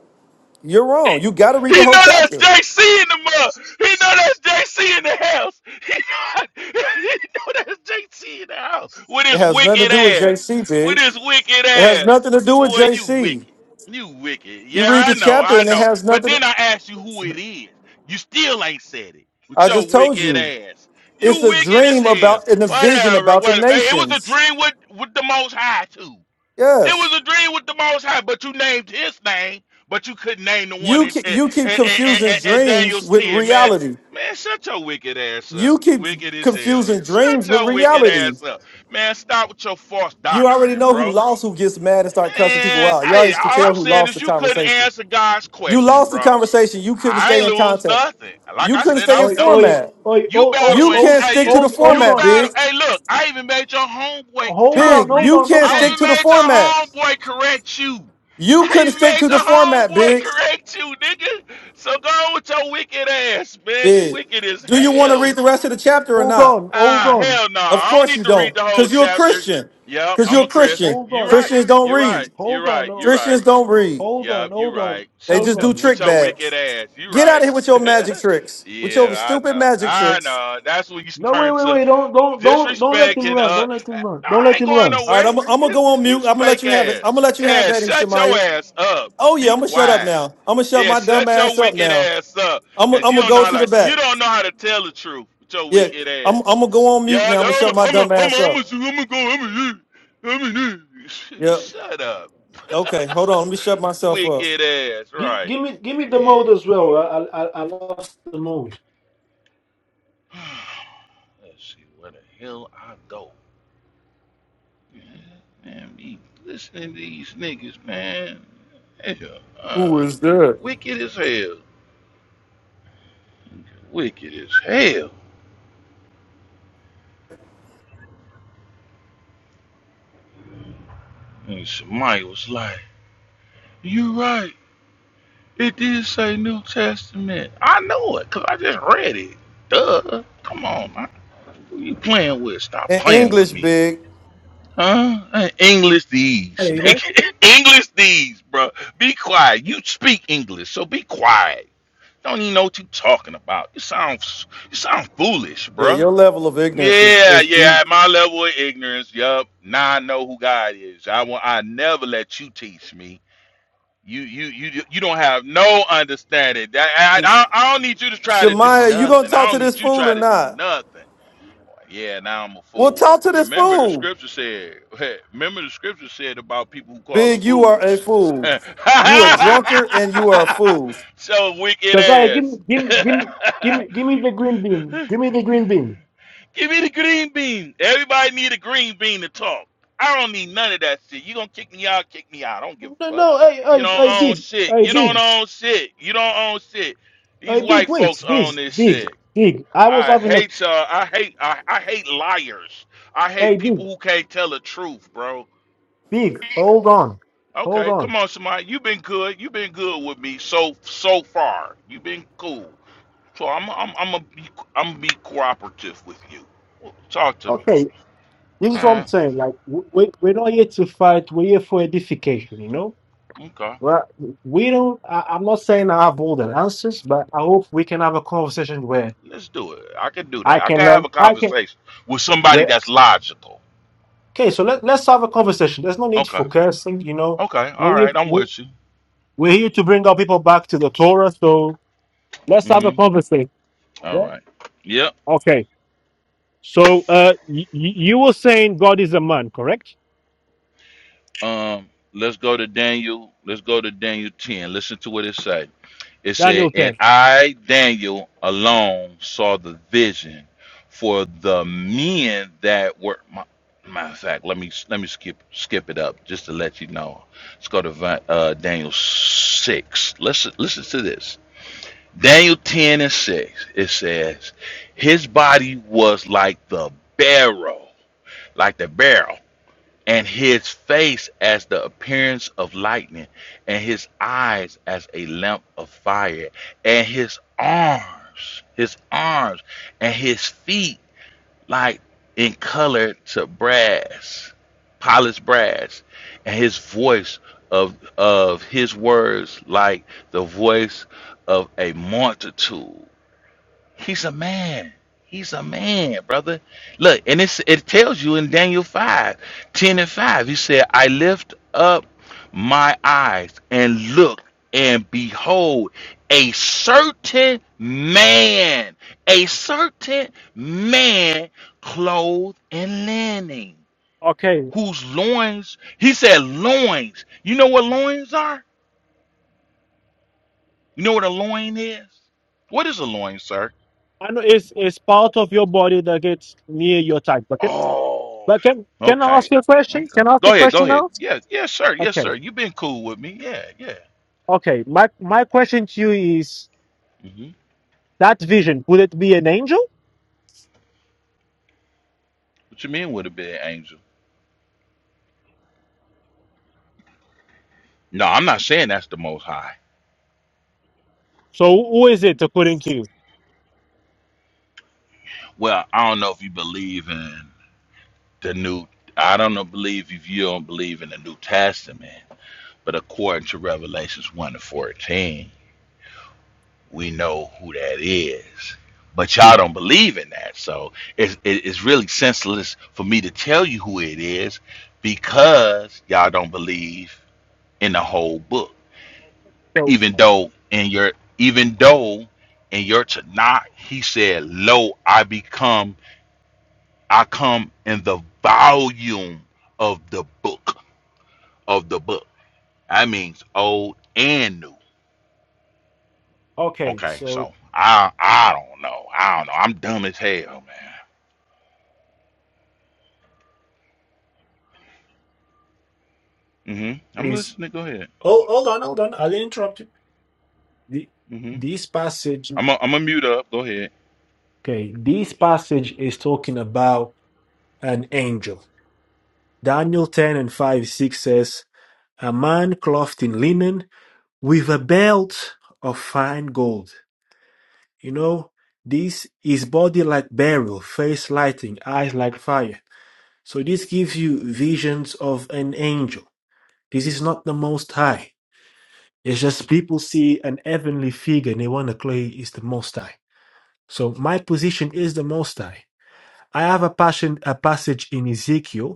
Speaker 3: You're wrong. You got to read
Speaker 7: He
Speaker 3: the whole
Speaker 7: know that's
Speaker 3: chapter.
Speaker 7: JC in the mud. He know that's JC in the house. He know, he know that's JC in the house with
Speaker 3: It
Speaker 7: his
Speaker 3: has nothing to
Speaker 7: wicked
Speaker 3: do with
Speaker 7: ass.
Speaker 3: JC,
Speaker 7: With
Speaker 3: Big.
Speaker 7: his wicked
Speaker 3: It has
Speaker 7: ass.
Speaker 3: nothing to do with
Speaker 7: Boy, you
Speaker 3: JC.
Speaker 7: wicked. You wicked.
Speaker 3: You
Speaker 7: Yeah,
Speaker 3: read
Speaker 7: I
Speaker 3: the
Speaker 7: know,
Speaker 3: chapter
Speaker 7: I
Speaker 3: and it
Speaker 7: know.
Speaker 3: has
Speaker 7: But
Speaker 3: nothing.
Speaker 7: then I asked you who it is. You still ain't said it with
Speaker 3: I
Speaker 7: your
Speaker 3: just told
Speaker 7: wicked
Speaker 3: you.
Speaker 7: ass.
Speaker 3: It's
Speaker 7: You
Speaker 3: a
Speaker 7: wicked as
Speaker 3: dream
Speaker 7: hell.
Speaker 3: about and a vision
Speaker 7: Whatever,
Speaker 3: about the
Speaker 7: whatever. Hey, it was a
Speaker 3: nations.
Speaker 7: dream with with the most high too. It
Speaker 3: Yes.
Speaker 7: was a dream with the Most High, but you named his name, but you couldn't name the one
Speaker 3: You
Speaker 7: at,
Speaker 3: keep,
Speaker 7: at,
Speaker 3: you keep
Speaker 7: at, at,
Speaker 3: confusing
Speaker 7: at- at
Speaker 3: dreams
Speaker 7: Daniel's
Speaker 3: with
Speaker 7: 10, man.
Speaker 3: reality.
Speaker 7: Man, shut your wicked ass up.
Speaker 3: You
Speaker 7: You
Speaker 3: keep
Speaker 7: wicked as hell.
Speaker 3: confusing
Speaker 7: Shut
Speaker 3: dreams with
Speaker 7: your wicked
Speaker 3: reality.
Speaker 7: ass up. Man, stop with your false
Speaker 3: You already
Speaker 7: doctrine,
Speaker 3: know who
Speaker 7: bro.
Speaker 3: lost, who gets mad and start cussing people
Speaker 7: Man,
Speaker 3: out. You
Speaker 7: hey,
Speaker 3: already can
Speaker 7: all I'm
Speaker 3: tell who
Speaker 7: saying
Speaker 3: lost
Speaker 7: is
Speaker 3: the
Speaker 7: you couldn't
Speaker 3: conversation.
Speaker 7: answer God's
Speaker 3: You
Speaker 7: question,
Speaker 3: lost the
Speaker 7: bro.
Speaker 3: conversation. You couldn't
Speaker 7: I
Speaker 3: stay
Speaker 7: ain't
Speaker 3: in
Speaker 7: lose
Speaker 3: contact.
Speaker 7: nothing. Like
Speaker 3: You
Speaker 7: I
Speaker 3: couldn't
Speaker 7: said,
Speaker 3: stay
Speaker 7: I'm
Speaker 3: in
Speaker 1: Oi,
Speaker 7: dumb.
Speaker 1: oi,
Speaker 3: format.
Speaker 1: oi,
Speaker 7: You
Speaker 1: oh, oh,
Speaker 3: You
Speaker 7: battling?
Speaker 1: oh,
Speaker 3: can't
Speaker 7: Hey,
Speaker 3: stick
Speaker 7: you
Speaker 3: to the
Speaker 1: hold, hold
Speaker 7: you
Speaker 3: format,
Speaker 1: on,
Speaker 3: big.
Speaker 7: battle? Hey, look, I even made your homeboy
Speaker 1: hold
Speaker 7: turn.
Speaker 1: on,
Speaker 3: Big.
Speaker 1: hold
Speaker 7: Re,
Speaker 3: You
Speaker 1: on,
Speaker 3: can't
Speaker 1: hold
Speaker 7: I
Speaker 1: on,
Speaker 3: stick
Speaker 7: even
Speaker 3: to the
Speaker 7: made your
Speaker 3: format.
Speaker 7: homeboy correct you.
Speaker 3: You
Speaker 7: I
Speaker 3: couldn't
Speaker 7: even
Speaker 3: stick
Speaker 7: made
Speaker 3: to the
Speaker 7: your
Speaker 3: format,
Speaker 7: homeboy
Speaker 3: big.
Speaker 7: correct you, nigga. So go with your wicked ass, man. You
Speaker 3: Big.
Speaker 7: wicked as
Speaker 3: Do you want to
Speaker 7: hell.
Speaker 3: read the rest of the chapter or not?
Speaker 1: hold
Speaker 7: Ah,
Speaker 1: on,
Speaker 7: hell no.
Speaker 3: Of
Speaker 7: I don't
Speaker 3: course
Speaker 7: need
Speaker 3: you
Speaker 7: to read
Speaker 3: don't,
Speaker 7: the whole
Speaker 3: because you're a
Speaker 7: chapter.
Speaker 3: Christian.
Speaker 7: Yep,
Speaker 3: Because
Speaker 7: I'm
Speaker 3: you're a
Speaker 7: a
Speaker 3: Christian.
Speaker 7: Christian.
Speaker 1: hold
Speaker 7: You
Speaker 1: on,
Speaker 7: right.
Speaker 3: Christians don't
Speaker 7: You are
Speaker 3: read.
Speaker 7: right. You are
Speaker 1: hold on, hold
Speaker 7: right.
Speaker 1: on,
Speaker 7: You are
Speaker 1: oh,
Speaker 7: right.
Speaker 3: Christians don't read.
Speaker 1: hold on,
Speaker 7: Yup, you
Speaker 1: hold on,
Speaker 7: right.
Speaker 3: They
Speaker 7: So
Speaker 1: hold
Speaker 3: just
Speaker 7: d-
Speaker 3: do
Speaker 1: on.
Speaker 7: with
Speaker 3: trick
Speaker 7: your wicked
Speaker 3: bags.
Speaker 7: ass, you
Speaker 3: Get out of
Speaker 7: right.
Speaker 3: here with your magic tricks, with your
Speaker 7: yeah, I
Speaker 3: stupid
Speaker 7: know.
Speaker 3: magic
Speaker 7: I
Speaker 3: tricks.
Speaker 7: know. That's when you
Speaker 1: No, wait,
Speaker 7: turn
Speaker 1: wait,
Speaker 7: to
Speaker 1: wait! Don't, don't, don't, don't let
Speaker 7: disrespect
Speaker 1: him
Speaker 7: and
Speaker 1: run!
Speaker 7: uh,
Speaker 1: Don't let him run! Don't
Speaker 7: I
Speaker 1: let
Speaker 7: ain't
Speaker 1: him
Speaker 7: going
Speaker 1: run!
Speaker 3: All right,
Speaker 7: nowhere.
Speaker 3: I'm, I'm gonna
Speaker 7: His
Speaker 3: go on mute.
Speaker 7: his
Speaker 3: I'm gonna let
Speaker 7: fake
Speaker 3: you have it. I'm
Speaker 7: ass.
Speaker 3: gonna let you have
Speaker 7: Yeah,
Speaker 3: that in
Speaker 7: shut your
Speaker 3: Shemaya.
Speaker 7: ass up.
Speaker 3: Oh yeah,
Speaker 7: Be
Speaker 3: I'm gonna shut up
Speaker 7: quiet.
Speaker 3: now. I'm gonna shut
Speaker 7: Yeah,
Speaker 3: my dumb
Speaker 7: shut your
Speaker 3: ass up
Speaker 7: wicked
Speaker 3: now.
Speaker 7: ass up,
Speaker 3: I'm gonna,
Speaker 7: cause
Speaker 3: I'm
Speaker 7: you
Speaker 3: gonna
Speaker 7: don't know
Speaker 3: go
Speaker 7: how
Speaker 3: to
Speaker 7: to,
Speaker 3: the
Speaker 7: you
Speaker 3: back.
Speaker 7: don't know how to tell the truth with your
Speaker 3: Yeah,
Speaker 7: wicked
Speaker 3: I'm, I'm
Speaker 7: ass.
Speaker 3: gonna go on
Speaker 7: Yeah,
Speaker 3: mute now. I'm gonna
Speaker 7: I'm a,
Speaker 3: shut my
Speaker 7: I'm a, I'm a,
Speaker 3: dumb ass
Speaker 7: I'm
Speaker 3: up.
Speaker 7: a, I'm a go, I'm a, I'm a,
Speaker 3: Yep.
Speaker 7: shut up.
Speaker 3: Okay, hold on. Let me shut myself up.
Speaker 7: Wicked ass,
Speaker 1: Give,
Speaker 7: right?
Speaker 1: give me, give me the
Speaker 7: Yeah.
Speaker 1: mode as well. I, I, I I lost the mode.
Speaker 7: Let's see where the hell I go. Man, be listening to these niggas, man. Hell,
Speaker 3: Who
Speaker 7: uh,
Speaker 3: is
Speaker 7: nigga,
Speaker 3: that?
Speaker 7: wicked as hell. Wicked as hell. And somebody was like, "You right? It did say New Testament. I know it, cause I just read it. Duh. Come on, man. Who you playing with? Stop
Speaker 3: In
Speaker 7: playing with
Speaker 3: English,
Speaker 7: me."
Speaker 3: big.
Speaker 7: Huh? Uh, English these,
Speaker 1: Hey, Because
Speaker 7: nigga. English these, bro. Be quiet. You speak English, so be quiet. Don't even know what you talking about. You sound you sound foolish,
Speaker 3: Yeah,
Speaker 7: bruh.
Speaker 3: your level of ignorance is,
Speaker 7: Yeah,
Speaker 3: is deep.
Speaker 7: yeah. At my level of ignorance, yup. Now I know who God is. I will. I never let you teach me. You you you you don't have no understanding. I, I I don't need you to try to do
Speaker 3: Shemaya, you gonna
Speaker 7: nothing. I
Speaker 3: talk
Speaker 7: don't
Speaker 3: to this
Speaker 7: need you to
Speaker 3: fool
Speaker 7: try
Speaker 3: or
Speaker 7: to do
Speaker 3: not?
Speaker 7: nothing. Yeah, now I'm a
Speaker 3: Well,
Speaker 7: fool.
Speaker 3: talk to this
Speaker 7: Remember the
Speaker 3: fool.
Speaker 7: scripture said. Remember the scripture said about people who call them
Speaker 3: Big, you are a
Speaker 7: fools.
Speaker 3: fool. You a drunkard and you are a fool.
Speaker 7: so wicked
Speaker 1: I give, me-
Speaker 7: ass.
Speaker 1: give, me- give, me- give me, give me the green
Speaker 7: Give
Speaker 1: bean. Give me the green bean.
Speaker 7: me the green bean. Everybody need a green bean to talk. I don't need none of that shit. You gonna kick me out? Kick me out. I don't give a
Speaker 1: No,
Speaker 7: fuck.
Speaker 1: no, hey,
Speaker 7: You don't
Speaker 1: hey, hey,
Speaker 7: own
Speaker 1: big,
Speaker 7: shit.
Speaker 1: hey,
Speaker 7: You don't
Speaker 1: big,
Speaker 7: own shit. You don't own shit. These
Speaker 1: hey, big,
Speaker 7: white folks
Speaker 1: wait, big,
Speaker 7: own this
Speaker 1: big,
Speaker 7: shit.
Speaker 1: big. I was
Speaker 7: I
Speaker 1: having a,
Speaker 7: hate uh I hate I, I hate liars. I
Speaker 1: hey,
Speaker 7: hate
Speaker 1: big,
Speaker 7: people who can't tell the truth, bro.
Speaker 1: big, hold on, hold
Speaker 7: Okay,
Speaker 1: on.
Speaker 7: come on, somebody. You've been good. You've been good with me so so far. You've been cool. So I'm I'm I'm gonna be I'm gonna be cooperative with you. Well, Talk to me.
Speaker 1: Okay, this is
Speaker 7: All
Speaker 1: what I'm
Speaker 7: right.
Speaker 1: saying. Like, w- we, we're not here to fight, we're here for edification, you know?
Speaker 7: Okay.
Speaker 1: Well, we don't, I, I'm not saying I have all the answers, but I hope we can have a conversation where
Speaker 7: Let's do it. I can do
Speaker 1: I
Speaker 7: that. I
Speaker 1: can
Speaker 7: can have
Speaker 1: learn,
Speaker 7: a
Speaker 1: I can,
Speaker 7: conversation with somebody
Speaker 1: where,
Speaker 7: that's logical.
Speaker 1: okay, so let, let's have a conversation. There's no need
Speaker 7: Okay.
Speaker 1: for cursing, you know?
Speaker 7: Okay.
Speaker 1: We're
Speaker 7: All
Speaker 1: here,
Speaker 7: right. I'm
Speaker 1: we're
Speaker 7: with you.
Speaker 1: we're here to bring our people back to the Torah, so Let's have a
Speaker 7: Mhm.
Speaker 1: conversation.
Speaker 7: All
Speaker 1: Yeah?
Speaker 7: right. Yep.
Speaker 1: Okay. So uh, y- y- you were saying God is a man, correct?
Speaker 7: Um, let's go to Daniel. Let's go to Daniel 10. Listen to what it said. It said,
Speaker 1: Daniel
Speaker 7: And
Speaker 1: 10.
Speaker 7: I, Daniel, alone saw the vision for the men that were my matter of fact, let me let me skip skip it up just to let you know. Let's go to Vi- uh, Daniel six. Listen listen to this. Daniel 10 and 6, it says, His body was like the barrel, like the barrel and his face as the appearance of lightning, and his eyes as a lamp of fire, and his arms, his arms, and his feet like in color to brass, polished brass, and his voice of of his words like the voice of a multitude, He's a man. He's a man, brother. Look, and it's, it tells you in Daniel 5, 10 and 5, he said, I lift up my eyes and look, and behold, a certain man, a certain man clothed in linen,
Speaker 1: Okay.
Speaker 7: whose loins, he said, loins. You know what loins are? You know what a loin is? What is a loin, sir?
Speaker 1: And it's, it's part of your body that gets near your type bucket.
Speaker 7: Oh,
Speaker 1: But can, can I ask
Speaker 7: okay.
Speaker 1: you a question?
Speaker 7: Okay.
Speaker 1: Can I ask you
Speaker 7: Go
Speaker 1: a
Speaker 7: ahead. Go
Speaker 1: question
Speaker 7: ahead.
Speaker 1: now?
Speaker 7: Yeah. Yes, sir. Yes,
Speaker 1: Okay.
Speaker 7: sir. You've been cool with me. Yeah. Yeah.
Speaker 1: Okay. My, my question to you is
Speaker 7: hmm
Speaker 1: that vision, would it be an angel?
Speaker 7: What you mean would have been angel? No, I'm not saying that's the most high.
Speaker 1: So who is it according to you?
Speaker 7: Well, I don't know if you believe in the new. I don't know, believe if you don't believe in the New Testament, but according to Revelations 1 and 14. we know who that is. But y'all don't believe in that. So it's, it's really senseless for me to tell you who it is because y'all don't believe in the whole book.
Speaker 1: So-
Speaker 7: Even though in your even though in your Tanakh he said, Lo, I become I come in the volume of the book of the book. That means old and new.
Speaker 1: Okay.
Speaker 7: Okay,
Speaker 1: So
Speaker 7: so I I don't know. I don't know. I'm dumb as hell, man. hmm I'm
Speaker 1: Is
Speaker 7: listening. Go ahead.
Speaker 1: oh, hold on, hold on. I'll interrupt you. The,
Speaker 7: hmm
Speaker 1: this passage.
Speaker 7: I'm i am i gonna mute up. Go ahead.
Speaker 1: Okay, this passage is talking about an angel. Daniel 10 and 5 6 says, A man clothed in linen with a belt of fine gold. You know, this is body like beryl, face lighting, eyes like fire. So this gives you visions of an angel. This is not the most high. It's just people see an heavenly figure and they want to claim it's the most high. So my position is the most high. I have a passion a passage in Ezekiel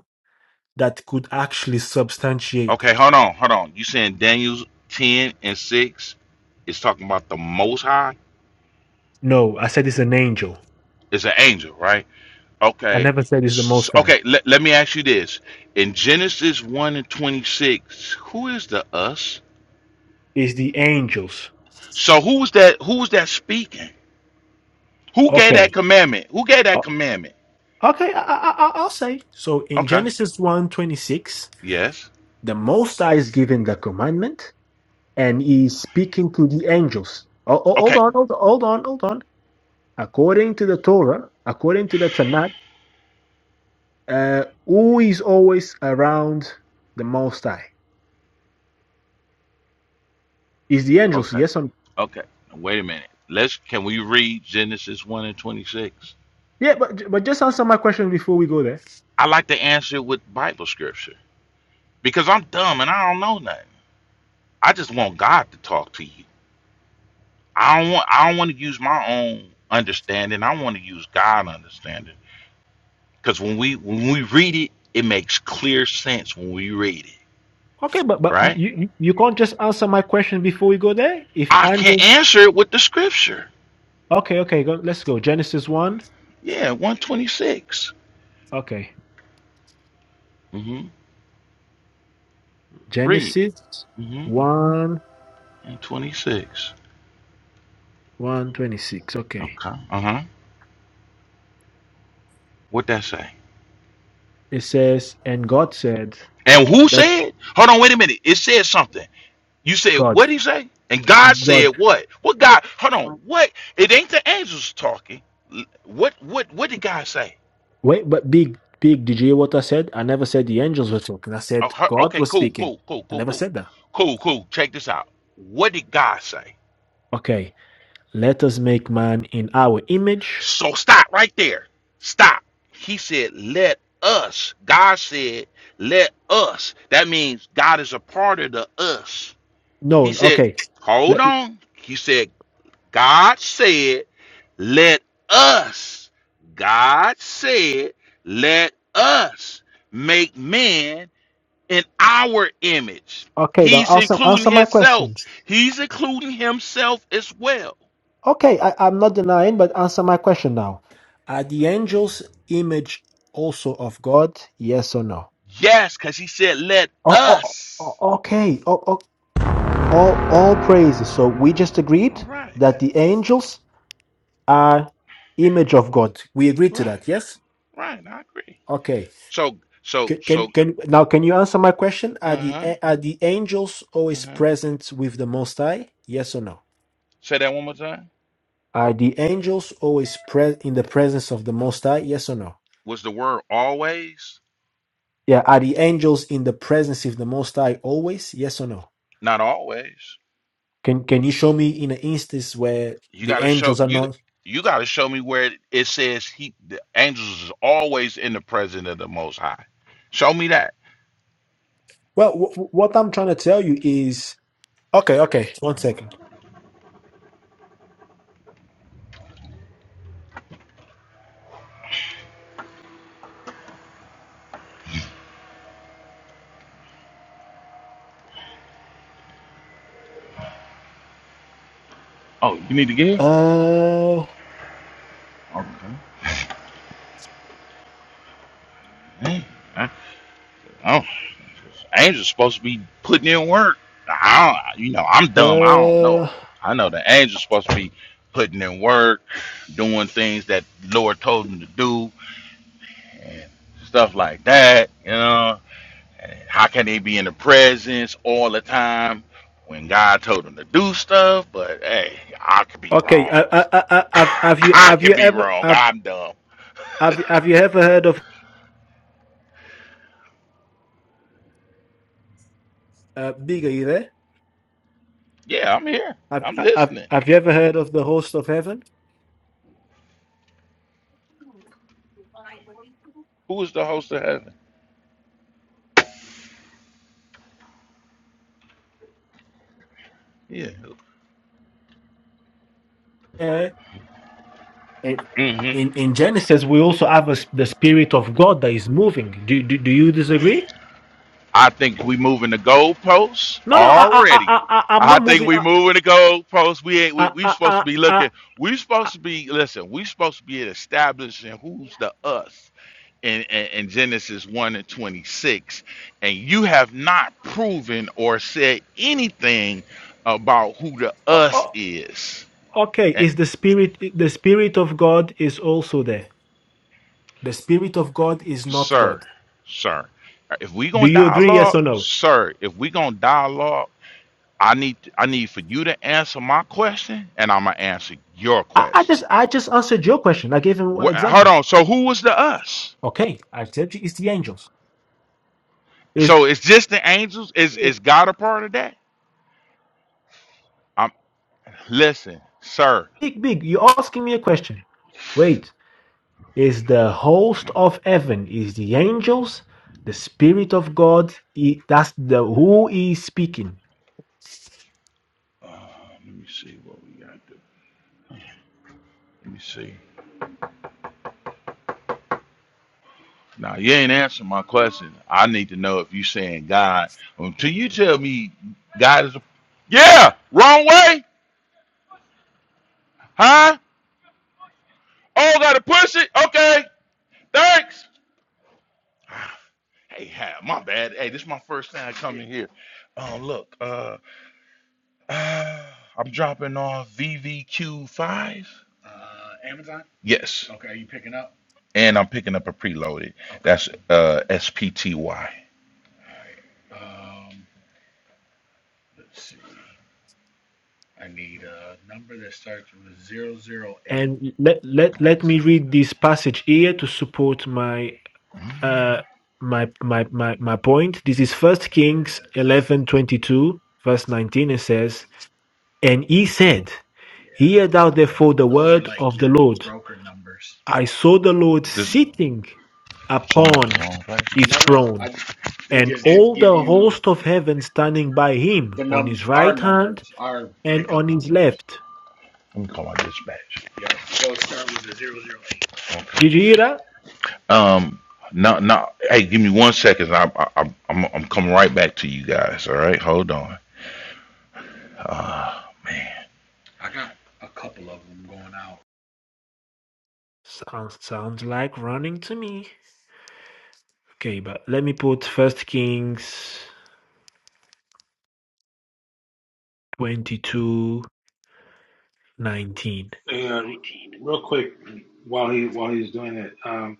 Speaker 1: that could actually substantiate
Speaker 7: Okay,
Speaker 1: that.
Speaker 7: hold on, hold on. You saying Daniel's ten and six is talking about the Most High?
Speaker 1: No, I said it's an angel.
Speaker 7: It's an angel, right?
Speaker 1: I
Speaker 7: Okay.
Speaker 1: never said it's the
Speaker 7: S-
Speaker 1: Most High.
Speaker 7: Okay. Let, let me ask you this: In Genesis one and twenty six, who is the us?
Speaker 1: It's the angels.
Speaker 7: So who was that? Who was that speaking? Who gave that
Speaker 1: Okay.
Speaker 7: commandment? Who gave that
Speaker 1: O-
Speaker 7: commandment?
Speaker 1: Okay, I, I, I- I'll say. So in
Speaker 7: Okay.
Speaker 1: Genesis one twenty six,
Speaker 7: Yes.
Speaker 1: the Most High is giving the commandment and he's speaking to the angels. Oh, oh, hold
Speaker 7: Okay.
Speaker 1: on, hold on, hold on, hold on. According to the Torah, according to the Tanakh, uh, who is always around the Most High? Is the angels.
Speaker 7: Okay.
Speaker 1: Yes, or no?
Speaker 7: Okay. Wait a minute. Let's. Can we read Genesis one and twenty six?
Speaker 1: Yeah, but, but just answer my question before we go there.
Speaker 7: I like to answer it with Bible scripture because I'm dumb and I don't know nothing. I just want God to talk to you. I don't want I don't want to use my own understanding. I want to use God understanding because when we when we read it, it makes clear sense when we read it,
Speaker 1: Okay, but but you,
Speaker 7: right?
Speaker 1: you you can't just answer my question before we go there. If
Speaker 7: I can
Speaker 1: Andrew,
Speaker 7: answer it with the scripture.
Speaker 1: okay, okay, go, let's go. Genesis one,
Speaker 7: Yeah, one twenty six.
Speaker 1: okay,
Speaker 7: Mm-hmm. Read.
Speaker 1: Genesis
Speaker 7: Mm-hmm.
Speaker 1: one
Speaker 7: And twenty six.
Speaker 1: one twenty six. Okay,
Speaker 7: Okay. Uh huh. What that say?
Speaker 1: it says, and God said,
Speaker 7: And who
Speaker 1: like
Speaker 7: said? Hold on, wait a minute. It said something. You said
Speaker 1: God,
Speaker 7: what did he say? And God
Speaker 1: God.
Speaker 7: said what? What God? Hold on. What? It ain't the angels talking. L- What? What? What did God say?
Speaker 1: Wait, but big big. Did you hear what I said? I never said the angels were talking. I
Speaker 7: Oh,
Speaker 1: said
Speaker 7: huh,
Speaker 1: God
Speaker 7: okay.
Speaker 1: was
Speaker 7: Cool.
Speaker 1: speaking.
Speaker 7: Cool. Cool.
Speaker 1: I
Speaker 7: Cool.
Speaker 1: never
Speaker 7: Cool.
Speaker 1: said that.
Speaker 7: Cool. Cool. Check this out. What did God say?
Speaker 1: Okay, let us make man in our image.
Speaker 7: So stop right there. Stop. He said, "Let us." God said, "Let us." That means God is a part of the us. He
Speaker 1: No,
Speaker 7: said,
Speaker 1: okay,
Speaker 7: "Hold
Speaker 1: let
Speaker 7: on." He said, "God said." Let us, God said, let us make man in our image.
Speaker 1: okay. Now
Speaker 7: He's
Speaker 1: answer
Speaker 7: including
Speaker 1: answer my
Speaker 7: himself.
Speaker 1: questions.
Speaker 7: He's including himself as well.
Speaker 1: Okay, I, I'm not denying, but answer my question now. Are the angels image also of God? Yes or no?
Speaker 7: Yes, because he said, let
Speaker 1: Oh, oh,
Speaker 7: us.
Speaker 1: oh, okay. Oh, oh, all, all praises. So we just
Speaker 7: All
Speaker 1: agreed
Speaker 7: right,
Speaker 1: that the angels are image of God. We agreed to
Speaker 7: right,
Speaker 1: that. Yes.
Speaker 7: right. I agree.
Speaker 1: Okay.
Speaker 7: So, so,
Speaker 1: Can, can
Speaker 7: so,
Speaker 1: can now can you answer my question? Are
Speaker 7: uh
Speaker 1: the
Speaker 7: huh,
Speaker 1: a- are the angels
Speaker 7: uh
Speaker 1: always
Speaker 7: huh.
Speaker 1: present with the Most High? Yes or no?
Speaker 7: Say that one more time.
Speaker 1: Are the angels always pre- in the presence of the Most High? Yes or no?
Speaker 7: Was the word always?
Speaker 1: Yeah, are the angels in the presence of the Most High always? Yes or no?
Speaker 7: Not always.
Speaker 1: Can Can you show me in an instance where
Speaker 7: You
Speaker 1: the
Speaker 7: got to show
Speaker 1: angels are
Speaker 7: you
Speaker 1: not?
Speaker 7: you got to show me where it says he the angels is always in the presence of the Most High. Show me that.
Speaker 1: Well, w- w- what I'm trying to tell you is okay. Okay, one second.
Speaker 7: Oh, you need to get here.
Speaker 1: Uh,
Speaker 7: Okay. Eh, eh, Oh, angels supposed to be putting in work. I don't, you know, I'm dumb. I don't know.
Speaker 1: uh.
Speaker 7: I know the angels supposed to be putting in work, doing things that the Lord told them to do, and stuff like that. You know. How can they be in the presence all the time when God told them to do stuff? But hey, I could be
Speaker 1: Okay. I,
Speaker 7: wrong.
Speaker 1: I, I, I- have Have you
Speaker 7: I
Speaker 1: Have you
Speaker 7: could be
Speaker 1: ever
Speaker 7: wrong.
Speaker 1: have
Speaker 7: I'm dumb.
Speaker 1: Have, you- have you ever heard of uh, Big? Are you there?
Speaker 7: Yeah, I'm here.
Speaker 1: Have,
Speaker 7: I'm
Speaker 1: have
Speaker 7: listening.
Speaker 1: Have you ever heard of the host of heaven?
Speaker 7: Who is the host of heaven? Yeah.
Speaker 1: Yeah. In
Speaker 7: hmm
Speaker 1: in in Genesis, we also have a, s- the spirit of God that is moving. Do, do Do you disagree?
Speaker 7: I think we moving the goalposts
Speaker 1: No, no, I, I, I,
Speaker 7: already.
Speaker 1: I, I- I'm
Speaker 7: I
Speaker 1: not
Speaker 7: think
Speaker 1: moving.
Speaker 7: we
Speaker 1: I,
Speaker 7: moving the goalposts. We ain't we,
Speaker 1: I,
Speaker 7: we
Speaker 1: I,
Speaker 7: supposed to
Speaker 1: I,
Speaker 7: be
Speaker 1: I,
Speaker 7: looking. We
Speaker 1: I-
Speaker 7: supposed to be listen. We supposed to be establishing who's the us. in, in, in Genesis 1 and 26, and you have not proven or said anything about who the
Speaker 1: o-
Speaker 7: us
Speaker 1: o-
Speaker 7: is.
Speaker 1: okay.
Speaker 7: And,
Speaker 1: Is the spirit the spirit of God is also there? The spirit of God is not
Speaker 7: sir,
Speaker 1: God.
Speaker 7: sir, if we
Speaker 1: Do
Speaker 7: gonna
Speaker 1: you agree? Yes
Speaker 7: dialogue,
Speaker 1: or no?
Speaker 7: sir, if we gonna dialogue, I need I need for you to answer my question, and I'm gonna answer your
Speaker 1: I, I
Speaker 7: question.
Speaker 1: just, I just answered your question. I gave him examples.
Speaker 7: Wh- hold on. So who was the us?
Speaker 1: Okay, I said it's the angels. Is
Speaker 7: So it's just the angels? Is is God a part of that? I'm listen, sir.
Speaker 1: big, big. You're asking me a question. Wait, is the host of heaven is the angels? The spirit of God. i- That's the who is speaking.
Speaker 7: Uh, let me see what we got. Let me see. Now you ain't answering my question. I need to know if you saying God. Until you tell me God is a Yeah, wrong way? Huh? Oh gotta push it? Okay. Thanks. Hey, ha, my bad. Hey, this is my first time coming here. Oh look, uh, uh I'm dropping off VVQ five. Yes. Okay, are you picking up? And I'm picking up a preloaded. Okay. That's uh SPTY.
Speaker 1: And let let let me read this passage here to support my uh my my my, my point. This is First Kings eleven twenty two verse nineteen. It says, "And he said, Hear thou therefore the word of the Lord. I saw the Lord
Speaker 7: This so
Speaker 1: sitting
Speaker 7: I'm at the
Speaker 1: upon
Speaker 7: wrong place.
Speaker 1: his throne, and all the host of heaven standing by him on his right hand and on his left.
Speaker 7: Let me call my dispatch. Okay.
Speaker 1: Did you hear that?
Speaker 7: Um. Now, now, hey, give me one second. I, I, I'm, I'm I'm coming right back to you guys. All right, hold on. Ah, man.
Speaker 1: Sounds sounds like running to me. Okay, but let me put First Kings twenty-two nineteen.
Speaker 8: Uh, real quick, while he while he's doing it, um,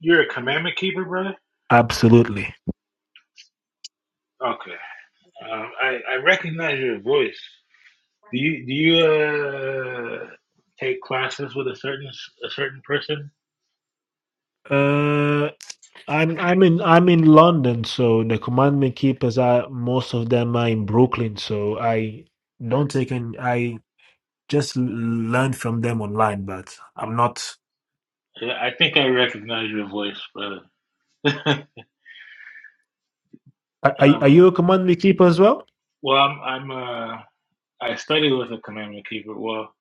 Speaker 8: you're a commandment keeper, brother.
Speaker 1: Absolutely.
Speaker 8: Okay, um, I I recognize your voice. Do you do you uh, take classes with a certain a certain person?
Speaker 1: Uh, I'm I'm in I'm in London, so the commandment keepers are most of them are in Brooklyn. So I don't take any. I just l- learn from them online, but I'm not.
Speaker 8: Yeah, I think I recognize your voice, brother.
Speaker 1: Are, are are
Speaker 8: um,
Speaker 1: you a commandment keeper as well?
Speaker 8: well, I'm I'm uh, I study with a commandment keeper. Well,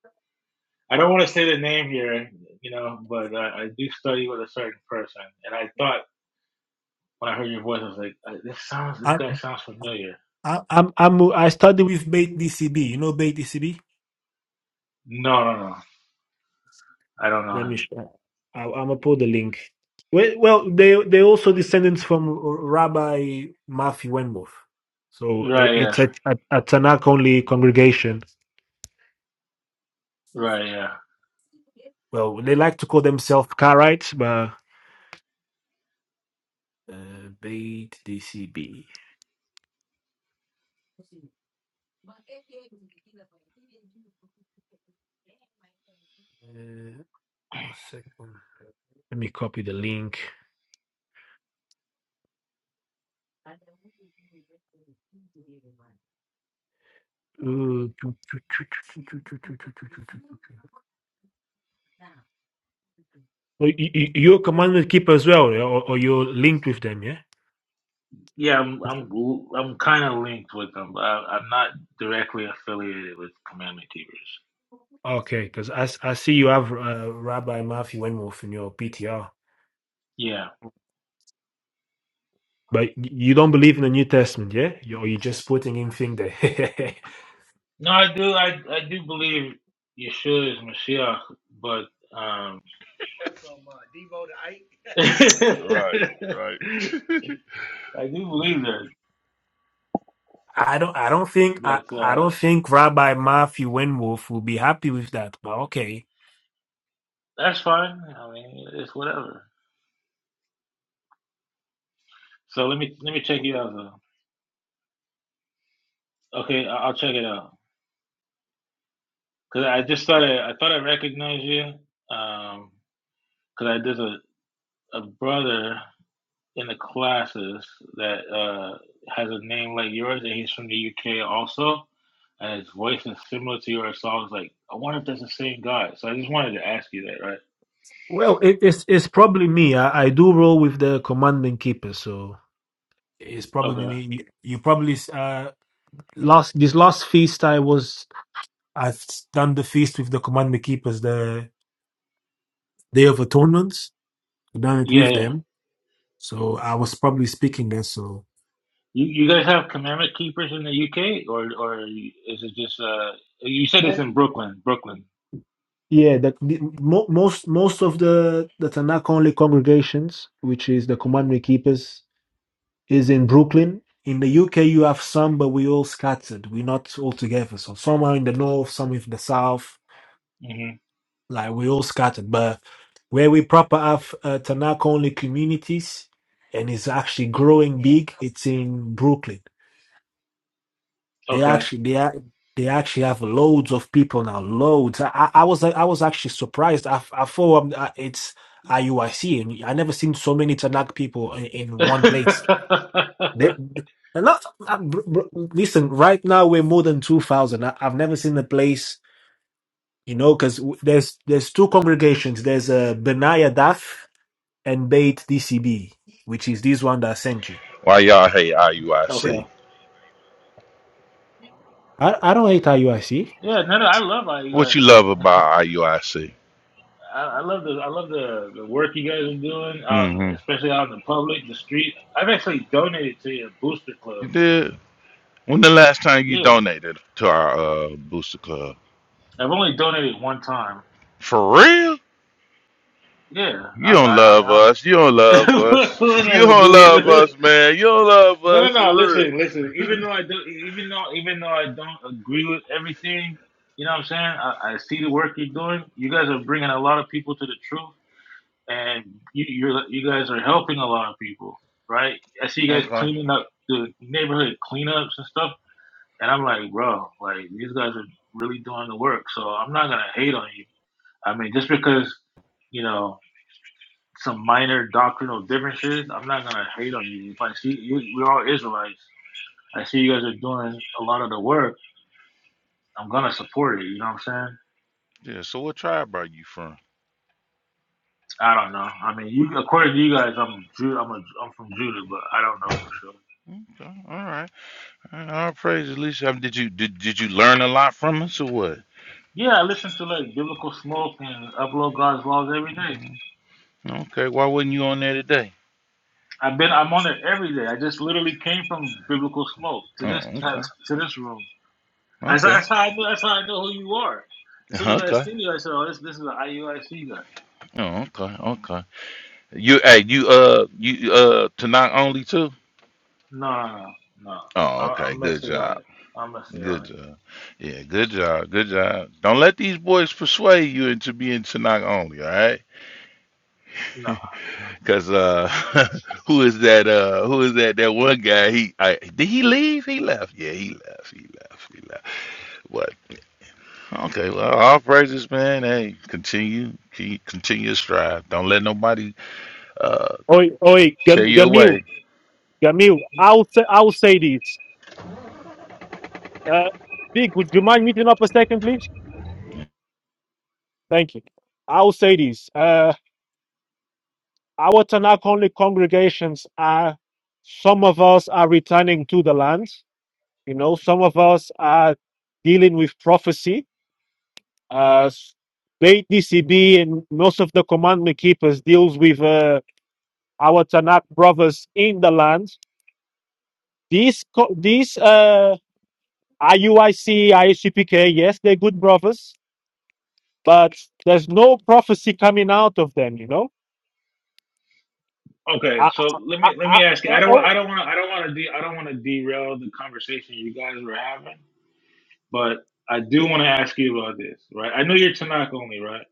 Speaker 8: I don't want to say the name here, you know, but I, I do study with a certain person, and I thought when I heard your voice, I was like, I- this sounds this
Speaker 1: I,
Speaker 8: guy sounds familiar
Speaker 1: I I'm I'm I study with Beit DCB. You know Beit DCB.
Speaker 8: No, no, no. I don't know
Speaker 1: Let me.
Speaker 8: him.
Speaker 1: Sh- I, I'm gonna put the link. Well, well, they they also descendants from Rabbi Matthew Wenmuth, so i-
Speaker 8: Right,
Speaker 1: it's
Speaker 8: yeah,
Speaker 1: a, a, a Tanakh only congregation.
Speaker 8: right, yeah,
Speaker 1: Well, they like to call themselves Karaites, but uh, Beit DCB. Uh, one second. Let me copy the link. Ooh. So y- y- y- Your commandment keeper as well, yeah? or, or you're linked with them, yeah?
Speaker 8: yeah. I'm, I'm, gl- I'm kind of linked with them. I, I'm not directly affiliated with Commandment Keepers.
Speaker 1: Okay, because I, s- I see you have uh, Rabbi Matthew Wenwolf in your PTR,
Speaker 8: Yeah.
Speaker 1: but y- you don't believe in the New Testament, yeah? You, or you're just putting in thing there.
Speaker 8: No, I do, I, I do believe Yeshua is Mashiach, but um, I
Speaker 7: Right, right.
Speaker 8: do believe that.
Speaker 1: I don't. I don't think. I,
Speaker 8: But
Speaker 1: I
Speaker 8: uh,
Speaker 1: don't think Rabbi Matthew Wenwolf will be happy with that. But okay.
Speaker 8: that's fine. I mean, it's whatever. So let me, let me check you out though. Okay, I- I'll check it out. Cause I just thought I, I thought I recognized you. Um, because I there's a, a brother in the classes that uh, has a name like yours, and he's from the UK also, and his voice is similar to yours. So I was like, I wonder if that's the same guy. So I just wanted to ask you that, right?
Speaker 1: Well, it, it's it's probably me. I, I do roll with the Commandment keeper, so. It's
Speaker 8: Okay.
Speaker 1: probably you probably uh last this last feast I was I've done the feast with the commandment keepers the day of atonements. I've done it
Speaker 8: Yeah,
Speaker 1: with
Speaker 8: yeah.
Speaker 1: them, so I was probably speaking there. So
Speaker 8: You you guys have commandment keepers in the UK, or or is it just uh? You said it's in Brooklyn, Brooklyn.
Speaker 1: yeah, the, the mo- most most of the the Tanakh only congregations, which is the commandment keepers, is in Brooklyn. In the UK, you have some, but we all scattered. We're not all together. So some are in the north, some in the south
Speaker 8: hmm
Speaker 1: Like we all scattered, but where we proper have uh, Tanaka only communities, and it's actually growing big. It's in Brooklyn. They
Speaker 8: Okay.
Speaker 1: actually they are. They actually have loads of people now. Loads. I, I I was I was actually surprised. I, I thought um, uh, it's IUIC, and I never seen so many Tanakh people in, in one place. They,
Speaker 8: okay.
Speaker 1: and not, uh, br- br- listen, right now we're more than 2,000. I- I've never seen a place, you know, because there's there's two congregations. There's a Benaya Daf. and bait DCB, which is this one that I sent you.
Speaker 7: Why y'all hate
Speaker 1: Say-
Speaker 7: IUIC?
Speaker 1: I, I don't hate IUIC.
Speaker 8: Yeah, no, no, I love
Speaker 7: What you
Speaker 8: IUIC.
Speaker 7: love about IUIC?
Speaker 8: I, I love the I love the, the work you guys are doing on
Speaker 7: Mm-hmm.
Speaker 8: especially out in the public, the street. I've actually donated to your booster
Speaker 7: You
Speaker 8: club.
Speaker 7: did. When the last time you
Speaker 8: Yeah,
Speaker 7: donated to our uh, booster club?
Speaker 8: I've only donated one time.
Speaker 7: For real?
Speaker 8: Yeah,
Speaker 7: You
Speaker 8: I'm
Speaker 7: don't
Speaker 8: I, am
Speaker 7: love
Speaker 8: i
Speaker 7: us. You don't love
Speaker 8: am
Speaker 7: us.
Speaker 8: out.
Speaker 7: You
Speaker 8: Whatever,
Speaker 7: don't love us,
Speaker 8: dude.
Speaker 7: man. You don't love
Speaker 8: No, no,
Speaker 7: us
Speaker 8: no.
Speaker 7: for real.
Speaker 8: Listen, listen. Even though I do, even though even though I don't agree with everything, you know what I'm saying. I, I see the work you're doing. You guys are bringing a lot of people to the truth. and you you're, you guys are helping a lot of people, right? I see you guys
Speaker 7: Okay.
Speaker 8: cleaning up the neighborhood cleanups and stuff, and I'm like, bro, like these guys are really doing the work. So I'm not gonna hate on you. I mean, just because you know some minor doctrinal differences, I'm not gonna hate on you. If I see you, we're all Israelites. I see you guys are doing a lot of the work. I'm gonna support it. You know what I'm saying?
Speaker 7: Yeah. So what tribe are you from?
Speaker 8: I don't know. I mean, you according to you guys, I'm Ju- I'm a, I'm from Judah, but I don't know for sure.
Speaker 7: Okay. All right. All praise, Alicia. I Did you did, did you learn a lot from us or what?
Speaker 8: Yeah, I listen to like Biblical Smoke and Upload God's Laws every day.
Speaker 7: Okay, why wasn't you on there today?
Speaker 8: I've been I'm on there every day. I just literally came from Biblical Smoke
Speaker 7: Oh,
Speaker 8: to this
Speaker 7: okay,
Speaker 8: to this room. That's,
Speaker 7: okay,
Speaker 8: that's how I know. That's how I know who you are. As soon as I
Speaker 7: okay,
Speaker 8: see you, I said, "Oh, this this is an IUIC guy."
Speaker 7: oh, okay, okay. You hey you uh you uh tonight only too.
Speaker 8: No, no, no, no.
Speaker 7: Oh,
Speaker 8: I,
Speaker 7: okay,
Speaker 8: I'm
Speaker 7: good
Speaker 8: messy on
Speaker 7: job,
Speaker 8: it. I'm messy
Speaker 7: good
Speaker 8: on it.
Speaker 7: job. Yeah, good job, good job. Don't let these boys persuade you into being Tanakh only, all right?
Speaker 8: No.
Speaker 7: Cause uh, who is that? Uh, who is that? That one guy? He I, did he leave? He left. Yeah, he left. He left. He left. What? Okay, well, all praises, man. Hey, continue, keep, continue your strive. Don't let nobody uh
Speaker 1: Oi, oi, Gam-
Speaker 7: tear you
Speaker 1: Gamil,
Speaker 7: away.
Speaker 1: Gamil, I'll say, I'll say this. Uh, Big, would you mind meeting up a second, please? Thank you. I'll say this. Uh, our Tanakh only congregations are, some of us are returning to the land. You know, some of us are dealing with prophecy. Uh, late DCB and most of the commandment keepers deals with uh, our Tanakh brothers in the land. These co- these uh, IUIC, yes, they're good brothers, but there's no prophecy coming out of them. You know.
Speaker 8: Okay,
Speaker 1: I,
Speaker 8: so let
Speaker 1: I,
Speaker 8: me let
Speaker 1: I,
Speaker 8: me ask you. I
Speaker 1: oh,
Speaker 8: don't want
Speaker 1: oh,
Speaker 8: I don't want I don't want to de- I don't want to derail the conversation you guys were having, but I do want to ask you about this, right? I know you're Tanakh only, right?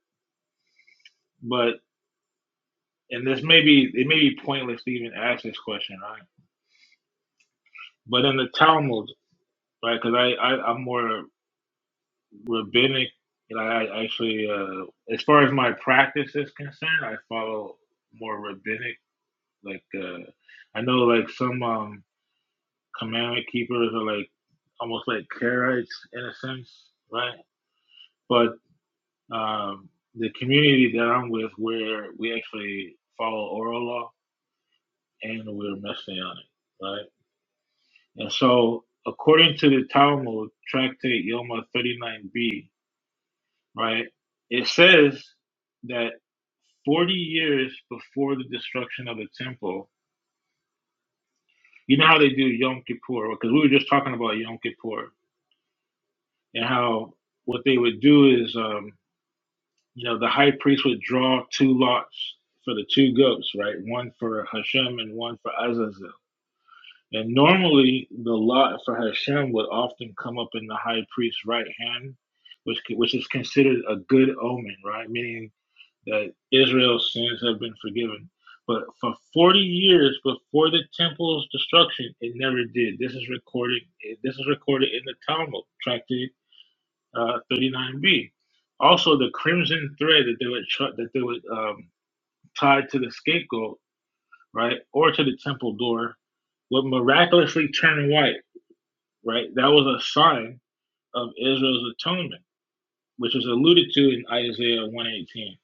Speaker 8: But and this may be it may be pointless to even ask this question, right? But in the Talmud, right? Because I, I I'm more rabbinic, and I I actually uh, as far as my practice is concerned, I follow more rabbinic. Like uh, I know like some um, commandment keepers are like almost like Karaites in a sense, right? But um, the community that I'm with, where we actually follow oral law and we're messianic, right? And so, according to the Talmud, Tractate Yoma 39b, right, it says that 40 years before the destruction of the temple, you know how they do Yom Kippur, because we were just talking about Yom Kippur and how what they would do is, um, you know, the high priest would draw two lots for the two goats, right? One for Hashem and one for Azazel. And normally, the lot for Hashem would often come up in the high priest's right hand, which which is considered a good omen, right? Meaning that Israel's sins have been forgiven. But for 40 years before the temple's destruction, it never did. This is recorded. This is recorded in the Talmud, Tractate uh, 39b. Also, the crimson thread that they would tr- that they would um, tie to the scapegoat, right, or to the temple door, would miraculously turn white right? That was a sign of Israel's atonement, which was alluded to in Isaiah 118.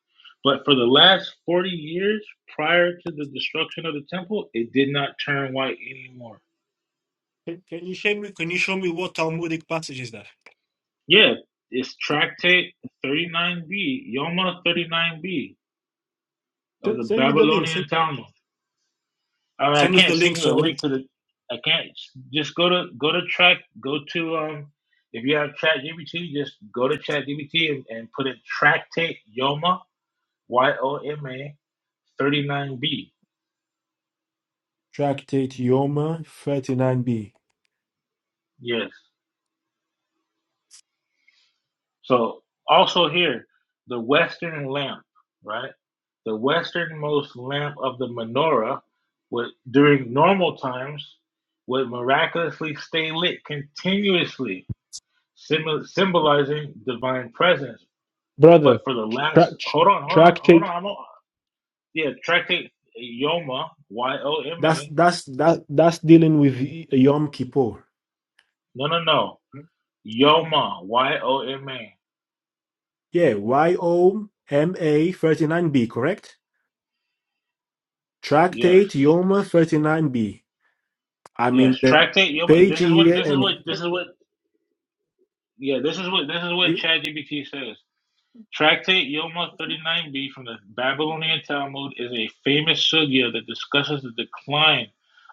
Speaker 8: But for the last 40 years prior to the destruction of the temple, it did not turn white anymore.
Speaker 1: Can, can you show me? Can you show me what Talmudic passage is that?
Speaker 8: Yeah, it's tractate 39b, Yoma 39b of the
Speaker 1: s- send me the link, send,
Speaker 8: Babylonian Talmud. I mean, I
Speaker 1: Send us the
Speaker 8: can't send
Speaker 1: link.
Speaker 8: you a
Speaker 1: So I-
Speaker 8: link to the. I can't just go to go to track go to um if you have ChatGPT, just go to ChatGPT and, and put in tractate Yoma Y O M A 39B.
Speaker 1: tractate Yoma thirty nine B.
Speaker 8: Yes. So also here, the western lamp, right? The westernmost lamp of the menorah would during normal times would miraculously stay lit continuously, symbol symbolizing divine presence.
Speaker 1: brother.
Speaker 8: But for the
Speaker 1: Track
Speaker 8: last hold on, hold on, hold
Speaker 1: tractate.
Speaker 8: on, I'm on yeah, tractate Yoma, Y O M
Speaker 1: That's
Speaker 8: A.
Speaker 1: that's that that's dealing with Yom Kippur.
Speaker 8: No no no. Yoma, Y O M A.
Speaker 1: Yeah, Y-O-M-A 39b, correct? Tractate
Speaker 8: Yes.
Speaker 1: Yoma 39b. I'm
Speaker 8: Yes,
Speaker 1: in the
Speaker 8: tractate. Yom,
Speaker 1: page
Speaker 8: this is what
Speaker 1: here
Speaker 8: this is
Speaker 1: and
Speaker 8: what this is what yeah this is what this is what ChatGPT says. Tractate Yoma 39b from the Babylonian Talmud is a famous sugya that discusses the decline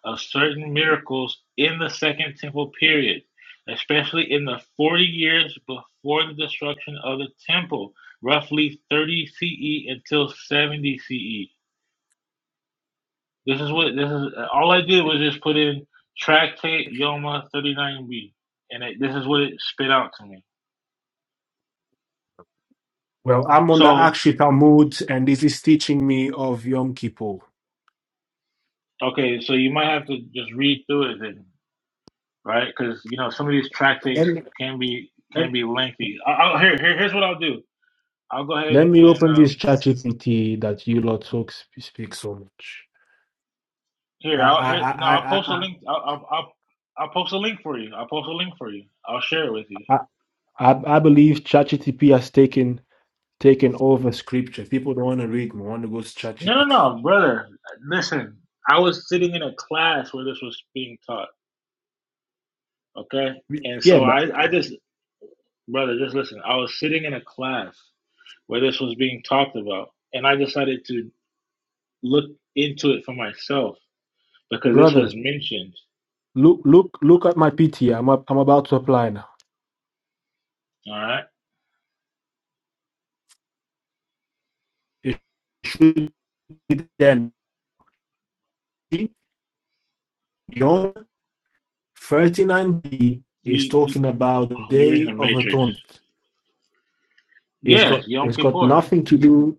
Speaker 8: of certain miracles in the Second Temple period, especially in the 40 years before the destruction of the Temple, roughly 30 CE until 70 CE. This is what this is. All I did was just put in Tractate Yoma 39b, and it, this is what it spit out to me.
Speaker 1: well, I'm on the
Speaker 8: So
Speaker 1: Akshi Talmud and this is teaching me of Yom Kippur.
Speaker 8: okay, so you might have to just read through it then, right? Because you know some of these
Speaker 1: Let
Speaker 8: tractates
Speaker 1: me,
Speaker 8: can be can be lengthy. I, I'll, here, here, here's what I'll do. I'll go ahead
Speaker 1: let
Speaker 8: and
Speaker 1: me
Speaker 8: and
Speaker 1: open this
Speaker 8: um,
Speaker 1: ChatGPT that you lot talk speak so much. I
Speaker 8: here, I'll
Speaker 1: I
Speaker 8: here. No, I'll
Speaker 1: I
Speaker 8: post a
Speaker 1: I
Speaker 8: link. I'll, I'll, I'll I'll post a link for you. I'll post a link for you. I'll share it with you.
Speaker 1: I, I, I believe ChatGPT has taken taken over scripture. People don't want to read, they want to go to
Speaker 8: No,
Speaker 1: ChatGPT.
Speaker 8: no, no, brother. Listen, I was sitting in a class where this was being taught. Okay. And
Speaker 1: Yeah,
Speaker 8: so
Speaker 1: but
Speaker 8: I, I just, brother, just listen. I was sitting in a class where this was being talked about, and I decided to look into it for myself because this
Speaker 1: brother,
Speaker 8: was mentioned.
Speaker 1: Look, look, look at my PTA. I'm, a- I'm about to apply now.
Speaker 8: All right.
Speaker 1: It should be then. Beyond 39b is
Speaker 8: You, you
Speaker 1: talking about the
Speaker 8: you're in
Speaker 1: Day
Speaker 8: the
Speaker 1: of
Speaker 8: matrix.
Speaker 1: Atonement. It's
Speaker 8: Yes,
Speaker 1: got
Speaker 8: Yom
Speaker 1: it's got
Speaker 8: Kippur.
Speaker 1: nothing to do.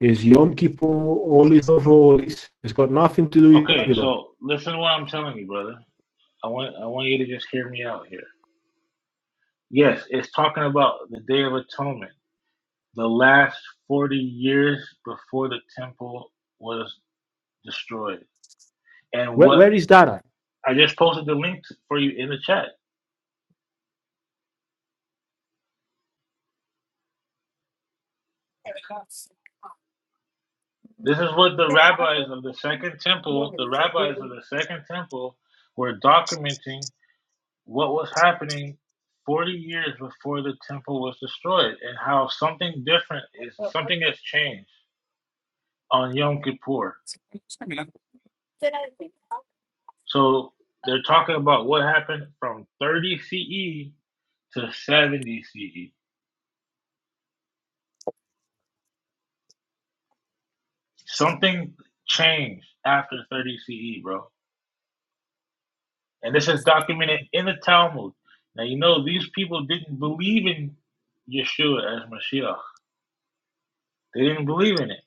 Speaker 1: Is Yom Kippur all is over all It's got nothing to do with
Speaker 8: Okay,
Speaker 1: Babylon.
Speaker 8: so listen to what I'm telling you, brother. I want I want you to just hear me out here. Yes, it's talking about the Day of Atonement, the last 40 years before the temple was destroyed, and
Speaker 1: Where,
Speaker 8: what
Speaker 1: where is that
Speaker 8: I just posted the link for you in the chat. This is what the rabbis of the Second Temple, the rabbis of the Second Temple, were documenting what was happening 40 years before the temple was destroyed and how something different is something has changed on Yom Kippur.
Speaker 1: at?
Speaker 8: So they're talking about what happened from 30 CE to 70 CE. Something changed after 30 CE, bro. And this is documented in the Talmud. Now, you know, these people didn't believe in Yeshua as Mashiach. They didn't believe in it.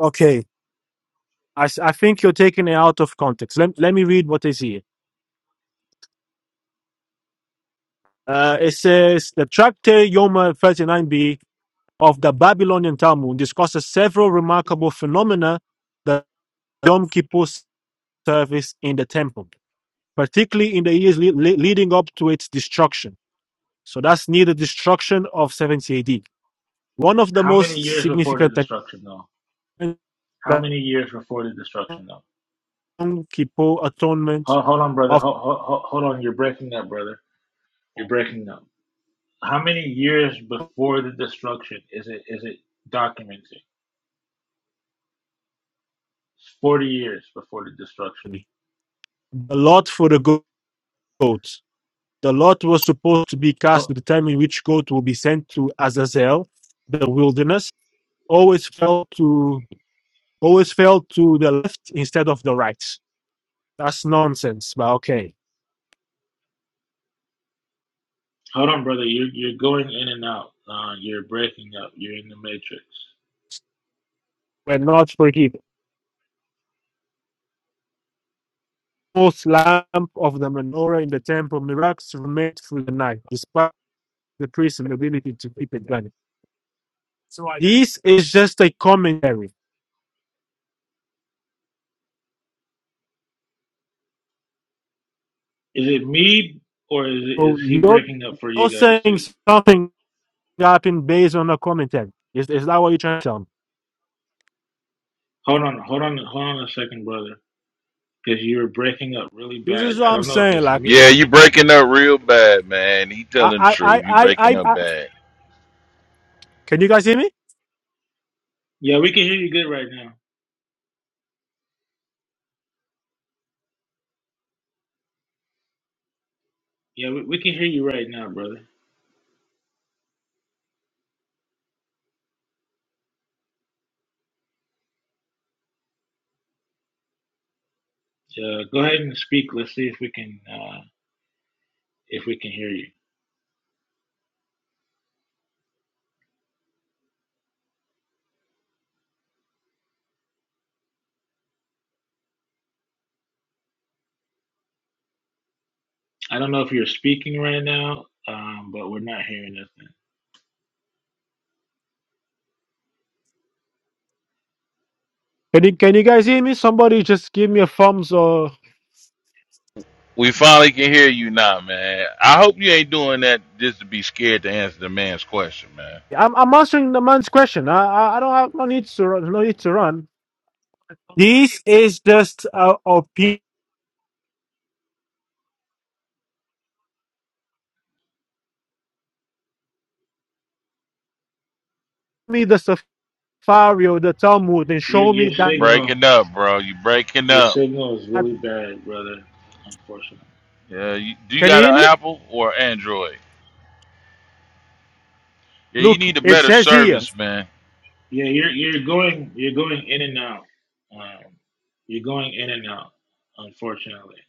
Speaker 1: Okay. I I think you're taking it out of context. Let, let me read what is here. Uh, it says the Tractate Yoma 39b of the Babylonian Talmud discusses several remarkable phenomena that Yom Kippur service in the temple, particularly in the years le- le- leading up to its destruction. So that's near the destruction of 70 AD. One of the
Speaker 8: How many
Speaker 1: most
Speaker 8: years before the
Speaker 1: significant
Speaker 8: destruction, though?
Speaker 1: activities
Speaker 8: How
Speaker 1: that
Speaker 8: many years before the destruction, though?
Speaker 1: Yom Kippur atonement
Speaker 8: Hold, hold on, brother.
Speaker 1: of
Speaker 8: Hold, hold, hold on. You're breaking up, brother. You're breaking up. How many years before the destruction is it is it documented? It's Forty years before the destruction.
Speaker 1: the Lord for the goats The lot was supposed to be cast to
Speaker 8: Hold,
Speaker 1: determine which goat will be sent to Azazel, the wilderness. Always fell to always fell to the left instead of the right. That's nonsense, but okay.
Speaker 8: hold on, brother. You're you're going in and out. Uh, you're breaking up. You're in the matrix.
Speaker 1: We're not forgiven. Most lamp of the menorah in the temple miracles remained through the night, despite the priest's inability to keep it burning. So I- this is just a commentary.
Speaker 8: Is it me or is
Speaker 1: So
Speaker 8: is he
Speaker 1: you're,
Speaker 8: breaking up for
Speaker 1: you're
Speaker 8: you guys
Speaker 1: saying
Speaker 8: too?
Speaker 1: something happened based on a commentary. Is, is that what you're trying to tell me?
Speaker 8: Hold on, hold on, hold on a second, brother, because you were breaking up really
Speaker 1: This
Speaker 8: bad.
Speaker 1: is what
Speaker 8: I
Speaker 1: I'm
Speaker 8: don't know if
Speaker 1: saying.
Speaker 8: it's
Speaker 1: Like
Speaker 7: Yeah,
Speaker 8: me.
Speaker 7: you breaking up real bad, man. He
Speaker 1: I,
Speaker 7: telling the
Speaker 1: I, I,
Speaker 7: truth. You
Speaker 1: I,
Speaker 7: breaking
Speaker 1: I,
Speaker 7: up
Speaker 1: I.
Speaker 7: bad.
Speaker 1: Can you guys hear me?
Speaker 8: Yeah, we can hear you good right now. Yeah, we, we can hear you right now, brother. Uh, go ahead and speak. Let's see if we can uh, if we can hear you. I don't know if you're speaking right now, um, but we're not hearing nothing.
Speaker 1: Can you, can you guys hear me? Somebody just give me a thumbs or.
Speaker 7: We finally can hear you now, man. I hope you ain't doing that just to be scared to answer the man's question, man.
Speaker 1: I'm, I'm answering the man's question. I, I, I don't have no need to run. No need to run. This is just uh, opinion. Me the Safari or the Talmud and
Speaker 8: Your
Speaker 1: show me
Speaker 8: your
Speaker 7: You're
Speaker 1: that.
Speaker 8: signal
Speaker 7: breaking up, bro. You breaking
Speaker 8: your
Speaker 7: up.
Speaker 8: signal is really
Speaker 1: Can
Speaker 8: bad, brother. Unfortunately,
Speaker 7: Yeah, you, do you
Speaker 1: you
Speaker 7: got an
Speaker 1: hear me?
Speaker 7: Apple or Android? Yeah, you
Speaker 1: Look,
Speaker 7: need a
Speaker 8: we
Speaker 1: it
Speaker 7: better
Speaker 1: says here,
Speaker 7: service, man.
Speaker 8: Yeah, you're you're going you're going in and out. Um, you're going in and out. Unfortunately,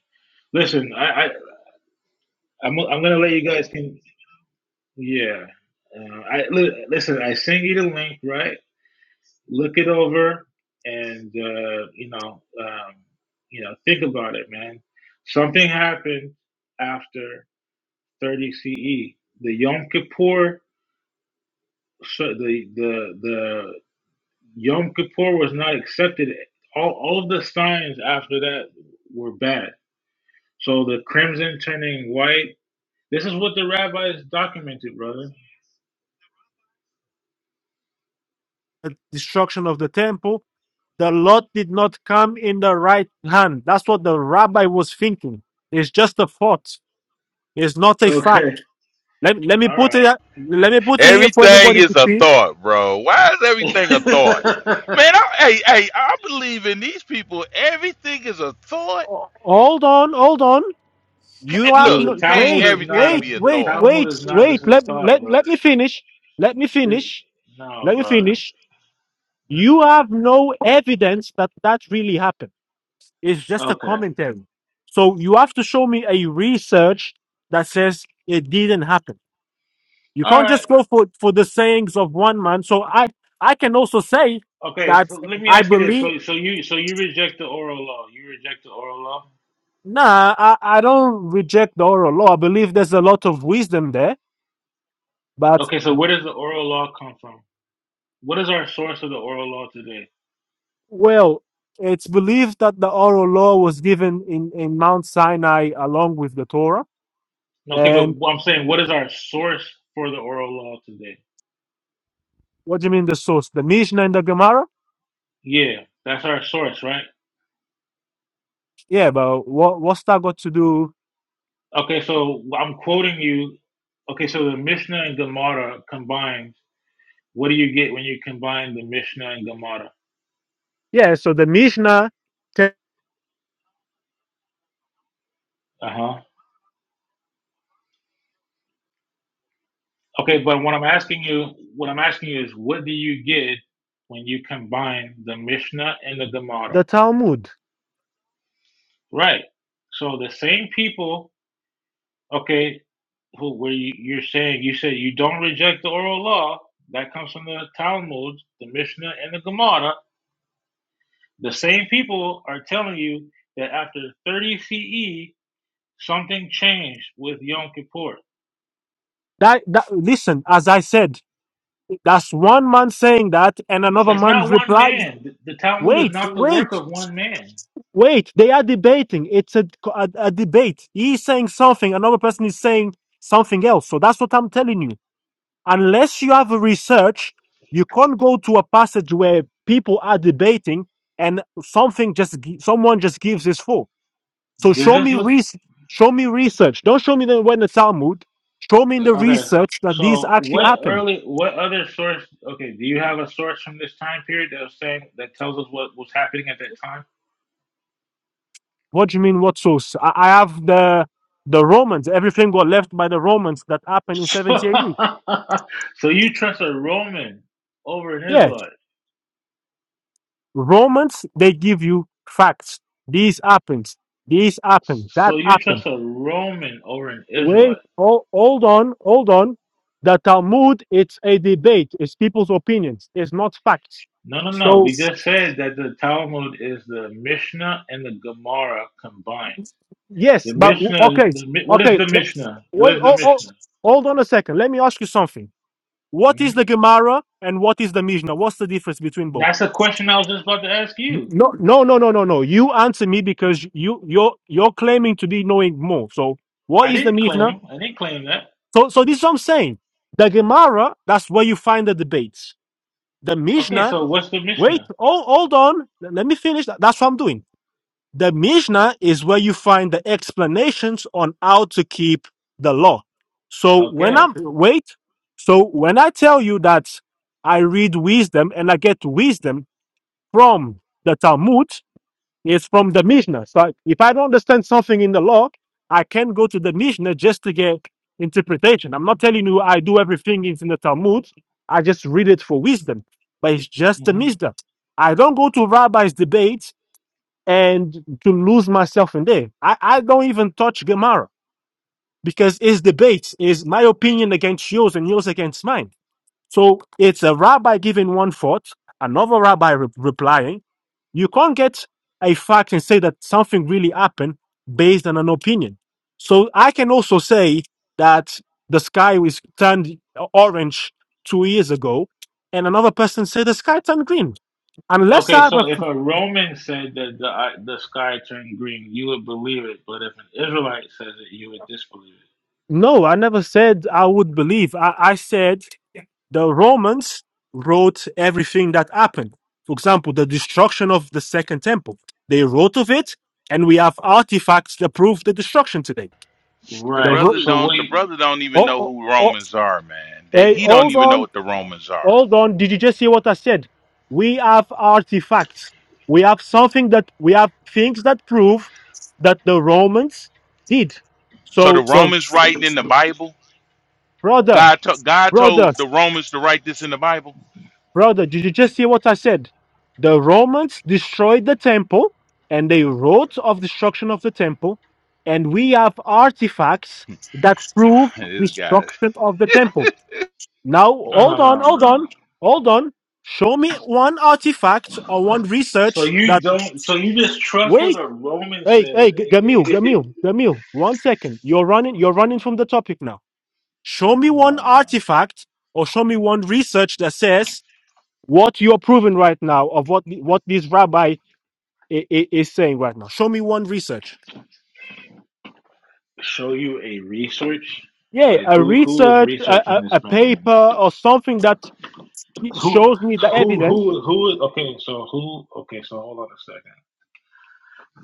Speaker 8: listen, I, I I'm I'm gonna let you guys can. Yeah, uh, I li- listen. I sent you the link, right? Look it over, and uh, you know, um, you know, think about it, man. Something happened after 30 CE. The Yom Kippur, so the the the Yom Kippur was not accepted. All, all of the signs after that were bad. So the crimson turning white. This is what the rabbis documented, brother.
Speaker 1: the destruction of the temple. The lot did not come in the right hand. That's what the rabbi was thinking. It's just a thought. It's not a fact.
Speaker 8: Okay.
Speaker 1: Let, let me
Speaker 8: All
Speaker 1: put
Speaker 8: right.
Speaker 1: it let me put it here for
Speaker 7: Everything
Speaker 1: everybody to
Speaker 7: is a
Speaker 1: see.
Speaker 7: thought, bro. Why is everything a thought? Man, I, hey, hey, I believe in these people. Everything is a thought.
Speaker 1: Oh, Hold on, hold on.
Speaker 7: Ca-
Speaker 1: You have
Speaker 7: Look,
Speaker 8: Dude, the
Speaker 1: no,
Speaker 7: can't
Speaker 8: Talmud
Speaker 1: wait,
Speaker 8: is not
Speaker 7: everything
Speaker 8: a
Speaker 1: wait,
Speaker 7: be a
Speaker 8: the
Speaker 1: wait,
Speaker 7: thought?
Speaker 1: wait,
Speaker 8: Talmud is not just
Speaker 1: wait.
Speaker 8: a
Speaker 1: Let,
Speaker 8: thought,
Speaker 1: let
Speaker 8: brother.
Speaker 1: let me finish. Let me
Speaker 8: It-
Speaker 1: finish.
Speaker 8: no,
Speaker 1: Let me
Speaker 8: brother.
Speaker 1: finish. You have no evidence that that really happened. It's just a
Speaker 8: Okay.
Speaker 1: commentary. So you have to show me a research that says it didn't happen. You
Speaker 8: All
Speaker 1: can't
Speaker 8: right.
Speaker 1: just go for, for the sayings of one man. So I, I can also say
Speaker 8: Okay.
Speaker 1: that
Speaker 8: So let me
Speaker 1: I
Speaker 8: ask you this.
Speaker 1: believe,
Speaker 8: So so you so you reject the oral law. You reject the oral law.
Speaker 1: nah, I, I don't reject the oral law. I believe there's a lot of wisdom there. But,
Speaker 8: Okay. So where does the oral law come from? What is our source of the oral law today?
Speaker 1: well, it's believed that the oral law was given in, in Mount Sinai along with the Torah.
Speaker 8: Okay, but
Speaker 1: And
Speaker 8: I'm saying, what is our source for the oral law today?
Speaker 1: what do you mean the source? The Mishnah and the Gemara?
Speaker 8: Yeah, that's our source, right?
Speaker 1: Yeah, but what, what's that got to do?
Speaker 8: Okay, so I'm quoting you. Okay, so the Mishnah and Gemara combined. What do you get when you combine the Mishnah and Gemara?
Speaker 1: Yeah, so the Mishnah, te-
Speaker 8: Uh huh. Okay, but what I'm asking you, what I'm asking you is, what do you get when you combine the Mishnah and the Gemara?
Speaker 1: the Talmud.
Speaker 8: Right. So the same people. Okay, who where you, you're saying you said you don't reject the oral law that comes from the Talmud, the Mishnah, and the Gemara. The same people are telling you that after 30 CE something changed with Yom Kippur.
Speaker 1: That, that, listen, as I said, That's one man saying that, and another
Speaker 8: That's
Speaker 1: man
Speaker 8: not one
Speaker 1: replies,
Speaker 8: man. The, the Talmud is
Speaker 1: Wait,
Speaker 8: not the work
Speaker 1: wait,
Speaker 8: of one man.
Speaker 1: wait. They are debating. It's a, a, a debate. He's saying something, another person is saying something else. So that's what I'm telling you. Unless you have a research, you can't go to a passage where people are debating and something just gi- someone just gives his full. So
Speaker 8: Does
Speaker 1: show
Speaker 8: this
Speaker 1: me
Speaker 8: look
Speaker 1: res- show me research. Don't show me the when the Talmud. Show me in the
Speaker 8: okay?
Speaker 1: research that these
Speaker 8: So
Speaker 1: actually
Speaker 8: what
Speaker 1: happen.
Speaker 8: early what other source okay, do you have a source from this time period that was saying that tells us what was happening at that time?
Speaker 1: What do you mean? What source? I, I have the the Romans. Everything got left by the Romans that happened in 70 AD.
Speaker 8: So, you trust a Roman over an
Speaker 1: Yeah,
Speaker 8: Israelite.
Speaker 1: Romans. They give you facts. This happened. This happened. That
Speaker 8: So you
Speaker 1: happened.
Speaker 8: trust a Roman over an
Speaker 1: Wait.
Speaker 8: Israelite.
Speaker 1: Oh, hold on. Hold on. The Talmud. It's a debate. It's people's opinions. It's not facts.
Speaker 8: No, no, no.
Speaker 1: So
Speaker 8: We just said that the Talmud is the Mishnah and the Gemara combined.
Speaker 1: yes,
Speaker 8: The
Speaker 1: but
Speaker 8: Mishnah,
Speaker 1: okay,
Speaker 8: the, Mi- what is
Speaker 1: okay.
Speaker 8: the
Speaker 1: Let,
Speaker 8: Mishnah? What
Speaker 1: wait.
Speaker 8: is the
Speaker 1: Oh, oh,
Speaker 8: Mishnah?
Speaker 1: hold on a second. Let me ask you something. What
Speaker 8: Hmm?
Speaker 1: is the Gemara and what is the Mishnah? What's the difference between both?
Speaker 8: That's a question I was just about to ask you.
Speaker 1: No, no, no, no, no, no. You answer me because you you're you're claiming to be knowing more. So what
Speaker 8: I
Speaker 1: is the
Speaker 8: didn't
Speaker 1: Mishnah?
Speaker 8: claim, I didn't claim that.
Speaker 1: So so this is what I'm saying. The Gemara, that's where you find the debates. The
Speaker 8: Okay,
Speaker 1: Mishnah,
Speaker 8: so what's the
Speaker 1: wait,
Speaker 8: Mishnah?
Speaker 1: oh hold on, L- let me finish. That- That's what I'm doing. The Mishnah is where in the essence on how to keep the law. So when
Speaker 8: Okay.
Speaker 1: I'm wait, so when I tell you that I read wisdom and I get wisdom from the Talmud, It's from the Mishnah. So if I don't understand something in the law, I can go to the Mishnah just to get interpretation. I'm not telling you I do everything is in the Talmud. I just read it for wisdom, but it's just the
Speaker 8: hmm
Speaker 1: Mishnah. I don't go to rabbis' debates and to lose myself in there. I, I don't even touch Gemara because it's debates is my opinion against yours and yours against mine. So it's a rabbi giving one thought, another rabbi re- replying you can't get a fact and say that something really happened based on an opinion. So I can also say that the sky was turned orange two years ago, and another person said the sky turned green. Unless
Speaker 8: Okay,
Speaker 1: I have a,
Speaker 8: so if a Roman said that the uh, the sky turned green, you would believe it, but if an Israelite says it, you would disbelieve it.
Speaker 1: no, I never said I would believe. I, I said the Romans wrote everything that happened. For example, the destruction of the Second Temple. They wrote of it, and we have artifacts that prove the destruction today.
Speaker 7: The
Speaker 1: The
Speaker 8: Right.
Speaker 7: brother
Speaker 1: Ro-
Speaker 8: So
Speaker 7: don't. The
Speaker 8: wait,
Speaker 7: brother don't even
Speaker 1: oh,
Speaker 7: know
Speaker 1: oh,
Speaker 7: who Romans are, man. They,
Speaker 1: Hey,
Speaker 7: he don't
Speaker 1: hold
Speaker 7: even know
Speaker 1: on,
Speaker 7: what the Romans are.
Speaker 1: hold on. Did you just hear what I said? We have artifacts. We have something that we have things that prove that the Romans did.
Speaker 7: So the
Speaker 1: So the
Speaker 7: Romans writing in the Bible.
Speaker 1: brother,
Speaker 7: God, to, God
Speaker 1: brother,
Speaker 7: told the Romans to write this in the Bible.
Speaker 1: brother, did you just hear what I said? The Romans destroyed the temple and they wrote of destruction of the temple, and we have artifacts that prove
Speaker 7: this guy.
Speaker 1: destruction of the temple. Now
Speaker 8: I
Speaker 1: hold
Speaker 8: don't
Speaker 1: on,
Speaker 8: know,
Speaker 1: hold
Speaker 8: man.
Speaker 1: on, hold on. Show me one artifact or one
Speaker 8: So you don't. So you just trust
Speaker 1: Wait,
Speaker 8: what a Roman
Speaker 1: hey, hey,
Speaker 8: says?
Speaker 1: G-
Speaker 8: Eh,
Speaker 1: Gamil,
Speaker 8: eh, eh, eh.
Speaker 1: Gamil, Gamil. One second. You're running. You're running from the topic now. Show me
Speaker 8: No, no,
Speaker 1: one
Speaker 8: no.
Speaker 1: artifact or show me one research that says what you're proving right now of what the- what this rabbi is, is saying right now. Show me one research.
Speaker 8: Show you a research.
Speaker 1: Yeah,
Speaker 8: Like
Speaker 1: a
Speaker 8: who who was
Speaker 1: research, a,
Speaker 8: researching
Speaker 1: a,
Speaker 8: this
Speaker 1: a
Speaker 8: back then?
Speaker 1: paper, or something that
Speaker 8: Who
Speaker 1: shows me the
Speaker 8: who
Speaker 1: evidence.
Speaker 8: who who? was- Okay, so who? Okay, so hold on a second.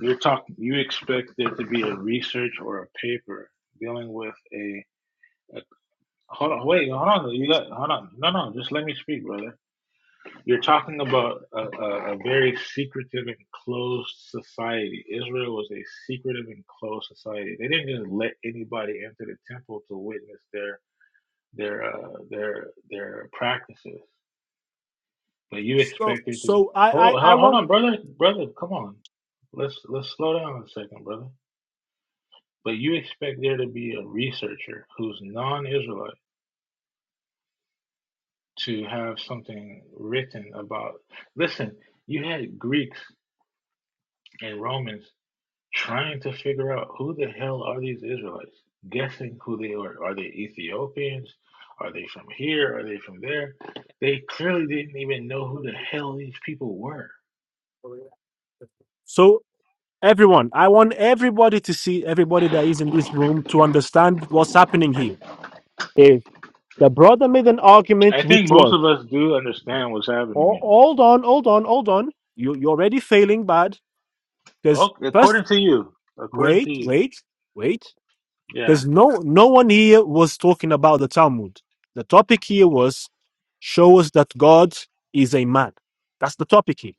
Speaker 8: You're talking. You expect there to be a research or a paper dealing with a Hold on, wait, hold on. You let, hold on. No, no, just let me speak, brother. You're talking about a, a, a very secretive and closed society. Israel was a secretive and closed society. They didn't just let anybody enter the temple to witness their their uh, their their practices. But you
Speaker 1: So,
Speaker 8: expect it to be,
Speaker 1: so I,
Speaker 8: hold,
Speaker 1: I, I
Speaker 8: hold hold
Speaker 1: want.
Speaker 8: on, brother, brother. Come on, let's let's slow down a second, brother. But you expect there to be a researcher who's non-Israelite to have something written about. Listen, you had Greeks and Romans trying to figure out who the hell are these Israelites, guessing who they are. Are they Ethiopians? Are they from here? Are they from there? They clearly didn't even know who the hell these people were.
Speaker 1: So Everyone, I want everybody to see everybody that is in this room to understand what's happening here. If the brother made an
Speaker 8: I
Speaker 1: argument which
Speaker 8: think most
Speaker 1: was,
Speaker 8: of us do understand what's happening
Speaker 1: oh,
Speaker 8: here.
Speaker 1: hold on, hold on, hold on, you, you're already failing bad. Because
Speaker 8: Okay,
Speaker 1: first,
Speaker 8: according to you, according
Speaker 1: wait,
Speaker 8: to you,
Speaker 1: wait, wait.
Speaker 8: yeah.
Speaker 1: Because no, no one here was talking about the Talmud. The topic here was, show us that God is a man. That's the topic here.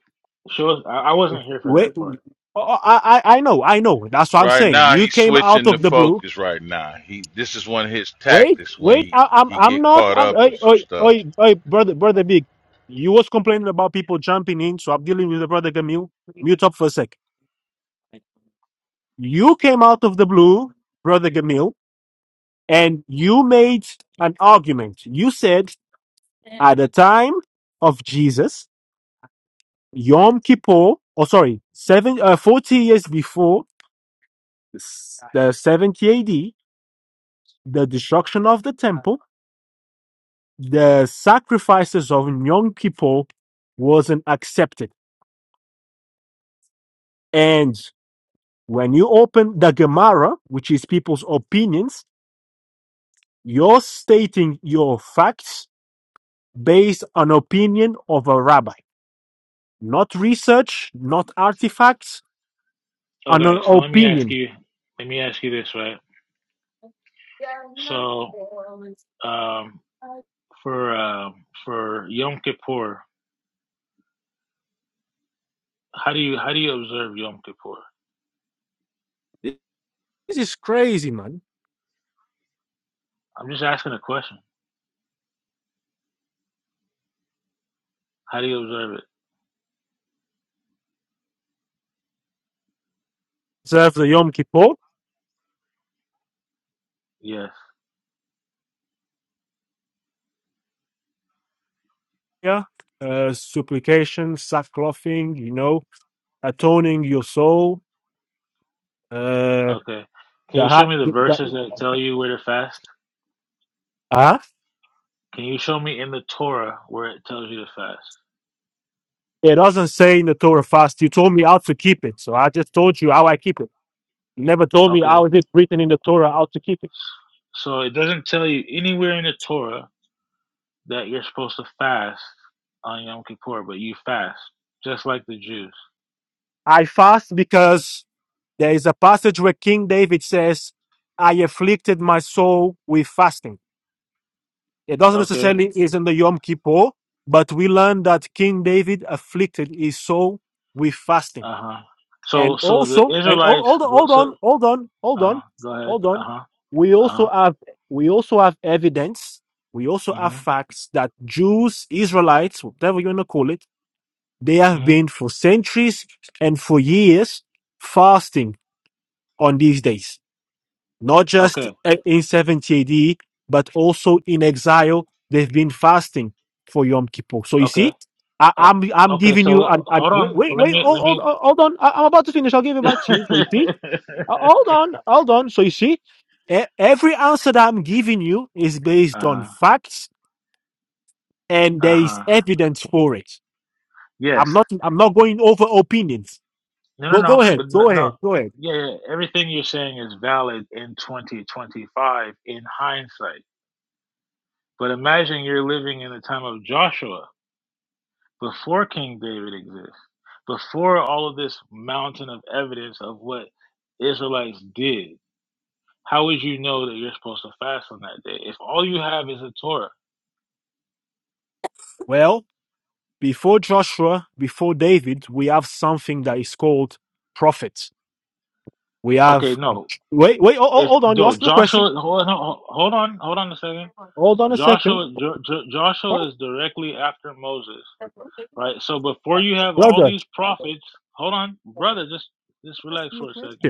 Speaker 8: Show I wasn't here for
Speaker 1: Wait,
Speaker 8: that
Speaker 1: oh,
Speaker 8: part.
Speaker 1: oh, I, I, I know, I know. That's what I'm
Speaker 7: Right
Speaker 1: saying.
Speaker 7: now,
Speaker 1: You
Speaker 7: he's
Speaker 1: came out
Speaker 7: switching the
Speaker 1: of the blue
Speaker 7: focus. Right now, he this is one of his
Speaker 1: Wait,
Speaker 7: tactics when
Speaker 1: wait,
Speaker 7: he
Speaker 1: I, I'm
Speaker 7: he
Speaker 1: I'm
Speaker 7: get
Speaker 1: not
Speaker 7: caught
Speaker 1: I'm
Speaker 7: up in
Speaker 1: hey,
Speaker 7: some
Speaker 1: hey,
Speaker 7: stuff.
Speaker 1: hey, hey, brother brother big. You was complaining about people jumping in, so I'm dealing with the brother Gamil. Mute up for a sec. You came out of the blue, brother Gamil, and you made an argument. You said at the time of Jesus, Yom Kippur, Oh, sorry, seven uh, 40 years before the 70 AD, the destruction of the temple, the sacrifices of Yom Kippur wasn't accepted. and. When you open the Gemara, which is people's opinions, you're stating your facts based on opinion of a rabbi, not research, not artifacts, on
Speaker 8: Okay,
Speaker 1: an
Speaker 8: so let me ask
Speaker 1: opinion.
Speaker 8: you. Let me ask you this, right? So um, for um for Yom Kippur, how do you how do you observe Yom Kippur?
Speaker 1: This is crazy, man.
Speaker 8: I'm just asking a question. How do you observe it?
Speaker 1: Observe the Yom Kippur,
Speaker 8: Yes.
Speaker 1: yeah, uh, supplication, sackclothing, you know, atoning your soul. Uh,
Speaker 8: Okay. Can
Speaker 1: the,
Speaker 8: you show
Speaker 1: ha-
Speaker 8: me the
Speaker 1: the,
Speaker 8: verses that tell
Speaker 1: the
Speaker 8: you where to fast?
Speaker 1: Huh?
Speaker 8: Can you show me in the Torah where it tells you to fast?
Speaker 1: It doesn't say in the Torah fast. You told me how to keep it, so I just told you how I keep it. never told me
Speaker 8: Okay.
Speaker 1: how is it written in the Torah how to keep it.
Speaker 8: So it doesn't tell you anywhere in the Torah that you're supposed to fast on Yom Kippur, but you fast just like the Jews.
Speaker 1: I fast because there is a passage where King David says, I afflicted my soul with fasting. It doesn't
Speaker 8: Okay.
Speaker 1: necessarily is in the Yom Kippur, but we learn that King David afflicted his soul with fasting.
Speaker 8: Uh huh.
Speaker 1: And
Speaker 8: So so the
Speaker 1: also, and oh,
Speaker 8: Israelites.
Speaker 1: hold, on, hold on,
Speaker 8: So
Speaker 1: hold on,
Speaker 8: uh
Speaker 1: hold
Speaker 8: huh.
Speaker 1: on,
Speaker 8: Go ahead.
Speaker 1: hold
Speaker 8: Uh
Speaker 1: on.
Speaker 8: huh.
Speaker 1: We
Speaker 8: Uh huh.
Speaker 1: also have we also have evidence. We also have
Speaker 8: hmm
Speaker 1: facts that Jews, Israelites, whatever you want to call it, They have
Speaker 8: hmm
Speaker 1: been for centuries and for years fasting on these days, not just
Speaker 8: Okay.
Speaker 1: in 70 AD, but also in exile. They've been fasting for Yom Kippur. So you
Speaker 8: Okay.
Speaker 1: see, I,
Speaker 8: Uh,
Speaker 1: I'm I'm
Speaker 8: okay.
Speaker 1: giving you
Speaker 8: So uh,
Speaker 1: an, an
Speaker 8: hold
Speaker 1: wait
Speaker 8: on.
Speaker 1: wait
Speaker 8: Let
Speaker 1: wait
Speaker 8: me.
Speaker 1: hold,
Speaker 8: Let
Speaker 1: hold,
Speaker 8: me.
Speaker 1: hold hold on. I, I'm about to finish. I'll give it back to
Speaker 8: uh
Speaker 1: you. So you see, Uh, hold on, hold on. So you see, e- every answer that I'm giving you is based on
Speaker 8: huh.
Speaker 1: facts and
Speaker 8: Uh
Speaker 1: there is
Speaker 8: huh.
Speaker 1: evidence for it. I'm
Speaker 8: Yes.
Speaker 1: not I'm not going over opinions.
Speaker 8: No. No.
Speaker 1: Well, go
Speaker 8: No. But
Speaker 1: ahead.
Speaker 8: no.
Speaker 1: Go
Speaker 8: no.
Speaker 1: ahead. Go ahead.
Speaker 8: Yeah, yeah. Everything you're saying is valid in 2025 in hindsight. But imagine you're living in the time of Joshua before King David exists, before all of this mountain of evidence of what Israelites did. How would you know that you're supposed to fast on that day if all you have is a Torah?
Speaker 1: Well, before Joshua, before David, we have something that is called prophets. We
Speaker 8: Okay,
Speaker 1: have.
Speaker 8: no.
Speaker 1: Wait, wait. Oh, oh,
Speaker 8: If
Speaker 1: hold on. You
Speaker 8: no,
Speaker 1: asked me a question.
Speaker 8: Joshua, hold on, hold on, hold on a second.
Speaker 1: Hold on a second.
Speaker 8: Joshua, jo, jo, Joshua is directly after Moses, right? So before you have all
Speaker 1: Brother.
Speaker 8: these prophets, hold on, brother, just just relax for a second.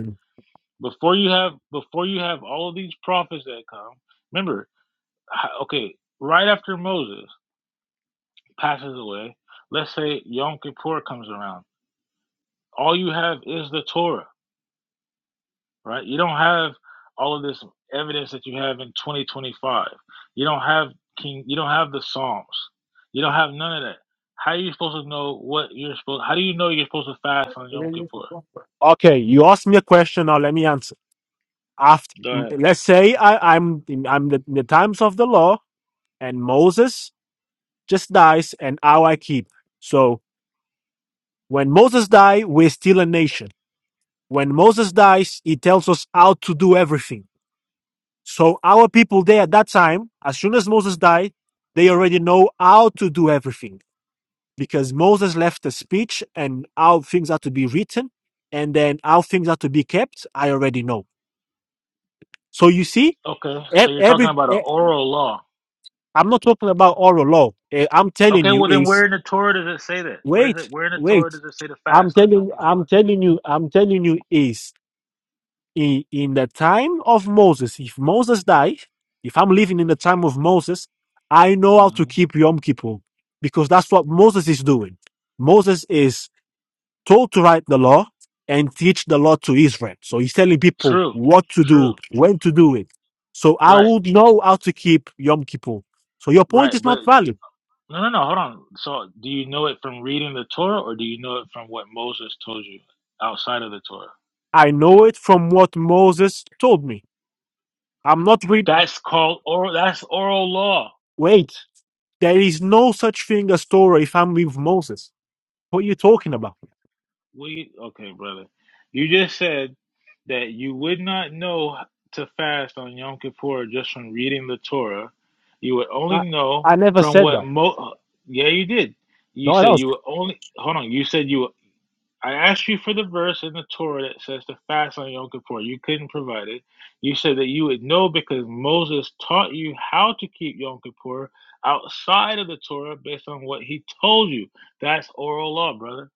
Speaker 8: Before you have before you have all of these prophets that come, remember, h- okay, right after Moses passes away, let's say Yom Kippur comes around, all you have is the Torah right? You don't have all of this evidence that you have in 2025. You don't have King. You don't have the Psalms. You don't have none of that. How are you supposed to know what you're supposed? How do you know you're supposed to fast on Yom Kippur?
Speaker 1: Okay, you asked me a question. Now let me answer. After,
Speaker 8: Go ahead.
Speaker 1: let's say I, I'm I'm the, in the times of the law, and Moses just dies, and how I keep. So when Moses dies, we're still a nation. When Moses dies, he tells us how to do everything. So our people there at that time, as soon as Moses died, they already know how to do everything because Moses left a speech and how things are to be written and then how things are to be kept. I already know. So you see,
Speaker 8: Okay,
Speaker 1: e-
Speaker 8: so you're talking
Speaker 1: every,
Speaker 8: about an
Speaker 1: e-
Speaker 8: oral law.
Speaker 1: I'm not talking about oral law. Eh, I'm telling
Speaker 8: Okay,
Speaker 1: you
Speaker 8: well then, where
Speaker 1: is
Speaker 8: in the Torah does it say that? What is
Speaker 1: wait,
Speaker 8: it? Where in the Torah
Speaker 1: wait.
Speaker 8: does it say to
Speaker 1: I'm
Speaker 8: fast on Yom
Speaker 1: telling, I'm
Speaker 8: Kippur?
Speaker 1: telling you, I'm telling you is in, in the time of Moses, if Moses died, if I'm living in the time of Moses, I know how to
Speaker 8: hmm
Speaker 1: keep Yom Kippur because that's what Moses is doing. Moses is told to write the law and teach the law to Israel. So he's telling people
Speaker 8: True,
Speaker 1: what to do,
Speaker 8: true.
Speaker 1: when to do it. So I
Speaker 8: Right,
Speaker 1: would know how to keep Yom Kippur. So your point
Speaker 8: right.
Speaker 1: is
Speaker 8: But
Speaker 1: not valid.
Speaker 8: No, no, no. Hold on. So, do you know it from reading the Torah, or do you know it from what Moses told you outside of the Torah?
Speaker 1: I know it from what Moses told me. I'm not read.
Speaker 8: That's called oral. That's oral law.
Speaker 1: Wait, there is no such thing as Torah if I'm with Moses. What are you talking about?
Speaker 8: We okay, brother. You just said that you would not know to fast on Yom Kippur just from reading the Torah. You would only
Speaker 1: I,
Speaker 8: know
Speaker 1: I never
Speaker 8: from
Speaker 1: said
Speaker 8: what
Speaker 1: that.
Speaker 8: Mo. Yeah, you did. You
Speaker 1: No one
Speaker 8: said
Speaker 1: else.
Speaker 8: you would only. Hold on. You said you would I asked you for the verse in the Torah that says to fast on Yom Kippur. You couldn't provide it. You said that you would know because Moses taught you how to keep Yom Kippur outside of the Torah based on what he told you. That's oral law, brother.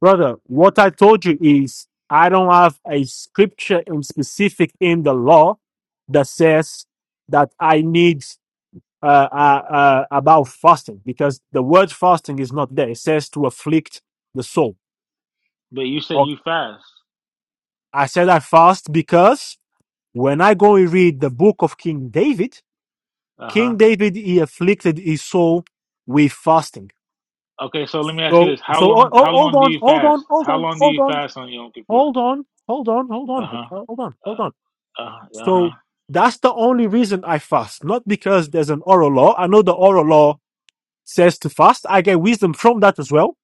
Speaker 1: Brother, what I told you is I don't have a scripture in specific in the law that says that I need uh, uh, uh, about fasting because the word fasting is not there. It says to afflict the soul.
Speaker 8: But you said
Speaker 1: Or
Speaker 8: you fast.
Speaker 1: I said I fast because when I go and read the book of King David,
Speaker 8: Uh huh.
Speaker 1: King David, he afflicted his soul with fasting.
Speaker 8: Okay, so let me ask you
Speaker 1: So,
Speaker 8: this: How
Speaker 1: so ho-
Speaker 8: long? How
Speaker 1: ho- hold
Speaker 8: long do
Speaker 1: on,
Speaker 8: you
Speaker 1: hold
Speaker 8: fast?
Speaker 1: on, hold
Speaker 8: How
Speaker 1: on,
Speaker 8: long do
Speaker 1: hold
Speaker 8: you
Speaker 1: on.
Speaker 8: fast on Yom Kippur?
Speaker 1: hold on, hold on, hold
Speaker 8: Uh
Speaker 1: on, but
Speaker 8: huh.
Speaker 1: uh, hold on,
Speaker 8: Uh
Speaker 1: hold on.
Speaker 8: huh. Uh huh.
Speaker 1: So that's the only reason I fast, not because there's an oral law. I know the oral law says to fast. I get wisdom from that as well.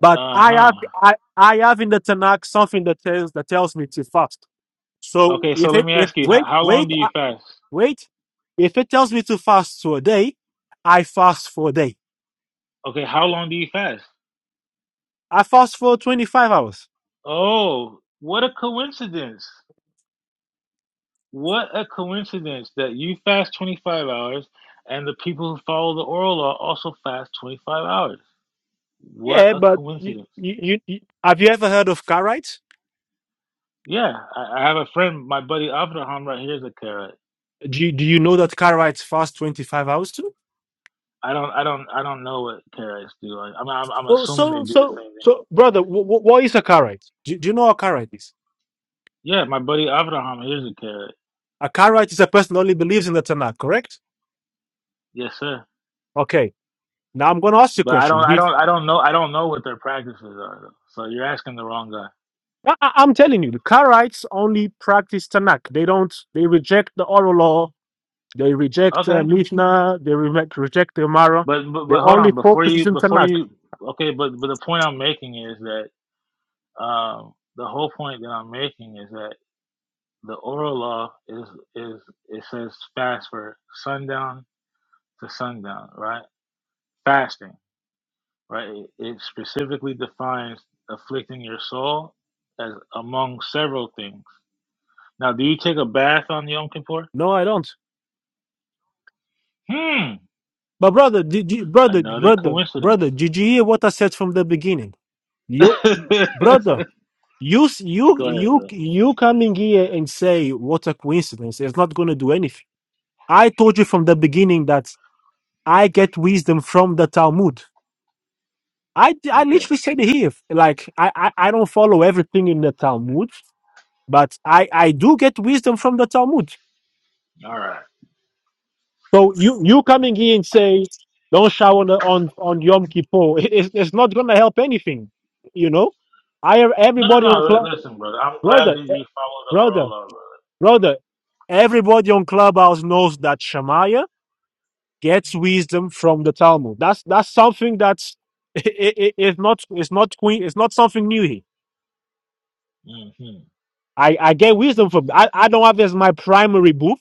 Speaker 1: But I
Speaker 8: Uh huh.
Speaker 1: have, I, I have in the Tanakh something that tells that tells me to fast. So
Speaker 8: Okay, so
Speaker 1: if
Speaker 8: let
Speaker 1: it,
Speaker 8: me
Speaker 1: if
Speaker 8: ask you: How
Speaker 1: wait,
Speaker 8: how long
Speaker 1: wait,
Speaker 8: do you
Speaker 1: uh,
Speaker 8: fast?
Speaker 1: wait, if it tells me to fast for a day, I fast for a day.
Speaker 8: Okay, how long do you fast?
Speaker 1: I fast for 25 hours.
Speaker 8: Oh, what a coincidence. What a coincidence that you fast 25 hours and the people who follow the oral law also fast 25 hours. What
Speaker 1: Yeah,
Speaker 8: a
Speaker 1: but you,
Speaker 8: coincidence.
Speaker 1: you, you, you- have you ever heard of Karite?
Speaker 8: Yeah, I, I have a friend, my buddy Avraham right here is a Karaite.
Speaker 1: Do you, do you know that car rides fast 25 hours too?
Speaker 8: I don't I don't I don't know what Karaites do. I, I'm, I'm I'm
Speaker 1: So,
Speaker 8: assuming they
Speaker 1: so,
Speaker 8: do the
Speaker 1: so,
Speaker 8: same thing.
Speaker 1: so brother, w- what is a car ride? Do, do you know what a car ride is?
Speaker 8: Yeah, my buddy Avraham here's a Karaite.
Speaker 1: A car ride is a person who only believes in the Tanakh, correct?
Speaker 8: Yes, sir.
Speaker 1: Okay. Now I'm going to ask you a
Speaker 8: But I
Speaker 1: question.
Speaker 8: don't I
Speaker 1: Did,
Speaker 8: don't I don't know I don't know what their practices are though. So you're asking the wrong guy.
Speaker 1: I, I- I'm telling you, the car rides only practice Tanakh. They don't, they reject the oral law. They reject uh,
Speaker 8: Okay,
Speaker 1: Mishnah. They re- reject the Gemara.
Speaker 8: But, but
Speaker 1: They
Speaker 8: but hold on
Speaker 1: only
Speaker 8: before
Speaker 1: focus
Speaker 8: you
Speaker 1: on
Speaker 8: before
Speaker 1: Tanakh.
Speaker 8: you okay but but the point I'm making is that um the whole point that I'm making is that the oral law is is it says fast for sundown to sundown right fasting right it, it specifically defines afflicting your soul as among several things now do you take a bath on Yom Kippur
Speaker 1: No, I don't.
Speaker 8: hmm
Speaker 1: But brother, did you, brother,
Speaker 8: another
Speaker 1: brother,
Speaker 8: coincidence
Speaker 1: brother, did you hear what I said from the beginning?
Speaker 8: go
Speaker 1: You, brother, You s- you
Speaker 8: ahead
Speaker 1: you
Speaker 8: bro.
Speaker 1: you coming here and say what a coincidence. It's not going to do anything. I told you from the beginning that I get wisdom from the Talmud. I I
Speaker 8: okay
Speaker 1: literally said it here. Like I I, I don't follow everything in the Talmud, but I I do get wisdom from the Talmud.
Speaker 8: all right.
Speaker 1: So you you coming here and say don't shower on the- on, on Yom Kippur. It's, it's not going to help anything. You know, I
Speaker 8: No, no,
Speaker 1: everybody on
Speaker 8: no. li-
Speaker 1: cl-
Speaker 8: Listen, brother. I'm glad
Speaker 1: brother
Speaker 8: that
Speaker 1: eh,
Speaker 8: you follow the
Speaker 1: brother.
Speaker 8: oral law,
Speaker 1: Brother, everybody on Clubhouse knows that Shemaiah gets wisdom from the Talmud. That's that's something that's it, it, it's not it's not queen it's not something new here.
Speaker 8: brother. hmm
Speaker 1: I, I get wisdom from I, I don't have it as my primary book.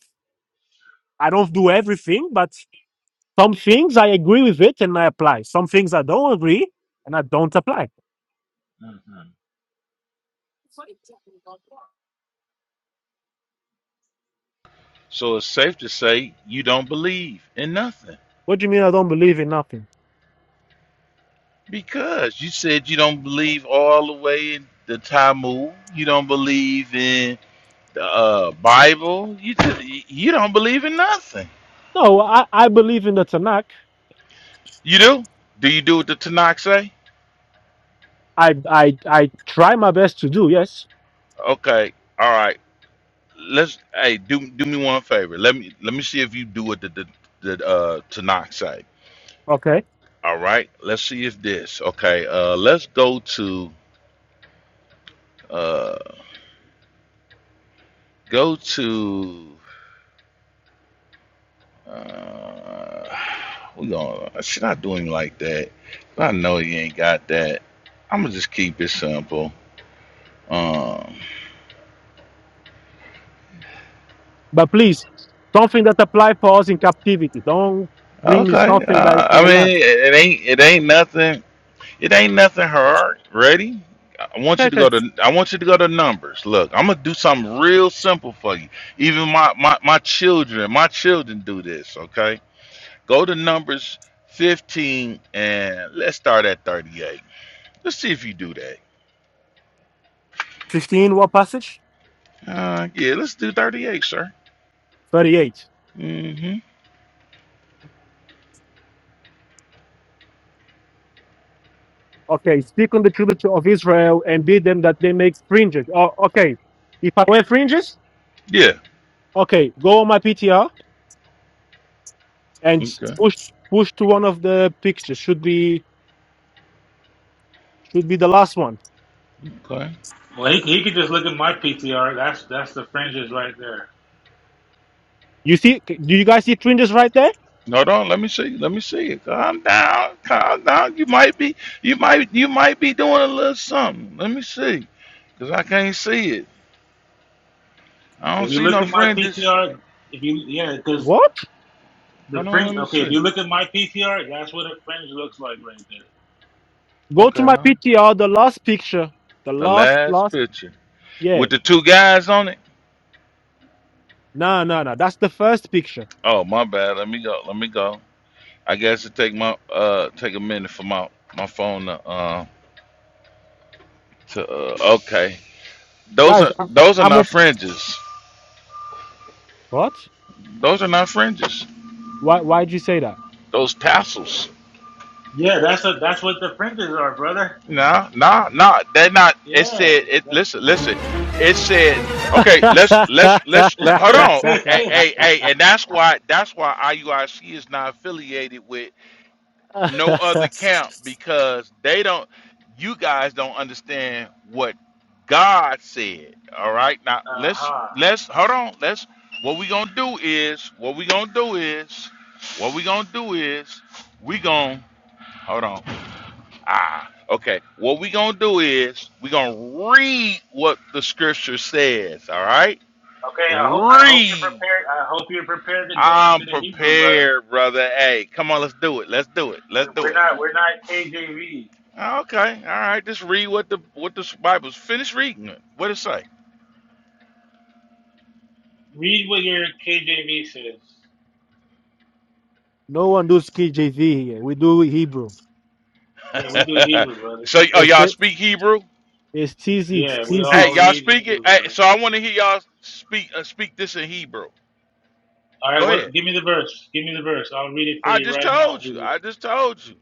Speaker 1: I don't do everything, but some things I agree with it and I apply. Some things I don't agree and I don't apply.
Speaker 8: hmm
Speaker 7: So it's safe to say you don't believe in nothing
Speaker 1: What do you mean I don't believe in nothing?
Speaker 7: because you said you don't believe all the way in the Talmud. You don't believe in the uh, Bible. You just, you don't believe in nothing.
Speaker 1: No, I, I believe in the Tanakh.
Speaker 7: You do? Do you do what the Tanakh say?
Speaker 1: I I I try my best to do, yes.
Speaker 7: Okay, all right. Let's hey do do me one favor. Let me let me see if you do what the the, the uh, Tanakh say
Speaker 1: Okay.
Speaker 7: All right, let's see if this. Okay, uh, let's go to uh, go to. Uh, we gonna should I do him like that? I know he ain't got that. I'm gonna just keep it simple. Um,
Speaker 1: But please, something that apply for us in captivity. Don't bring me
Speaker 7: okay.
Speaker 1: something that is
Speaker 7: Uh,
Speaker 1: for
Speaker 7: I
Speaker 1: the land.
Speaker 7: mean, it, it ain't it ain't nothing. It ain't nothing hard. Ready? I want you
Speaker 1: Okay,
Speaker 7: to
Speaker 1: okay.
Speaker 7: go to. I want you to go to numbers. Look, I'm gonna do something real simple for you. Even my my my children, my children do this. Okay Go to Numbers 15 and let's start at 38. Let's see if you do that.
Speaker 1: 15, what passage?
Speaker 7: Uh, yeah, let's do 38, sir.
Speaker 1: 38.
Speaker 7: Mm-hmm.
Speaker 1: Okay, speak on the tribute of Israel and bid them that they make fringes. Oh, okay. If I wear fringes,
Speaker 7: Yeah.
Speaker 1: okay, go on my PTR and
Speaker 7: Okay.
Speaker 1: push push to one of the pictures. Should be should be the last one.
Speaker 7: Okay.
Speaker 8: Well, he, he could just look at my PTR. That's that's the fringes right there.
Speaker 1: You see, do you guys see fringes right there?
Speaker 7: Hold on. Let me see. Let me see it. Calm down. Calm down. You might be. You might. You might be doing a little something. Let me see, cause I can't see it. I don't
Speaker 8: If you
Speaker 7: see
Speaker 8: look
Speaker 7: no
Speaker 8: at my
Speaker 7: fringes.
Speaker 8: PTR, if you yeah, because
Speaker 1: What?
Speaker 8: the
Speaker 7: Hold on. Let
Speaker 8: fringe.
Speaker 7: me
Speaker 8: Okay, if you
Speaker 7: see.
Speaker 8: look at my PTR, that's what a fringe looks like right there.
Speaker 1: Go to
Speaker 7: Okay.
Speaker 1: my
Speaker 7: huh?
Speaker 1: PTR, the last picture. The
Speaker 7: The
Speaker 1: last,
Speaker 7: last
Speaker 1: last,
Speaker 7: picture
Speaker 1: yeah.
Speaker 7: with the two guys on it.
Speaker 1: No, no, no. That's the first picture.
Speaker 7: Oh my bad. Let me go. Let me go. I guess it take my uh take a minute for my my phone to uh to uh, okay. Those
Speaker 1: Guys,
Speaker 7: are
Speaker 1: I, I-
Speaker 7: those are
Speaker 1: I'm a
Speaker 7: not fringes.
Speaker 1: what?
Speaker 7: Those are not fringes.
Speaker 1: Why why'd you say that?
Speaker 7: Those tassels.
Speaker 8: Yeah, that's a that's what the fringes are, brother.
Speaker 7: Nah, nah, nah. They're not. It
Speaker 8: Yeah.
Speaker 7: said it. Listen, listen. It said okay. Let's let's let's
Speaker 8: uh
Speaker 7: let, hold on. Hey, hey, hey, and that's why that's why IUIC is not affiliated with. no other camp because they don't you guys don't understand what God said. All right. Now let's
Speaker 8: huh.
Speaker 7: let's hold on. Let's what we gonna do is what we gonna do is what we gonna do is we gonna hold on. Ah, okay. What we gonna do is we gonna read what the scripture says, all right?
Speaker 8: Okay. I hope I hope you're
Speaker 7: Read.
Speaker 8: prepared. I hope you're prepared to go
Speaker 7: I'm
Speaker 8: into the Hebrew, brother.
Speaker 7: prepared, brother. Hey, come on, let's do it. Let's do it.
Speaker 8: We,
Speaker 7: Let's do it.
Speaker 8: we're not we're not KJV.
Speaker 7: Oh, Okay, all right. Just read what the what the Bible's. Finish reading it. What it say?
Speaker 8: Read what your KJV says.
Speaker 1: no one do KJV here. We do Hebrew.
Speaker 8: Yeah, we do Hebrew, brother.
Speaker 7: so, oh,
Speaker 1: It's
Speaker 7: y'all
Speaker 1: it.
Speaker 7: speak Hebrew?
Speaker 1: It's TZ. It's
Speaker 8: Yeah, we
Speaker 1: TZ.
Speaker 7: Hey,
Speaker 8: all
Speaker 7: y'all
Speaker 8: read
Speaker 7: speak it.
Speaker 8: Hebrew,
Speaker 7: Hey,
Speaker 8: brother.
Speaker 7: so I want to hear y'all speak uh, speak this in Hebrew.
Speaker 8: All right,
Speaker 7: Go
Speaker 8: what?
Speaker 7: ahead.
Speaker 8: Give me the verse. Give me the verse. I'll read it for
Speaker 7: I
Speaker 8: you
Speaker 7: just
Speaker 8: right now in
Speaker 7: told you.
Speaker 8: Hebrew.
Speaker 7: I just told you.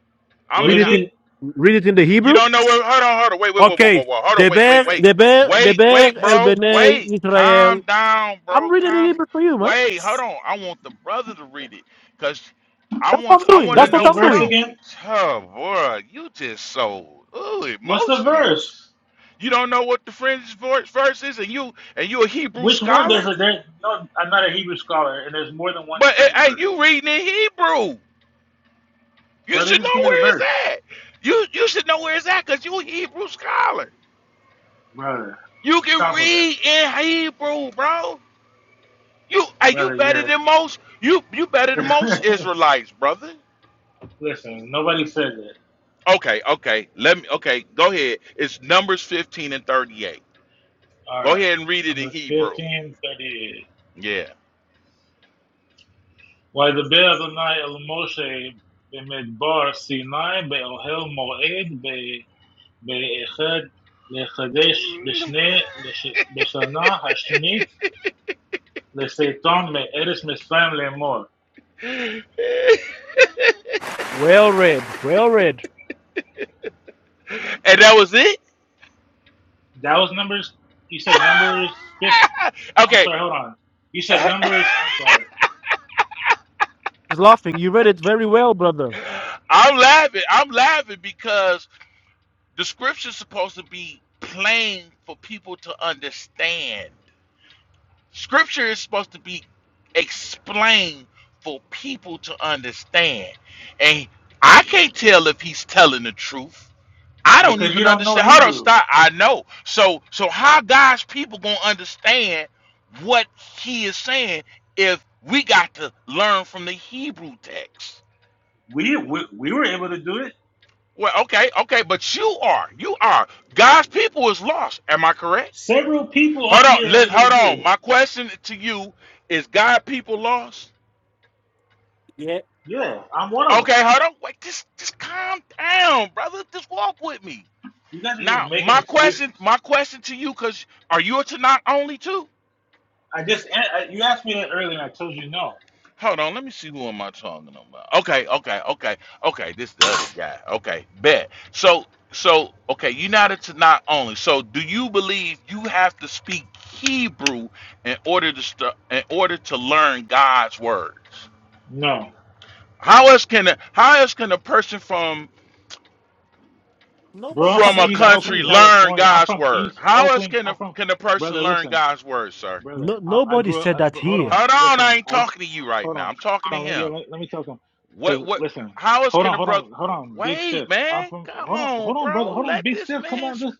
Speaker 7: I'm.
Speaker 8: What
Speaker 1: Read
Speaker 8: is
Speaker 1: it
Speaker 8: it?
Speaker 1: in read it in the
Speaker 7: You
Speaker 1: Hebrew.
Speaker 7: don't know where. Hold on, hold on. Wait, wait, wait, wait,
Speaker 1: Okay.
Speaker 7: wait, wait. Hold on. Wait,
Speaker 1: Deber
Speaker 7: wait, wait,
Speaker 1: Deber
Speaker 7: wait,
Speaker 1: Deber
Speaker 7: wait,
Speaker 1: El
Speaker 7: bro.
Speaker 1: Bnei
Speaker 7: Wait. Calm
Speaker 1: Israel.
Speaker 7: down,
Speaker 1: I'm
Speaker 7: bro.
Speaker 1: reading the
Speaker 7: Calm.
Speaker 1: Hebrew for you, man.
Speaker 7: Wait. Hold on. I want the brother to read it because I
Speaker 1: That's what I'm
Speaker 7: want. I
Speaker 1: doing.
Speaker 7: want to
Speaker 1: That's
Speaker 8: What's
Speaker 1: what
Speaker 7: know.
Speaker 8: the
Speaker 1: I'm
Speaker 7: Hold
Speaker 8: verse
Speaker 7: on.
Speaker 1: doing.
Speaker 8: again?
Speaker 7: Oh boy, you just so ooh,
Speaker 8: What's the
Speaker 7: emotional.
Speaker 8: verse?
Speaker 7: You don't know what the fringe verse verse is, and you and you a Hebrew
Speaker 8: Which one does
Speaker 7: scholar.
Speaker 8: it? There, no, I'm not a Hebrew scholar, and there's more than one
Speaker 7: But eh,
Speaker 8: fringe
Speaker 7: hey,
Speaker 8: verse.
Speaker 7: you reading in Hebrew. You
Speaker 8: Brother,
Speaker 7: should
Speaker 8: just
Speaker 7: know
Speaker 8: give me the
Speaker 7: where it's
Speaker 8: verse.
Speaker 7: at. You you should know where it's at because you a Hebrew scholar.
Speaker 8: Brother,
Speaker 7: You can
Speaker 8: stop with it.
Speaker 7: read in Hebrew, bro. You are you
Speaker 8: Brother,
Speaker 7: better
Speaker 8: you're.
Speaker 7: than most? You you better than most Israelites, brother.
Speaker 8: Listen, nobody says it.
Speaker 7: Okay, okay. Let me okay, go ahead. It's numbers 15 and 38.
Speaker 8: All
Speaker 7: Go
Speaker 8: right,
Speaker 7: ahead and read it in
Speaker 8: Numbers
Speaker 7: Hebrew.
Speaker 8: 15 38.
Speaker 7: Yeah.
Speaker 8: Why דבר אדוני אל משה במדבר סיני באוהל מועד ב- באחד לחדש בשני לש- בשנה השנית לסרטון מארץ מצרים לאמור.
Speaker 7: and
Speaker 1: Well read. Well read.
Speaker 7: that was it?
Speaker 8: That was numbers, you said numbers six, I'm
Speaker 7: okay.
Speaker 8: sorry, hold on. You said numbers, I'm sorry,
Speaker 1: He's laughing. You read it very well, brother.
Speaker 7: I'm laughing. I'm laughing because. The scripture is supposed to be plain for people to understand. Scripture is supposed to be explained for people to understand. And I can't tell if he's telling the truth. I don't
Speaker 8: because you
Speaker 7: even
Speaker 8: don't know
Speaker 7: understand. Hold on,
Speaker 8: Hebrew.
Speaker 7: stop. I know. So so how God's people gonna understand what he is saying if we got to learn from the Hebrew text?
Speaker 8: We, we, we were able to do it.
Speaker 7: Well, okay, okay, but you are. You are. God's people is lost. Am I correct?
Speaker 8: Several people
Speaker 7: Hold
Speaker 8: on
Speaker 7: on.
Speaker 8: here are
Speaker 7: Let
Speaker 8: able
Speaker 7: hold
Speaker 8: to do
Speaker 7: on.
Speaker 8: it.
Speaker 7: My question to you is: God, people lost.
Speaker 1: Yeah.
Speaker 8: Yeah, I'm one of them.
Speaker 7: Okay, hold on. Wait, just just calm down, brother. Just walk with me.
Speaker 8: You guys are just
Speaker 7: Now,
Speaker 8: making
Speaker 7: my question,
Speaker 8: excuses.
Speaker 7: my question to you, cause are you a Tanakh only too?
Speaker 8: I just I, you asked me that earlier, and I told you no,
Speaker 7: Hold on, let me see who am I talking about. Okay, okay, okay, okay. This the other guy. Okay, bet. So, so okay, you're not a Tanakh only. So, do you believe you have to speak Hebrew in order to stu- in order to learn God's words?
Speaker 8: no,
Speaker 7: How else can a, how else can a person from
Speaker 8: bro. I'm
Speaker 1: Nobody
Speaker 8: from
Speaker 7: from a
Speaker 1: said
Speaker 8: East
Speaker 1: that
Speaker 8: Oakland,
Speaker 7: country
Speaker 1: here.
Speaker 7: learn
Speaker 8: California. I'm
Speaker 7: God's
Speaker 8: from
Speaker 7: word?
Speaker 8: East
Speaker 7: How else
Speaker 8: Oakland.
Speaker 7: can a,
Speaker 8: I'm from
Speaker 7: can a person
Speaker 8: brother.
Speaker 7: learn
Speaker 8: Listen,
Speaker 7: God's word, sir?
Speaker 8: brother.
Speaker 1: No,
Speaker 8: I, I
Speaker 1: nobody
Speaker 8: grew up.
Speaker 1: said
Speaker 8: I,
Speaker 1: that
Speaker 8: but hold
Speaker 1: here.
Speaker 8: on.
Speaker 7: Hold on, I
Speaker 8: Listen.
Speaker 7: ain't
Speaker 8: I
Speaker 7: talking to you right
Speaker 8: hold
Speaker 7: now.
Speaker 8: on.
Speaker 7: I'm talking to
Speaker 8: Hold on. Let, yeah,
Speaker 7: him.
Speaker 8: let, let me tell something.
Speaker 7: What
Speaker 8: Cause
Speaker 7: what?
Speaker 8: listen.
Speaker 7: How else
Speaker 8: Hold
Speaker 7: can
Speaker 8: on.
Speaker 7: a
Speaker 8: Hold
Speaker 7: brother?
Speaker 8: on. Hold on. Big
Speaker 7: Wait,
Speaker 8: stiff. I'm
Speaker 7: man,
Speaker 8: from.
Speaker 7: come
Speaker 8: Hold on.
Speaker 7: on,
Speaker 8: Hold on, brother.
Speaker 7: bro.
Speaker 8: Hold on.
Speaker 7: Let
Speaker 8: Big
Speaker 7: this
Speaker 8: stiff. Come
Speaker 7: man.
Speaker 8: on.
Speaker 7: Sp-
Speaker 8: This.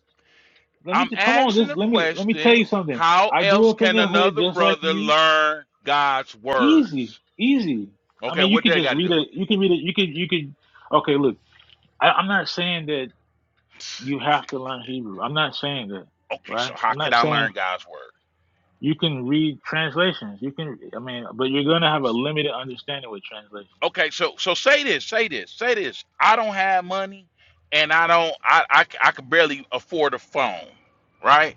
Speaker 8: Let me.
Speaker 7: I'm
Speaker 8: Just, Come on.
Speaker 7: asking
Speaker 8: This.
Speaker 7: a
Speaker 8: Let me. Let me tell
Speaker 7: question.
Speaker 8: you something.
Speaker 7: How
Speaker 8: I grew
Speaker 7: else
Speaker 8: up in
Speaker 7: can
Speaker 8: the hood
Speaker 7: another
Speaker 8: just like
Speaker 7: brother
Speaker 8: you.
Speaker 7: learn God's
Speaker 8: Easy.
Speaker 7: words?
Speaker 8: Easy. I
Speaker 7: Okay,
Speaker 8: mean, you
Speaker 7: what
Speaker 8: could
Speaker 7: they
Speaker 8: just
Speaker 7: got to
Speaker 8: read
Speaker 7: do?
Speaker 8: it. You can read it. You could. You could. Okay. Look. I, I'm not saying that you have to learn Hebrew. I'm not saying that,
Speaker 7: Okay,
Speaker 8: right?
Speaker 7: so how
Speaker 8: I'm
Speaker 7: can
Speaker 8: not
Speaker 7: I
Speaker 8: saying
Speaker 7: learn God's word?
Speaker 8: you can read translations. You can, I mean, but you're going to have a limited understanding with translation.
Speaker 7: Okay, so so say this, say this, say this. I don't have money, and I don't, I, I, c- I can barely afford a phone, right?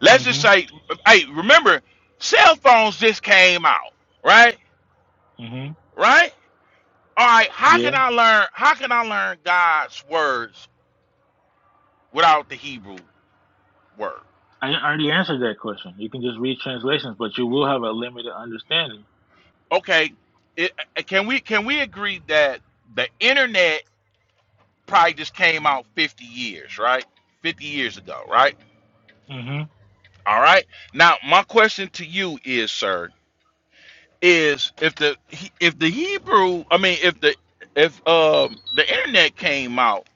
Speaker 7: Let's just
Speaker 8: Mm-hmm.
Speaker 7: say, hey, remember, cell phones just came out, right?
Speaker 8: Mm-hmm.
Speaker 7: Right? All right. How can
Speaker 8: Yeah.
Speaker 7: I learn? How can I learn God's words without the Hebrew word?
Speaker 8: I already answered that question. You can just read translations, but you will have a limited understanding.
Speaker 7: Okay, it, uh, can we can we agree that the internet probably just came out fifty years, right? Fifty years ago, right?
Speaker 8: hmm
Speaker 7: All right. Now, my question to you is, sir, is if the He- if the Hebrew, I mean, if the if um the internet came out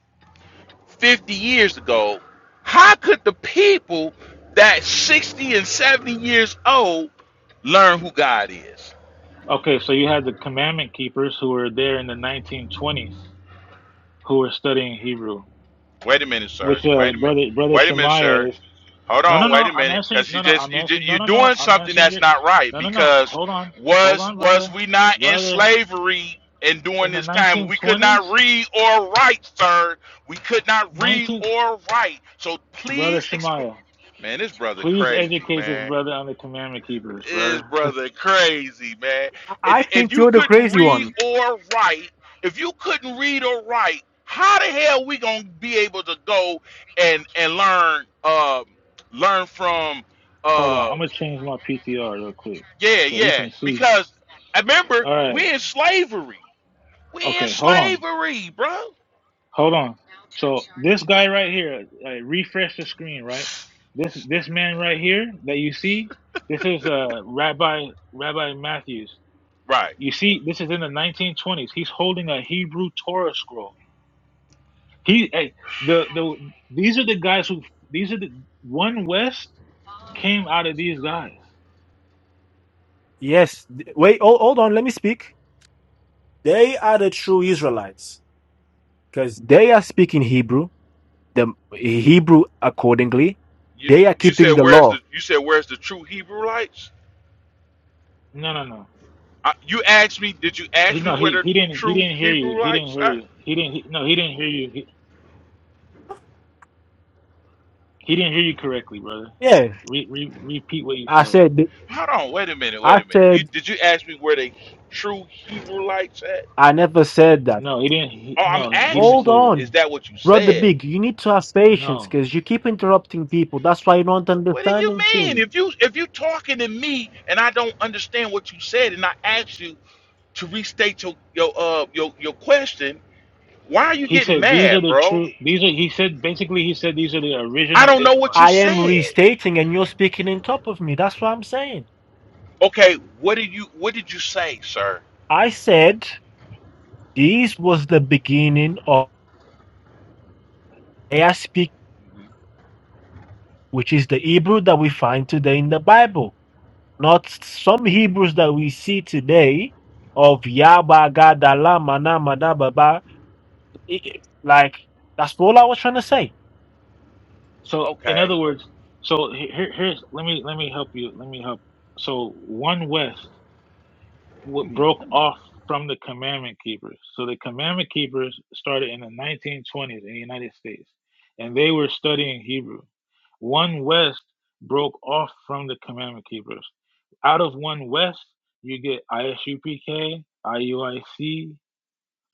Speaker 7: 50 years ago, how could the people that 60 and 70 years old learn who God is?
Speaker 8: Okay, so you had the commandment keepers who were there in the 1920s who were studying Hebrew,
Speaker 7: Wait a minute, sir.
Speaker 8: which uh,
Speaker 7: Wait a minute.
Speaker 8: brother brother
Speaker 7: Wait a minute, sir.
Speaker 8: Shemaiah is
Speaker 7: Hold
Speaker 8: No, no,
Speaker 7: on, wait
Speaker 8: no.
Speaker 7: a
Speaker 8: I'm
Speaker 7: minute,
Speaker 8: answering.
Speaker 7: because you
Speaker 8: No, no.
Speaker 7: just
Speaker 8: I'm
Speaker 7: you ju-
Speaker 8: answering. No,
Speaker 7: you're
Speaker 8: no, no.
Speaker 7: doing
Speaker 8: I'm
Speaker 7: something
Speaker 8: answering.
Speaker 7: that's
Speaker 8: Your,
Speaker 7: not right.
Speaker 8: no, no, no.
Speaker 7: Because
Speaker 8: Hold on. Hold
Speaker 7: was
Speaker 8: on,
Speaker 7: was
Speaker 8: brother.
Speaker 7: we not in
Speaker 8: Brother,
Speaker 7: slavery and during
Speaker 8: in the
Speaker 7: this time we could
Speaker 8: 1920s,
Speaker 7: not read or write, sir? We could not read
Speaker 8: 19.
Speaker 7: or write. So
Speaker 8: Brother
Speaker 7: please explain.
Speaker 8: Shemaiah,
Speaker 7: Man, this brother
Speaker 8: please
Speaker 7: crazy,
Speaker 8: educate this
Speaker 7: man
Speaker 8: brother on the commandment keepers,
Speaker 7: is
Speaker 8: brother.
Speaker 7: brother crazy, man.
Speaker 1: I
Speaker 7: If, if
Speaker 1: think
Speaker 7: you
Speaker 1: you're the
Speaker 7: couldn't
Speaker 1: crazy
Speaker 7: read
Speaker 1: one.
Speaker 7: or write, if you couldn't read or write, how the hell we gonna be able to go and and learn um learn from
Speaker 8: Hold
Speaker 7: uh
Speaker 8: on. I'm going to change my PTR real quick
Speaker 7: yeah
Speaker 8: so he
Speaker 7: yeah
Speaker 8: can see.
Speaker 7: because I remember
Speaker 8: All right.
Speaker 7: we in slavery we in
Speaker 8: Okay. Hold on.
Speaker 7: slavery bro
Speaker 8: Hold on. So this guy right here, like, refresh the screen, right? This
Speaker 7: this
Speaker 8: this
Speaker 7: nigga
Speaker 8: man right
Speaker 7: man
Speaker 8: here that you see, this is uh Rabbi Rabbi Matthews.
Speaker 7: right
Speaker 8: You see, this is in the 1920s. He's holding a Hebrew Torah scroll. He, hey, the the these are the guys who these are the one West came out of these guys.
Speaker 1: Yes. th- Wait, hold, hold on. Let me speak. They are the true Israelites. Because They are speaking Hebrew, the Hebrew accordingly.
Speaker 7: you
Speaker 1: They are
Speaker 7: you
Speaker 1: keeping
Speaker 7: said
Speaker 1: the
Speaker 7: where's the
Speaker 1: law.
Speaker 7: you said where's the true Hebrew lights
Speaker 8: No, no, no.
Speaker 7: I, you asked me, did you
Speaker 8: He,
Speaker 7: ask me
Speaker 8: no,
Speaker 7: where
Speaker 8: he
Speaker 7: the
Speaker 8: he didn't he
Speaker 7: true
Speaker 8: didn't hear you.
Speaker 7: Hebrew
Speaker 8: He didn't
Speaker 7: lights
Speaker 8: hear
Speaker 7: are?
Speaker 8: you. He didn't. He, no, he didn't hear you. He, he didn't hear you correctly, brother.
Speaker 1: Yeah.
Speaker 8: Re, re, repeat what you
Speaker 1: I
Speaker 8: said.
Speaker 1: said,
Speaker 7: Hold on, wait a minute, wait
Speaker 1: I
Speaker 7: a minute. You
Speaker 1: said,
Speaker 7: did you ask me where the true Hebrew lights at?
Speaker 1: I never said that.
Speaker 8: No, he didn't. He,
Speaker 7: Oh, I'm
Speaker 8: no, he didn't
Speaker 1: Hold
Speaker 7: asking
Speaker 8: say
Speaker 7: you,
Speaker 8: that.
Speaker 7: is
Speaker 1: on.
Speaker 7: that what you
Speaker 1: Brother
Speaker 7: said?
Speaker 1: Big, you need to have patience
Speaker 8: No,
Speaker 1: because you keep interrupting people. That's why you do not
Speaker 7: What do
Speaker 1: understand
Speaker 7: you mean?
Speaker 1: anything.
Speaker 7: If you if you talking to me and I don't understand what you said and I asked you to restate your your uh your your question, why are you
Speaker 8: he
Speaker 7: getting
Speaker 8: said these are
Speaker 7: mad,
Speaker 8: the
Speaker 7: bro?
Speaker 8: true. These are. He said basically. He said these are the
Speaker 7: I
Speaker 8: original
Speaker 7: don't know what
Speaker 8: Israelites.
Speaker 7: you
Speaker 1: I am
Speaker 7: said.
Speaker 1: restating and you're speaking on top of me. That's what I'm saying.
Speaker 7: Okay, what did you what did you say, sir?
Speaker 1: I said this was the beginning of Isaiah speak, which is the Hebrew that we find today in the Bible. Not some Hebrews that we see today of Yaba Gadala Mana Mana Baba. I- I- Like that's all I was trying to say.
Speaker 8: So in
Speaker 7: Okay.
Speaker 8: other words, so he- here, here's let me let me help you. Let me help. So one West wa- broke off from the commandment keepers. So the commandment keepers started in the 1920s in the United States, and they were studying Hebrew. One West broke off from the commandment keepers. Out of one West, you get ISUPK, IUIC,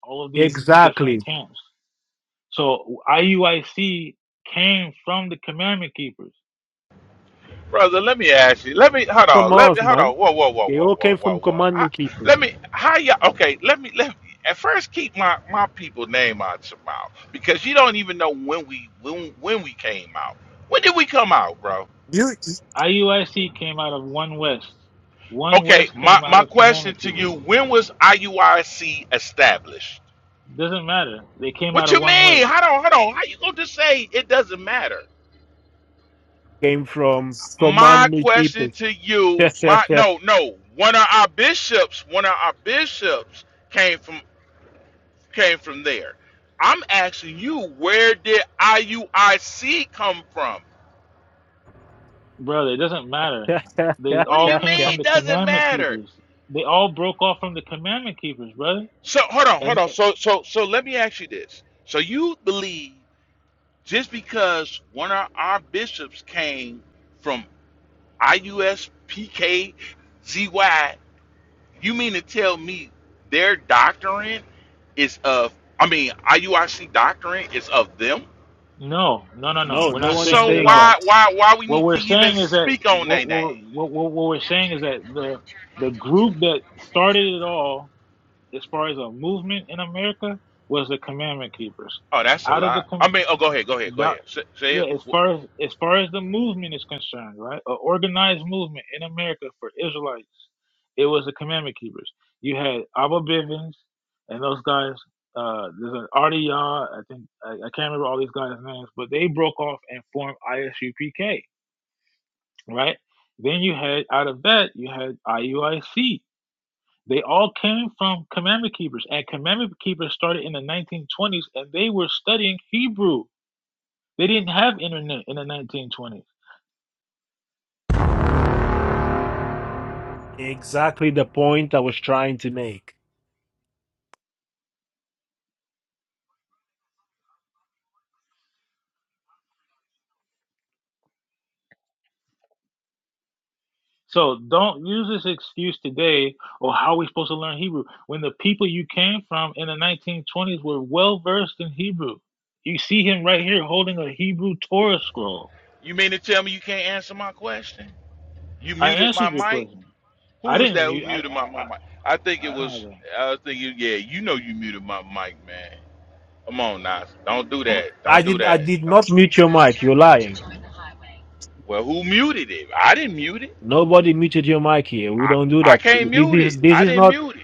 Speaker 8: all of these
Speaker 1: Exactly.
Speaker 8: different camps. So IUIC came from the commandment keepers
Speaker 7: Brother, let me ask you. Let me hold
Speaker 1: From
Speaker 7: on. Let
Speaker 1: us,
Speaker 7: me hold
Speaker 1: man.
Speaker 7: on. Whoa, whoa, whoa,
Speaker 1: They
Speaker 7: whoa,
Speaker 1: all
Speaker 7: whoa,
Speaker 1: came from
Speaker 7: whoa, whoa. I,
Speaker 1: Command Keepers.
Speaker 7: let me. How y'all? Okay. Let me. Let me. At first, keep my my people name out your mouth because you don't even know when we when when we came out. When did we come out, bro?
Speaker 8: IUIC came out of One West. One
Speaker 7: Okay.
Speaker 8: West
Speaker 7: My
Speaker 8: came out
Speaker 7: my
Speaker 8: of
Speaker 7: question
Speaker 8: Commandment
Speaker 7: to you:
Speaker 8: Keepers.
Speaker 7: When was IUIC established?
Speaker 8: Doesn't matter. They came
Speaker 7: What
Speaker 8: out of
Speaker 7: you
Speaker 8: One
Speaker 7: mean?
Speaker 8: West.
Speaker 7: Hold on, hold on. How you gonna just say it doesn't matter?
Speaker 1: Came from
Speaker 7: my
Speaker 1: Command
Speaker 7: question
Speaker 1: Keepers.
Speaker 7: to
Speaker 1: no,
Speaker 7: you, my no, no, one of our bishops, one of our bishops came from came from there. I'm asking you, where did IUIC come from?
Speaker 8: Brother, it doesn't matter. They
Speaker 7: What do
Speaker 8: all
Speaker 7: you
Speaker 8: came from
Speaker 7: mean?
Speaker 8: the
Speaker 7: Doesn't
Speaker 8: Commandment
Speaker 7: matter.
Speaker 8: Keepers. They all broke off from the Commandment Keepers, brother.
Speaker 7: So hold on, hold
Speaker 8: And
Speaker 7: on.
Speaker 8: eh,
Speaker 7: So so so let me ask you this. So you believe just because one of our bishops came from IUSPKZY, you mean to tell me their doctrine is of I mean IUIC doctrine is of them?
Speaker 8: no, no, no, no. We're
Speaker 1: no
Speaker 8: not
Speaker 1: one is
Speaker 8: saying that
Speaker 7: So
Speaker 8: at
Speaker 1: saying that.
Speaker 8: all.
Speaker 7: why why why we
Speaker 8: What
Speaker 7: need to
Speaker 8: we're
Speaker 7: even
Speaker 8: saying is that
Speaker 7: speak on
Speaker 8: what
Speaker 7: their
Speaker 8: what
Speaker 7: name?
Speaker 8: what, what what we're saying is that the the group that started it all, as far as a movement in America, was the Commandment Keepers.
Speaker 7: Oh, that's a
Speaker 8: Out of the
Speaker 7: lot.
Speaker 8: com-
Speaker 7: I mean, oh, go ahead, go ahead, go
Speaker 8: That,
Speaker 7: ahead. Say, say it.
Speaker 8: yeah, as
Speaker 7: Wh-
Speaker 8: far as as far as the movement is concerned, right? An organized movement in America for Israelites. It was the commandment keepers. You had Abba Bivens and those guys. Uh, there's an RDR. I think I, I can't remember all these guys' names, but they broke off and formed ISUPK, right? Then you had out of that you had IUIC. They all came from commandment keepers, and commandment keepers started in the 1920s, and they were studying Hebrew they didn't have internet in the 1920s.
Speaker 1: Exactly the point I was trying to make.
Speaker 8: So don't use this excuse today or how are we supposed to learn Hebrew when the people you came from in the 1920s were well versed in Hebrew. You see him right here holding a Hebrew Torah scroll.
Speaker 7: You mean to tell me you can't answer my question? You
Speaker 8: I
Speaker 7: muted my
Speaker 8: answered your
Speaker 7: mic.
Speaker 8: question. I
Speaker 7: Who is
Speaker 8: didn't
Speaker 7: that who
Speaker 8: mute. I
Speaker 7: muted my, my
Speaker 8: I,
Speaker 7: mic? I think
Speaker 8: I,
Speaker 7: it
Speaker 8: I don't have
Speaker 7: was.
Speaker 8: that.
Speaker 7: I think you. Yeah, you know you muted my mic, man. Come on, Nas. Don't do that.
Speaker 1: I
Speaker 7: Don't do
Speaker 1: did I
Speaker 7: that.
Speaker 1: did
Speaker 7: Don't.
Speaker 1: not mute your mic, you're lying.
Speaker 7: Well, who muted it? I didn't mute it.
Speaker 1: Nobody muted your mic here. We
Speaker 7: I
Speaker 1: don't do
Speaker 7: I
Speaker 1: that.
Speaker 7: can't
Speaker 1: This
Speaker 7: mute it.
Speaker 1: is this
Speaker 7: I
Speaker 1: is
Speaker 7: didn't
Speaker 1: not
Speaker 7: mute it.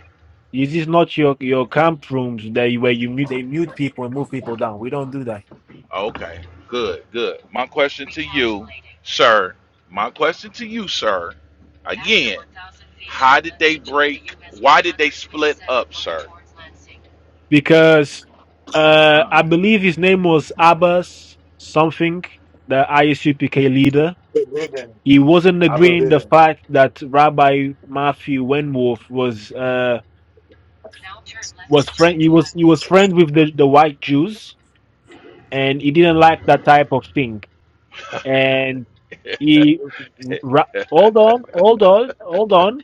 Speaker 1: this is not your, your camp rooms that you- where you mute they mute people and move people down. We don't do that.
Speaker 7: Okay, good, good. My question to you, sir, my question to you, sir, again, how did they break? Why did they split up, sir?
Speaker 1: Because
Speaker 8: I,
Speaker 1: uh
Speaker 8: I
Speaker 1: I believe his name was Abbas something, the ISUPK leader.
Speaker 8: believe in.
Speaker 1: he wasn't
Speaker 8: I
Speaker 1: agreeing
Speaker 8: believe
Speaker 1: the fact that Rabbi Matthew Wenwolf was uh was friend he was he was friends with the, the white Jews and he didn't like that type of thing and he ra- hold on hold on hold on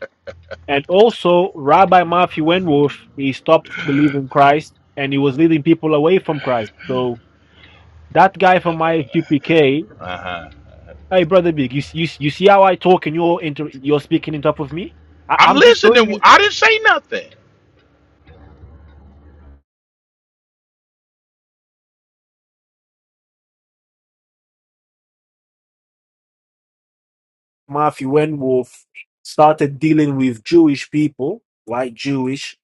Speaker 1: and also Rabbi Matthew Wenwolf he stopped believing Christ and he was leading people away from Christ so that guy from my QPK
Speaker 7: Uh-huh.
Speaker 1: hey brother big you s- you, s- you see how I talk and you're inter- you're speaking on top of me I,
Speaker 7: I'm
Speaker 1: I'm just showing you
Speaker 7: listening. I didn't say nothing.
Speaker 1: Matthew Wenwolf started dealing with Jewish people, like Jewish,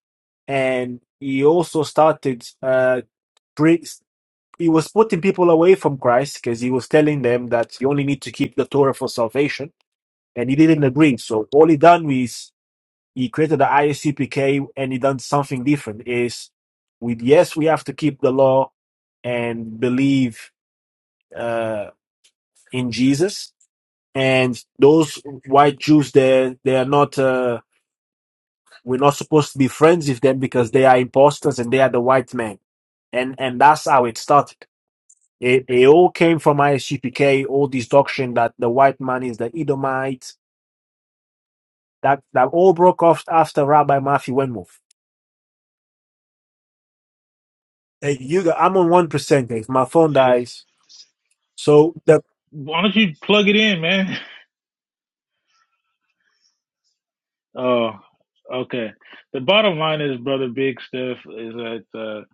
Speaker 1: and he also started uh bring, he was putting people away from Christ because he was telling them that you only need to keep the Torah for salvation, and he didn't agree. So all he done was he created the ISCPK, and he done something different. Is with yes, we have to keep the law and believe uh in Jesus, and those white Jews there, they are not. Uh, We're not supposed to be friends with them because they are imposters and they are the white men. And and that's how it started. It, it all came from ISGPK, all this doctrine that the white man is the Edomite. That that all broke off after Rabbi Matthew Wenmouth. Hey, you, got- I'm on one percent. If my phone
Speaker 8: Yes.
Speaker 1: dies, so the
Speaker 8: why don't you plug it in, man? Oh, okay. The bottom line is, brother Big Steph, is that uh,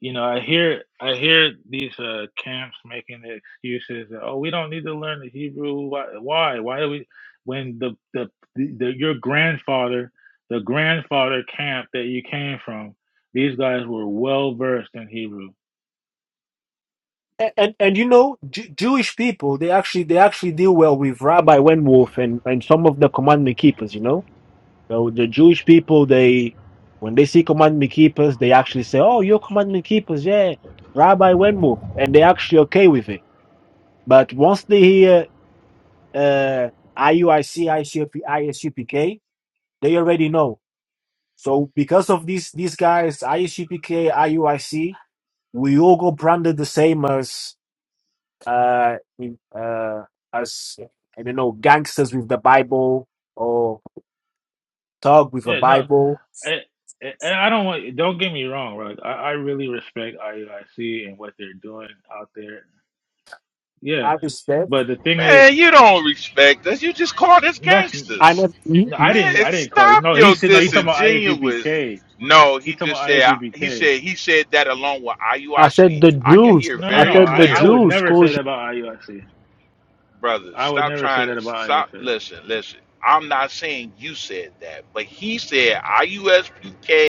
Speaker 8: you know I hear I hear these uh, camps making the excuses that oh we don't need to learn the Hebrew. Why? Why, why do we? When the the, the the your grandfather, the grandfather camp that you came from, these guys were well versed in Hebrew.
Speaker 1: and and, and you know Ju- Jewish people they actually they actually deal well with Rabbi Wenwolf and and some of the commandment keepers. You know So the Jewish people, they when they see commandment keepers, they actually say, "Oh, you're commandment keepers, yeah, Rabbi Wenmu," and they're actually okay with it. But once they hear uh, IUIC, ICP, ISUPK, they already know. So because of these these guys, ISUPK, IUIC, we all got branded the same as uh, in- uh, as I don't know gangsters with the Bible or thug with a
Speaker 8: Yeah, no,
Speaker 1: Bible.
Speaker 8: I, I I don't want. Don't get me wrong, right? I, I really respect IUIC and what they're doing out there Yeah,
Speaker 1: I just said?
Speaker 8: but the thing is,
Speaker 7: Man, you don't respect us. You just called us
Speaker 8: that's
Speaker 1: I
Speaker 8: I
Speaker 7: gangsters.
Speaker 1: never.
Speaker 8: didn't
Speaker 7: Man,
Speaker 8: I didn't call it.
Speaker 7: stop
Speaker 8: No, he
Speaker 7: your
Speaker 8: said no. He's talking about
Speaker 7: disingenuous.
Speaker 8: ISUBK.
Speaker 7: No, he
Speaker 8: He's talking
Speaker 7: just
Speaker 8: about
Speaker 7: said he
Speaker 8: ISUBK.
Speaker 7: said he said that along with I U
Speaker 1: I
Speaker 7: I
Speaker 1: said
Speaker 7: C.
Speaker 1: the
Speaker 7: I can
Speaker 1: Jews.
Speaker 7: hear
Speaker 8: No, no,
Speaker 1: I
Speaker 8: no.
Speaker 7: very
Speaker 1: said
Speaker 8: I,
Speaker 1: the
Speaker 8: I
Speaker 7: clear.
Speaker 8: would
Speaker 1: Jews.
Speaker 8: never say
Speaker 1: Schools
Speaker 8: that about IUIC. I C.
Speaker 7: brothers,
Speaker 8: I would
Speaker 7: stop
Speaker 8: never say
Speaker 7: trying
Speaker 8: that
Speaker 7: to
Speaker 8: about
Speaker 7: stop.
Speaker 8: ISS.
Speaker 7: Listen, listen. I'm not saying you said that, but he said IUSUK